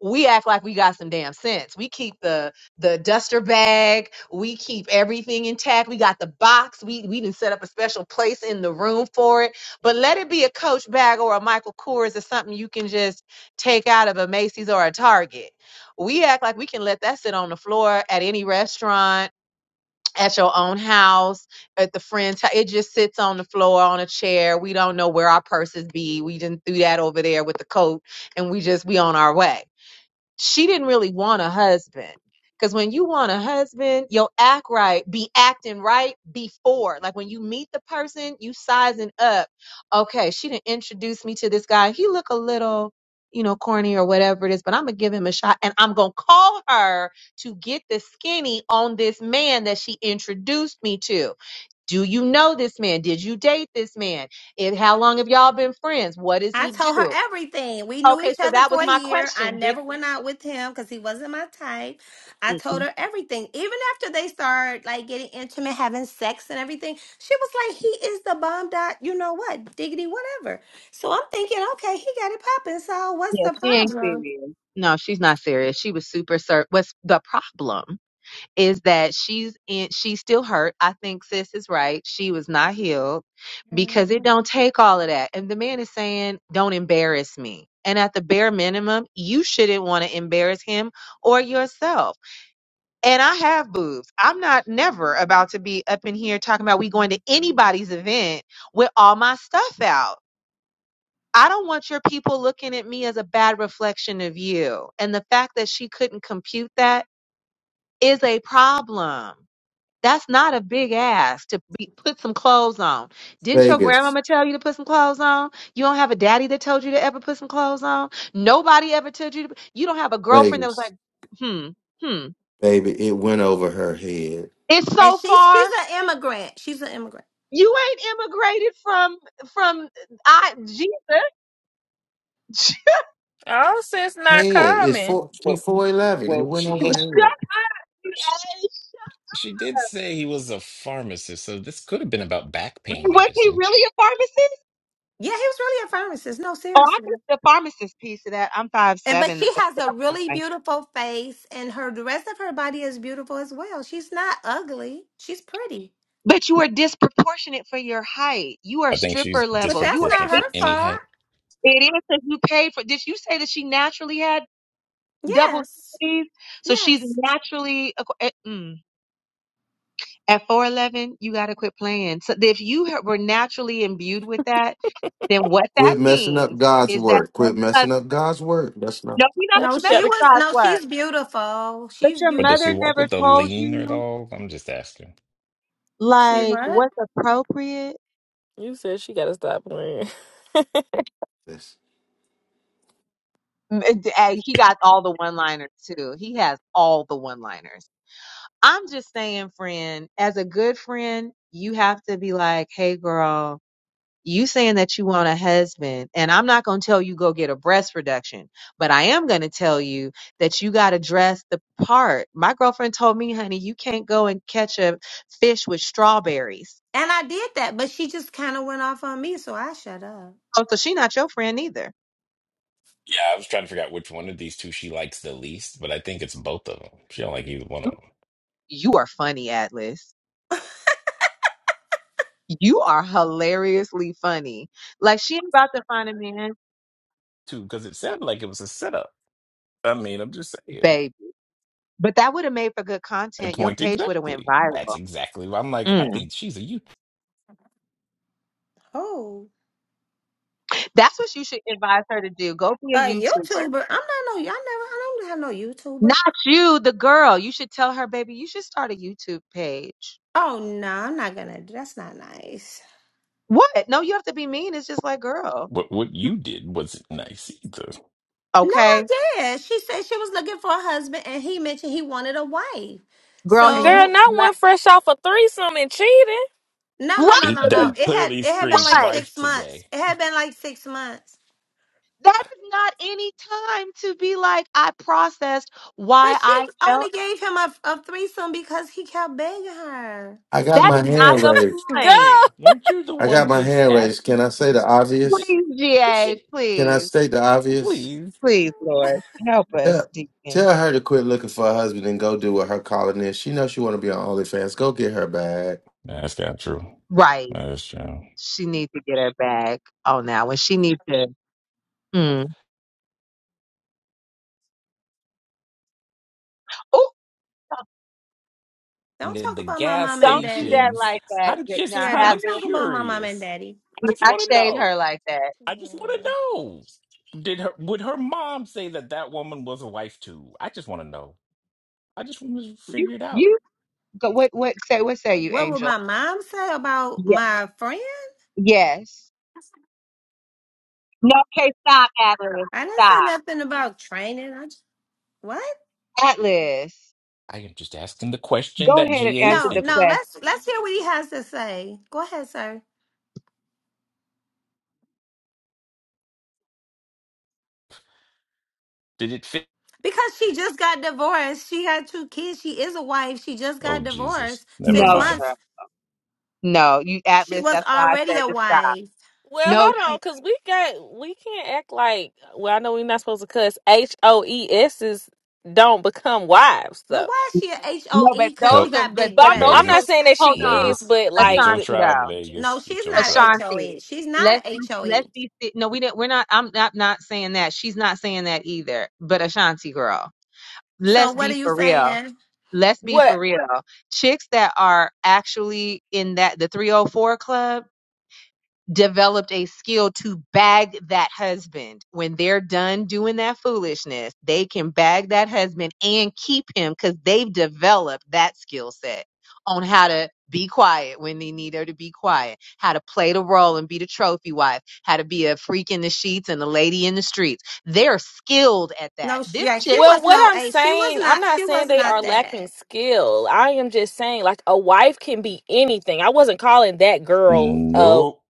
Speaker 2: we act like we got some damn sense. We keep the the duster bag. We keep everything intact. We got the box. We we didn't set up a special place in the room for it. But let it be a Coach bag or a Michael Kors or something you can just take out of a Macy's or a Target. We act like we can let that sit on the floor at any restaurant at your own house, at the friend's house. It just sits on the floor on a chair. We don't know where our purses be. We didn't do that over there with the coat and we just we on our way she didn't really want a husband. Because when you want a husband, you'll act right, be acting right before. Like when you meet the person, you sizing up. Okay, she didn't introduce me to this guy. He look a little, you know, corny or whatever it is, but I'm gonna give him a shot and I'm gonna call her to get the skinny on this man that she introduced me to. Do you know this man? Did you date this man? If how long have y'all been friends? What does
Speaker 5: I
Speaker 2: he
Speaker 5: told her
Speaker 2: do?
Speaker 5: everything. We knew
Speaker 2: Okay,
Speaker 5: each
Speaker 2: so
Speaker 5: other
Speaker 2: that was
Speaker 5: for a
Speaker 2: my
Speaker 5: year. I
Speaker 2: question.
Speaker 5: never went out with him because he wasn't my type. I
Speaker 2: Did
Speaker 5: told her everything. Even after they started like getting intimate, having sex and everything, she was like, "He is the bomb dot. You know what? Diggity, whatever." So I'm thinking, okay, he got it popping. So what's
Speaker 2: Yeah,
Speaker 5: the
Speaker 2: she ain't
Speaker 5: problem?
Speaker 2: serious. No, she's not serious. She was super ser What's the problem is that she's in she's still hurt. I think sis is right. She was not healed because it don't
Speaker 10: Hmm.
Speaker 2: take all of that. And the man is saying, Don't embarrass me. And at the bare minimum, you shouldn't want to embarrass him or yourself. And I have boobs. I'm not never about to be up in here talking about we going to anybody's event with all my stuff out. I don't want your people looking at me as a bad reflection of you. And the fact that she couldn't compute that is a problem. That's not a big ask to be, put some clothes on. Didn't your
Speaker 7: Vegas,
Speaker 2: grandmama tell you to put some clothes on? You don't have a daddy that told you to ever put some clothes on. Nobody ever told you to. You don't have a girlfriend that was
Speaker 7: Vegas,
Speaker 2: like, hmm, hmm.
Speaker 7: baby, it went over her head.
Speaker 2: It's
Speaker 5: And
Speaker 2: so
Speaker 5: she's she's
Speaker 2: far.
Speaker 5: an immigrant. She's an immigrant.
Speaker 2: You ain't immigrated from from I Jesus. Shut
Speaker 10: Oh, sense not
Speaker 14: Oh
Speaker 7: Head is
Speaker 10: coming,
Speaker 7: four. She
Speaker 14: well,
Speaker 7: four eleven. It
Speaker 14: well.
Speaker 7: went
Speaker 14: She,
Speaker 7: over her
Speaker 14: he.
Speaker 7: head.
Speaker 2: up, you ass.
Speaker 14: She did say he was a pharmacist, so this could have been about back pain
Speaker 2: Was he
Speaker 14: medicine.
Speaker 2: really a pharmacist?
Speaker 5: Yeah, he was really a pharmacist. No,
Speaker 2: Oh, I
Speaker 5: seriously.
Speaker 2: missed the pharmacist piece of that. I'm five
Speaker 5: And but
Speaker 2: seven.
Speaker 5: she has a really beautiful face, and her the rest of her body is beautiful as well. She's not ugly. She's pretty.
Speaker 2: But you are disproportionate for your height. You are
Speaker 14: I think she's
Speaker 2: stripper
Speaker 5: But
Speaker 2: level. You
Speaker 5: that's
Speaker 2: are.
Speaker 5: not
Speaker 14: disproportionate
Speaker 2: It
Speaker 14: for
Speaker 5: her
Speaker 14: any
Speaker 5: fault.
Speaker 14: height.
Speaker 2: it is that you paid for. Did you say that she naturally had double
Speaker 5: Yes.
Speaker 2: T's? So she's
Speaker 5: Yes.
Speaker 2: naturally a- eh, mm. at four eleven. You got to quit playing. So if you ha- were naturally imbued with that, then what that
Speaker 7: Quit messing up
Speaker 2: means
Speaker 7: God's
Speaker 2: is that
Speaker 7: work.
Speaker 2: your
Speaker 7: Quit
Speaker 2: mother.
Speaker 7: messing up God's work. That's not
Speaker 2: No, we don't
Speaker 10: That
Speaker 5: No,
Speaker 10: you
Speaker 5: she
Speaker 10: gotta.
Speaker 5: was
Speaker 2: specify
Speaker 5: no,
Speaker 2: word.
Speaker 5: she's beautiful.
Speaker 2: But
Speaker 5: She's
Speaker 2: your
Speaker 14: But does she
Speaker 2: mother
Speaker 5: beautiful.
Speaker 14: walk
Speaker 2: never
Speaker 14: with a
Speaker 2: told
Speaker 14: lean
Speaker 2: you.
Speaker 14: at all? I'm just asking.
Speaker 5: She
Speaker 2: Like,
Speaker 5: what?
Speaker 2: what's appropriate?
Speaker 10: You said she gotta stop playing.
Speaker 7: this.
Speaker 2: M- and d- ay, He got all the one liners too. He has all the one liners. I'm just saying, friend, as a good friend, you have to be like, hey, girl, you saying that you want a husband, and I'm not going to tell you go get a breast reduction, but I am going to tell you that you got to dress the part. My girlfriend told me, honey, you can't go and catch a fish with strawberries.
Speaker 5: And I did that, but she just kind of went off on me, so I shut up.
Speaker 2: Oh, so she not your friend either.
Speaker 14: Yeah, I was trying to figure out which one of these two she likes the least, but I think it's both of them. She don't like either one of them.
Speaker 2: You are funny, Atlas. You are hilariously funny. Like she ain't about to find a man,
Speaker 14: to because it sounded like it was a setup. I mean, I'm just saying.
Speaker 2: baby. But that would have made for good
Speaker 14: And
Speaker 2: content. Your
Speaker 14: point
Speaker 2: page would have went
Speaker 14: exactly.
Speaker 2: viral.
Speaker 14: That's exactly why I'm like, I
Speaker 2: Mm.
Speaker 14: think she's a you.
Speaker 5: Oh.
Speaker 2: That's what you should advise her to do. Go be a
Speaker 5: A
Speaker 2: YouTuber.
Speaker 5: YouTuber. I'm not no y'all never I don't have no YouTuber.
Speaker 2: Not you, the girl. You should tell her, baby, you should start a YouTube page.
Speaker 5: Oh no, I'm not gonna that's not nice.
Speaker 2: What? No, you have to be mean. It's just like, girl.
Speaker 14: What what you did wasn't nice either.
Speaker 5: No, I
Speaker 2: Okay.
Speaker 5: did. She said she was looking for a husband and he mentioned he wanted a wife.
Speaker 2: Girl, and you
Speaker 10: Girl,
Speaker 5: So
Speaker 10: not
Speaker 2: like
Speaker 10: one fresh off a threesome and cheating.
Speaker 5: no, no,
Speaker 2: right.
Speaker 5: no, no,
Speaker 14: It-
Speaker 5: no.
Speaker 14: that
Speaker 5: It had
Speaker 14: clearly
Speaker 5: it had been
Speaker 14: screams
Speaker 5: like
Speaker 2: Right.
Speaker 14: wife
Speaker 5: six months.
Speaker 14: today.
Speaker 5: It had been like six months.
Speaker 2: That is not any time to be like, I processed
Speaker 5: But
Speaker 2: why
Speaker 5: she
Speaker 2: I felt
Speaker 5: only gave him a, a threesome because he kept begging her.
Speaker 7: I got
Speaker 2: that
Speaker 7: my
Speaker 2: is not
Speaker 7: hand
Speaker 2: the
Speaker 7: raised.
Speaker 2: point.
Speaker 10: Girl.
Speaker 14: Weren't you the
Speaker 7: I got
Speaker 14: one
Speaker 7: my
Speaker 14: just
Speaker 7: hand raised. Can
Speaker 14: asking?
Speaker 7: I say the
Speaker 14: Did,
Speaker 7: obvious?
Speaker 2: Please,
Speaker 14: did
Speaker 2: GA,
Speaker 14: she
Speaker 7: Can I
Speaker 2: please,
Speaker 7: state the obvious?
Speaker 14: please?
Speaker 2: please, Lord, help us,
Speaker 7: Tell,
Speaker 2: Deacon.
Speaker 7: tell her to quit looking for a husband and go do what her calling is. She knows she want to be on OnlyFans. Go get her bag.
Speaker 14: That's not true.
Speaker 2: Right.
Speaker 14: That's true.
Speaker 2: She needs to get her bag Oh, now. When she needs to, mm. oh,
Speaker 14: And
Speaker 5: Don't
Speaker 14: then
Speaker 5: talk
Speaker 14: the
Speaker 5: about my
Speaker 14: gas
Speaker 5: mama and
Speaker 2: don't do
Speaker 5: daddy.
Speaker 2: that
Speaker 14: stations.
Speaker 2: like that.
Speaker 14: I'm just
Speaker 2: Now,
Speaker 5: Yeah,
Speaker 14: kind
Speaker 5: don't
Speaker 14: of
Speaker 2: Atlas,
Speaker 5: talk about my mama and
Speaker 14: curious.
Speaker 5: daddy.
Speaker 14: I just
Speaker 2: I
Speaker 14: want to
Speaker 2: shade
Speaker 14: know.
Speaker 2: her like that.
Speaker 14: I just want to
Speaker 10: Mm.
Speaker 14: know. Did her would her mom say that that woman was a wife too? I just want to know. I just want to
Speaker 2: You,
Speaker 14: figure it out.
Speaker 2: you, go, what, what, say, what say you,
Speaker 5: What would
Speaker 2: Angel?
Speaker 5: my mom say about
Speaker 2: Yeah.
Speaker 5: my friend?
Speaker 2: Yes. No, okay, stop, Atlas.
Speaker 5: I didn't say
Speaker 2: Stop.
Speaker 5: nothing about training. I just, what?
Speaker 2: Atlas,
Speaker 14: I am just asking the question
Speaker 2: go
Speaker 14: that
Speaker 2: ahead and
Speaker 14: GA is
Speaker 2: answer
Speaker 5: No,
Speaker 2: the
Speaker 14: thinking.
Speaker 5: no. Let's
Speaker 2: question.
Speaker 5: let's hear what he has to say. Go ahead, sir.
Speaker 14: Did it fit?
Speaker 5: Because she just got divorced. She had two kids. She is a wife. She just
Speaker 14: Oh
Speaker 5: got
Speaker 14: Jesus.
Speaker 5: divorced
Speaker 14: Never
Speaker 5: six
Speaker 2: No,
Speaker 14: mind.
Speaker 5: months.
Speaker 2: girl. No, you,
Speaker 5: She
Speaker 2: Atlas,
Speaker 5: was
Speaker 2: that's why I
Speaker 5: already
Speaker 2: said
Speaker 5: a
Speaker 2: to stop.
Speaker 5: wife.
Speaker 10: Well,
Speaker 2: No,
Speaker 10: hold on, cause we got we can't act like. Well, I know we're not supposed to cuss. H O E S's don't become wives,
Speaker 5: But
Speaker 10: though.
Speaker 5: why is she a
Speaker 2: No,
Speaker 5: HOE?
Speaker 2: but
Speaker 5: Because
Speaker 2: those
Speaker 5: she
Speaker 14: Help
Speaker 2: are
Speaker 5: got
Speaker 2: but
Speaker 5: big
Speaker 10: But
Speaker 2: but
Speaker 10: I'm
Speaker 2: those
Speaker 10: I'm
Speaker 2: were.
Speaker 5: breasts.
Speaker 10: not
Speaker 14: Vegas.
Speaker 10: saying that
Speaker 2: Hold
Speaker 10: she
Speaker 2: on,
Speaker 10: is,
Speaker 14: Vegas.
Speaker 10: but
Speaker 14: Get
Speaker 10: like
Speaker 14: your
Speaker 10: the,
Speaker 2: Ashanti
Speaker 14: tribe,
Speaker 2: though.
Speaker 5: No,
Speaker 14: Vegas. Get
Speaker 5: she's
Speaker 14: your
Speaker 5: not a
Speaker 14: tribe.
Speaker 5: HOE.
Speaker 2: Ashanti,
Speaker 5: She's
Speaker 2: let's
Speaker 5: not
Speaker 2: be
Speaker 5: a HOE.
Speaker 2: let's be. se- No, we didn't. We're not. I'm not not saying that. She's not saying that either. But Ashanti girl,
Speaker 5: So
Speaker 2: let's
Speaker 5: what
Speaker 2: be
Speaker 5: are you
Speaker 2: for real.
Speaker 5: saying?
Speaker 2: Let's be
Speaker 10: what?
Speaker 2: for real. Chicks that are actually in that the 304 club developed a skill to bag that husband. When they're done doing that foolishness, they can bag that husband and keep him because they've developed that skill set on how to be quiet when they need her to be quiet, how to play the role and be the trophy wife, how to be a freak in the sheets and a lady in the streets. They're skilled at that.
Speaker 5: No, sh-
Speaker 2: This
Speaker 5: yeah, she
Speaker 2: chick,
Speaker 10: Well,
Speaker 5: was
Speaker 10: what
Speaker 5: no
Speaker 10: I'm
Speaker 5: A. She was
Speaker 10: saying, I'm
Speaker 5: not.
Speaker 10: not
Speaker 5: She
Speaker 10: saying
Speaker 5: was
Speaker 10: they
Speaker 5: not
Speaker 10: are
Speaker 5: that.
Speaker 10: lacking skill. I am just saying, like, a wife can be anything. I wasn't calling that girl a,
Speaker 14: Nope.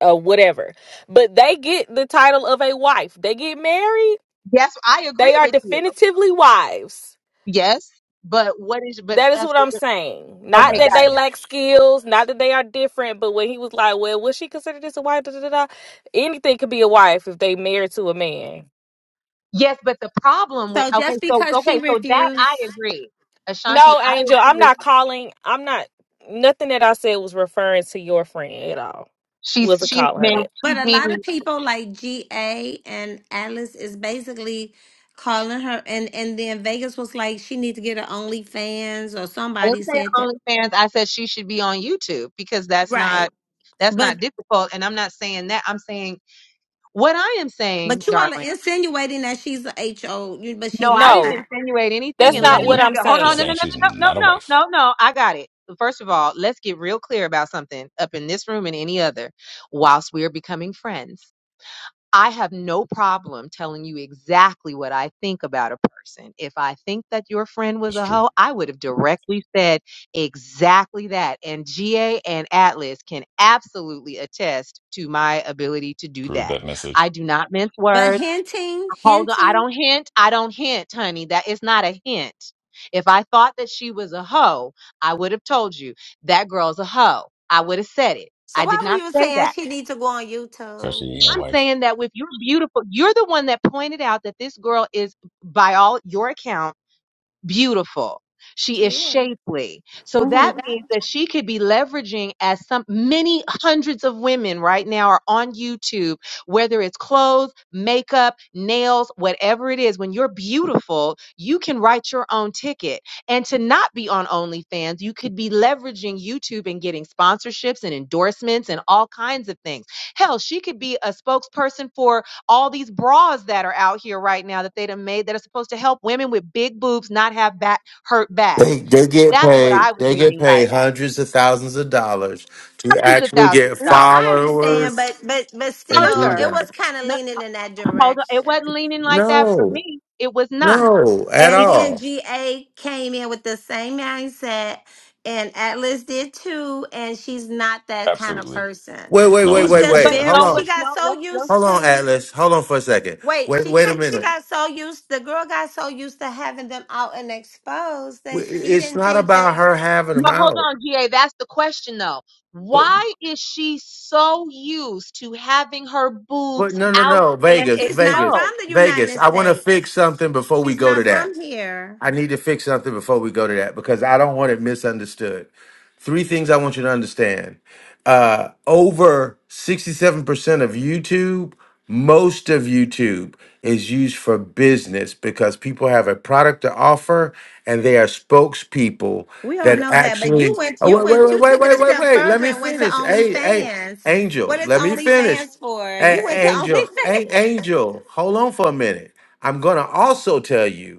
Speaker 10: a whatever, but they get the title of a wife. They get married,
Speaker 2: yes, I agree
Speaker 10: they are
Speaker 2: with you.
Speaker 10: definitively wives.
Speaker 2: Yes. But what is, but
Speaker 10: That is
Speaker 2: that's,
Speaker 10: what I'm saying.
Speaker 14: I'm
Speaker 10: Not
Speaker 2: okay,
Speaker 10: that they
Speaker 14: asking.
Speaker 10: lack skills, not that they are different, but when he was like, well, would she consider this a wife? Da, da, da, da. Anything could be a wife if they married to a man.
Speaker 2: Yes, but the problem with
Speaker 5: So
Speaker 2: okay,
Speaker 5: just
Speaker 2: so
Speaker 5: because she
Speaker 2: okay, so that
Speaker 5: refused,
Speaker 2: I agree. Ashanti,
Speaker 10: No,
Speaker 2: I
Speaker 10: Angel,
Speaker 2: agree
Speaker 10: I'm
Speaker 2: with
Speaker 10: not calling. I'm not. Nothing that I said was referring to your friend at all.
Speaker 2: she's
Speaker 10: Was to
Speaker 2: she's
Speaker 10: call her
Speaker 2: mean
Speaker 10: that.
Speaker 2: she's
Speaker 5: but a lot
Speaker 2: meaning
Speaker 5: of people like GA and Alice is basically calling her, and and then Vegas was like she needs to get her OnlyFans or
Speaker 2: I
Speaker 5: somebody
Speaker 2: didn't say
Speaker 5: said that,
Speaker 2: OnlyFans, I said she should be on YouTube because that's not
Speaker 5: right?
Speaker 2: that's not
Speaker 5: But
Speaker 2: difficult. And I'm not saying that. I'm saying what I am saying,
Speaker 5: but you all are
Speaker 2: darling.
Speaker 5: insinuating that she's a HO, you- but
Speaker 2: No,
Speaker 5: she not.
Speaker 2: I didn't
Speaker 10: No,
Speaker 2: insinuate anything
Speaker 10: that's
Speaker 2: and let
Speaker 10: not
Speaker 2: me
Speaker 10: what
Speaker 2: be
Speaker 14: Nope.
Speaker 10: I'm
Speaker 2: hold on,
Speaker 14: Just
Speaker 2: no
Speaker 10: saying.
Speaker 2: no no no
Speaker 14: saying she's
Speaker 2: no no
Speaker 14: not a
Speaker 2: no
Speaker 14: wife.
Speaker 2: no. no. I got it. First of all, let's get real clear about something up in this room and any other whilst we are becoming friends. I have no problem telling you exactly what I think about a person. If I think that your friend was
Speaker 14: That's
Speaker 2: a
Speaker 14: true.
Speaker 2: hoe, I would have directly said exactly that. And GA and Atlas can absolutely attest to my ability to do
Speaker 14: Prove
Speaker 2: that.
Speaker 14: that message.
Speaker 2: I do not mince
Speaker 5: But
Speaker 2: words.
Speaker 5: hinting,
Speaker 2: Hold on. I
Speaker 5: hinting.
Speaker 2: don't hint. I don't hint, honey. That is not a hint. If I thought that she was a hoe, I would have told you that girl's a hoe. I would have said it.
Speaker 5: So
Speaker 2: I did
Speaker 5: why were
Speaker 2: not
Speaker 5: you
Speaker 2: say that.
Speaker 5: saying she needs to go on
Speaker 14: So she
Speaker 5: YouTube?
Speaker 14: ain't a
Speaker 2: I'm
Speaker 14: wife.
Speaker 2: saying that with your beautiful, you're the one that pointed out that this girl is, by all your account, beautiful. She is
Speaker 5: She is.
Speaker 2: shapely. So
Speaker 5: hmm
Speaker 2: that means that she could be leveraging as some many hundreds of women right now are on YouTube, whether it's clothes, makeup, nails, whatever it is. When you're beautiful, you can write your own ticket. And to not be on OnlyFans, you could be leveraging YouTube and getting sponsorships and endorsements and all kinds of things. Hell, she could be a spokesperson for all these bras that are out here right now that they done made that are supposed to help women with big boobs not have back hurt
Speaker 7: They
Speaker 2: backs.
Speaker 7: they get
Speaker 2: That's what
Speaker 7: paid.
Speaker 2: I was
Speaker 7: They get
Speaker 2: meaning by
Speaker 7: paid
Speaker 2: that.
Speaker 7: hundreds of thousands of dollars to
Speaker 2: Hundreds of
Speaker 7: actually
Speaker 2: thousands
Speaker 7: get
Speaker 2: of
Speaker 5: No,
Speaker 2: dollars.
Speaker 5: I understand,
Speaker 7: followers
Speaker 5: but but but
Speaker 7: and
Speaker 5: still, it
Speaker 2: Further,
Speaker 5: was
Speaker 7: that.
Speaker 5: kind of
Speaker 2: no,
Speaker 5: leaning in that
Speaker 2: hold on, it
Speaker 5: direction.
Speaker 2: wasn't leaning like that for
Speaker 7: No,
Speaker 2: me. It was not.
Speaker 7: no, at
Speaker 2: And
Speaker 5: And
Speaker 2: it,
Speaker 5: then
Speaker 7: all.
Speaker 5: GA came in with the same mindset, and Atlas did too. And she's not that kind of
Speaker 14: Absolutely.
Speaker 5: person.
Speaker 7: Wait, wait,
Speaker 14: No,
Speaker 7: wait,
Speaker 14: I
Speaker 5: She's
Speaker 7: wait,
Speaker 14: just said
Speaker 5: just
Speaker 14: she
Speaker 2: but
Speaker 7: wait.
Speaker 14: wasn't
Speaker 7: Hold
Speaker 14: a
Speaker 5: very.
Speaker 2: no, but
Speaker 5: She
Speaker 7: on,
Speaker 14: wife.
Speaker 2: no,
Speaker 5: got so
Speaker 2: let's no.
Speaker 7: hold
Speaker 5: used
Speaker 7: on,
Speaker 5: to.
Speaker 7: Atlas. Hold on for a second.
Speaker 5: Wait,
Speaker 7: Wait,
Speaker 5: she
Speaker 7: wait a
Speaker 5: got she
Speaker 7: minute.
Speaker 5: got so used. The girl got so used to having them out and exposed
Speaker 7: Wait,
Speaker 5: that she
Speaker 7: It's
Speaker 5: didn't
Speaker 7: not
Speaker 5: think that
Speaker 7: about her having them
Speaker 2: No, hold
Speaker 7: out.
Speaker 2: on, GA. That's the question though. Why is she so used to having her
Speaker 7: But
Speaker 2: boobs
Speaker 7: no, no,
Speaker 2: out
Speaker 7: no.
Speaker 2: and
Speaker 7: Vegas,
Speaker 5: she's not
Speaker 7: Vegas,
Speaker 5: from
Speaker 2: exposed?
Speaker 5: the
Speaker 7: Vegas.
Speaker 5: United
Speaker 7: I want to
Speaker 5: States.
Speaker 7: fix something before we
Speaker 5: She's
Speaker 7: go to
Speaker 5: not
Speaker 7: that.
Speaker 5: from here.
Speaker 7: I need to fix something before we go to that because I don't want it misunderstood. Three things I want you to understand. Uh, over 67% of YouTube, most of YouTube is used for business because people have a product to offer and they are spokespeople
Speaker 5: We all
Speaker 7: that
Speaker 5: know that. But
Speaker 7: actually.
Speaker 5: you went
Speaker 7: Oh,
Speaker 5: you
Speaker 7: wait, wait,
Speaker 5: went you
Speaker 7: wait, wait,
Speaker 5: took it
Speaker 7: wait,
Speaker 5: a
Speaker 7: wait,
Speaker 5: step
Speaker 7: wait. Let
Speaker 5: further
Speaker 7: me
Speaker 5: and went to
Speaker 7: finish. Hey, hey,
Speaker 5: OnlyFans. What
Speaker 7: Angel,
Speaker 5: is
Speaker 7: let me finish.
Speaker 5: OnlyFans for? You
Speaker 7: Hey,
Speaker 5: went to
Speaker 7: Angel,
Speaker 5: OnlyFans.
Speaker 7: a- Angel, hold on for a minute. I'm going to also tell you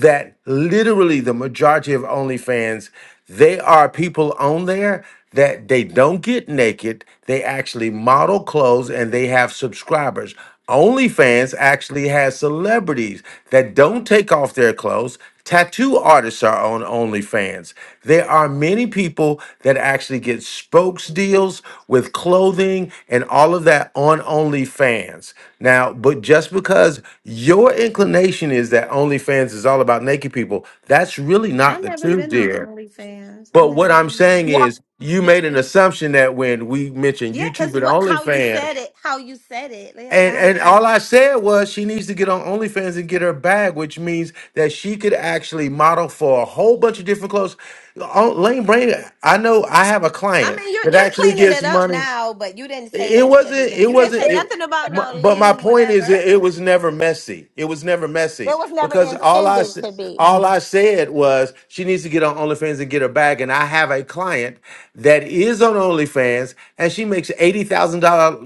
Speaker 7: that literally the majority of OnlyFans, they are people on there that they don't get naked. They actually model clothes and they have subscribers. OnlyFans actually has celebrities that don't take off their clothes. Tattoo artists are on OnlyFans. There are many people that actually get spokes deals with clothing and all of that on OnlyFans. Now, but just because your inclination is that OnlyFans is all about naked people, that's really
Speaker 5: I
Speaker 7: not the
Speaker 5: never
Speaker 7: truth,
Speaker 5: been on
Speaker 7: dear.
Speaker 5: OnlyFans. I
Speaker 7: But what
Speaker 5: never
Speaker 7: I'm
Speaker 5: been.
Speaker 7: saying
Speaker 2: Yeah,
Speaker 7: is, you made an assumption that when we mentioned
Speaker 5: Yeah,
Speaker 7: YouTube and
Speaker 5: cause what? How you
Speaker 7: OnlyFans,
Speaker 5: said it? How you said it? yeah,
Speaker 7: and
Speaker 5: How you
Speaker 7: and
Speaker 5: came?
Speaker 7: all I said was she needs to get on OnlyFans and get her bag, which means that she could actually model for a whole bunch of different clothes. Oh, Lane Brain, I know I have a
Speaker 5: I
Speaker 7: client
Speaker 5: mean, you're
Speaker 7: that
Speaker 5: you're
Speaker 7: actually
Speaker 5: cleaning
Speaker 7: gets
Speaker 5: it up
Speaker 7: money.
Speaker 5: now, but you didn't say
Speaker 7: It
Speaker 5: that at the
Speaker 7: wasn't.
Speaker 5: beginning.
Speaker 7: It
Speaker 5: You didn't
Speaker 7: wasn't.
Speaker 5: say
Speaker 7: It,
Speaker 5: nothing about
Speaker 7: my,
Speaker 5: no
Speaker 7: but my
Speaker 5: lean,
Speaker 7: point is,
Speaker 5: whatever.
Speaker 7: it, it was never messy. It was never messy
Speaker 5: It was never
Speaker 7: because all I
Speaker 5: intended
Speaker 7: s-
Speaker 5: to be,
Speaker 7: all I said was she needs to get on OnlyFans and get her bag. And I have a client that is on OnlyFans, and she makes eighty thousand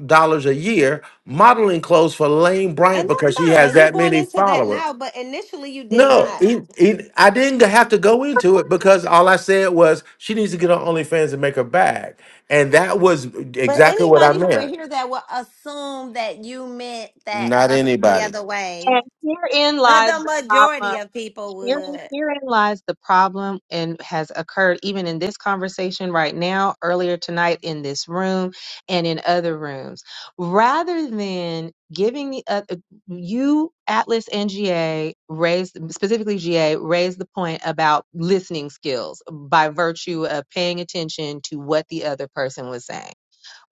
Speaker 7: dollars a year modeling clothes for Lane Bryant
Speaker 5: and
Speaker 7: because
Speaker 5: that's
Speaker 7: she has
Speaker 5: fine. You're
Speaker 7: that
Speaker 5: going
Speaker 7: many
Speaker 5: into that now,
Speaker 7: followers.
Speaker 5: but initially you did
Speaker 7: No,
Speaker 5: not.
Speaker 7: it, it, I didn't have to go into it because all I said was she needs to get on OnlyFans and make her bag, and that was
Speaker 5: But
Speaker 7: exactly what I
Speaker 5: anybody who
Speaker 7: meant.
Speaker 5: would hear that will assume that you meant that
Speaker 7: Not
Speaker 5: other, the
Speaker 7: anybody.
Speaker 5: other
Speaker 2: and
Speaker 5: way.
Speaker 2: herein
Speaker 5: But
Speaker 2: lies
Speaker 5: the
Speaker 2: the problem
Speaker 5: majority of people
Speaker 2: Herein,
Speaker 5: would.
Speaker 2: herein lies the problem and has occurred even in this conversation right now, earlier tonight in this room and in other rooms. Rather than giving the uh, you, Atlas and GA raised, specifically GA, raised the point about listening skills by virtue of paying attention to what the other person was saying,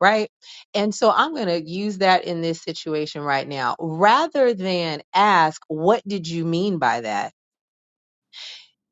Speaker 2: right? And so I'm going to use that in this situation right now. Rather than ask, what did you mean by that?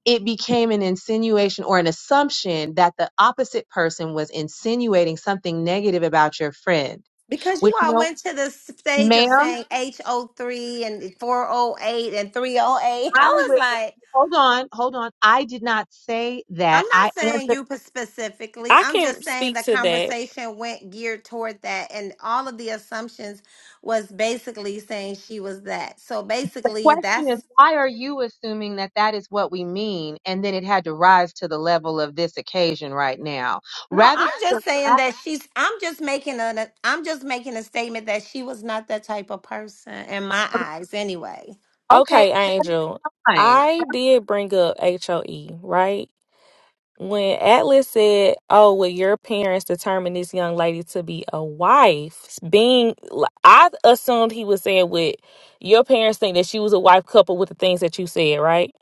Speaker 2: it became an insinuation or an assumption that the opposite person was insinuating something negative about your friend,
Speaker 5: Because
Speaker 2: which,
Speaker 5: you
Speaker 2: you
Speaker 5: all
Speaker 2: know,
Speaker 5: went to the stage of
Speaker 2: ma'am,
Speaker 5: saying h O 3 and 408 and 308.
Speaker 2: I
Speaker 5: I was
Speaker 2: would,
Speaker 5: like,
Speaker 2: hold on, hold on. I did not say
Speaker 5: I'm
Speaker 2: that.
Speaker 5: not
Speaker 2: I
Speaker 5: saying
Speaker 2: answered.
Speaker 5: you p- specifically.
Speaker 10: I
Speaker 5: I'm
Speaker 10: can
Speaker 5: just saying
Speaker 10: speak
Speaker 5: the
Speaker 10: to that.
Speaker 5: conversation went geared toward that. And all of the assumptions was basically saying she was that. So
Speaker 2: The
Speaker 5: basically,
Speaker 2: question
Speaker 5: that's
Speaker 2: is, why are you assuming that that is what we mean? And then it had to rise to the level of this occasion right now.
Speaker 5: No,
Speaker 2: Rather
Speaker 5: I'm
Speaker 2: than,
Speaker 5: just saying that she's. I'm just making a. I'm just making a statement that she was not that type of person in my eyes, anyway.
Speaker 2: okay,
Speaker 10: Okay, Angel,
Speaker 2: fine.
Speaker 10: I did bring up HOE, right? When Atlas said, "Oh, well, your parents determined this young lady to be a wife," being, I assumed he was saying, "With your parents think that she was a wife couple with the things that you said, right?"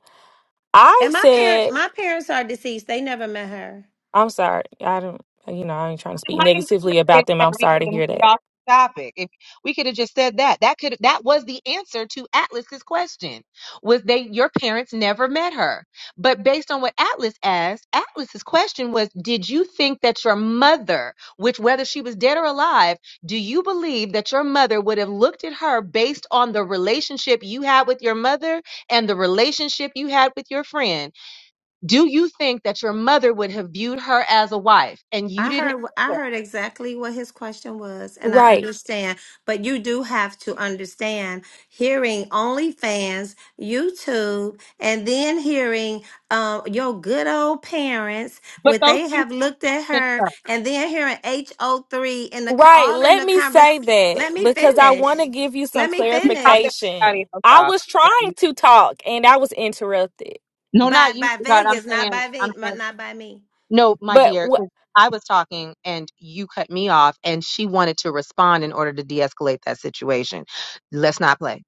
Speaker 10: I
Speaker 5: And my
Speaker 10: said.
Speaker 5: parent, my parents are deceased. They never met her.
Speaker 10: I'm sorry. I don't, you know, I ain't trying to speak
Speaker 2: wanted to
Speaker 10: negatively about them. I'm
Speaker 2: we
Speaker 10: sorry
Speaker 2: could
Speaker 10: to
Speaker 2: have moved
Speaker 10: hear that.
Speaker 2: off the topic. If we could have just said that, that could that was the answer to Atlas's question. Was they your parents never met her? But based on what Atlas asked, Atlas's question was, did you think that your mother, which whether she was dead or alive, do you believe that your mother would have looked at her based on the relationship you had with your mother and the relationship you had with your friend? Do you think that your mother would have viewed her as a wife? And you
Speaker 5: I
Speaker 2: didn't
Speaker 5: heard wh- I heard exactly what his question was, and I
Speaker 10: Right.
Speaker 5: understand. But you do have to understand hearing OnlyFans, YouTube, and then hearing uh, your good old parents
Speaker 2: But
Speaker 5: what
Speaker 2: those
Speaker 5: they
Speaker 2: things
Speaker 5: have looked at
Speaker 2: have been
Speaker 5: her,
Speaker 2: done.
Speaker 5: and then hearing HO3 in the co-
Speaker 10: Right.
Speaker 5: all in
Speaker 10: Let
Speaker 5: the
Speaker 10: me say
Speaker 5: conversation.
Speaker 10: that
Speaker 5: Let me
Speaker 10: because I want to
Speaker 5: finish.
Speaker 10: give you some
Speaker 5: Let me
Speaker 2: You chopping
Speaker 5: finish.
Speaker 2: everybody
Speaker 10: clarification.
Speaker 2: else
Speaker 10: I
Speaker 2: off.
Speaker 10: was
Speaker 2: so now
Speaker 10: trying
Speaker 2: you-
Speaker 10: to talk and I was interrupted.
Speaker 2: No, not
Speaker 5: By
Speaker 2: you,
Speaker 5: by
Speaker 2: God. I'm
Speaker 5: Vegas, not
Speaker 2: saying,
Speaker 5: by
Speaker 2: I'm
Speaker 5: me,
Speaker 2: saying,
Speaker 5: not by me.
Speaker 2: no, my
Speaker 10: But
Speaker 2: dear, 'cause I was talking and you cut me off, and she wanted to respond in order to de-escalate that situation. Let's not play.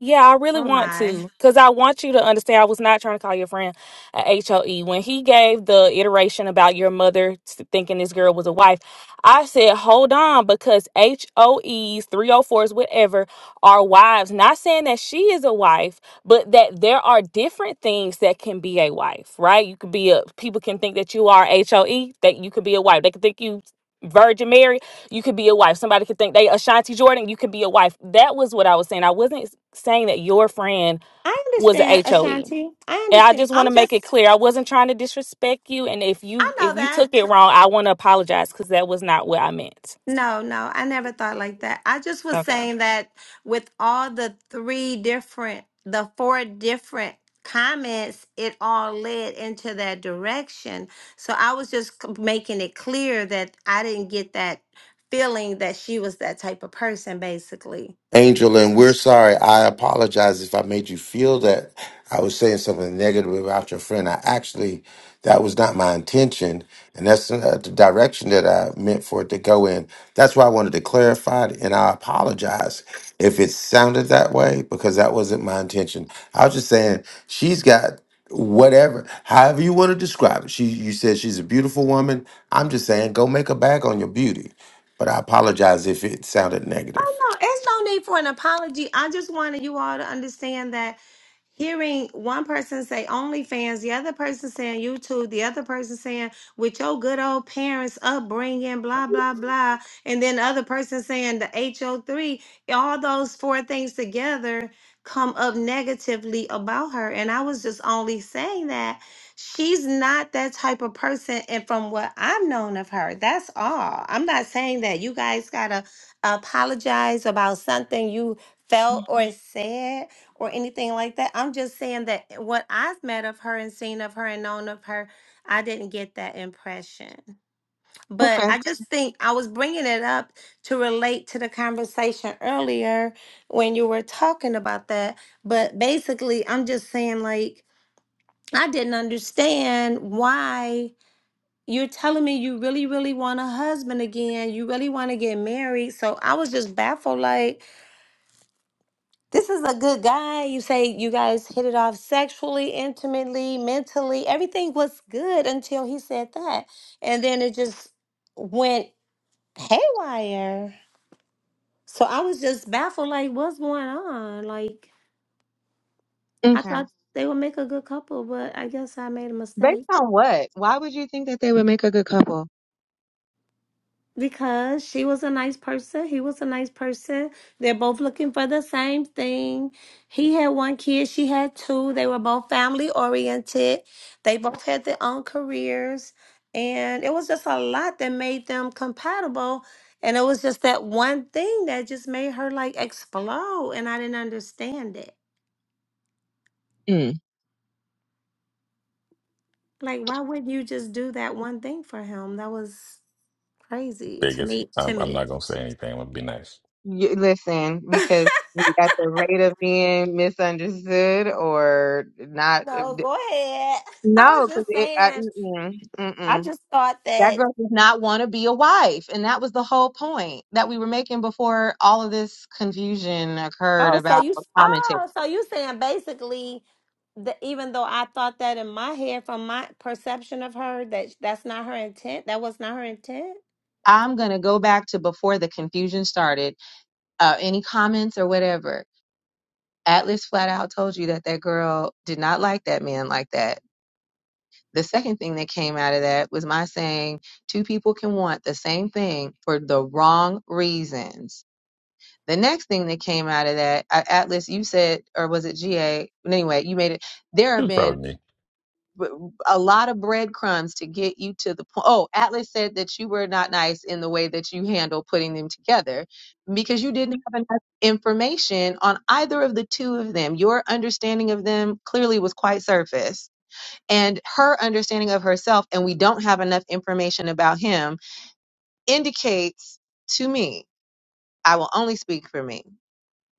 Speaker 10: Yeah, I really
Speaker 5: Oh
Speaker 10: want
Speaker 5: my!
Speaker 10: to because I want you to understand. I was not trying to call your friend a HOE. When he gave the iteration about your mother s- thinking this girl was a wife, I said, hold on, because HOEs, 304s, whatever, are wives. Not saying that she is a wife, but that there are different things that can be a wife, right? You could be a, people can think that you are HOE, that you could be a wife. They could think you. Virgin Mary, you could be a wife. Somebody could think they Ashanti Jordan, you could be a wife. That was what I was saying. I wasn't saying that your friend
Speaker 5: I
Speaker 10: was a
Speaker 5: understand,
Speaker 10: HOE.
Speaker 5: Ashanti. I
Speaker 10: And I
Speaker 5: understand.
Speaker 10: just want
Speaker 5: I'm
Speaker 10: to make it
Speaker 5: just.
Speaker 10: clear. I wasn't trying to disrespect you. And if
Speaker 5: I
Speaker 10: you
Speaker 5: know
Speaker 10: if you
Speaker 5: that.
Speaker 10: took it wrong, I want to apologize because that was not what I meant.
Speaker 5: No, no, I never thought like that. I just was
Speaker 10: Okay.
Speaker 5: saying that with all the three different, the four different comments, it all led into that direction. So I was just c- making it clear that I didn't get that feeling that she was that type of person, basically.
Speaker 7: Angel, and we're sorry. I apologize if I made you feel that I was saying something negative about your friend. I actually, that was not my intention, and that's uh, the direction that I meant for it to go in. That's why I wanted to clarify it, and I apologize if it sounded that way because that wasn't my intention. I was just saying she's got whatever, however you want to describe it. She, you said she's a beautiful woman. I'm just saying go make a bag on your beauty, but I apologize if it sounded negative.
Speaker 5: Oh no, it's no need for an apology. I just wanted you all to understand that hearing one person say OnlyFans, the other person saying YouTube, the other person saying with your good old parents upbringing, blah blah blah, and then the other person saying the HO3, all those four things together come up negatively about her. And I was just only saying that she's not that type of person and from what I've known of her, that's all. I'm not saying that you guys gotta apologize about something you felt or said or anything like that. I'm just saying that what I've met of her and seen of her and known of her, I didn't get that impression. But
Speaker 2: Okay.
Speaker 5: I just think I was bringing it up to relate to the conversation earlier when you were talking about that. But basically, I'm just saying, like, I didn't understand why you're telling me you really, really want a husband again. You really want to get married. So I was just baffled, like, This is a good guy. You say you guys hit it off sexually, intimately, mentally. Everything was good until he said that. And then it just went haywire. So I was just baffled like, what's going on? Like, I
Speaker 2: Okay.
Speaker 5: thought they would make a good couple, but I guess I made a
Speaker 2: Based
Speaker 5: mistake.
Speaker 2: on what? Why would you think that they would make a good couple?
Speaker 5: Because she was a nice person. He was a nice person. They're both looking for the same thing. He had one kid. She had two. They were both family oriented. They both had their own careers. And it was just a lot that made them compatible. And it was just that one thing that just made her like explode. And I didn't understand it.
Speaker 2: Mm.
Speaker 5: Like, why wouldn't you just do that one thing for him? That was crazy to
Speaker 14: biggest.
Speaker 5: me.
Speaker 14: I'm,
Speaker 5: To
Speaker 14: I'm
Speaker 5: me.
Speaker 14: not gonna say anything. I'm gonna be nice.
Speaker 2: You, listen, because you- at the rate of being misunderstood or not,
Speaker 5: No, go ahead. I
Speaker 2: no,
Speaker 5: was
Speaker 2: because
Speaker 5: just
Speaker 2: it, I,
Speaker 5: saying.
Speaker 2: mm-mm, mm-mm.
Speaker 5: I just thought
Speaker 2: That
Speaker 5: that.
Speaker 2: girl does not want to be a wife. And that was the whole point that we were making before all of this confusion occurred
Speaker 5: Oh, so
Speaker 2: about
Speaker 5: you.
Speaker 2: the commentary.
Speaker 5: Oh, so you saying basically that even though I thought that in my head from my perception of her that that's not her intent. That was not her intent.
Speaker 2: I'm going to go back to before the confusion started. Uh, any comments or whatever? Atlas flat out told you that that girl did not like that man like that. The second thing that came out of that was my saying two people can want the same thing for the wrong reasons. The next thing that came out of that, uh, Atlas, you said, or was it GA? Anyway, you made it there
Speaker 14: She
Speaker 2: have
Speaker 14: was proud
Speaker 2: been
Speaker 14: of me.
Speaker 2: b- a lot of breadcrumbs to get you to the point. Oh, Atlas said that you were not nice in the way that you handle putting them together because you didn't have enough information on either of the two of them. Your understanding of them clearly was quite surface, and her understanding of herself, and we don't have enough information about him, indicates to me, I will only speak for me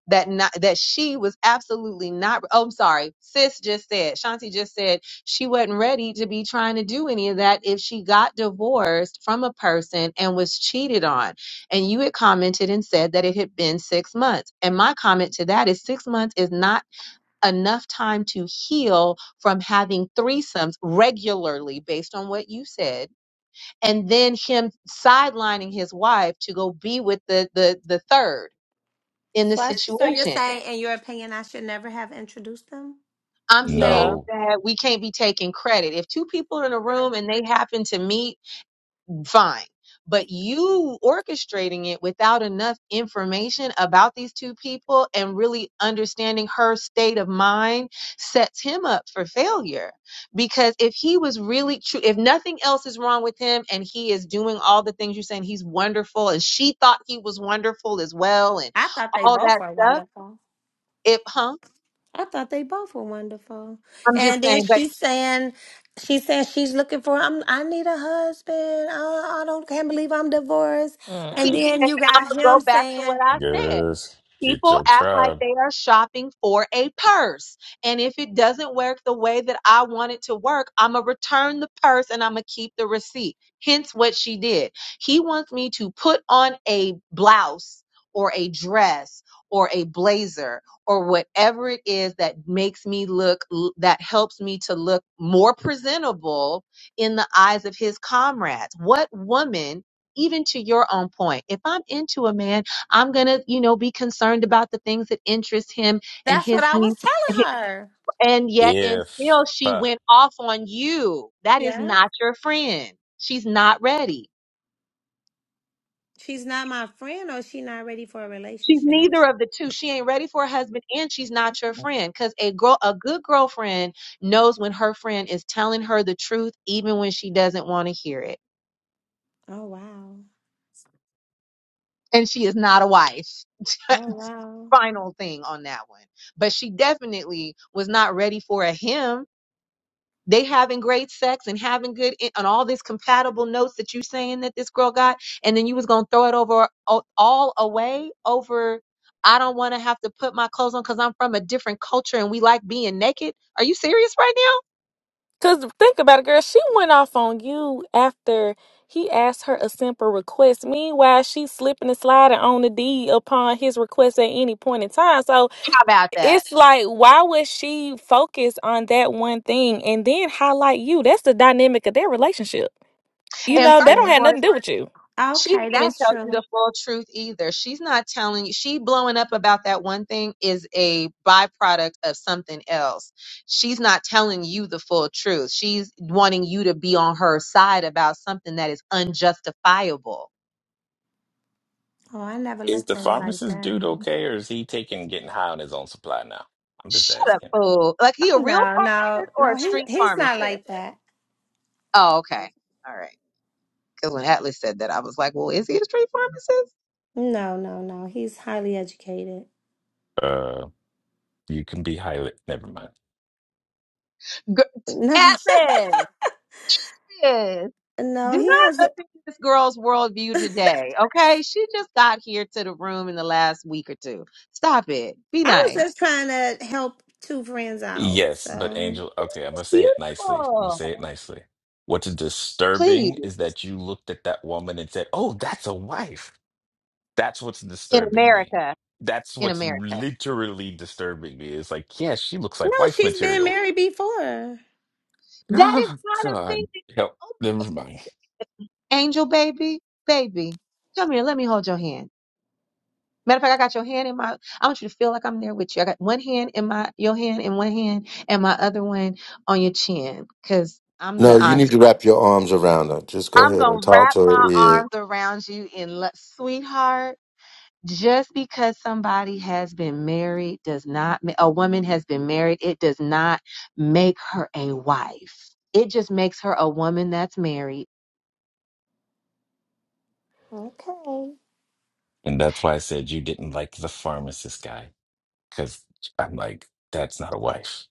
Speaker 2: that not that she was absolutely not oh I'm sorry sis just said Shanti just said she wasn't ready to be trying to do any of that if she got divorced from a person and was cheated on and you had commented and said that it had been 6 months and my comment to that is 6 months is not enough time to heal from having threesomes regularly based on what you said and then him sidelining his wife to go be with the the the third in the
Speaker 5: So, I, so you're
Speaker 2: situation
Speaker 5: saying, in your opinion, I should never have introduced them.
Speaker 2: I'm saying
Speaker 10: Yeah.
Speaker 14: No,
Speaker 2: that we can't be taking credit. If two people are in a room and they happen to meet, fine. But you orchestrating it without enough information about these two people and really understanding her state of mind sets him up for failure. Because if he was really true, if nothing else is wrong with him and he is doing all the things you're saying, he's wonderful and she thought he was wonderful as well and
Speaker 5: I thought they
Speaker 2: all
Speaker 5: both
Speaker 2: that
Speaker 5: were
Speaker 2: stuff,
Speaker 5: wonderful.
Speaker 2: if, huh?
Speaker 5: I thought they both were wonderful.
Speaker 2: I'm just
Speaker 5: And then
Speaker 2: saying, but
Speaker 5: she's saying, she says she's looking for. I'm. I need a husband. I, I don't can't believe I'm divorced. And
Speaker 2: keep,
Speaker 10: Mm-mm.
Speaker 5: then
Speaker 2: and
Speaker 5: you
Speaker 2: I'm
Speaker 5: got
Speaker 2: gonna go
Speaker 5: him
Speaker 2: back to what
Speaker 5: saying,
Speaker 2: I said.
Speaker 14: niggas, get
Speaker 2: People
Speaker 14: your
Speaker 2: act like
Speaker 14: tribe.
Speaker 2: they are shopping for a purse. And if it doesn't work the way that I want it to work, I'm going to return the purse and I'm going to keep the receipt. Hence what she did. He wants me to put on a blouse or a dress or a blazer or whatever it is that makes me look, that helps me to look more presentable in the eyes of his comrades. What woman? Even to your own point, if I'm into a man I'm going to, you know, be concerned about the things that interest him and
Speaker 5: "That's
Speaker 2: his
Speaker 5: what I was
Speaker 2: needs. And hi-
Speaker 5: telling her."
Speaker 2: and yet,
Speaker 14: If
Speaker 2: until she
Speaker 14: uh,
Speaker 2: went off on you, that is
Speaker 5: Yeah,
Speaker 2: not your friend. She's not ready.
Speaker 5: she's not my friend, or she not ready for a
Speaker 2: She's
Speaker 5: relationship.
Speaker 2: neither of the two. She ain't ready for a husband, and she's not your friend. Because a girl, a good girlfriend, knows when her friend is telling her the truth, even when she doesn't want to hear it.
Speaker 5: Oh wow.
Speaker 2: And she is not a wife.
Speaker 5: Oh wow.
Speaker 2: Final thing on that one. But she definitely was not ready for a him they having great sex and having good in- and all these compatible notes that you saying that this girl got and then you was gonna throw it over all all away over i don't want to have to put my clothes on because i'm from a different culture and we like being naked are you serious right now
Speaker 10: Cause think about it, girl. She went off on you after he asked her a simple request. Meanwhile, she's slipping and sliding on the deed upon his request at any point in time. So
Speaker 2: how about that
Speaker 10: it's like why would she focus on that one thing and then highlight you that's the dynamic of their relationship you
Speaker 2: and
Speaker 10: know
Speaker 5: That's
Speaker 10: they don't
Speaker 5: true.
Speaker 10: have
Speaker 2: furthermore
Speaker 10: nothing to do with you
Speaker 2: She didn't
Speaker 5: Okay,
Speaker 2: even
Speaker 5: that's
Speaker 2: tell you
Speaker 5: true.
Speaker 2: the full truth either. She's not telling you. She blowing up about that one thing is a byproduct of something else. She's not telling you the full truth. She's wanting you to be on her side about something that is unjustifiable.
Speaker 5: Oh, I never
Speaker 14: is
Speaker 5: looked
Speaker 14: the
Speaker 5: at it like
Speaker 14: pharmacist
Speaker 5: that.
Speaker 14: dude okay, or is he taking getting high on his own supply now? I'm just
Speaker 2: Shut up,
Speaker 14: asking.
Speaker 2: fool. Like he a
Speaker 5: Oh
Speaker 2: real
Speaker 5: no, no,
Speaker 2: pharmacist or
Speaker 5: no.
Speaker 2: a
Speaker 5: He
Speaker 2: street
Speaker 5: he's not
Speaker 2: pharmacist?
Speaker 5: like that.
Speaker 2: Oh, okay. All right. Because when Atlas said that, I was like, well, is he a street pharmacist?
Speaker 5: No, no, no. He's highly educated.
Speaker 14: Uh, you can be highly. Never mind.
Speaker 2: Gr-
Speaker 5: No,
Speaker 2: Atlas. Yes. Do
Speaker 5: no, he has.
Speaker 2: not affect this girl's worldview today, okay? She just got here to the room in the last week or two. Stop it. Be
Speaker 5: I was
Speaker 2: nice.
Speaker 5: just trying to help two friends out.
Speaker 14: Yes, but
Speaker 5: So,
Speaker 14: Angel. Okay, I'm gonna say it nicely. I'm gonna say
Speaker 2: Beautiful.
Speaker 14: it nicely. What's
Speaker 2: Please.
Speaker 14: disturbing is that you looked at that woman and said, "Oh, that's a wife." That's what's
Speaker 2: In
Speaker 14: disturbing me.
Speaker 2: America.
Speaker 14: That's
Speaker 2: In
Speaker 14: what's
Speaker 2: America.
Speaker 14: literally disturbing me. It's like, yeah, she looks like
Speaker 5: no,
Speaker 14: wife
Speaker 5: she's been
Speaker 14: material.
Speaker 5: married before.
Speaker 2: That is
Speaker 14: Oh,
Speaker 2: not a thing.
Speaker 14: God.
Speaker 2: that-
Speaker 14: Help.
Speaker 2: Oh,
Speaker 14: Never mind.
Speaker 2: Angel baby. Baby. Come here. Let me hold your hand. Matter of fact, I got your hand in my. I want you to feel like I'm there with you. I got one hand in my your hand in one hand and my other one on your chin, cause I'm
Speaker 7: No,
Speaker 2: the
Speaker 7: you
Speaker 2: auntie.
Speaker 7: need to wrap your arms around her. Just go
Speaker 2: I'm
Speaker 7: ahead
Speaker 2: gonna
Speaker 7: and talk
Speaker 2: wrap
Speaker 7: to
Speaker 2: my
Speaker 7: her. Yeah.
Speaker 2: arms around you in love, sweetheart. Just because somebody has been married does not, ma- a woman has been married, it does not make her a wife. It just makes her a woman that's married.
Speaker 5: Okay.
Speaker 14: And that's why I said you didn't like the pharmacist guy, because I'm like, that's not a wife.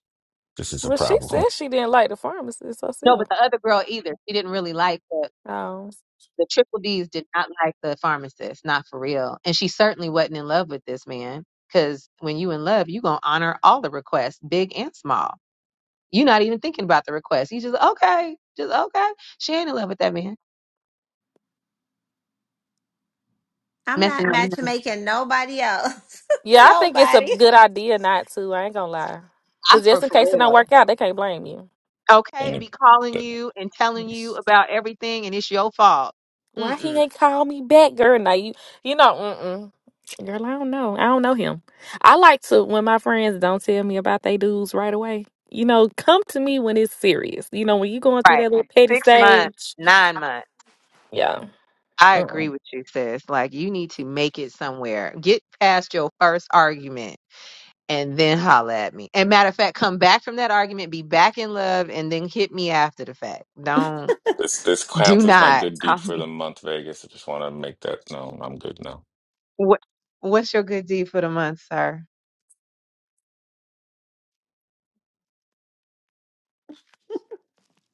Speaker 14: This is a
Speaker 10: well she
Speaker 14: problem.
Speaker 10: said she didn't like the pharmacist
Speaker 2: No, but
Speaker 10: herself
Speaker 2: the other girl either. She didn't really like the,
Speaker 10: um
Speaker 2: the triple D's did not like the pharmacist, not for real. And she certainly wasn't in love with this man. Cause when you in love, you gonna honor all the requests, big and small. You're not even thinking about the request. You just okay, just okay. She ain't in love with that man.
Speaker 5: I'm
Speaker 2: Messing
Speaker 5: not
Speaker 2: that man. up.
Speaker 5: matchmaking nobody else.
Speaker 10: yeah i think it's a
Speaker 5: nobody.
Speaker 10: good idea not to i ain't gonna lie
Speaker 2: I
Speaker 10: because
Speaker 2: for
Speaker 10: just in
Speaker 2: for
Speaker 10: case it don't
Speaker 2: real.
Speaker 10: work out they can't blame you
Speaker 2: Okay,
Speaker 14: And
Speaker 2: and be
Speaker 14: it,
Speaker 2: calling
Speaker 14: that-
Speaker 2: you and telling you
Speaker 14: this
Speaker 2: about everything, and it's your fault.
Speaker 10: Why
Speaker 2: Mm-mm.
Speaker 10: he ain't call me back, girl? Now you, you know, mm-mm. girl. I don't know. I don't know him. I like to when my friends don't tell me about they dudes right away. You know, come to me when it's serious. You know, when you going through
Speaker 2: Right.
Speaker 10: that little petty
Speaker 2: Six months,
Speaker 10: stage.
Speaker 2: nine months.
Speaker 10: Yeah.
Speaker 2: I agree
Speaker 10: Mm-mm.
Speaker 2: with you, sis. Like you need to make it somewhere. Get past your first argument. And then holla at me. And matter of fact, come back from that argument, be back in love, and then hit me after the fact. Don't,
Speaker 14: this
Speaker 2: do
Speaker 14: counts as my
Speaker 2: not
Speaker 14: good deed
Speaker 2: call
Speaker 14: for
Speaker 2: me
Speaker 14: the month, Vegas. I just want to make that known. I'm good now.
Speaker 2: What What's your good deed for the month, sir?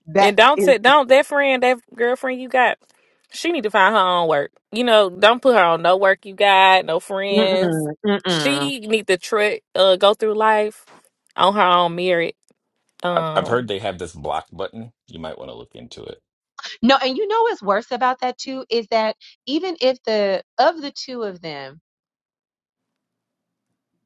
Speaker 2: That
Speaker 10: And don't
Speaker 2: is.
Speaker 10: t- don't that friend, that girlfriend you got, she need to find her own work. You know, don't put her on no work you got, no
Speaker 2: Mm-mm,
Speaker 10: friends.
Speaker 2: mm-mm.
Speaker 10: She need to tr- uh, go through life on her own merit.
Speaker 14: I, I've
Speaker 10: Um,
Speaker 14: heard they have this block button. You might want to look into it.
Speaker 2: No, and you know what's worse about that too is that even if the of the two of them,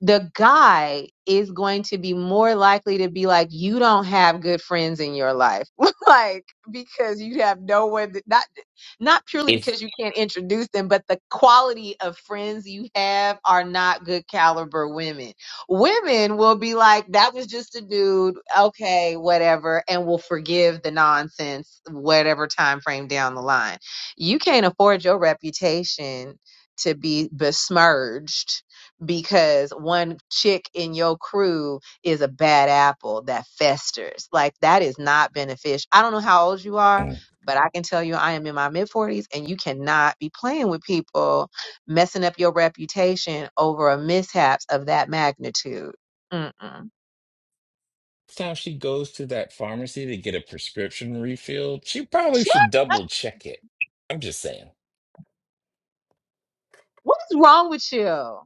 Speaker 2: the guy is going to be more likely to be like, you don't have good friends in your life. like, because you have no one, that, not, not purely
Speaker 14: If
Speaker 2: because you can't introduce them, but the quality of friends you have are not good caliber women. Women will be like, that was just a dude. Okay, whatever. And will forgive the nonsense, whatever time frame down the line. You can't afford your reputation to be besmirched because one chick in your crew is a bad apple that festers. Like that is not beneficial. I don't know how old you are, but I can tell you I am in my mid 40s and you cannot be playing with people messing up your reputation over a mishaps of that magnitude. Mm-mm.
Speaker 14: time she goes to that pharmacy to get a prescription refilled, she probably should double check it. I'm just saying.
Speaker 2: What's wrong with you?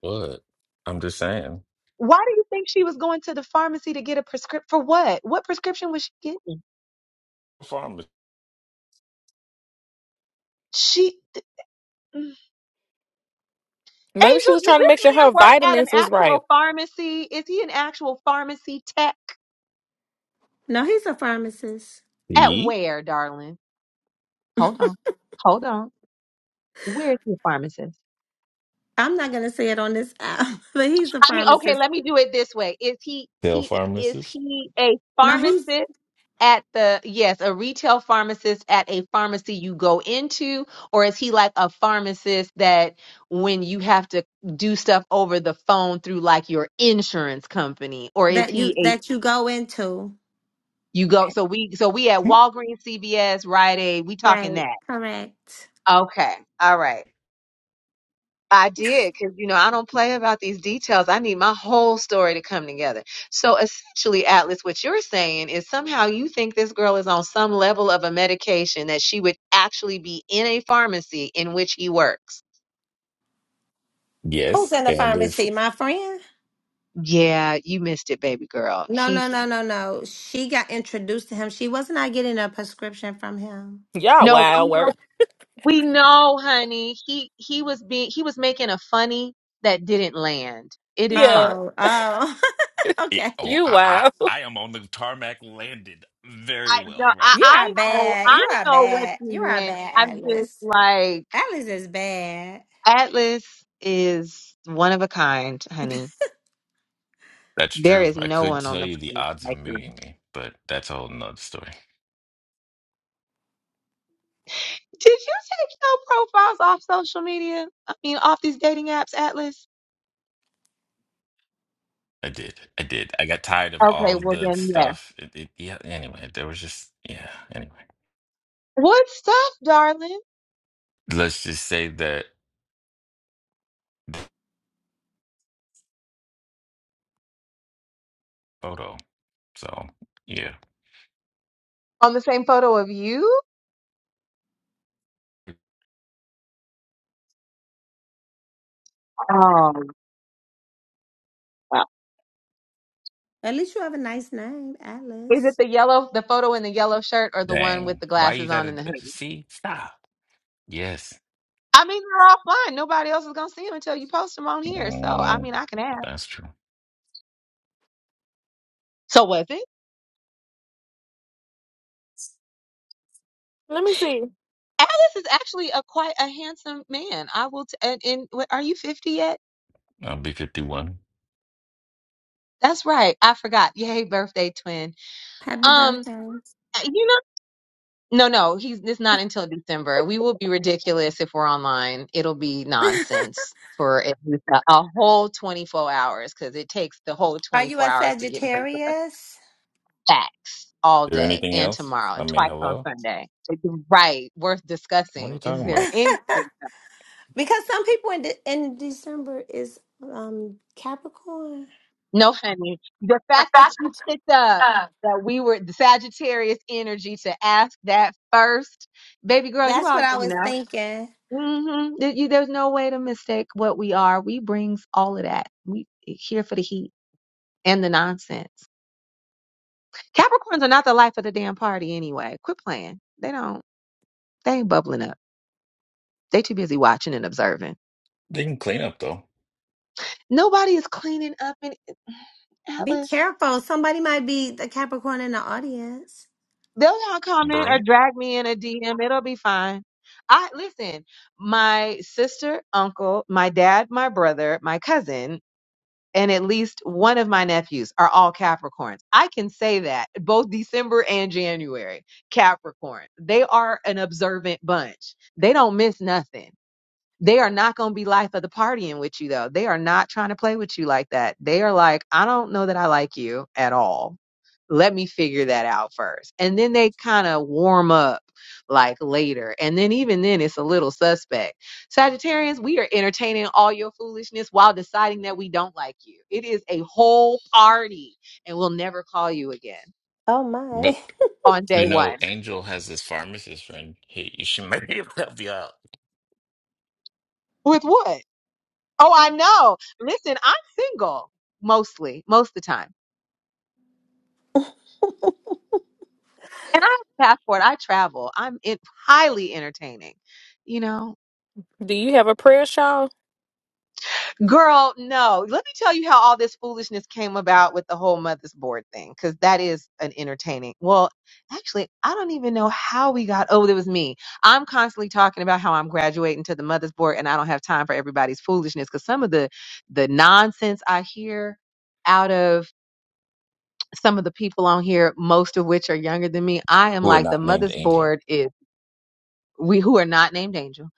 Speaker 14: What? I'm just saying.
Speaker 2: Why do you think she was going to the pharmacy to get a prescription for what? What prescription was she getting? She
Speaker 10: Maybe she
Speaker 2: Angel,
Speaker 10: was
Speaker 2: does
Speaker 10: trying to
Speaker 2: this
Speaker 10: make sure
Speaker 2: man
Speaker 10: her
Speaker 2: work at an
Speaker 10: vitamins was right.
Speaker 2: actual pharmacy? Is he an actual pharmacy tech?
Speaker 5: No, he's a pharmacist.
Speaker 2: At
Speaker 14: Pharmacy.
Speaker 2: where, darling? Hold on. Hold on. Where is he a pharmacist?
Speaker 5: I'm not gonna say it on this app, but he's a
Speaker 2: I mean, okay,
Speaker 5: pharmacist.
Speaker 2: let me do it this way. Is he
Speaker 14: Tell
Speaker 2: he is
Speaker 14: pharmacist?
Speaker 2: he a
Speaker 5: No, he's
Speaker 2: pharmacist at the yes, a retail pharmacist at a pharmacy you go into, or is he like a pharmacist that when you have to do stuff over the phone through like your insurance company, or is
Speaker 5: that you
Speaker 2: he
Speaker 5: that you go into.
Speaker 2: You go. So we so we at Walgreens, CVS, Rite Aid. We talking
Speaker 5: Right.
Speaker 2: that.
Speaker 5: Correct.
Speaker 2: Okay. All right. I did because you know I don't play about these details. I need my whole story to come together. So essentially, Atlas, what you're saying is somehow you think this girl is on some level of a medication that she would actually be in a pharmacy in which he works.
Speaker 5: Who's
Speaker 14: Yes.
Speaker 5: in the
Speaker 14: And if
Speaker 5: pharmacy? My friend?
Speaker 2: Yeah, you missed it, baby girl.
Speaker 5: No,
Speaker 2: He
Speaker 5: no, no, no, no. She got introduced to him. She was not getting a prescription from him.
Speaker 10: Y'all
Speaker 2: no,
Speaker 10: wild
Speaker 2: we know,
Speaker 10: work.
Speaker 2: we know, honey. He he was being he was making a funny that didn't land. It is fine.
Speaker 10: Yeah,
Speaker 5: Oh, oh,
Speaker 14: It,
Speaker 5: okay.
Speaker 14: oh,
Speaker 10: you
Speaker 14: I, I
Speaker 10: wild.
Speaker 14: I am on the tarmac landed very
Speaker 2: I
Speaker 14: well
Speaker 2: no,
Speaker 14: right
Speaker 2: I,
Speaker 14: now.
Speaker 5: You are
Speaker 2: I know,
Speaker 5: bad. You
Speaker 2: I
Speaker 5: are
Speaker 2: know what
Speaker 5: bad. You
Speaker 2: you
Speaker 5: are
Speaker 2: meant. I'm
Speaker 5: bad,
Speaker 2: just
Speaker 5: Atlas.
Speaker 2: like
Speaker 5: Atlas is bad.
Speaker 2: Atlas is one of a kind, honey.
Speaker 14: that's
Speaker 2: There
Speaker 14: true,
Speaker 2: is
Speaker 14: I
Speaker 2: no
Speaker 14: could
Speaker 2: one on
Speaker 14: tell
Speaker 2: the
Speaker 14: you the
Speaker 2: planet
Speaker 14: odds of
Speaker 2: like you.
Speaker 14: meeting me, but that's a whole nother story.
Speaker 2: Did you take your profiles off social media? I mean, off these dating apps, Atlas?
Speaker 14: I did. I did. I got tired of
Speaker 2: Okay,
Speaker 14: all
Speaker 2: well
Speaker 14: the
Speaker 2: then, yes.
Speaker 14: stuff. It, it, yeah. Anyway, there was just, yeah. Anyway,
Speaker 2: What stuff, darling?
Speaker 14: let's just say that. photo. So yeah,
Speaker 2: On the same photo of you? Oh, wow.
Speaker 5: At least you have a nice name,
Speaker 2: Is it
Speaker 5: Atlas.
Speaker 2: the yellow, the photo in the yellow shirt, or the one with
Speaker 14: dang.
Speaker 2: the
Speaker 14: Why you
Speaker 2: glasses on
Speaker 14: gotta
Speaker 2: and the
Speaker 14: uh,
Speaker 2: hoodie?
Speaker 14: see? Stop. Yes,
Speaker 2: I mean, they're all fun. Nobody else is gonna see them until you post them on here. So, I
Speaker 14: mm,
Speaker 2: mean, I can ask.
Speaker 14: that's true.
Speaker 2: So was it?
Speaker 10: Let me see.
Speaker 2: Alice is actually a quite a handsome man. I will. T- and, and wait, are you fifty yet?
Speaker 14: I'll be fifty-one. Is
Speaker 2: That's right. I forgot. Yay, birthday twin.
Speaker 5: Happy
Speaker 2: Um,
Speaker 5: birthday.
Speaker 2: uh, you know. No, no, he's it's not until December. We will be ridiculous if we're online. It'll be nonsense for at least a, a whole 24 hours because it takes the whole
Speaker 5: Are you
Speaker 2: 24
Speaker 5: a
Speaker 2: hours to get back.
Speaker 5: Sagittarius?
Speaker 2: Facts all
Speaker 14: there
Speaker 2: day
Speaker 14: anything
Speaker 2: and
Speaker 14: else?
Speaker 2: tomorrow
Speaker 14: I
Speaker 2: and
Speaker 14: mean,
Speaker 2: twice on
Speaker 14: hello.
Speaker 2: Sunday. It's Right. Worth
Speaker 14: What are you
Speaker 2: discussing. Is
Speaker 14: talking
Speaker 2: there
Speaker 14: about?
Speaker 5: because
Speaker 2: anything?
Speaker 5: some people in de- in December is um Capricorn.
Speaker 2: No, honey. The fact that you picked up that we were the Sagittarius energy to ask that first, baby girl, you
Speaker 5: That's what I
Speaker 2: already
Speaker 5: was
Speaker 2: know.
Speaker 5: thinking.
Speaker 2: Mm-hmm. There, you, there's no way to mistake what we are. We brings all of that. We eh, here for the heat and the nonsense. Capricorns are not the life of the damn party anyway. Quit playing. They don't. They ain't bubbling up. They too busy watching and observing.
Speaker 14: They can clean up though.
Speaker 2: Nobody is cleaning up in
Speaker 5: Be
Speaker 2: Atlas.
Speaker 5: careful. Somebody might be the Capricorn in the audience.
Speaker 2: They'll y'all comment or
Speaker 14: Broom.
Speaker 2: drag me in a DM. It'll be fine. I listen, my sister, uncle, my dad, my brother, my cousin, and at least one of my nephews are all Capricorns. I can say that both December and January, Capricorn. They are an observant bunch. They don't miss nothing. They are not going to be life of the partying with you though. They are not trying to play with you like that. They are like, I don't know that I like you at all let me figure that out first. And then they kind of warm up like later. And then even then it's a little suspect. Sagittarians, we are entertaining all your foolishness while deciding that we don't like you. It is a whole party and we'll never call you again
Speaker 5: Oh
Speaker 14: But
Speaker 5: my.
Speaker 2: on day
Speaker 14: you know,
Speaker 2: 1.
Speaker 14: Angel has this pharmacist friend. He, she might be help you out.
Speaker 2: With what? Oh, I know. Listen, I'm single mostly, most of the time. And I have a passport. I travel. I'm in, highly entertaining. You know,
Speaker 10: Do you have a prayer shawl?
Speaker 2: girl, no. Let me tell you how all this foolishness came about with the whole mother's board thing, because that is an entertaining. Well, actually, I don't even know how we got. Oh, it was me. I'm constantly talking about how I'm graduating to the mother's board, and I don't have time for everybody's foolishness, because some of the the nonsense I hear out of some of the people on here, most of which are younger than me, I am
Speaker 14: Who are
Speaker 2: like the
Speaker 14: not named
Speaker 2: mother's
Speaker 14: Angel.
Speaker 2: board is. we who are not named angel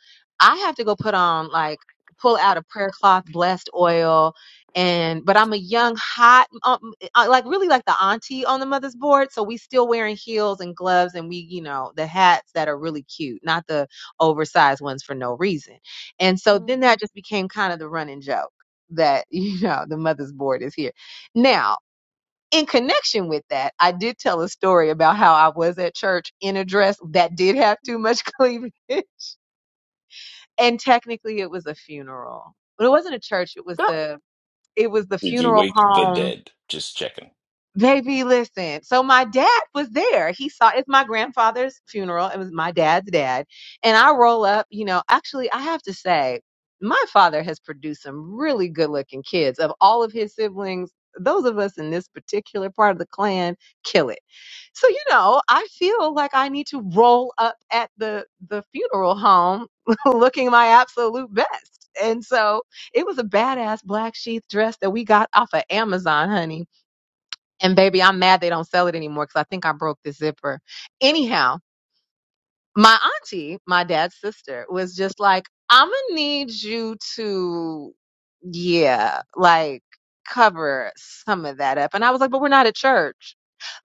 Speaker 2: i have to go put on like pull out a prayer cloth blessed oil and but i'm a young hot um, uh, uh, like really like the auntie on the mother's board so we still wearing heels and gloves and we you know the hats that are really cute not the oversized ones for no reason and so
Speaker 10: Mm.
Speaker 2: then that just became kind of the running joke that you know the mother's board is here now in connection with that, I did tell a story about how I was at church in a dress that did have too much cleavage, and technically it was a funeral. But it wasn't a church; it was
Speaker 10: Girl,
Speaker 2: the it was the
Speaker 14: Did you
Speaker 2: funeral
Speaker 14: wake the
Speaker 2: home.
Speaker 14: dead? Just checking.
Speaker 2: Baby, listen. So my dad was there. He saw it's my grandfather's funeral. It was my dad's dad, and I roll up. You know, actually, I have to say, my father has produced some really good-looking kids. Of all of his siblings, those of us in this particular part of the clan kill it So, you know, I feel like I need to roll up at the the funeral home looking my absolute best. And so it was a badass black sheath dress that we got off of Amazon, honey. And baby, I'm mad they don't sell it anymore because I think I broke the zipper. Anyhow, my auntie, my dad's sister, was just like, I'm gonna need you to, yeah, like cover some of that up. And I was like, but we're not at church.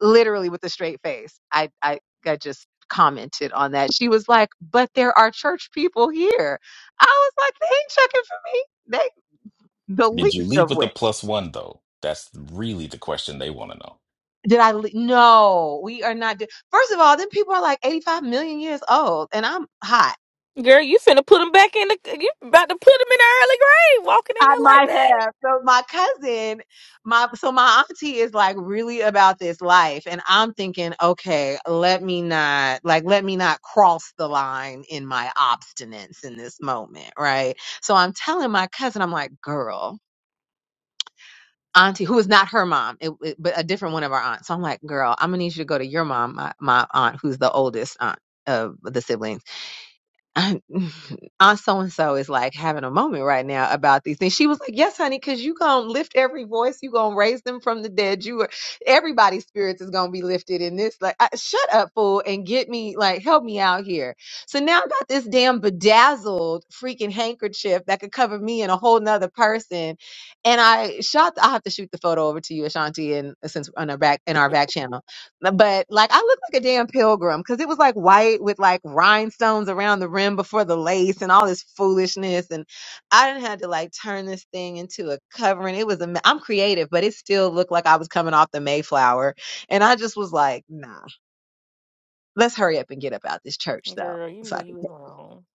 Speaker 2: Literally with a straight face. I, I, I just commented on that. She was like, but there are church people here. I was like, they ain't checking for me. They, the
Speaker 14: Did you
Speaker 2: least
Speaker 14: leave
Speaker 2: of
Speaker 14: with a
Speaker 2: which.
Speaker 14: plus one though? That's really the question they want to know.
Speaker 2: Did I? Le- no, we are not. Do- First of all, then people are like 85 million years old, and I'm hot.
Speaker 10: girl, you finna put them back in the. You about to put them in the early grave, walking in
Speaker 2: I
Speaker 10: there like
Speaker 2: might have.
Speaker 10: that.
Speaker 2: So my cousin, my so my auntie is like really about this life, and I'm thinking, okay, let me not like let me not cross the line in my obstinence in this moment, right? So I'm telling my cousin, I'm like, girl. Auntie, who is not her mom, it, it- but a different one of our aunts. So I'm like, girl, I'm gonna need you to go to your mom, my, my aunt, who's the oldest aunt of the siblings I, Aunt so and so is like having a moment right now about these things. She was like, Yes, honey, because you gonna lift every voice, you gonna raise them from the dead. You are everybody's spirits is gonna be lifted in this. Like, I, shut up, fool, and get me like help me out here. So now I got this damn bedazzled freaking handkerchief that could cover me and a whole nother person. And I shot I'll have to shoot the photo over to you, Ashanti, and since on our back in our back channel but like I looked like a damn pilgrim because it was like white with like rhinestones around the rim before the lace and all this foolishness. And I didn't have to like turn this thing into a covering. It was a, me- I'm creative, but it still looked like I was coming off the Mayflower. And I just was like, nah, let's hurry up and get up out this church though,
Speaker 10: Girl, you
Speaker 2: so
Speaker 10: knew
Speaker 2: I
Speaker 10: you
Speaker 2: can.
Speaker 10: was wrong.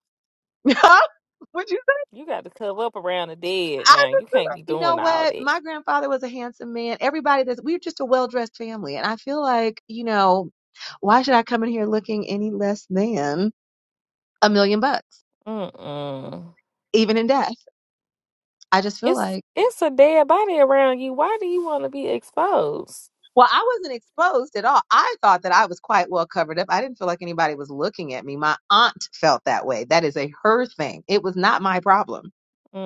Speaker 2: Huh? Would you say
Speaker 10: You got to cover up around the dead
Speaker 2: I
Speaker 10: now.
Speaker 2: just
Speaker 10: You
Speaker 2: was
Speaker 10: can't
Speaker 2: like,
Speaker 10: be
Speaker 2: you know
Speaker 10: doing all
Speaker 2: what? My
Speaker 10: this.
Speaker 2: grandfather was a handsome man. Everybody that's we're just a well dressed family. And I feel like, you know, why should I come in here looking any less than? a million bucks,
Speaker 10: Mm-mm.
Speaker 2: even in death. I just feel
Speaker 10: It's
Speaker 2: like,
Speaker 10: it's a dead body around you. Why do you want to be exposed?
Speaker 2: Well, I wasn't exposed at all. I thought that I was quite well covered up. I didn't feel like anybody was looking at me. My aunt felt that way. That is a her thing. It was not my problem.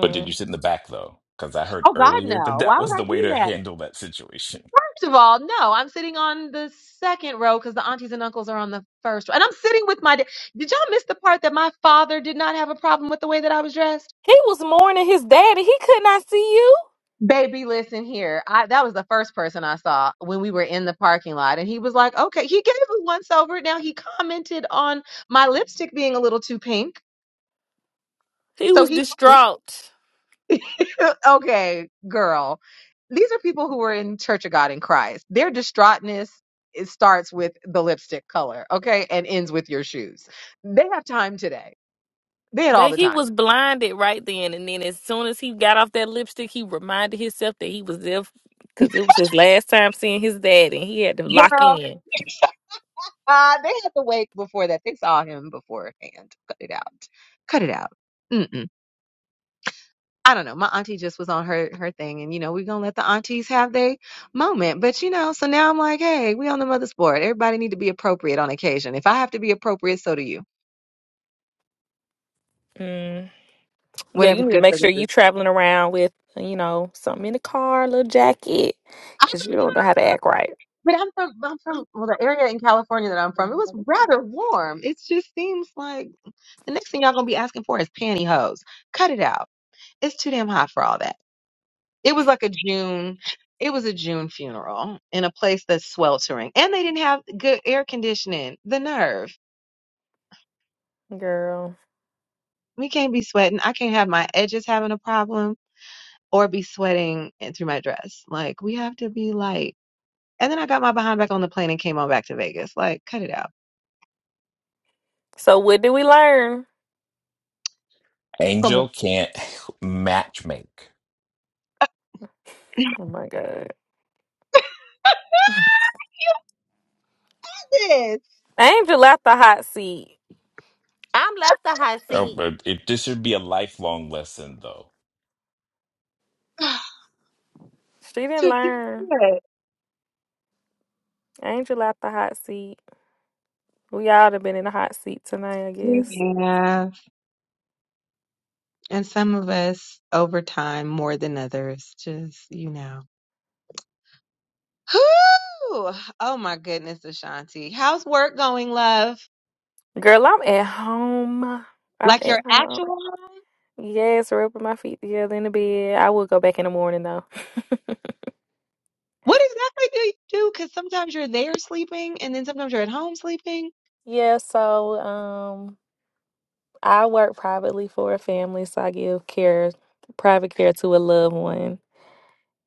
Speaker 14: But did you sit in the back though? Because I heard
Speaker 2: Oh God,
Speaker 14: earlier that
Speaker 2: no.
Speaker 14: that
Speaker 2: Why would
Speaker 14: was the
Speaker 2: I
Speaker 14: way
Speaker 2: do
Speaker 14: to
Speaker 2: that?
Speaker 14: handle that situation.
Speaker 2: First of all, no, I'm sitting on the second row because the aunties and uncles are on the first row. And I'm sitting with my dad. Did y'all miss the part that my father did not have a problem with the way that I was dressed?
Speaker 10: He was mourning his daddy. He could not see you.
Speaker 2: Baby, listen here. I that was the first person I saw when we were in the parking lot, and he was like, "Okay." He gave it once over. Now he commented on my lipstick being a little too pink,
Speaker 10: He
Speaker 2: so
Speaker 10: was
Speaker 2: he,
Speaker 10: distraught.
Speaker 2: okay, girl. These are people who are in Church of God in Christ. Their distraughtness it starts with the lipstick color, okay, and ends with your shoes. They have time today. They had all
Speaker 10: That
Speaker 2: the
Speaker 10: he
Speaker 2: time,
Speaker 10: was blinded right then, and then as soon as he got off that lipstick, he reminded himself that he was there because it was his last time seeing his daddy. and he had to lock
Speaker 2: girl.
Speaker 10: in.
Speaker 2: Uh, they had to wait before that. They saw him beforehand. Cut it out. Cut it out. Mm-mm. I don't know. My auntie just was on her her thing, and you know we're gonna let the aunties have their moment. But you know, so now I'm like, hey, we on the mother's board. Everybody need to be appropriate on occasion. If I have to be appropriate, so do you.
Speaker 10: Mm. Yeah, you
Speaker 2: Whatever's
Speaker 10: need to
Speaker 2: good
Speaker 10: make
Speaker 2: for the
Speaker 10: sure you
Speaker 2: food.
Speaker 10: traveling around with you know something in the car, a little jacket,
Speaker 2: I
Speaker 10: because
Speaker 2: know,
Speaker 10: you don't know how to act right,
Speaker 2: but I'm from I'm from well the area in California that I'm from. It was rather warm. It just seems like the next thing y'all gonna be asking for is pantyhose. Cut it out. It's too damn hot for all that. It was like a June. It was a June funeral in a place that's sweltering, and they didn't have good air conditioning. The nerve.
Speaker 10: girl.
Speaker 2: We can't be sweating. I can't have my edges having a problem or be sweating in- through my dress. Like, we have to be light. And then I got my behind back on the plane and came on back to Vegas. Like, cut it out.
Speaker 10: So what do we learn?
Speaker 2: From
Speaker 14: Angel can't matchmake.
Speaker 10: Oh my God.
Speaker 2: this
Speaker 10: Angel at the hot seat.
Speaker 5: I'm left the hot
Speaker 14: Oh,
Speaker 5: seat.
Speaker 14: but it, this should be a lifelong lesson, though.
Speaker 10: She
Speaker 2: to
Speaker 10: didn't
Speaker 2: do
Speaker 10: learn.
Speaker 2: what?
Speaker 10: Angel at the hot seat. We all have been in the hot seat tonight, I guess.
Speaker 2: We have. And some of us over time more than others. Just, you know. Whew! Oh my goodness, Ashanti. How's work going, love?
Speaker 10: Girl, I'm at home. I'm
Speaker 2: Like your
Speaker 10: at home.
Speaker 2: actual?
Speaker 10: Yes, rubbing my feet together in the bed. I will go back in the morning though.
Speaker 2: What exactly do you do? Because sometimes you're there sleeping and then sometimes you're at home sleeping.
Speaker 10: Yeah, so um I work privately for a family, so I give care private care to a loved one.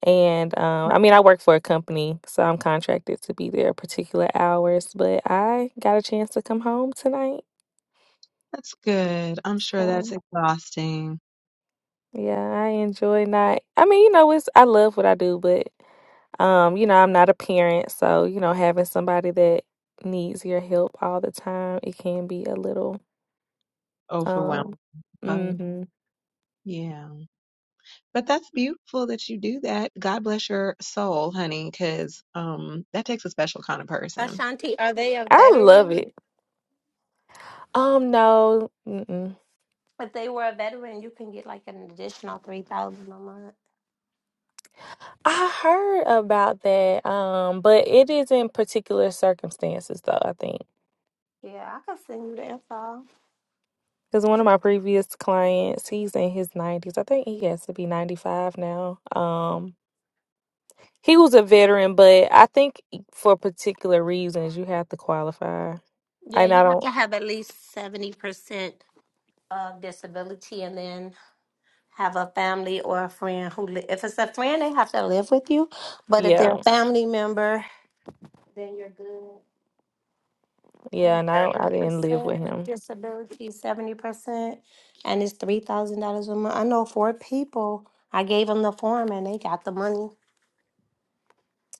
Speaker 10: And um, I mean, I work for a company, so I'm contracted to be there particular hours, but I got a chance to come home tonight.
Speaker 2: That's good. I'm sure that's
Speaker 10: So
Speaker 2: exhausting,
Speaker 10: yeah, I enjoy not, I mean, you know, it's, I love what I do, but um, you know, I'm not a parent, so you know, having somebody that needs your help all the time, it can be a little,
Speaker 2: overwhelming.
Speaker 10: um,
Speaker 2: Oh,
Speaker 10: hmm
Speaker 2: yeah. But that's beautiful that you do that. God bless your soul, honey, because um, that takes a special kind of person.
Speaker 5: Ashanti, are they a
Speaker 10: I love
Speaker 5: veteran?
Speaker 10: it. Um, no, mm-mm.
Speaker 5: If they were a veteran, you can get like an additional three thousand a month.
Speaker 10: I heard about that, um, but it is in particular circumstances, though, I think.
Speaker 5: Yeah, I can send you the info.
Speaker 10: Because one of my previous clients, he's in his 90s. I think he has to be 95 now. Um, he was a veteran, but I think for particular reasons you have to qualify.
Speaker 5: Yeah,
Speaker 10: And
Speaker 5: you
Speaker 10: I
Speaker 5: have
Speaker 10: don't,
Speaker 5: to have at least seventy percent of disability, and then have a family or a friend who. Li- if it's a friend, they have to live with you, but if they're
Speaker 10: yeah,
Speaker 5: a family member, then you're good.
Speaker 10: yeah,
Speaker 5: And
Speaker 10: and I don't,
Speaker 5: seventy
Speaker 10: I didn't live
Speaker 5: percent
Speaker 10: with him.
Speaker 5: disability, seventy percent, and it's three thousand dollars a month. I know four people. I gave them the form, and they got the money.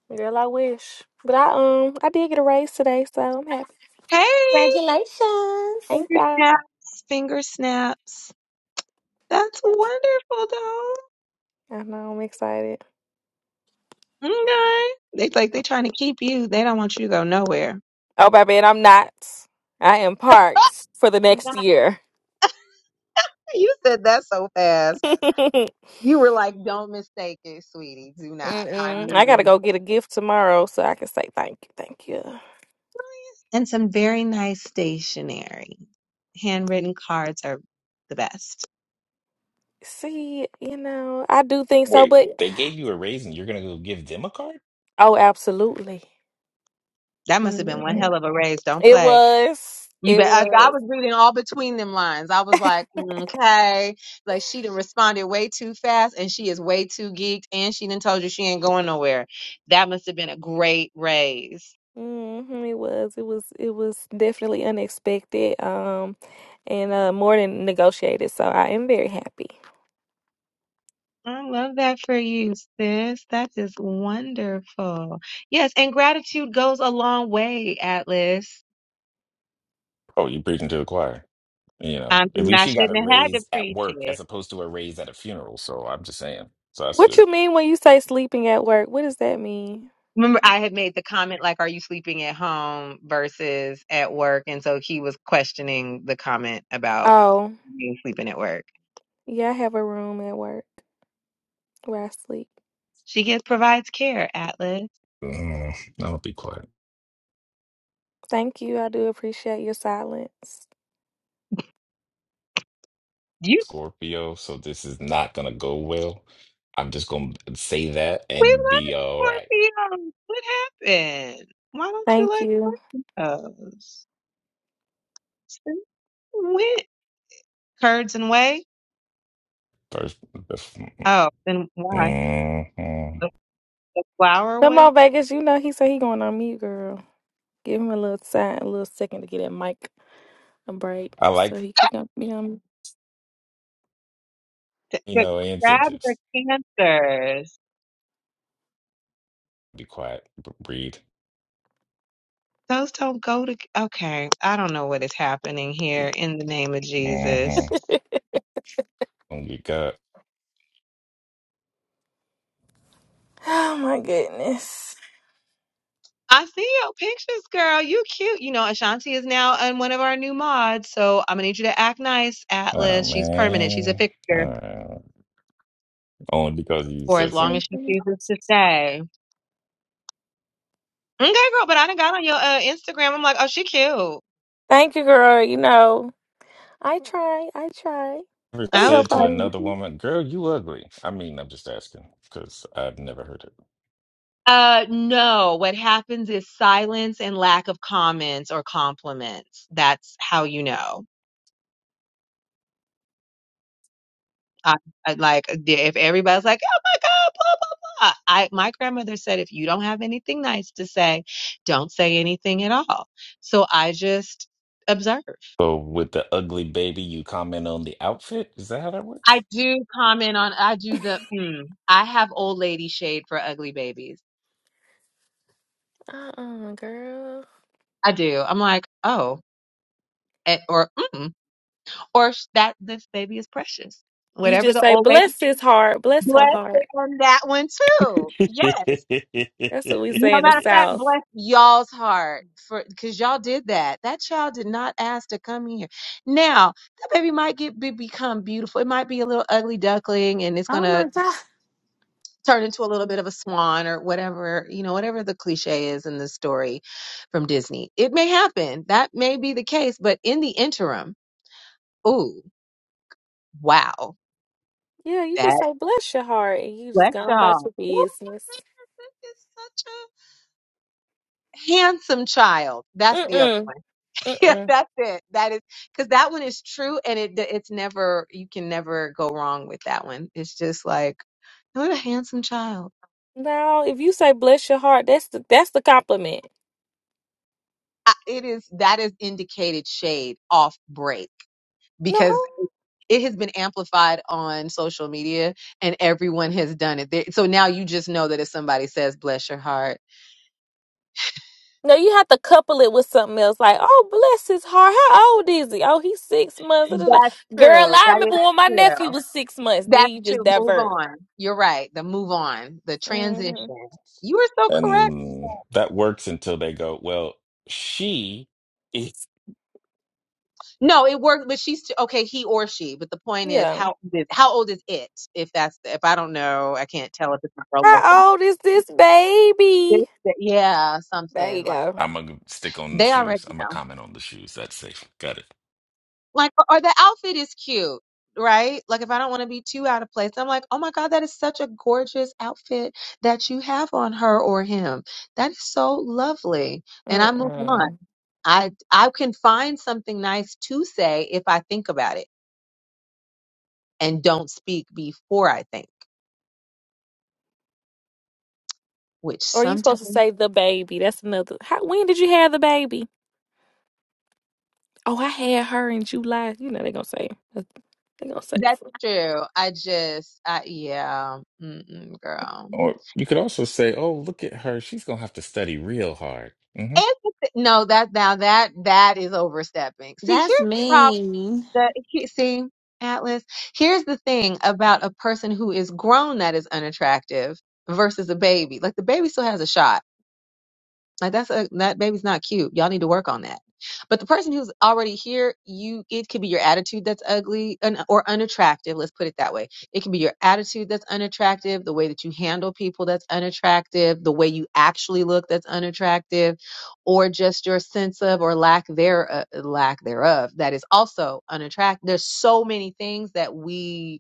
Speaker 10: Girl, I wish, but I um, I did get a raise today, so I'm happy.
Speaker 2: Hey,
Speaker 5: Congratulations.
Speaker 10: Thank
Speaker 2: finger
Speaker 10: y'all.
Speaker 2: snaps, finger snaps. That's wonderful, though.
Speaker 10: I know I'm excited.
Speaker 2: Okay. They like they trying to keep you. They don't want you to go nowhere.
Speaker 10: Oh, baby, and I'm not. I am parked for the next year.
Speaker 2: You said that so fast. You were like, don't mistake it, sweetie. Do not. I
Speaker 10: Mm-mm.
Speaker 2: knew
Speaker 10: I
Speaker 2: the
Speaker 10: gotta go
Speaker 2: mistake.
Speaker 10: get a gift tomorrow so I can say thank you, thank you.
Speaker 2: And some very nice stationery. Handwritten cards are the best.
Speaker 10: See, you know, I do think so,
Speaker 14: Wait,
Speaker 10: but
Speaker 14: they gave you a raise and you're gonna go give them a card?
Speaker 10: oh, absolutely.
Speaker 2: That must have been one
Speaker 14: Hmm.
Speaker 10: hmm
Speaker 2: hell of a raise. Don't
Speaker 10: It
Speaker 2: play.
Speaker 10: was,
Speaker 2: You
Speaker 10: it
Speaker 2: bet. I,
Speaker 10: was.
Speaker 2: I was reading all between them lines. I was like, okay. Like she done responded way too fast and she is way too geeked and she done told you she ain't going nowhere. That must have been a great raise.
Speaker 10: Mm-hmm, it was. It was. It was definitely unexpected, um, and uh, more than negotiated. So I am very happy.
Speaker 2: I love that for you, sis. That is wonderful. Yes, and gratitude goes a long way, Atlas.
Speaker 14: Oh, you're preaching to the choir. You know,
Speaker 2: I
Speaker 14: at
Speaker 2: mean,
Speaker 14: least
Speaker 2: I
Speaker 14: she got a
Speaker 2: shouldn't have had
Speaker 14: raise
Speaker 2: to
Speaker 14: at
Speaker 2: preach
Speaker 14: work as
Speaker 2: it.
Speaker 14: opposed to a raise at a funeral. So I'm just saying. So that's
Speaker 10: What
Speaker 14: good.
Speaker 10: you mean when you say sleeping at work? What does that mean?
Speaker 2: Remember, I had made the comment like, "Are you sleeping at home versus at work?" And so he was questioning the comment about
Speaker 10: Oh,
Speaker 2: being sleeping at work.
Speaker 10: yeah, I have a room at work where I sleep.
Speaker 2: She gets provides care, Atlas.
Speaker 14: Mm, I'll be quiet.
Speaker 10: Thank you. I do appreciate your silence.
Speaker 2: You,
Speaker 14: Scorpio, so this is not gonna go well. I'm just gonna say that
Speaker 2: we
Speaker 14: and be all right.
Speaker 2: love Scorpios. What happened? Why don't you
Speaker 10: Thank
Speaker 2: like
Speaker 10: you.
Speaker 2: Scorpios? Since When? Curds and whey.
Speaker 14: First, that's-
Speaker 2: Oh, then why?
Speaker 14: mhm.
Speaker 2: The, the flower
Speaker 10: Come
Speaker 2: one?
Speaker 10: on, Vegas. You know he said he going on mute, girl. Give him a little time, a little second to get that mic a break
Speaker 14: I like,
Speaker 10: so he could come be on.
Speaker 2: The,
Speaker 14: you
Speaker 2: the
Speaker 14: know,
Speaker 2: crabs are
Speaker 14: incentives.
Speaker 2: cancers.
Speaker 14: Be quiet, b- breathe.
Speaker 2: Those don't go to. Okay, I don't know what is happening here in the name of Jesus.
Speaker 14: Mm-hmm. Don't get caught.
Speaker 10: Oh my goodness.
Speaker 2: I see your pictures, girl. You cute. You know, Ashanti is now on one of our new mods, so I'm gonna need you to act nice,
Speaker 14: Oh,
Speaker 2: Atlas. She's permanent. She's a
Speaker 14: man.
Speaker 2: fixture
Speaker 14: Uh, only because you
Speaker 2: for
Speaker 14: said
Speaker 2: as long
Speaker 14: so.
Speaker 2: as
Speaker 10: Thank
Speaker 2: she
Speaker 10: you,
Speaker 2: chooses to stay. Okay, girl, but I done got on your uh, Instagram. I'm like, oh, she cute.
Speaker 10: Thank you, girl. You know I try. I try.
Speaker 14: Ever
Speaker 10: Let me
Speaker 2: I
Speaker 10: go
Speaker 2: was
Speaker 14: said to
Speaker 10: follow you.
Speaker 14: another
Speaker 2: like,
Speaker 14: woman, girl, you ugly. I mean, I'm just asking because I've never heard it.
Speaker 2: Uh, no, what happens is silence and lack of comments or compliments. That's how you know. I, I like if everybody's like, "Oh my God," blah blah blah. I my grandmother said, if you don't have anything nice to say, don't say anything at all. So I just observe.
Speaker 14: So, with the ugly baby, you comment on the outfit? Is that how that
Speaker 2: I
Speaker 14: works?
Speaker 2: do comment on. I do the. Mm, I have old lady shade for ugly babies.
Speaker 10: Uh uh girl.
Speaker 2: I do. I'm like, oh, eh, or mm, or sh- that this baby is precious.
Speaker 10: You
Speaker 2: Whatever
Speaker 10: just
Speaker 2: the
Speaker 10: say
Speaker 2: old lady.
Speaker 10: bless his heart, bless her
Speaker 2: Bless
Speaker 10: heart.
Speaker 2: on that one too. Yes.
Speaker 10: That's what we
Speaker 2: No
Speaker 10: say in the
Speaker 2: matter of fact,
Speaker 10: South.
Speaker 14: yes.
Speaker 2: bless y'all's heart for because y'all did that. That child did not ask to come in here. Now that baby might get be, become beautiful. It might be a little ugly duckling, and it's
Speaker 5: Oh
Speaker 2: gonna
Speaker 5: my God.
Speaker 2: turn into a little bit of a swan or whatever you know, whatever the cliche is in the story from Disney. It may happen. That may be the case. But in the interim, ooh, wow,
Speaker 10: Yeah, you just
Speaker 2: that
Speaker 10: say bless your heart, and you just
Speaker 2: bless
Speaker 10: go on about
Speaker 2: y'all.
Speaker 10: your
Speaker 2: Ooh,
Speaker 10: business.
Speaker 2: that is such a handsome child. That's
Speaker 10: Mm
Speaker 2: the other
Speaker 10: mm.
Speaker 2: one. Yeah,
Speaker 10: Mm
Speaker 2: that's it. That is because that one is true, and it it's never you can never go wrong with that one. It's just like what a handsome child.
Speaker 10: No, if you say bless your heart, that's the that's the compliment.
Speaker 2: I, it is that is indicated shade off break
Speaker 10: No.
Speaker 2: because it has been amplified on social media and everyone has done it. There, so now you just know that if somebody says bless your heart,
Speaker 10: No, you have to couple it with something else. Like, oh, bless his heart. How old is he? Oh, he's six months. da, da,
Speaker 2: that's
Speaker 10: da." Girl,
Speaker 2: true.
Speaker 10: I
Speaker 2: That is
Speaker 10: remember when my
Speaker 2: true.
Speaker 10: nephew was six months. Then
Speaker 2: That's
Speaker 10: you just
Speaker 2: true. Move
Speaker 10: divert.
Speaker 2: on. You're right. The move on, the transition.
Speaker 10: hmm
Speaker 2: You are so correct.
Speaker 14: And that works until they go, well, she is.
Speaker 2: No, it worked, but she's t- okay. He or she, but the point is,
Speaker 10: Yeah.
Speaker 2: how old is how old is it? If that's if I don't know, I can't tell if it's my roll up.
Speaker 10: How old is this baby?
Speaker 2: this, that- Yeah,
Speaker 10: There
Speaker 2: something
Speaker 10: you
Speaker 2: like
Speaker 10: go.
Speaker 14: I'm going to stick on the
Speaker 2: they already
Speaker 14: shoes. I'm going to
Speaker 2: know.
Speaker 14: comment on the shoes. That's safe. Got it.
Speaker 2: Like, or or the outfit is cute, right? Like, if I don't want to be too out of place, I'm like, oh my god, that is such a gorgeous outfit that you have on her or him. That is so lovely, and I move on.
Speaker 10: Mm-mm.
Speaker 2: I I can find something nice to say if I think about it and don't speak before I think, which
Speaker 10: Or you supposed to
Speaker 2: sometimes
Speaker 10: say the baby? That's another. How, when did you have the baby? Oh, I had her in July. You know they gonna say. They gonna say.
Speaker 2: that's true. I just I yeah, mm-mm, girl.
Speaker 14: Or you could also say, oh, look at her. She's going to have to study real hard. hmm
Speaker 2: And the thi- no, that now that that is overstepping. See, here's
Speaker 5: That's
Speaker 2: the problem.
Speaker 5: mean.
Speaker 2: The he- see Atlas. Here's the thing about a person who is grown that is unattractive versus a baby. Like the baby still has a shot Like that's a that baby's not cute. Y'all need to work on that. But the person who's already here, you it could be your attitude that's ugly and or unattractive. Let's put it that way. It can be your attitude that's unattractive, the way that you handle people that's unattractive, the way you actually look that's unattractive, or just your sense of or lack there uh, lack thereof that is also unattractive. There's so many things that we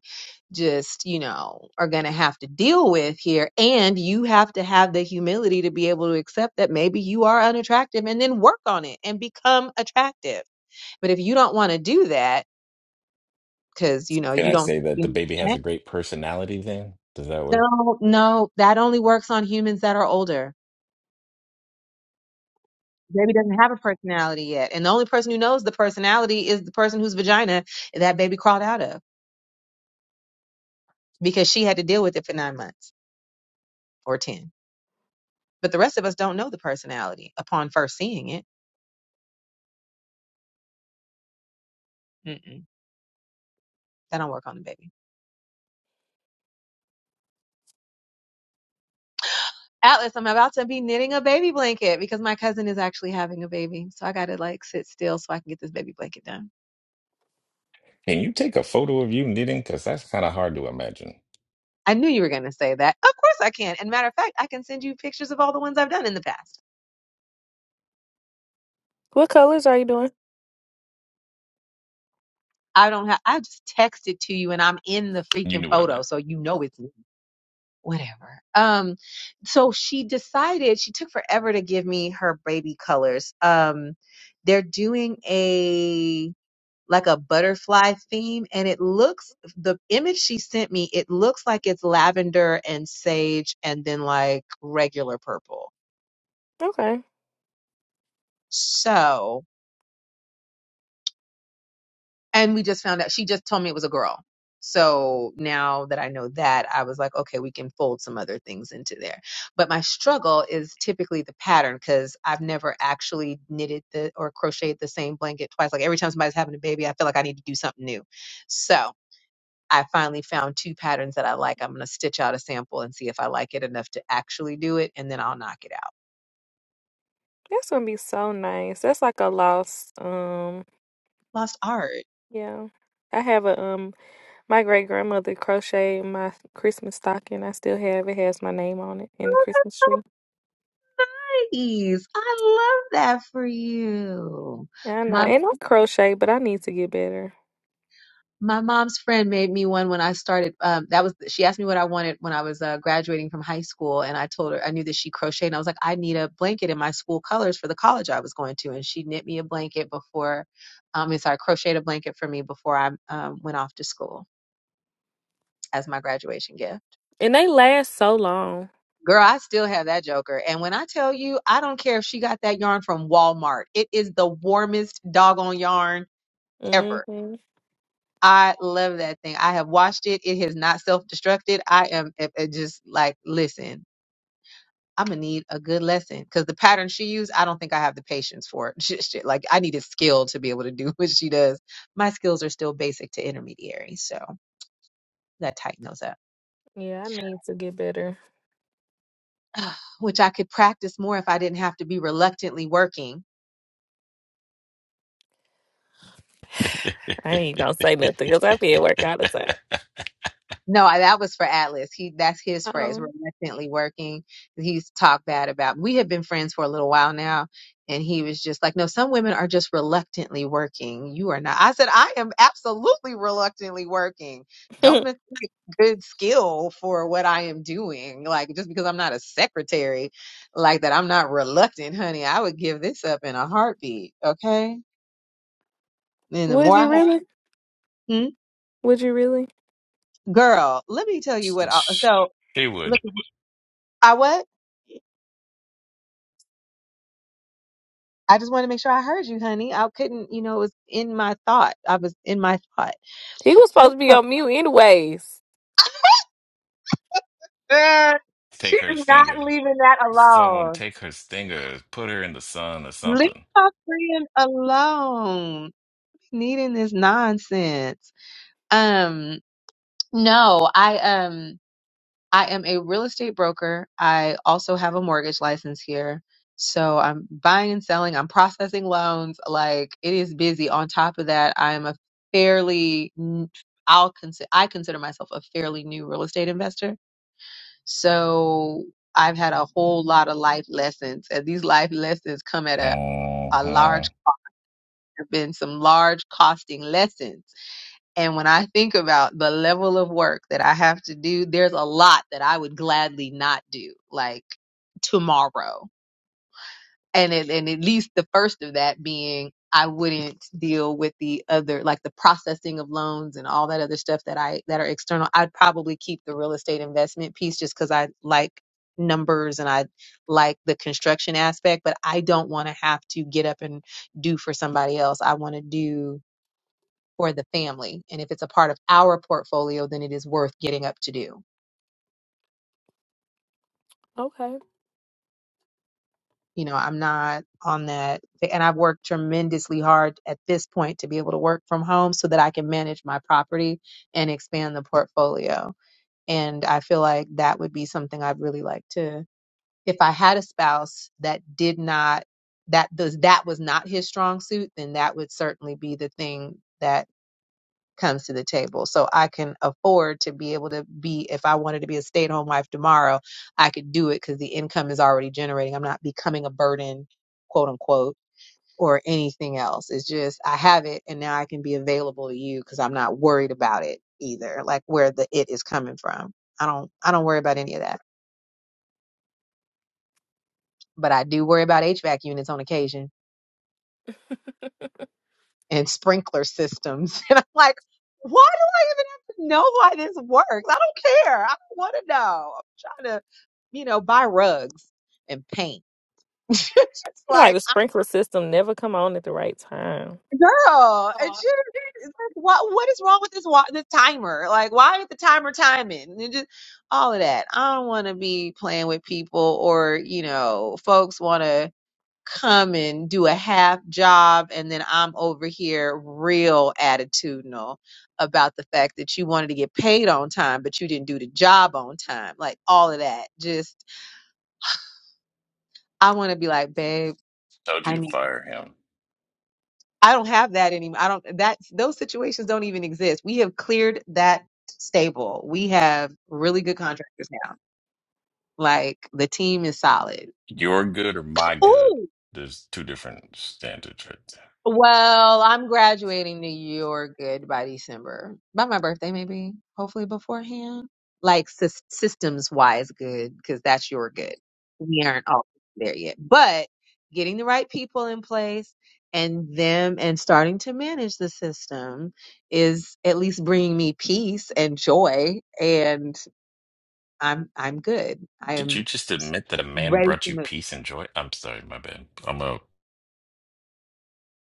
Speaker 2: just you know are going to have to deal with here and you have to have the humility to be able to accept that maybe you are unattractive and then work on it and become attractive but if you don't want to do that because you know
Speaker 14: Can
Speaker 2: you
Speaker 14: I
Speaker 2: don't
Speaker 14: say that the baby has a great personality then? Does that work?
Speaker 2: no no that only works on humans that are older baby doesn't have a personality yet and the only person who knows the personality is the person whose vagina that baby crawled out of because she had to deal with it for nine months or ten but the rest of us don't know the personality upon first seeing it Mm-mm. That I'll work on the baby. Atlas, I'm about to be knitting a baby blanket because my cousin is actually having a baby. So I got to like sit still so I can get this baby blanket done.
Speaker 14: Can you take a photo of you knitting? Because that's kind of hard to imagine.
Speaker 2: I knew you were going to say that. Of course I can. And matter of fact, I can send you pictures of all the ones I've done in the past.
Speaker 10: What colors are you doing?
Speaker 2: I don't have, I just text it to you and I'm in the
Speaker 14: You
Speaker 2: freaking
Speaker 14: knew what I
Speaker 2: photo.
Speaker 14: meant.
Speaker 2: So you know it's me. Whatever. Um, so she decided she took forever to give me her baby colors. Um, they're doing a like a butterfly theme. And it looks, the image she sent me, it looks like it's lavender and sage and then like regular purple.
Speaker 10: Okay.
Speaker 2: So, and we just found out, she just told me it was a girl. So now that I know that, I was like, okay, we can fold some other things into there. But my struggle is typically the pattern because I've never actually knitted the or crocheted the same blanket twice. Like every time somebody's having a baby, I feel like I need to do something new. So I finally found two patterns that I like. I'm going to stitch out a sample and see if I like it enough to actually do it, and then I'll knock it out.
Speaker 10: That's gonna be so nice. That's like a lost, um,
Speaker 2: Lost art.
Speaker 10: yeah. I have a um my great grandmother crocheted my Christmas stocking. I still have it. Has my name on it and the
Speaker 2: Oh,
Speaker 10: Christmas tree.
Speaker 2: that's so nice. I love that for you.
Speaker 10: Yeah, I know.
Speaker 2: My
Speaker 10: And I crochet, but I need to get better.
Speaker 2: my mom's friend made me one when I started. Um, that was she asked me what I wanted when I was uh, graduating from high school, and I told her I knew that she crocheted. And I was like, I need a blanket in my school colors for the college I was going to, and she knit me a blanket before. Um, and so I crocheted a blanket for me before I um, went off to school as my graduation gift.
Speaker 10: And they last so long.
Speaker 2: Girl, I still have that joker. And when I tell you, I don't care if she got that yarn from Walmart. It is the warmest doggone yarn ever.
Speaker 10: hmm
Speaker 2: I love that thing. I have washed it. It has not self-destructed. I am it- it just like, listen, I'm gonna need a good lesson because the pattern she used, I don't think I have the patience for it. Shit, shit, Like I need a skill to be able to do what she does. My skills are still basic to intermediary, so that tighten those up.
Speaker 10: Yeah, I need to get better.
Speaker 2: Which I could practice more if I didn't have to be reluctantly working
Speaker 10: I ain't gonna say nothing because I be at work all the time.
Speaker 2: No, I- that was for Atlas. He that's his phrase. We're
Speaker 10: Um,
Speaker 2: definitely working. He's talked bad about. We have been friends for a little while now, and he was just like, "No, some women are just reluctantly working. You are not." I said, "I am absolutely reluctantly working. Don't mistake good skill for what I am doing. Like just because I'm not a secretary, like that, I'm not reluctant, honey. I would give this up in a heartbeat. Okay. And the
Speaker 10: would
Speaker 2: more I,
Speaker 10: you
Speaker 2: have,
Speaker 10: really?
Speaker 2: Hmm?
Speaker 10: Would you really?
Speaker 2: girl, let me tell you
Speaker 14: Sh-
Speaker 2: what. I-
Speaker 14: sh-
Speaker 2: So
Speaker 14: She
Speaker 2: look,
Speaker 14: would
Speaker 2: I what? I just wanted to make sure I heard you, honey. I couldn't, you know, it was in my thought. I was in my thought.
Speaker 10: He was
Speaker 2: Good
Speaker 10: supposed to be
Speaker 2: girl.
Speaker 10: on mute anyways.
Speaker 2: Girl, She
Speaker 14: take her
Speaker 2: is not
Speaker 14: stinger.
Speaker 2: leaving that
Speaker 14: Someone
Speaker 2: alone.
Speaker 14: take her stinger, put her in the sun or
Speaker 2: Leave
Speaker 14: something.
Speaker 2: my friend alone. Needing this nonsense. Um, no, I um I am a real estate broker. I also have a mortgage license here. So I'm buying and selling, I'm processing loans. Like it is busy. On top of that, I am a fairly n- I'll consider I consider myself a fairly new real estate investor. So I've had a whole lot of life lessons, and these life lessons come at a a
Speaker 14: Mhm.
Speaker 2: large have been some large costing lessons and when I think about the level of work that I have to do, there's a lot that I would gladly not do, like tomorrow. And it, and at least the first of that being I wouldn't deal with the other like the processing of loans and all that other stuff that I that are external. I'd probably keep the real estate investment piece just cuz I like numbers and I like the construction aspect, but I don't want to have to get up and do for somebody else. I want to do for the family. And if it's a part of our portfolio, then it is worth getting up to do.
Speaker 10: Okay.
Speaker 2: You know, I'm not on that. And I've worked tremendously hard at this point to be able to work from home so that I can manage my property and expand the portfolio. And I feel like that would be something I'd really like to, if I had a spouse that did not, that does, that was not his strong suit, then that would certainly be the thing that comes to the table. So I can afford to be able to be, if I wanted to be a stay at home wife tomorrow, I could do it because the income is already generating. I'm not becoming a burden, quote unquote, or anything else. It's just I have it and now I can be available to you because I'm not worried about it either, like where the it is coming from. I don't I don't worry about any of that. But I do worry about HVAC units on occasion
Speaker 10: Feel
Speaker 2: and sprinkler systems. And I'm like, why do I even have to know why this works? I don't care. I don't want to know. I'm trying to, you know, buy rugs and paint. It's Just
Speaker 10: Like
Speaker 2: like,
Speaker 10: the
Speaker 2: I-
Speaker 10: sprinkler system never come on at the right time.
Speaker 2: girl, it's just, it's like, what, what is wrong with this, wa- this timer? Like, why is the timer timing? And just all of that. I don't want to be playing with people or, you know, folks want to come and do a half job and then I'm over here real attitudinal about the fact that you wanted to get paid on time but you didn't do the job on time. Like all of that. Just I want to be like, "Babe,
Speaker 14: Told you
Speaker 2: I
Speaker 14: to
Speaker 2: need
Speaker 14: fire him.
Speaker 2: I don't have that anymore. I don't that those situations don't even exist. We have cleared that stable. We have really good contractors now. Like the team is solid."
Speaker 14: Your good or my good?
Speaker 2: Ooh.
Speaker 14: There's two different standards right there.
Speaker 2: Well, I'm graduating to your good by December. By my birthday, maybe. Hopefully beforehand. Like sys- systems wise good, because that's your good. We aren't all there yet. But getting the right people in place and them and starting to manage the system is at least bringing me peace and joy. And I'm I'm good. I
Speaker 14: Did you
Speaker 2: am
Speaker 14: just admit that a man
Speaker 2: ready to
Speaker 14: brought you
Speaker 2: move.
Speaker 14: peace and joy? I'm sorry, my bad. I'm a.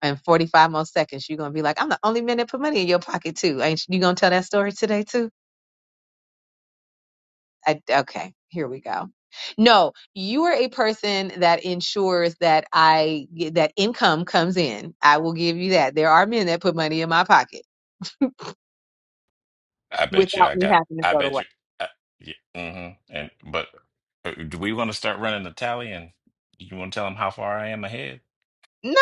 Speaker 2: In 45 more seconds, you're going to be like, I'm the only man that put money in your pocket, too. Ain't you going to tell that story today, too? I, okay, here we go. No, you are a person that ensures that I that income comes in. I will give you that. There are men that put money in my pocket
Speaker 14: I bet you
Speaker 2: without
Speaker 14: I
Speaker 2: me
Speaker 14: got.
Speaker 2: having to
Speaker 14: I
Speaker 2: go to
Speaker 14: bet you.
Speaker 2: work.
Speaker 14: I, yeah. hmm And but uh, do we want to start running the tally? And you want to tell him how far I am ahead?
Speaker 2: No,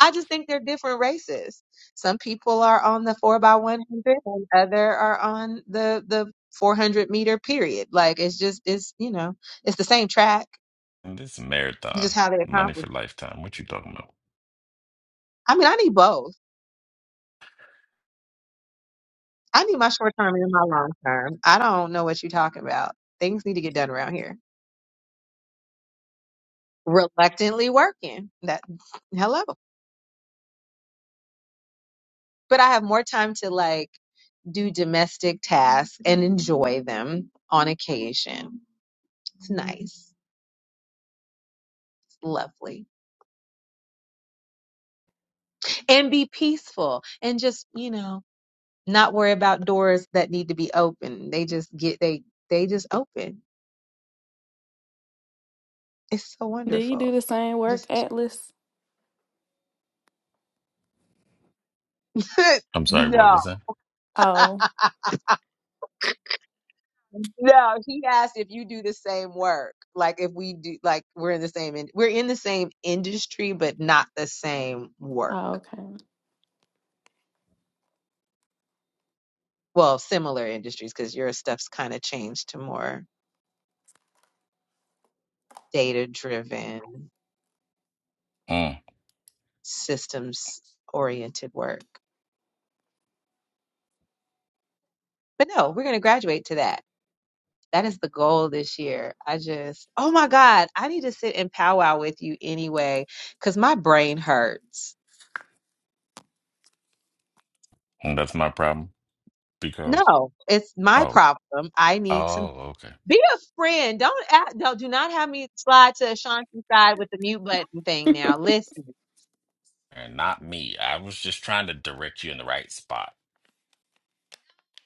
Speaker 2: I just think they're different races. Some people are on the four by one hundred, and other are on the the four hundred meter period. Like it's just it's you know it's the same track
Speaker 14: And this is a
Speaker 2: It's
Speaker 14: marathon,
Speaker 2: just how they
Speaker 14: money
Speaker 2: accomplish.
Speaker 14: for lifetime. What you talking about?
Speaker 2: I mean, I need both. I need my short term and my long term. I don't know what you're talking about. Things need to get done around here. Reluctantly working. That hello. But I have more time to like do domestic tasks and enjoy them on occasion. It's nice. It's lovely. And be peaceful and just, you know, not worry about doors that need to be open. They just get they they just open. It's so
Speaker 10: Do you do
Speaker 2: wonderful.
Speaker 10: the same work,
Speaker 2: Just
Speaker 10: Atlas?
Speaker 14: I'm sorry. What
Speaker 2: no.
Speaker 14: was that?
Speaker 10: Oh,
Speaker 2: No, he asked if you do the same work. Like if we do, like we're in the same, in, we're in the same industry, but not the same work.
Speaker 10: oh, okay.
Speaker 2: Well, similar industries because your stuff's kind of changed to more data-driven,
Speaker 14: Mm,
Speaker 2: systems-oriented work. But no, we're gonna graduate to that. That is the goal this year. I just, oh my God, I need to sit and powwow with you anyway because my brain hurts.
Speaker 14: and that's my problem because.
Speaker 2: No, it's my
Speaker 14: Oh.
Speaker 2: problem. I need
Speaker 14: Oh.
Speaker 2: some
Speaker 14: okay.
Speaker 2: Be a friend. Don't act, no, do not have me slide to Ashanti's side with the mute button thing now. Listen.
Speaker 14: And not me. I was just trying to direct you in the right spot.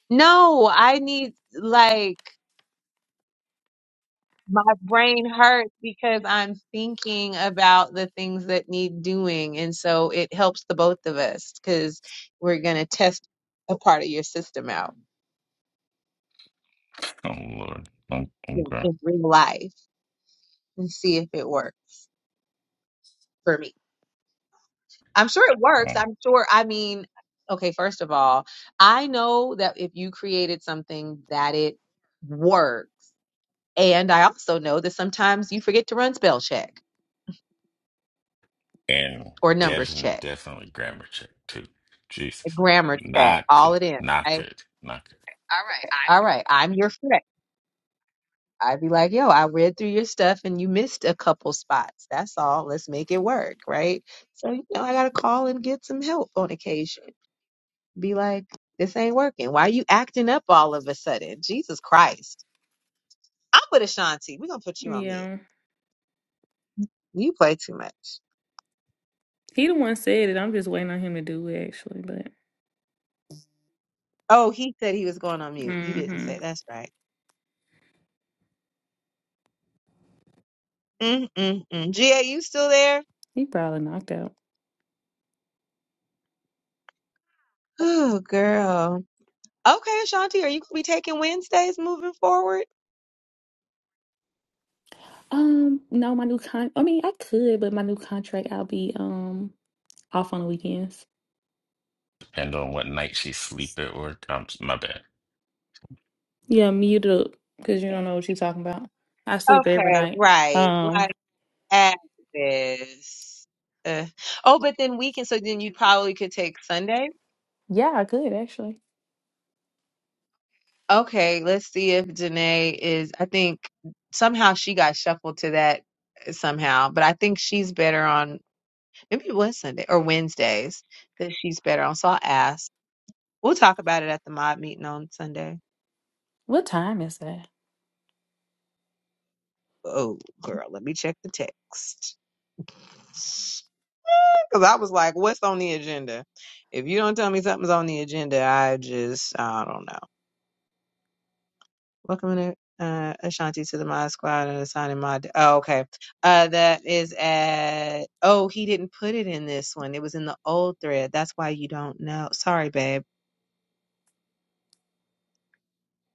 Speaker 2: No, I need like my brain hurts because I'm thinking about the things that need doing. And so it helps the both of us because we're gonna test a part of your system out
Speaker 14: Oh Lord. Oh,
Speaker 2: in
Speaker 14: Okay.
Speaker 2: in real life and see if it works for me. I'm sure it works.
Speaker 14: Oh.
Speaker 2: I'm sure. I mean, okay, first of all, I know that if you created something that it works. And I also know that sometimes you forget to run spell check
Speaker 14: And
Speaker 2: or numbers
Speaker 14: definitely,
Speaker 2: check,
Speaker 14: definitely grammar check too. Jesus.
Speaker 2: grammar check,
Speaker 14: Not
Speaker 2: all
Speaker 14: good.
Speaker 2: it is.
Speaker 14: Not
Speaker 2: I, okay.
Speaker 14: good. Not good.
Speaker 2: All right. I'm your friend. I'd be like, yo, I read through your stuff and you missed a couple spots. That's all. Let's make it work. Right. So, you know, I got to call and get some help on occasion. Be like, this ain't working. Why are you acting up all of a sudden? Jesus Christ I'm with Ashanti. We're gonna put you on mute.
Speaker 10: Yeah,
Speaker 2: You play too much.
Speaker 10: he the one said it. I'm just waiting on him to do it actually, but
Speaker 2: Oh, he said he was going on mute. You didn't
Speaker 10: hmm
Speaker 2: say that's right. Mm mm mm. Gia, you still there?
Speaker 10: he probably knocked out.
Speaker 2: Oh, girl. Okay, Ashanti, are you gonna be taking Wednesdays moving forward?
Speaker 10: Um, no, my new con. I mean, I could, but my new contract, I'll be um off on the weekends.
Speaker 14: Depend on what night she sleep it or um, my bad.
Speaker 10: Yeah, mute up because you don't know what you're talking about. I sleep every
Speaker 2: Okay,
Speaker 10: night.
Speaker 2: right. Like
Speaker 10: Um,
Speaker 2: as this. Uh, oh, but then weekend. So then you probably could take Sunday.
Speaker 10: yeah, I could actually.
Speaker 2: Okay, let's see if Janae is. I think somehow she got shuffled to that somehow, but I think she's better on. Maybe it was Sunday or Wednesdays that she's better on. So I'll ask. We'll talk about it at the mob meeting on Sunday.
Speaker 10: What time is that?
Speaker 2: Oh, girl, let me check the text. Because I was like, what's on the agenda? If you don't tell me something's on the agenda, I just, I don't know. Welcome to uh, Ashanti to the Mod Squad and assigning Mod. Oh, okay. Uh, that is at, oh, he didn't put it in this one. It was in the old thread. That's why you don't know. Sorry, babe.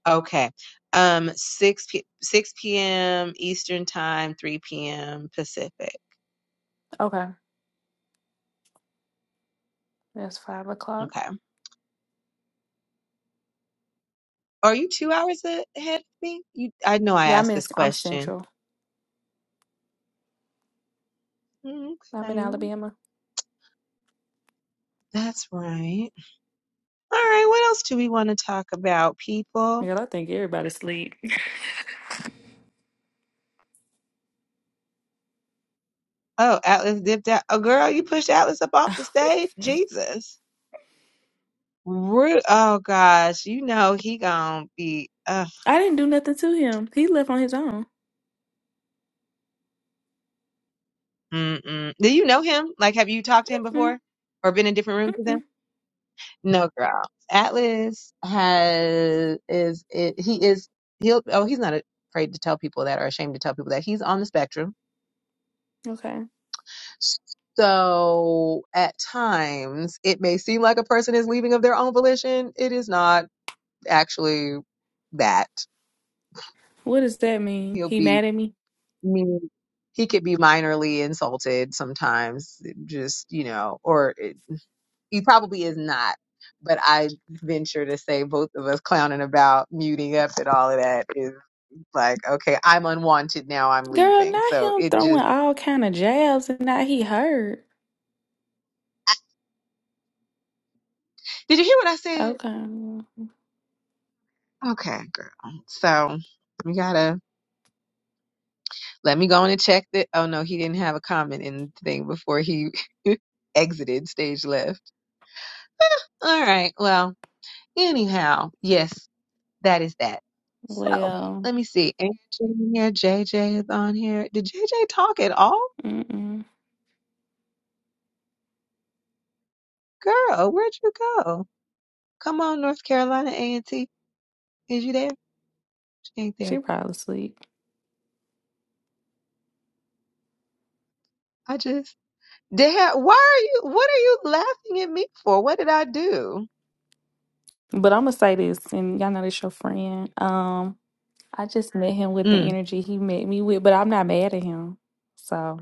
Speaker 2: Okay. Um, 6 p 6 p.m. Eastern time, 3 p.m. Pacific.
Speaker 10: Okay, that's five o'clock.
Speaker 2: Okay. Are you two hours a- ahead of me? You, I know I
Speaker 10: Yeah, I'm
Speaker 2: asked
Speaker 10: in.
Speaker 2: this
Speaker 10: I'm
Speaker 2: question.
Speaker 10: central.
Speaker 2: Mm,
Speaker 10: I'm in
Speaker 2: Okay.
Speaker 10: Alabama.
Speaker 2: That's right. All right. What else do we want to talk about, people?
Speaker 10: Girl, I think everybody sleep.
Speaker 2: Oh, Atlas dipped out. Oh, girl, you pushed Atlas up off the stage. Jesus. Rude. Oh, gosh. You know he gonna be. Uh,
Speaker 10: I didn't do nothing to him. He left on his own.
Speaker 2: mm-mm. Do you know him? Like, have you talked to him
Speaker 10: Mm,
Speaker 2: before or been in different rooms with him?
Speaker 10: Mm-mm.
Speaker 2: No, girl. Atlas has is it, he is he'll oh he's not afraid to tell people that or ashamed to tell people that he's on the spectrum.
Speaker 10: Okay,
Speaker 2: So at times it may seem like a person is leaving of their own volition. It is not actually that.
Speaker 10: what does that mean?
Speaker 2: He'll
Speaker 10: He
Speaker 2: be
Speaker 10: mad at me,
Speaker 2: mean. He could be minorly insulted sometimes, just you know, or it, he probably is not. But I venture to say both of us clowning about muting up and all of that is. like, okay, I'm unwanted now, I'm
Speaker 10: girl?
Speaker 2: leaving.
Speaker 10: Not
Speaker 2: So
Speaker 10: him
Speaker 2: it
Speaker 10: throwing
Speaker 2: just,
Speaker 10: all kind of jabs, and now he hurt.
Speaker 2: did you hear what I said?
Speaker 10: Okay,
Speaker 2: Okay, girl. So we gotta, let me go in and check that. Oh no, he didn't have a comment in the thing before he exited stage left. All right. Well, anyhow, yes, that is that. So
Speaker 10: well,
Speaker 2: let me see. Anthony in here, JJ is on here. Did JJ talk at all?
Speaker 10: mm-mm.
Speaker 2: Girl, where'd you go? Come on, North Carolina A and T. Is you there? She ain't
Speaker 10: she
Speaker 2: there.
Speaker 10: probably sleep.
Speaker 2: I just Dad, why are you, what are you laughing at me for? What did I do?
Speaker 10: But I'm gonna say this, and y'all know this your friend. Um, I just met him with the
Speaker 2: Mm.
Speaker 10: energy he met me with, but I'm not mad at him. So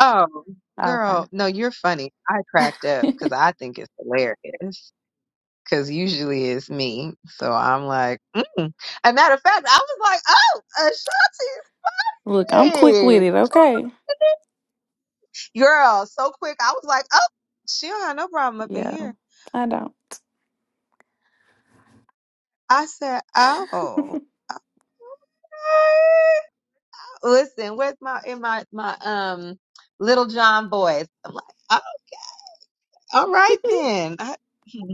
Speaker 2: Oh,
Speaker 10: okay,
Speaker 2: girl, no, you're funny. I cracked up because I think it's hilarious. Because usually it's me. So I'm like, mm. A matter of fact, I was like, oh,
Speaker 10: look, I'm quick with
Speaker 2: Ashanti's sick.
Speaker 10: it. Okay,
Speaker 2: Girl, so quick. I was like, oh, she don't have no problem up in
Speaker 10: yeah,
Speaker 2: here.
Speaker 10: I don't.
Speaker 2: I said, oh. okay." Listen, where's my, in my, my, um, little John boys? I'm like, All right then. I, hmm,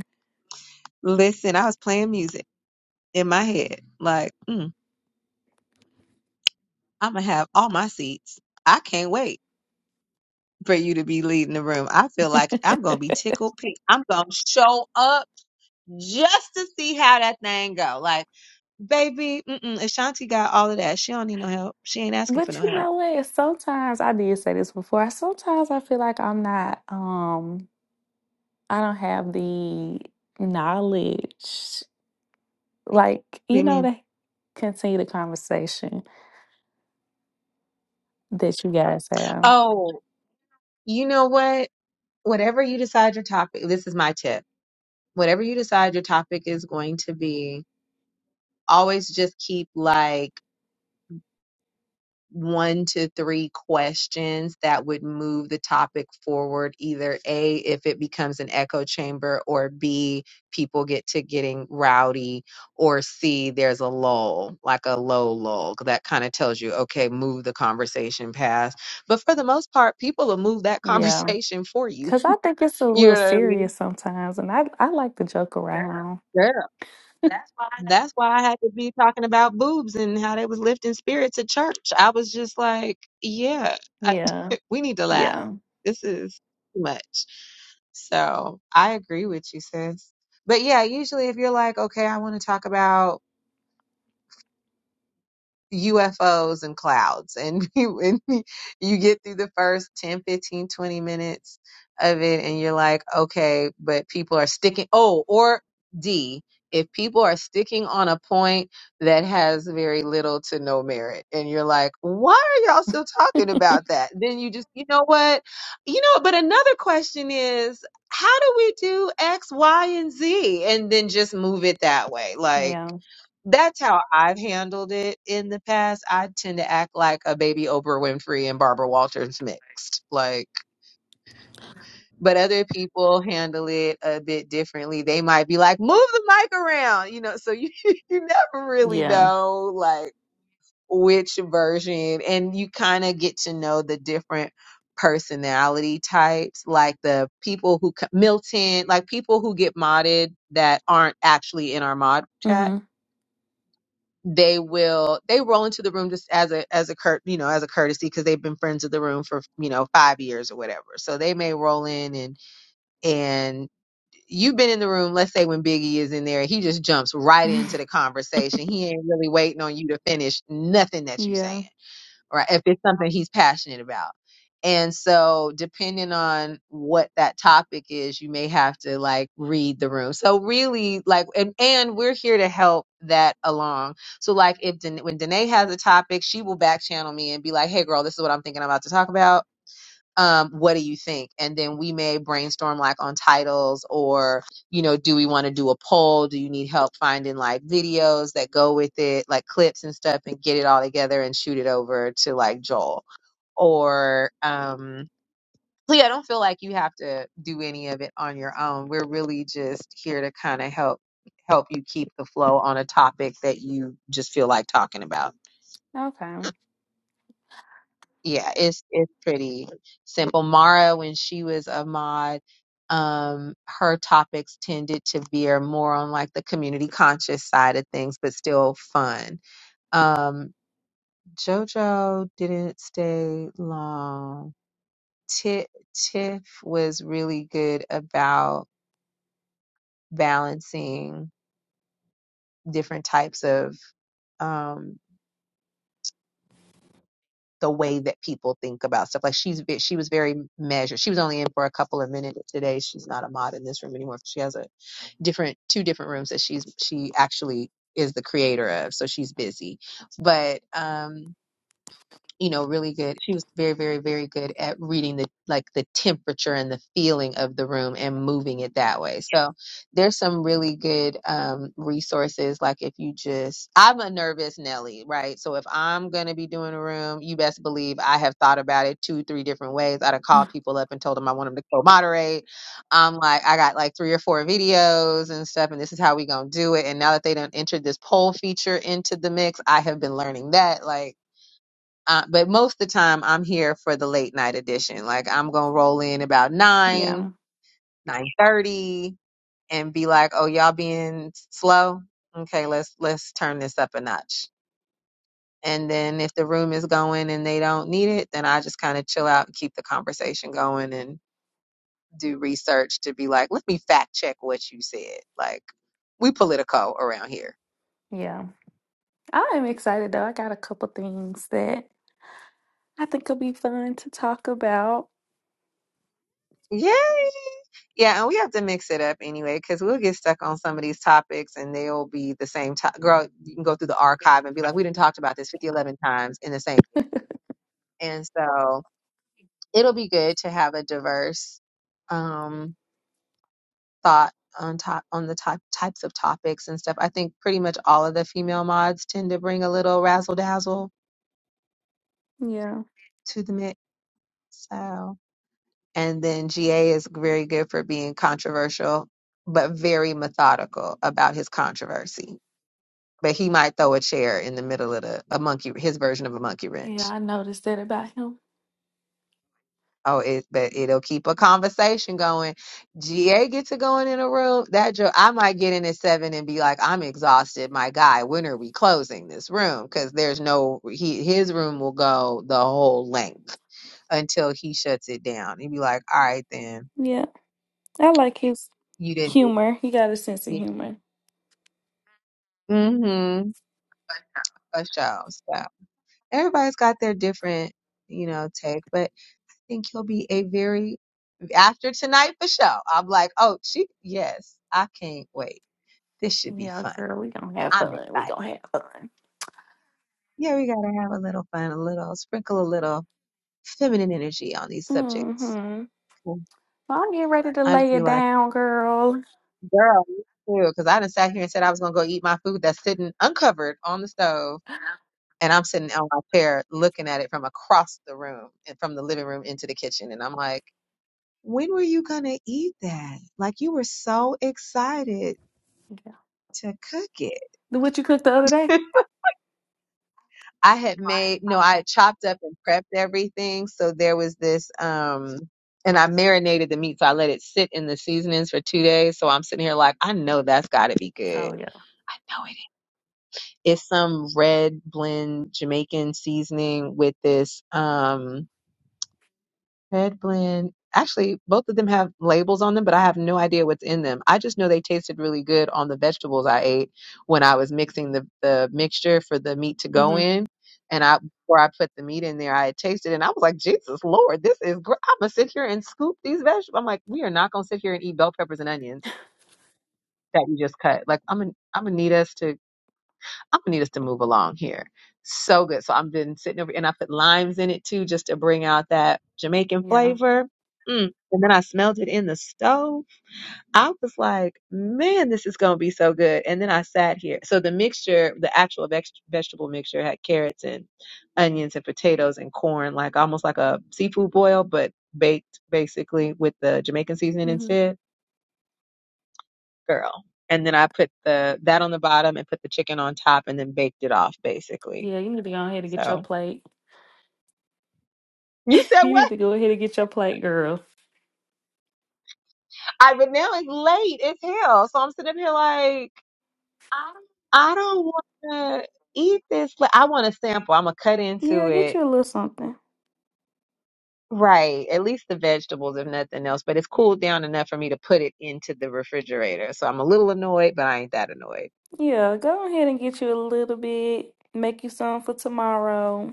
Speaker 2: listen, I was playing music in my head. Like, mm, I'm gonna have all my seats. I can't wait for you to be leading the room. I feel like I'm gonna be tickled pink. I'm gonna show up just to see how that thing go. Like, baby, mm-mm, Ashanti got all of that. She don't need no help. She ain't asking for
Speaker 10: But
Speaker 2: no
Speaker 10: you
Speaker 2: help.
Speaker 10: know what? Sometimes I did say this before. Sometimes I feel like I'm not. Um, I don't have the knowledge, like you
Speaker 2: You
Speaker 10: know,
Speaker 2: mean?
Speaker 10: to continue the conversation that you guys have.
Speaker 2: Oh, you know what? Whatever you decide your topic, this is my tip. Whatever you decide your topic is going to be, always just keep like one to three questions that would move the topic forward either a if it becomes an echo chamber or b people get to getting rowdy or c there's a lull like a low lull that kind of tells you okay move the conversation past but for the most part people will move that
Speaker 10: Yeah.
Speaker 2: conversation for you
Speaker 10: Cause I think it's a
Speaker 2: you
Speaker 10: little
Speaker 2: know what i mean
Speaker 10: serious sometimes, and I I like to joke around.
Speaker 2: That's why I had to be talking about boobs and how they was lifting spirits at church. I was just like, yeah, I,
Speaker 10: Yeah,
Speaker 2: we need to laugh.
Speaker 10: yeah,
Speaker 2: This is too much. So I agree with you, sis. But yeah, usually if you're like, okay, I want to talk about UFOs and clouds. And you, and you get through the first ten, fifteen, twenty minutes of it, and you're like, okay, but people are sticking. Oh, or D, if people are sticking on a point that has very little to no merit, and you're like, why are y'all still talking about that? Then you just, you know what? You know, but another question is, how do we do X, Y, and Z? And then just move it that way. Like,
Speaker 10: yeah,
Speaker 2: that's how I've handled it in the past. I tend to act like a baby Oprah Winfrey and Barbara Walters mixed. Like, but other people handle it a bit differently. They might be like, move the mic around, you know, so you, you never really
Speaker 10: yeah.
Speaker 2: know like which version and you kind of get to know the different personality types, like the people who, co- Milton, like people who get modded that aren't actually in our mod chat
Speaker 10: Mm-hmm.
Speaker 2: they will they roll into the room just as a as a cur- you know as a courtesy because they've been friends of the room for you know five years or whatever so they may roll in and and you've been in the room let's say when biggie is in there he just jumps right into the conversation he ain't really waiting on you to finish nothing that you saying
Speaker 10: Yeah.
Speaker 2: right? If it's something he's passionate about. And so, depending on what that topic is, you may have to like read the room. So, really, like, and, and we're here to help that along. So, like, if Den- when Danae has a topic, she will back channel me and be like, hey, girl, this is what I'm thinking I'm about to talk about um, what do you think? And then we may brainstorm like on titles or, you know, do we want to do a poll? Do you need help finding like videos that go with it, like clips and stuff and get it all together and shoot it over to like Joel or, um, so yeah, I don't feel like you have to do any of it on your own. We're really just here to kind of help help you keep the flow on a topic that you just feel like talking about.
Speaker 10: Okay.
Speaker 2: yeah, it's it's pretty simple. Mara, when she was a mod, um, her topics tended to veer more on like the community conscious side of things, but still fun. Um, JoJo didn't stay long. Tiff, Tiff was really good about balancing different types of um, the way that people think about stuff. Like she's ve- she was very measured. She was only in for a couple of minutes today. She's not a mod in this room anymore. She has a different two different rooms that she's she actually is the creator of. So she's busy. But um you know, really good. She was very, very, very good at reading the like the temperature and the feeling of the room and moving it that way. So there's some really good um, resources. Like if you just, I'm a nervous Nelly, right? So if I'm gonna be doing a room, you best believe I have thought about it two, three different ways. I'd have called people up and told them I want them to co-moderate. I'm like, I got like three or four videos and stuff, and this is how we gonna do it. And now that they done entered this poll feature into the mix, I have been learning that like uh, but most of the time, I'm here for the late night edition. Like I'm gonna roll in about nine,
Speaker 10: Yeah,
Speaker 2: nine thirty, and be like, "Oh, y'all being slow? Okay, let's let's turn this up a notch." And then if the room is going and they don't need it, then I just kind of chill out and keep the conversation going and do research to be like, "Let me fact check what you said." Like we political around here.
Speaker 10: yeah. I am excited though. I got a couple things that I think will be fun to talk about.
Speaker 2: Yay! Yeah, and we have to mix it up anyway, because we'll get stuck on some of these topics and they'll be the same to Girl, you can go through the archive and be like, we didn't talked about this fifty eleven times in the same year. And so it'll be good to have a diverse um, thought on top on the top types of topics and stuff. I think pretty much all of the female mods tend to bring a little razzle dazzle
Speaker 10: Yeah.
Speaker 2: to the mix. So, and then GA is very good for being controversial, but very methodical about his controversy but he might throw a chair in the middle of the a monkey his version of a monkey
Speaker 10: Yeah,
Speaker 2: wrench.
Speaker 10: I noticed that about him.
Speaker 2: Oh, it but it'll keep a conversation going. GA get to going in a room. That joke I might get in at seven and be like, I'm exhausted, my guy. When are we closing this room? Because there's no he his room will go the whole length until he shuts it down. He'd be like, All right then,
Speaker 10: Yeah. I like his
Speaker 2: you didn't
Speaker 10: humor. He got a sense of humor.
Speaker 2: mm-hmm a show. So everybody's got their different, you know, take, but I think he'll be a very after tonight for sure. I'm like, oh, she, yes, I can't wait. This should be
Speaker 10: Yeah,
Speaker 2: fun.
Speaker 10: girl, we gonna have
Speaker 2: I'm
Speaker 10: fun. We
Speaker 2: excited.
Speaker 10: gonna have
Speaker 2: Yeah, we gotta have a little fun, a little sprinkle, a little feminine energy on these subjects.
Speaker 10: fun.
Speaker 2: Mm.
Speaker 10: Well, I'm getting ready to
Speaker 2: I just
Speaker 10: lay
Speaker 2: be
Speaker 10: it
Speaker 2: like,
Speaker 10: down, girl.
Speaker 2: girl, you too, because I done sat here and said I was gonna go eat my food that's sitting uncovered on the stove, and I'm sitting on my chair looking at it from across the room and from the living room into the kitchen, and I'm like, when were you gonna eat that? Like you were so excited
Speaker 10: Yeah.
Speaker 2: to cook it.
Speaker 10: The What you cooked the other day?
Speaker 2: I had made, no, I had chopped up and prepped everything. So there was this, um, and I marinated the meat. So I let it sit in the seasonings for two days. So I'm sitting here like, I know that's got to be good.
Speaker 10: Oh yeah.
Speaker 2: I know it is. It's some red blend Jamaican seasoning with this. Um, Red blend. Actually, both of them have labels on them, but I have no idea what's in them. I just know they tasted really good on the vegetables I ate when I was mixing the, the mixture for the meat to go
Speaker 10: hmm
Speaker 2: in. And I before I put the meat in there, I had tasted it and I was like, Jesus Lord, this is great. I'm gonna sit here and scoop these vegetables. I'm like, we are not gonna sit here and eat bell peppers and onions that we just cut. Like I'm gonna I'm gonna need us to I'm gonna need us to move along here. So good. So I've been sitting over and I put limes in it too, just to bring out that Jamaican
Speaker 10: Yeah.
Speaker 2: flavor. Mm. And then I smelled it in the stove. I was like, man, this is gonna be so good. And then I sat here. So the mixture, the actual vex vegetable mixture had carrots and onions and potatoes and corn, like almost like a seafood boil, but baked basically with the Jamaican seasoning
Speaker 10: hmm
Speaker 2: instead. Girl. And then I put the that on the bottom and put the chicken on top and then baked it off basically
Speaker 10: Yeah, you need to go ahead and get your
Speaker 2: so
Speaker 10: plate.
Speaker 2: you
Speaker 10: you
Speaker 2: said
Speaker 10: need
Speaker 2: what?
Speaker 10: to go ahead and get your plate, girl.
Speaker 2: I but now it's late. It's hell. So I'm sitting up here like I don't want to eat this. Like I want a sample. I'm gonna cut into
Speaker 10: Yeah, get
Speaker 2: it.
Speaker 10: you a little something.
Speaker 2: Right, at least the vegetables, if nothing else. But it's cooled down enough for me to put it into the refrigerator. So I'm a little annoyed, but I ain't that annoyed.
Speaker 10: Yeah, go ahead and get you a little bit. Make you some for tomorrow,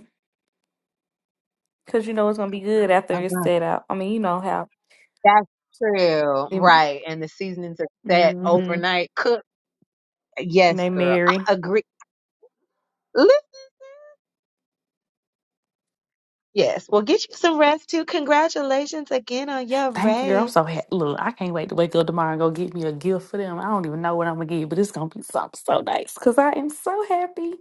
Speaker 10: cause you know it's gonna be good
Speaker 2: Oh
Speaker 10: after it's
Speaker 2: wow,
Speaker 10: set out. I mean, you know how.
Speaker 2: that's true.
Speaker 10: It,
Speaker 2: Right, and the seasonings are set
Speaker 10: Mm-hmm.
Speaker 2: overnight. Cook.
Speaker 10: And
Speaker 2: Yes,
Speaker 10: they
Speaker 2: girl. I
Speaker 10: marry.
Speaker 2: agree. Li- Yes. Well, get you some rest too. Congratulations again on your
Speaker 10: Thank you, girl. I'm
Speaker 2: race.
Speaker 10: so happy. Look, I can't wait to wake up tomorrow and go get me a gift for them. I don't even know what I'm gonna get, but it's gonna be something so nice because I am so happy.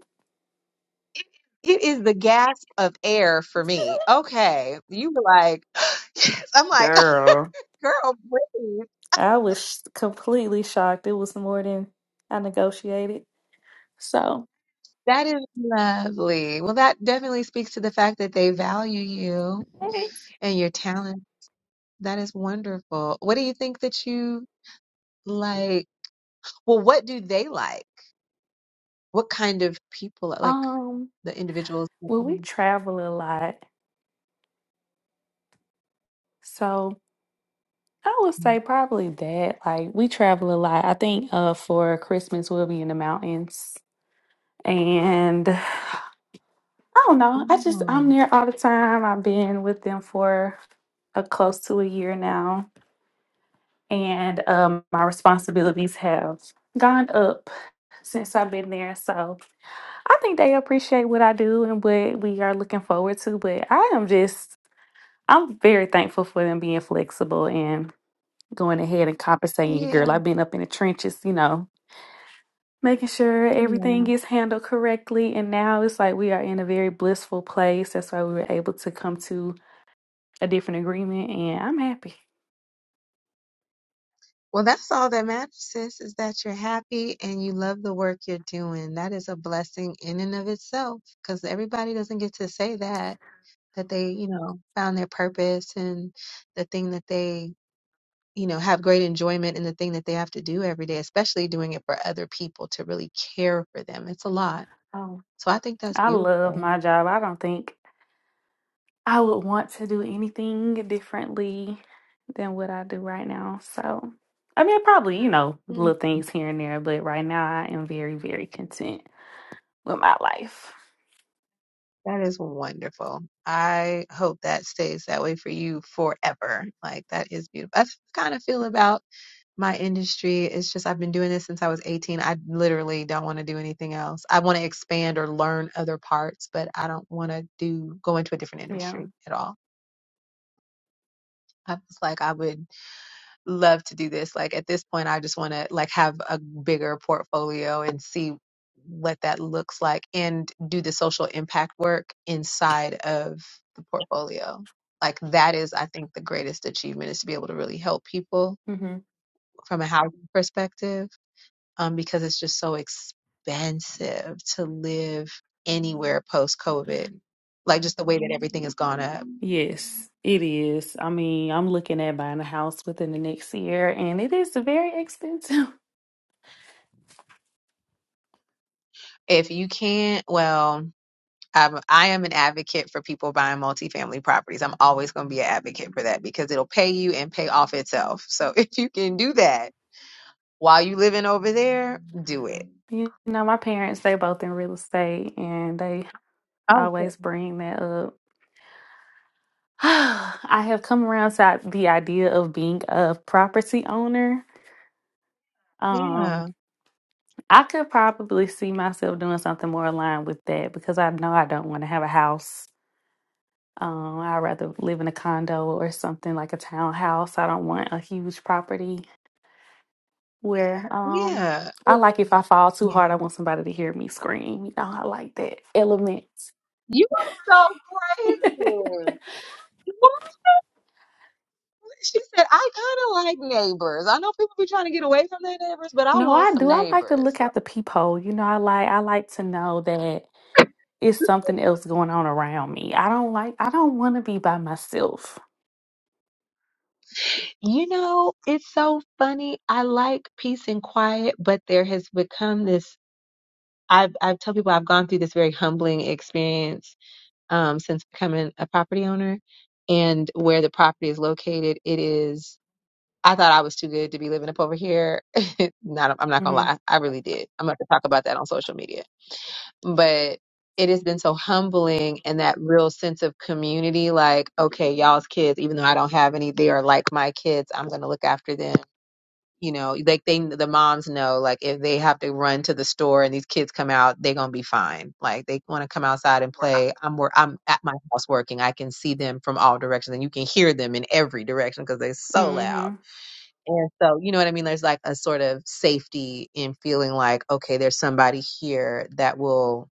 Speaker 2: It is the gasp of air for me. Okay. You were like, yes. I'm like,
Speaker 10: Girl,
Speaker 2: girl, breathe.
Speaker 10: I was completely shocked. It was more than I negotiated. So,
Speaker 2: That is lovely. Well, that definitely speaks to the fact that they value you
Speaker 10: Okay.
Speaker 2: and your talent. That is wonderful. What do you think that you like? Well, what do they like? What kind of people like
Speaker 10: um,
Speaker 2: the individuals? that
Speaker 10: well, we
Speaker 2: you-
Speaker 10: travel a lot. So I would say probably that. Like we travel a lot. I think uh for Christmas we'll be in the mountains. And I don't know. I just
Speaker 2: Oh,
Speaker 10: I'm there all the time. I've been with them for a close to a year now, and um, my responsibilities have gone up since I've been there. So I think they appreciate what I do and what we are looking forward to. But I am just I'm very thankful for them being flexible and going ahead and compensating you, girl.
Speaker 2: yeah.
Speaker 10: I've been up in the trenches, you know, making sure
Speaker 2: Yeah.
Speaker 10: everything is handled correctly. And now it's like we are in a very blissful place. That's why we were able to come to a different agreement and I'm happy.
Speaker 2: Well, that's all that matters, sis, is that you're happy and you love the work you're doing. That is a blessing in and of itself because everybody doesn't get to say that, that they, you know, found their purpose and the thing that they, you know, have great enjoyment in the thing that they have to do every day, especially doing it for other people to really care for them. It's a lot.
Speaker 10: Um,
Speaker 2: So I think that's
Speaker 10: I love
Speaker 2: beautiful.
Speaker 10: my job. I don't think I would want to do anything differently than what I do right now. So, I mean, probably, you know,
Speaker 2: Mm,
Speaker 10: little things here and there, but right now I am very, very content with my life.
Speaker 2: That is wonderful. I hope that stays that way for you forever. Like that is beautiful. That's kind of feel about my industry it's just i've been doing this since i was 18 i literally don't want to do anything else i want to expand or learn other parts but i don't want to do go into a different
Speaker 10: Yeah.
Speaker 2: industry at all i was like i would love to do this like at this point i just want to like have a bigger portfolio and see what that looks like and do the social impact work inside of the portfolio like that is i think the greatest achievement is to be able to really help people
Speaker 10: hmm
Speaker 2: from a housing perspective um, because it's just so expensive to live anywhere post COVID. Like just the way that everything has gone up.
Speaker 10: Yes, it is. I mean, I'm looking at buying a house within the next year and it is very expensive.
Speaker 2: If you can't, well, I'm, I am an advocate for people buying multifamily properties. I'm always going to be an advocate for that because it'll pay you and pay off itself. So if you can do that while you living over there, do it.
Speaker 10: You know, my parents, they both in real estate and they
Speaker 2: Oh, good.
Speaker 10: always bring that up I have come around to the idea of being a property owner. Um,
Speaker 2: yeah,
Speaker 10: I could probably see myself doing something more aligned with that because I know I don't want to have a house. Um, I'd rather live in a condo or something like a townhouse. I don't want a huge property where um
Speaker 2: yeah,
Speaker 10: I like if I fall too hard,
Speaker 2: yeah.
Speaker 10: I want somebody to hear me scream. You know, I like that element.
Speaker 2: You are so crazy. She said, I kind of like neighbors. I know people be trying to get away from their neighbors, but I
Speaker 10: No,
Speaker 2: want
Speaker 10: I
Speaker 2: some
Speaker 10: do. I like to
Speaker 2: neighbors.
Speaker 10: look
Speaker 2: Like,
Speaker 10: out the peephole. You know, I like I like to know that. It's something else going on around me. I don't like, I don't want to be by myself.
Speaker 2: You know, it's so funny. I like peace and quiet, but there has become this. I've, I've told people I've gone through this very humbling experience um, since becoming a property owner and where the property is located. It is, I thought I was too good to be living up over here. Not, I'm not gonna
Speaker 10: hmm
Speaker 2: lie. I really did. I'm going to talk about that on social media but it has been so humbling and that real sense of community like okay y'all's kids even though i don't have any they are like my kids i'm going to look after them you know like they the moms know like if they have to run to the store and these kids come out they're going to be fine like they want to come outside and play i'm wor- i'm at my house working i can see them from all directions and you can hear them in every direction because they're so loud
Speaker 10: Mm-hmm.
Speaker 2: and so, you know what I mean? There's like a sort of safety in feeling like, okay, there's somebody here that will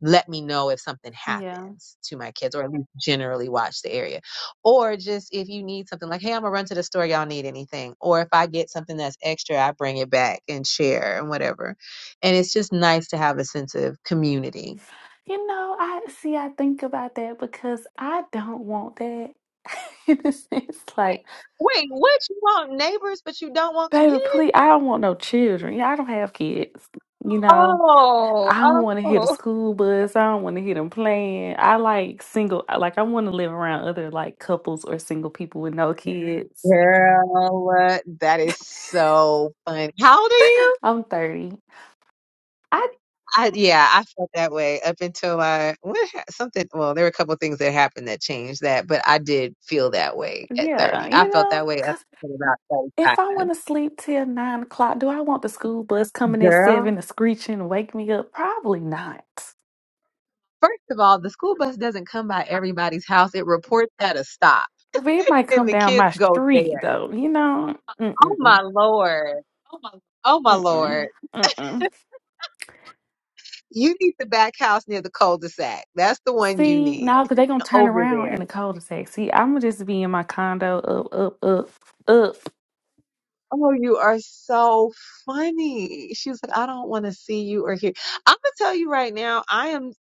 Speaker 2: let me know if something
Speaker 10: Yeah.
Speaker 2: happens to my kids or at least generally watch the area or just if you need something like hey i'm gonna run to the store y'all need anything or if i get something that's extra i bring it back and share and whatever and it's just nice to have a sense of community
Speaker 10: You know, I see, I think about that because I don't want that. In a sense, like,
Speaker 2: wait what you want neighbors but you don't want
Speaker 10: baby,
Speaker 2: community
Speaker 10: please, I don't want no children. Yeah, I don't have kids, you know.
Speaker 2: oh
Speaker 10: I don't want to hear the
Speaker 2: oh
Speaker 10: school bus. I don't want to hear them playing. I like single. I- Like I want to live around other like couples or single people with no kids.
Speaker 2: girl what that is so funny how old are you
Speaker 10: I'm thirty. I
Speaker 2: I yeah, I felt that way up until I what ha- something. Well, there were a couple things that happened that changed that, but I did feel that way at
Speaker 10: yeah,
Speaker 2: thirty. I
Speaker 10: you
Speaker 2: felt that
Speaker 10: know,
Speaker 2: way up
Speaker 10: because
Speaker 2: until about
Speaker 10: if I
Speaker 2: thirty-five.
Speaker 10: want to sleep till nine o'clock, do I want the school bus coming at
Speaker 2: Girl,
Speaker 10: seven and screeching and wake me up? Probably not.
Speaker 2: first of all, the school bus doesn't come by everybody's house. It reports at a stop,
Speaker 10: It might
Speaker 2: and
Speaker 10: come
Speaker 2: the
Speaker 10: down
Speaker 2: kids
Speaker 10: my
Speaker 2: go
Speaker 10: street
Speaker 2: there.
Speaker 10: though. You know.
Speaker 2: Oh my
Speaker 10: Mm-mm.
Speaker 2: lord. Oh my lord.
Speaker 10: Mm-mm. Mm-mm.
Speaker 2: You need the back house near the cul-de-sac. That's the one you
Speaker 10: See,
Speaker 2: need
Speaker 10: no, because they going to turn
Speaker 2: over
Speaker 10: around
Speaker 2: there.
Speaker 10: in the cul-de-sac. See, I'm going to just be in my condo up, up, up, up.
Speaker 2: Oh, you are so funny. She was like, I don't want to see you or hear. I'm going to tell you right now, I am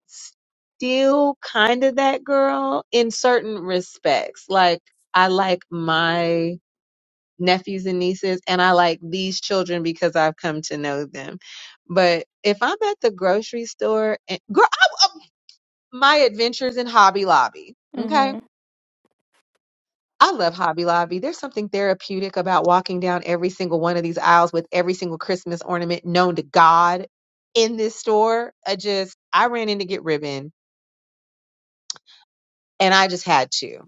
Speaker 2: still kind of that girl in certain respects. Like, I like my nephews and nieces, and I like these children because I've come to know them. But if I'm at the grocery store, and girl, I, I- my adventures in Hobby Lobby, okay?
Speaker 10: Mm-hmm.
Speaker 2: I love Hobby Lobby. There's something therapeutic about walking down every single one of these aisles with every single Christmas ornament known to God in this store. I just, I ran in to get ribbon and I just had to.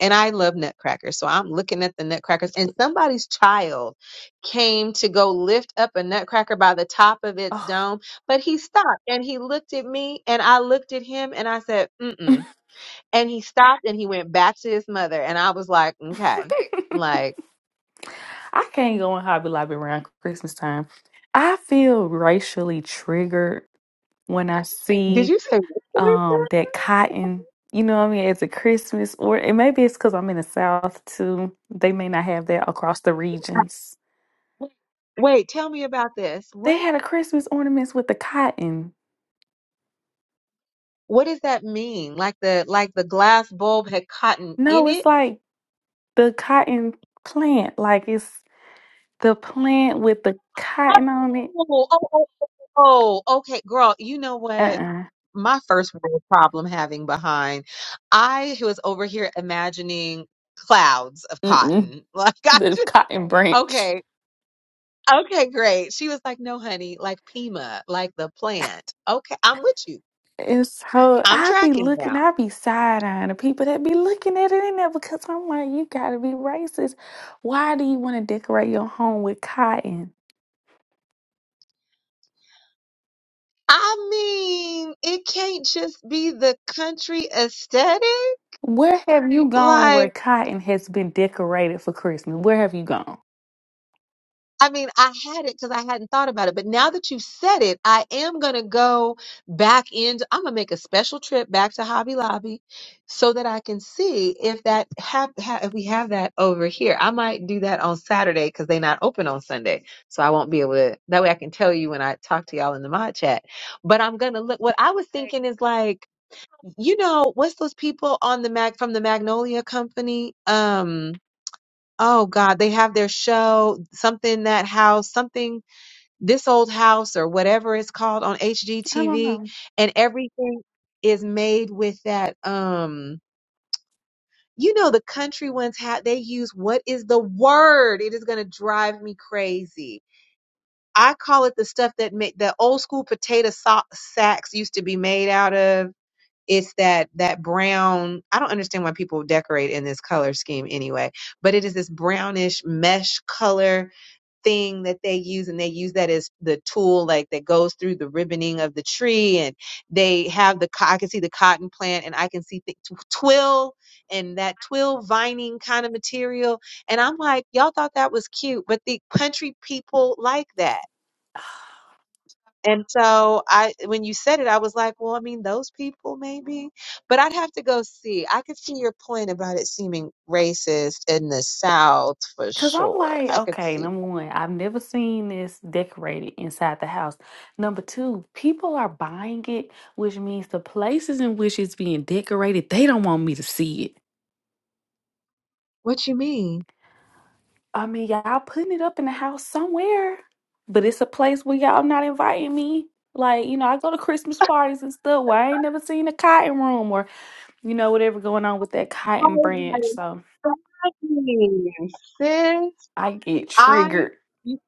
Speaker 2: And I love nutcrackers. So I'm looking at the nutcrackers and somebody's child came to go lift up a nutcracker by the top of its
Speaker 10: Oh.
Speaker 2: dome, but he stopped and he looked at me and I looked at him and I said, mm mm. And he stopped and he went back to his mother. And I was like, okay, like,
Speaker 10: I can't go in Hobby Lobby around Christmas time. I feel racially triggered when I
Speaker 2: Did
Speaker 10: see
Speaker 2: you say whistleblower?
Speaker 10: um that cotton, you know what I mean, as a Christmas or and maybe it's because I'm in the South too. They may not have that across the regions.
Speaker 2: Wait, tell me about this.
Speaker 10: They
Speaker 2: What
Speaker 10: had a Christmas ornaments with the cotton.
Speaker 2: what does that mean? Like the like the glass bulb had cotton in
Speaker 10: No, it's
Speaker 2: it?
Speaker 10: like the cotton plant. Like it's The plant with the cotton on it.
Speaker 2: Oh, oh, oh, oh, oh, okay, girl. You know what?
Speaker 10: Uh-uh.
Speaker 2: My first world problem having behind, I was over here imagining clouds of
Speaker 10: Mm-mm.
Speaker 2: cotton. Like I
Speaker 10: The
Speaker 2: just
Speaker 10: cotton branch.
Speaker 2: okay. Okay, great. She was like, "No, honey, like Pima, like the plant." Okay, I'm with you.
Speaker 10: It's so
Speaker 2: I'm
Speaker 10: I be
Speaker 2: tracking now.
Speaker 10: looking, I be side eyeing the people that be looking at it in there because I'm like, you gotta be racist. Why do you want to decorate your home with cotton?
Speaker 2: I mean, it can't just be the country aesthetic.
Speaker 10: Where have you gone where
Speaker 2: Like,
Speaker 10: cotton has been decorated for Christmas? Where have you gone?
Speaker 2: I mean, I had it because I hadn't thought about it, but now that you said it, I am gonna go back into. I'm gonna make a special trip back to Hobby Lobby so that I can see if that have ha, if we have that over here. I might do that on Saturday because they're not open on Sunday, so I won't be able to. That way, I can tell you when I talk to y'all in the mod chat. But I'm gonna look. What I was thinking is like. you know what's those people on the mag from the magnolia company um oh god they have their show something that house something this old house or whatever it's called on
Speaker 10: I don't
Speaker 2: hgtv
Speaker 10: know.
Speaker 2: and everything is made with that um you know the country ones had they use what is the word it is going to drive me crazy i call it the stuff that made the old school potato so- sacks used to be made out of it's that that brown i don't understand why people decorate in this color scheme anyway but it is this brownish mesh color thing that they use and they use that as the tool like that goes through the ribboning of the tree and they have the co- i can see the cotton plant and i can see th- twill and that twill vining kind of material and i'm like y'all thought that was cute but the country people like that and so I when you said it, I was like, well, I mean, those people maybe. But I'd have to go see. I could see your point about it seeming racist in the South for
Speaker 10: Cause I'm
Speaker 2: sure.
Speaker 10: like,
Speaker 2: I could
Speaker 10: okay,
Speaker 2: see.
Speaker 10: number one, I've never seen this decorated inside the house. Number two, people are buying it, which means the places in which it's being decorated, they don't want me to see it.
Speaker 2: What you mean?
Speaker 10: I mean, y'all putting it up in the house somewhere, but it's a place where y'all not inviting me. Like, you know, I go to Christmas parties and stuff where I ain't never seen a cotton room or, you know, whatever going on with that cotton
Speaker 2: Oh
Speaker 10: branch. So
Speaker 2: my goodness, sis.
Speaker 10: I get
Speaker 2: I
Speaker 10: triggered.
Speaker 2: you,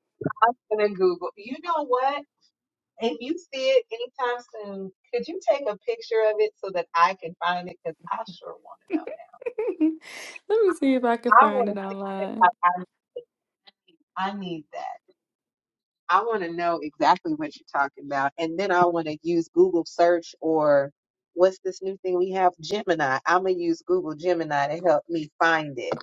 Speaker 2: I'm gonna Google. You know what? If you see it anytime soon, could you take a picture of it so that I can find it? Because I sure want to know
Speaker 10: Let me see if I can
Speaker 2: now. I
Speaker 10: find
Speaker 2: want
Speaker 10: it
Speaker 2: to see it.
Speaker 10: online.
Speaker 2: Like I, I need that. I want to know exactly what you're talking about. And then I want to use Google search or what's this new thing we have? Gemini. I'm going to use Google Gemini to help me find it.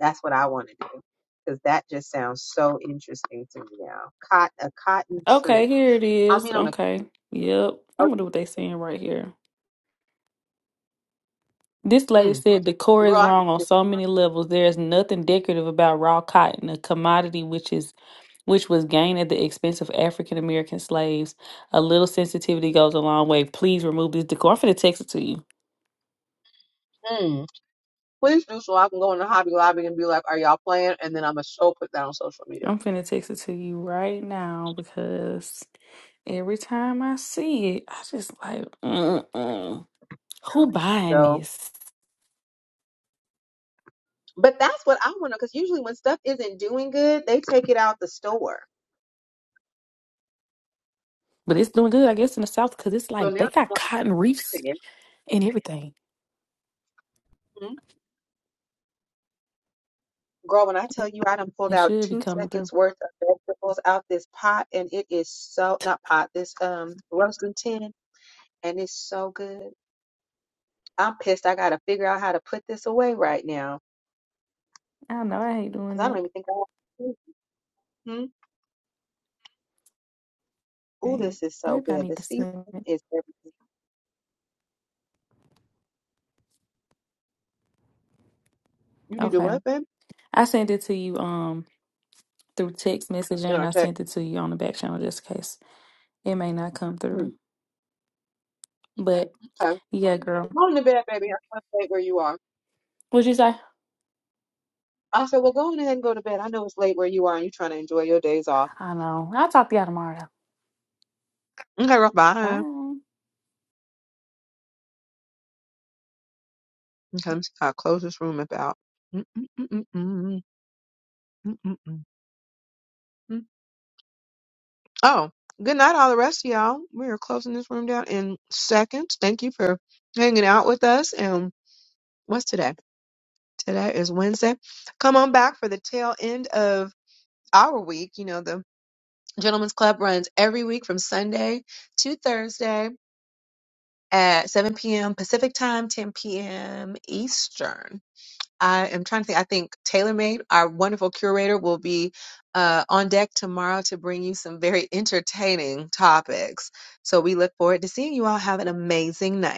Speaker 2: That's what I want to do because that just sounds so interesting to me now. Cot a cotton
Speaker 10: Okay,
Speaker 2: tree.
Speaker 10: here it
Speaker 2: I
Speaker 10: is.
Speaker 2: mean, on a,
Speaker 10: Okay. Yep. I
Speaker 2: oh,
Speaker 10: am gonna do what they saying right here. This lady
Speaker 2: mm,
Speaker 10: said the core
Speaker 2: girl,
Speaker 10: is
Speaker 2: I, could
Speaker 10: wrong on so many levels. There is nothing decorative about raw cotton, a commodity which is which was gained at the expense of African American slaves. A little sensitivity goes a long way. Please remove this decor. I'm finna text it to you.
Speaker 2: just- mm, please do so I can go into Hobby Lobby and be like, are y'all playing? And then I'm going to show put that on social media.
Speaker 10: I'm finna text it to you right now because every time I see it, I just like, mm-mm. who buying
Speaker 2: So,
Speaker 10: this?
Speaker 2: but that's what I want to, because usually when stuff isn't doing good, they take it out the store.
Speaker 10: But it's doing good, I guess, in the South because it's
Speaker 2: So
Speaker 10: like
Speaker 2: now
Speaker 10: they
Speaker 2: I'm
Speaker 10: got
Speaker 2: going
Speaker 10: cotton reefs and everything.
Speaker 2: Mhm. Girl, when I tell you I done pulled
Speaker 10: It
Speaker 2: out
Speaker 10: should be
Speaker 2: two
Speaker 10: coming through.
Speaker 2: seconds worth of vegetables out this pot and it is so not pot, this um roasting tin and it's so good. I'm pissed I gotta figure out how to put this away right now.
Speaker 10: I don't know I hate doing
Speaker 2: Cause I don't
Speaker 10: it.
Speaker 2: even think I want to. hmm Ooh,
Speaker 10: Okay.
Speaker 2: this is so
Speaker 10: Maybe I
Speaker 2: good.
Speaker 10: need
Speaker 2: The
Speaker 10: to
Speaker 2: seasoning
Speaker 10: send it.
Speaker 2: is everything. You need to
Speaker 10: Okay.
Speaker 2: what, babe?
Speaker 10: I sent it to you um through text message
Speaker 2: In
Speaker 10: and
Speaker 2: our
Speaker 10: I
Speaker 2: text.
Speaker 10: sent it to you on the back channel just in case it may not come
Speaker 2: Hmm.
Speaker 10: through. But
Speaker 2: Okay.
Speaker 10: yeah, girl.
Speaker 2: Go on to bed, baby. I'm going to late where you are.
Speaker 10: What'd you say?
Speaker 2: I said, well, go on ahead and go to bed. I know it's late where you are and you're trying to enjoy your days off.
Speaker 10: I know. I'll talk to y'all tomorrow.
Speaker 2: Okay, girl, bye.
Speaker 10: Bye.
Speaker 2: Okay, let me see if I close this room about. Mm, mm, mm, mm, mm, mm, mm, mm, mm. Oh, good night, all the rest of y'all. We are closing this room down in seconds. Thank you for hanging out with us. And what's today? Today is Wednesday. Come on back for the tail end of our week. You know, the Gentlemen's Club runs every week from Sunday to Thursday at 7 p.m. Pacific time, 10 p.m. Eastern. I am trying to think. I think TaylorMade, our wonderful curator, will be uh, on deck tomorrow to bring you some very entertaining topics. So we look forward to seeing you all. Have an amazing night.